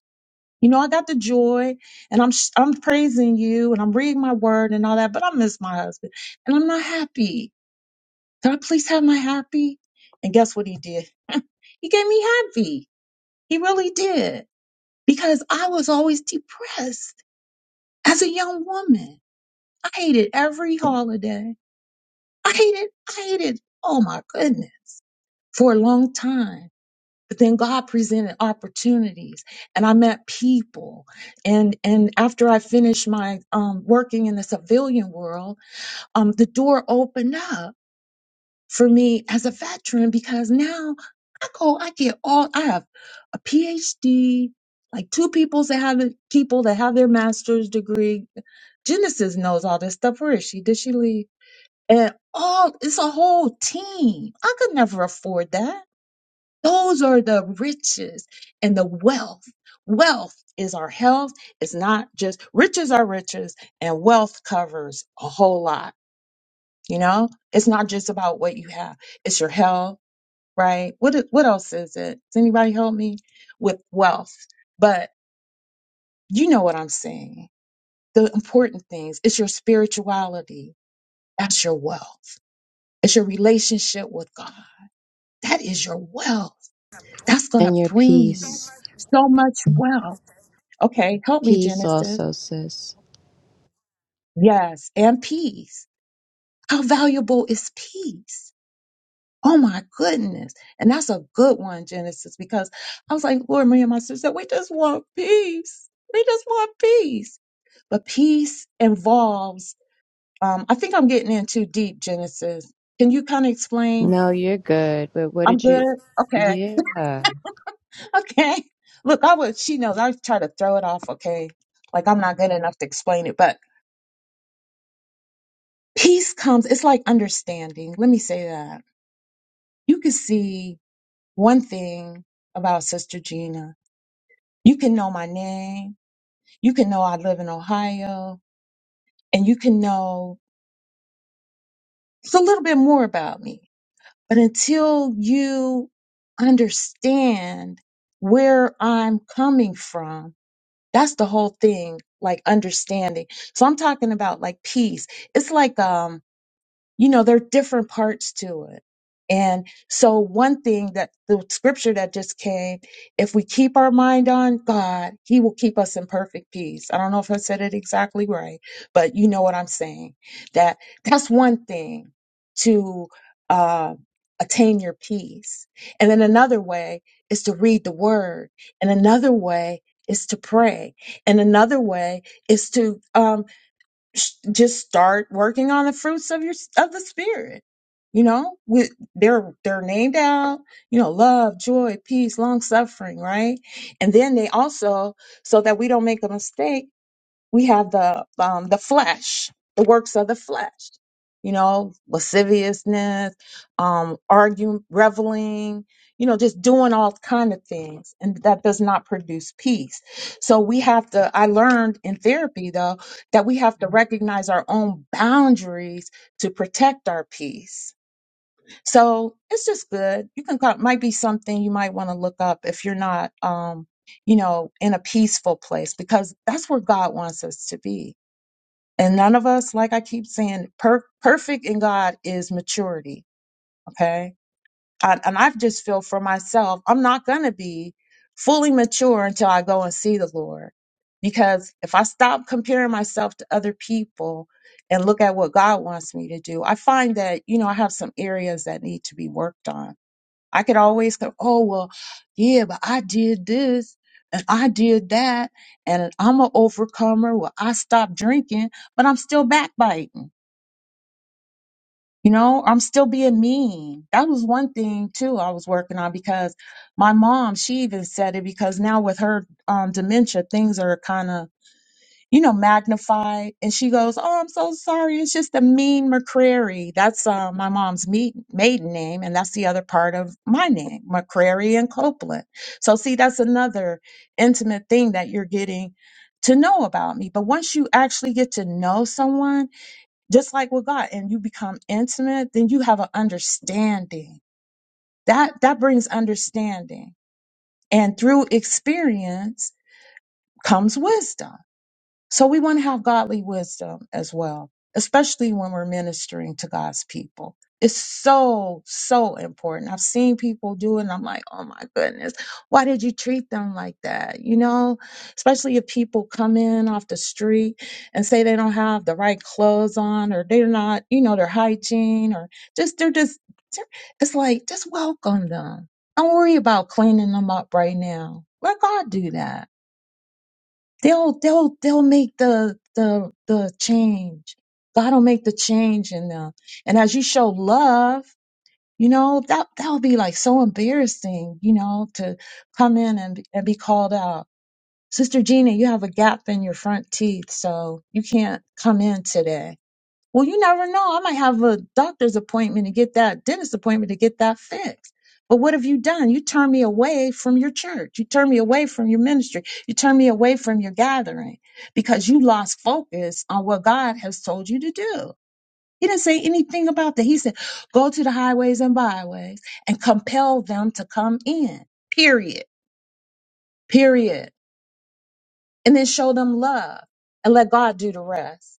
Speaker 8: You know, I got the joy and I'm sh- I'm praising you and I'm reading my word and all that, but I miss my husband and I'm not happy. Can I please have my happy? And guess what he did? he gave me happy. He really did. Because I was always depressed as a young woman. I hated every holiday. I hated, I hated, oh my goodness, for a long time. but then God presented opportunities and I met people and and after I finished my um working in the civilian world um the door opened up for me as a veteran because now I go I get all I have a PhD like two people that have people that have their master's degree Genesis knows all this stuff where is she did she leave and all it's a whole team I could never afford that those are the riches and the wealth. Wealth is our health. It's not just riches are riches and wealth covers a whole lot. You know, it's not just about what you have. It's your health, right? What, e- what else is it? Does anybody help me with wealth? But you know what I'm saying. The important things, it's your spirituality. That's your wealth. It's your relationship with God. That is your wealth. That's going to
Speaker 7: And your
Speaker 8: bring you
Speaker 7: peace.
Speaker 8: so much wealth Okay, help me,
Speaker 7: Peace
Speaker 8: Genesis.
Speaker 7: also, sis.
Speaker 8: Yes, and peace. How valuable is peace? Oh my goodness. And that's a good one, Genesis, because I was like, Lord, me and my sister, said we just want peace. We just want peace. But peace involves, um, I think I'm getting in too deep, Genesis. Can you kind of explain?
Speaker 7: No, you're good. But what
Speaker 8: I'm
Speaker 7: did you?
Speaker 8: good. Okay.
Speaker 7: Yeah.
Speaker 8: Okay. Look, I would, she knows I try to throw it off. Okay. Like I'm not good enough to explain it, but peace comes, it's like understanding. Let me say that you can see one thing about Sister Gina. You can know my name. You can know I live in Ohio and you can know just a little bit more about me. But until you understand where I'm coming from, that's the whole thing, like understanding. So I'm talking about like peace. It's like, um, you know, there are different parts to it. And so one thing that the scripture that just came, if we keep our mind on God, he will keep us in perfect peace. I don't know if I said it exactly right, but you know what I'm saying. That that's one thing to uh, attain your peace. And then another way is to read the word. And another way is to pray. And another way is to um, sh- just start working on the fruits of your of the spirit you know with they're they're named out you know love joy peace long suffering right and then they also so that we don't make a mistake we have the um the flesh the works of the flesh you know lasciviousness um arguing reveling you know just doing all kind of things and that does not produce peace so we have to i learned in therapy though that we have to recognize our own boundaries to protect our peace so it's just good. You can call. might be something you might want to look up if you're not, um, you know, in a peaceful place because that's where God wants us to be. And none of us, like I keep saying, per- perfect in God is maturity. Okay, I, and I just feel for myself, I'm not gonna be fully mature until I go and see the Lord. Because if I stop comparing myself to other people and look at what God wants me to do, I find that, you know, I have some areas that need to be worked on I could always go, oh, well, yeah, but I did this and I did that and I'm an overcomer. Well, I stopped drinking, but I'm still backbiting. You know, I'm still being mean. That was one thing too I was working on because my mom, she even said it because now with her um, dementia, things are kind of you know, magnified. And she goes, Oh, I'm so sorry. It's just a mean McCrary. That's uh, my mom's meet, maiden name. And that's the other part of my name, McCrary and Copeland. So, see, that's another intimate thing that you're getting to know about me. But once you actually get to know someone, just like with God, and you become intimate, then you have an understanding. That, that brings understanding. And through experience comes wisdom. So we want to have godly wisdom as well, especially when we're ministering to God's people. It's so, so important. I've seen people do it and I'm like, oh my goodness, why did you treat them like that? You know, especially if people come in off the street and say they don't have the right clothes on or they're not, you know, their hygiene or just, they're just, it's like, just welcome them. Don't worry about cleaning them up right now. Let God do that they'll they'll they'll make the the the change. God will make the change in them. And as you show love, you know, that that'll be like so embarrassing, you know, to come in and and be called out. Sister Gina, you have a gap in your front teeth, so you can't come in today well, you never know. I might have a doctor's appointment to get that dentist appointment to get that fixed. But what have you done? You turned me away from your church. You turned me away from your ministry. You turned me away from your gathering because you lost focus on what God has told you to do. He didn't say anything about that. He said, go to the highways and byways and compel them to come in, period, period. And then show them love and let God do the rest.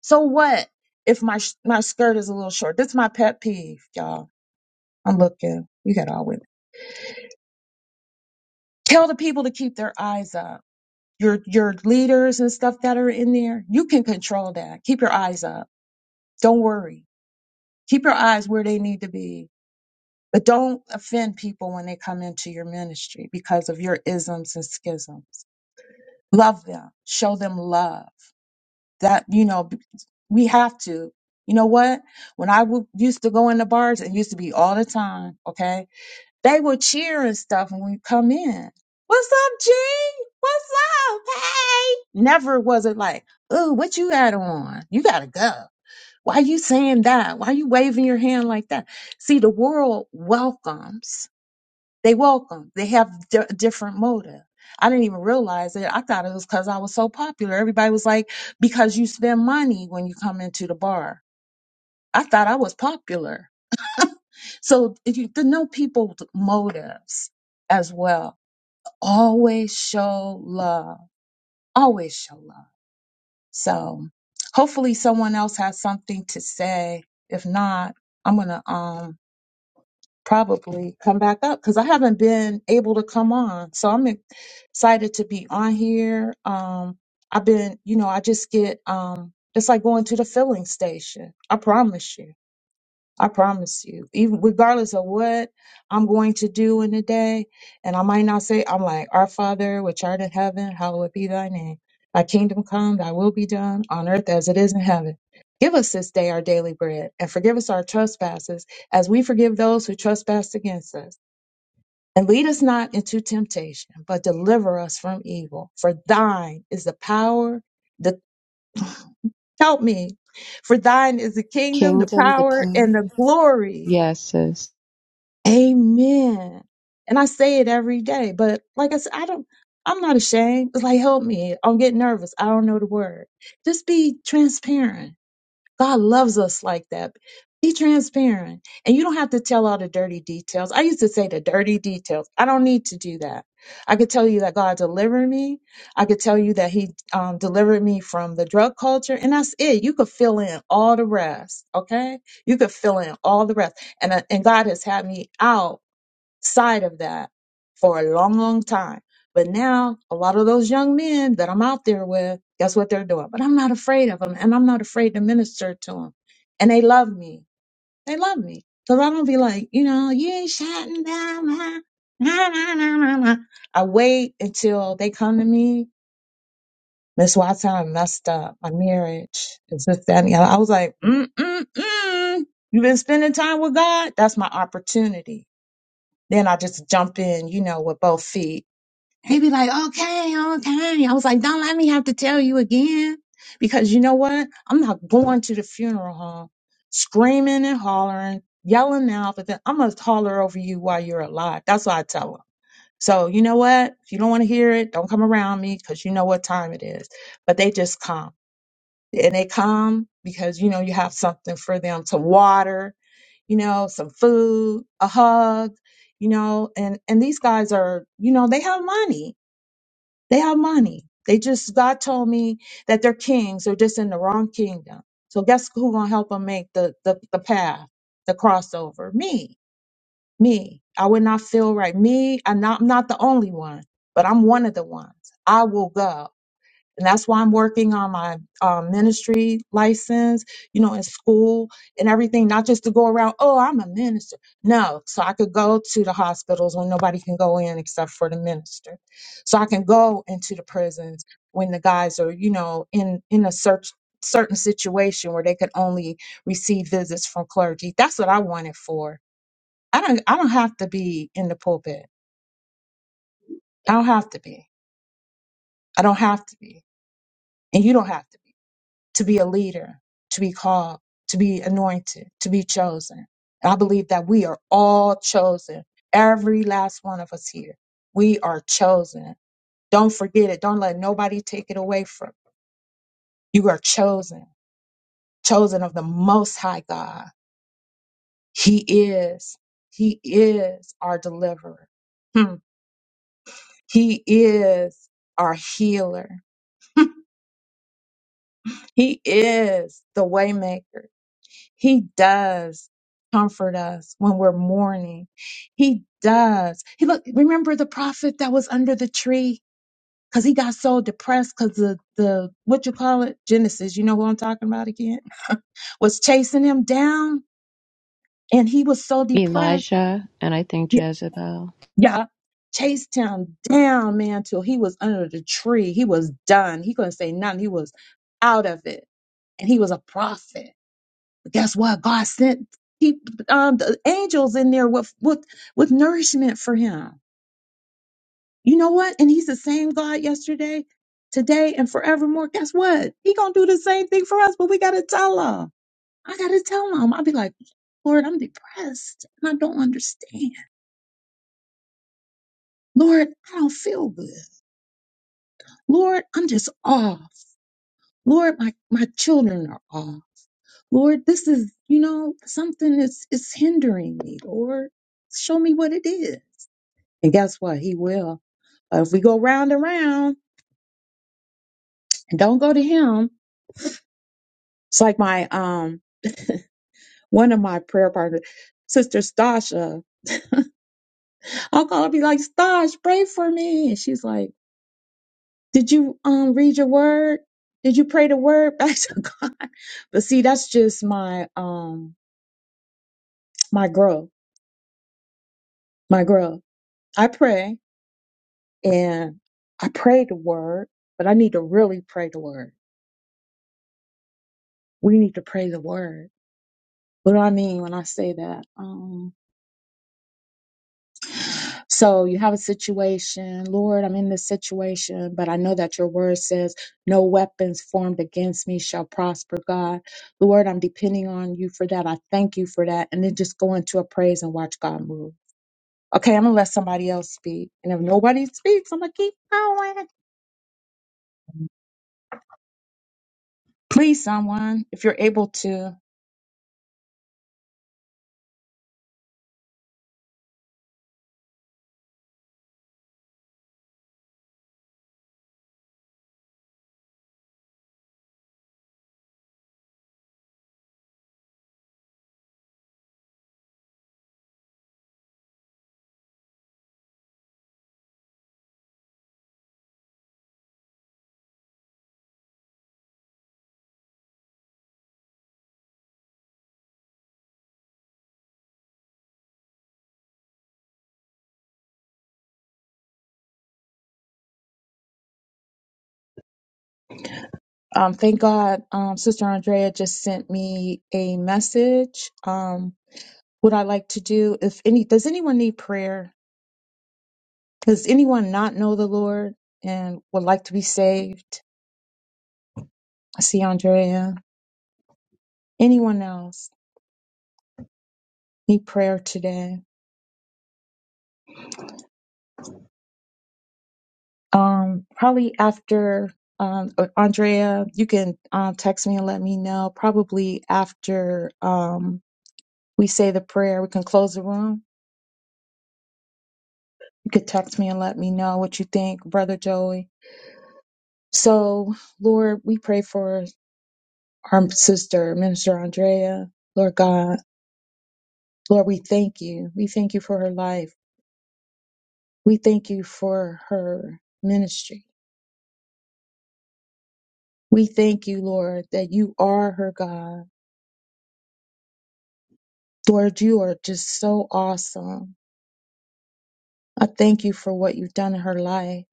Speaker 8: So what if my sh- my skirt is a little short? This is my pet peeve, y'all. I'm looking. You got all women. Tell the people to keep their eyes up. Your your leaders and stuff that are in there, you can control that. Keep your eyes up. Don't worry. Keep your eyes where they need to be. But don't offend people when they come into your ministry because of your isms and schisms. Love them. Show them love. that you know b- we have to you know what when i w- used to go in the bars and used to be all the time okay they would cheer and stuff when we come in what's up g what's up hey never was it like oh what you got on you gotta go why you saying that why you waving your hand like that see the world welcomes they welcome. They have di- different motive. I didn't even realize it. I thought it was because I was so popular. Everybody was like, because you spend money when you come into the bar. I thought I was popular. So if you to know people's motives as well, always show love. Always show love. So hopefully someone else has something to say. If not, I'm gonna um probably come back up because I haven't been able to come on. So I'm excited to be on here. Um, I've been, you know, I just get, um, it's like going to the filling station. I promise you. I promise you, even regardless of what I'm going to do in the day, and I might not say, I'm like, Our Father, which art in heaven, hallowed be thy name. Thy kingdom come, thy will be done on earth as it is in heaven. Give us this day our daily bread, and forgive us our trespasses, as we forgive those who trespass against us. And lead us not into temptation, but deliver us from evil. For thine is the power, the help me. For thine is the kingdom, the
Speaker 7: Kingdom, the
Speaker 8: power,
Speaker 7: power.
Speaker 8: and the glory
Speaker 7: Yes, sis.
Speaker 8: Amen. And I say it every day, but like I said, I don't, I'm not ashamed. It's like, help me. I'll get nervous. I don't know the word. Just be transparent. God loves us like that. Be transparent. And you don't have to tell all the dirty details. I used to say the dirty details. I don't need to do that. I could tell you that God delivered me. I could tell you that He um, delivered me from the drug culture. And that's it. You could fill in all the rest. Okay. You could fill in all the rest. And, uh, and God has had me out side of that for a long, long time. But now, a lot of those young men that I'm out there with, guess what they're doing? But I'm not afraid of them, and I'm not afraid to minister to them. And they love me. They love me. Because I don't be like, you know, you ain't shouting down. my- Nah, nah, nah, nah, nah. I wait until they come to me. Miss Watson, I messed up. My marriage is this, that, and the other. I was like, mm, mm, mm. You've been spending time with God? That's my opportunity then I just jump in, you know, with both feet. He'd be like, okay, okay. I was like, don't let me have to tell you again. Because you know what? I'm not going to the funeral home screaming and hollering, yelling out, but then I'm going to holler over you while you're alive. That's what I tell them. So, you know what? If you don't want to hear it, don't come around me because you know what time it is. But they just come. And they come because, you know, you have something for them to water you know, some food, a hug, you know, and, and these guys are, you know, they have money. They have money. They just, God told me that they're kings. They're just in the wrong kingdom. So guess who gonna help them make the, the, the path, the crossover? Me, me. I would not feel right. Me, I'm not, I'm not the only one, but I'm one of the ones. I will go and that's why I'm working on my um, ministry license, you know, in school and everything, not just to go around, oh, I'm a minister. No, so I could go to the hospitals when nobody can go in except for the minister. So I can go into the prisons when the guys are, you know, in in a search certain situation where they could only receive visits from clergy. That's what I want it for. I don't I don't have to be in the pulpit. I don't have to be. I don't have to be. And you don't have to be to be a leader, to be called, to be anointed, to be chosen. I believe that we are all chosen. Every last one of us here. We are chosen. Don't forget it. Don't let nobody take it away from you. You are chosen, chosen of the Most High God. He is, He is our deliverer. Hmm. He is our healer. He is the waymaker. He does comfort us when we're mourning. He does. He look, remember the prophet that was under the tree? Cause he got so depressed because the, the, what you call it? Genesis. You know who I'm talking about again? Was chasing him down and he was so depressed.
Speaker 7: Elijah, and I think
Speaker 8: Y-
Speaker 7: Jezebel.
Speaker 8: Yeah. Chased him down, man, till he was under the tree. He was done. He couldn't say nothing. He was out of it. And he was a prophet. But that's why God sent he, um, the angels in there with, with, with nourishment for him. You know what? And he's the same God yesterday, today, and forevermore. Guess what? He gonna do the same thing for us, but we gotta tell him. I gotta tell him. I'll be like, Lord, I'm depressed and I don't understand. Lord, I don't feel good. Lord, I'm just off. Lord, my, my children are off. Lord, this is, you know, something is is hindering me. Lord, show me what it is. And guess what? He will. But if we go round and round and don't go to him, it's like my um one of my prayer partners, sister Stasha. I'll call her be like, Stash, pray for me. And she's like, Did you um read your word? Did you pray the word back to God? But see, that's just my um my growth. My growth. I pray and I pray the word, but I need to really pray the word. We need to pray the word. What do I mean when I say that? Um So you have a situation, Lord, I'm in this situation, but I know that your word says, No weapons formed against me shall prosper, God. Lord, I'm depending on you for that. I thank you for that. And then just go into a praise and watch God move. Okay, I'm gonna let somebody else speak. And if nobody speaks, I'm gonna keep going. Please, someone, if you're able to. Um, thank God, um, Sister Andrea just sent me a message. Um, what I like to do, if any, does anyone need prayer? Does anyone not know the Lord and would like to be saved? I see Andrea. Anyone else need prayer today? Um, probably after um, uh, Andrea, you can um, text me and let me know. Probably after um, we say the prayer, we can close the room. You could text me and let me know what you think, Brother Joey. So, Lord, we pray for our sister, Minister Andrea. Lord God, Lord, we thank you. We thank you for her life. We thank you for her ministry. We thank you, Lord, that you are her God. Lord, you are just so awesome. I thank you for what you've done in her life.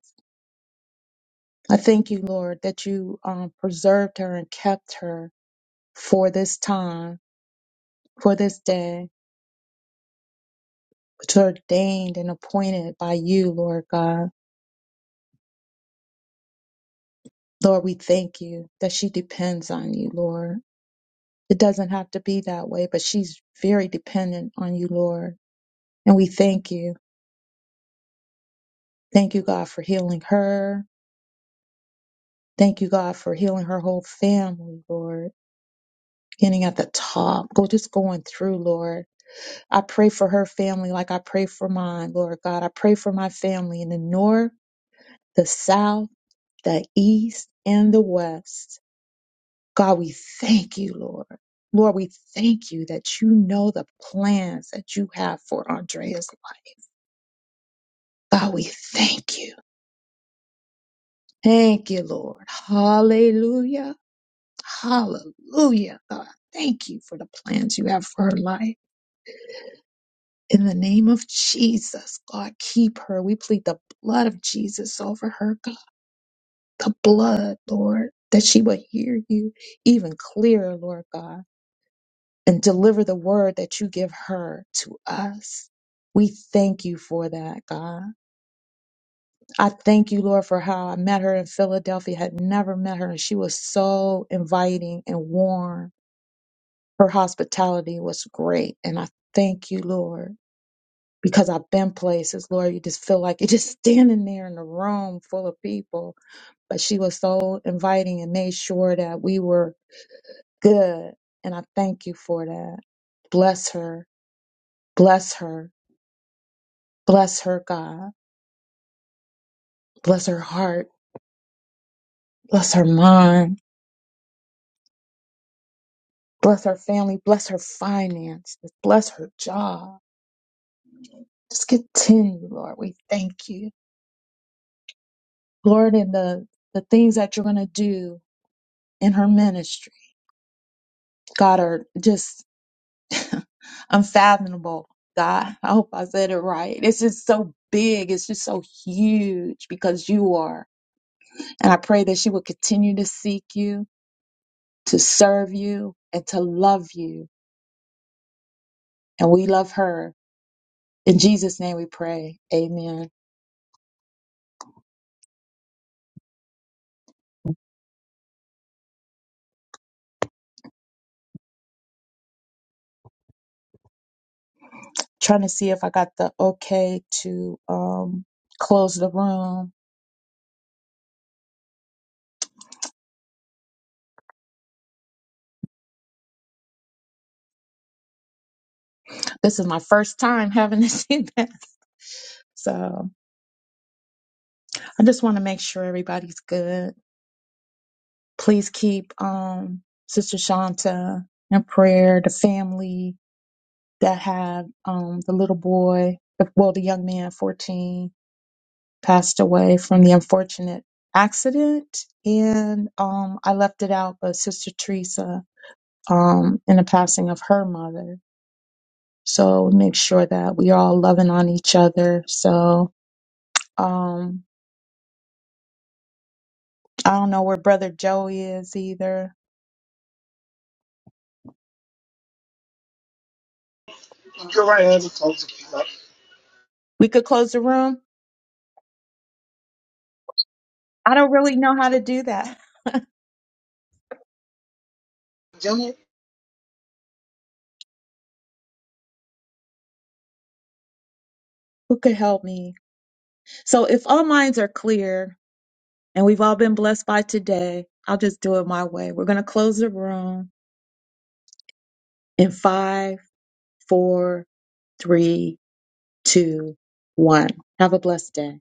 Speaker 8: I thank you, Lord, that you um, preserved her and kept her for this time, for this day, which are ordained and appointed by you, Lord God. Lord, we thank you that she depends on you, Lord. It doesn't have to be that way, but she's very dependent on you, Lord. And we thank you. Thank you, God, for healing her. Thank you, God, for healing her whole family, Lord. Beginning at the top, go just going through, Lord. I pray for her family like I pray for mine, Lord God. I pray for my family in the north, the south, the east, and the west. God, we thank you, Lord. Lord, we thank you that you know the plans that you have for Andrea's life. God, we thank you. Thank you, Lord. Hallelujah. Hallelujah, God. Thank you for the plans you have for her life. In the name of Jesus, God, keep her. We plead the blood of Jesus over her, God. The blood, Lord, that she will hear you even clearer, Lord God, and deliver the word that you give her to us. We thank you for that, God. I thank you, Lord, for how I met her in Philadelphia, had never met her, and she was so inviting and warm Her hospitality was great. And I thank you, Lord, because I've been places, Lord, you just feel like you're just standing there in a room full of people. But she was so inviting and made sure that we were good. And I thank you for that. Bless her. Bless her. Bless her, God. Bless her heart. Bless her mind. Bless her family. Bless her finances. Bless her job. Just continue, Lord. We thank you. Lord, in the, the things that you're going to do in her ministry. God are just unfathomable. God, I hope I said it right. It's just so big. It's just so huge because you are. And I pray that she will continue to seek you, to serve you, and to love you. And we love her. In Jesus' name we pray. Amen. Trying to see if I got the okay to um close the room. This is my first time having this event. So I just want to make sure everybody's good. Please keep um, Sister Shanta in prayer, the family that had um, the little boy, well, the young man, 14, passed away from the unfortunate accident. And um, I left it out, but Sister Teresa, um, in the passing of her mother. So make sure that we are all loving on each other. So um, I don't know where Brother Joey is either.
Speaker 11: Go right ahead and close it up.
Speaker 8: We could close the room. I don't really know how to do that.
Speaker 11: Junior?
Speaker 8: Who could help me? So if all minds are clear and we've all been blessed by today, I'll just do it my way. We're going to close the room in five, four, three, two, one. Have a blessed day.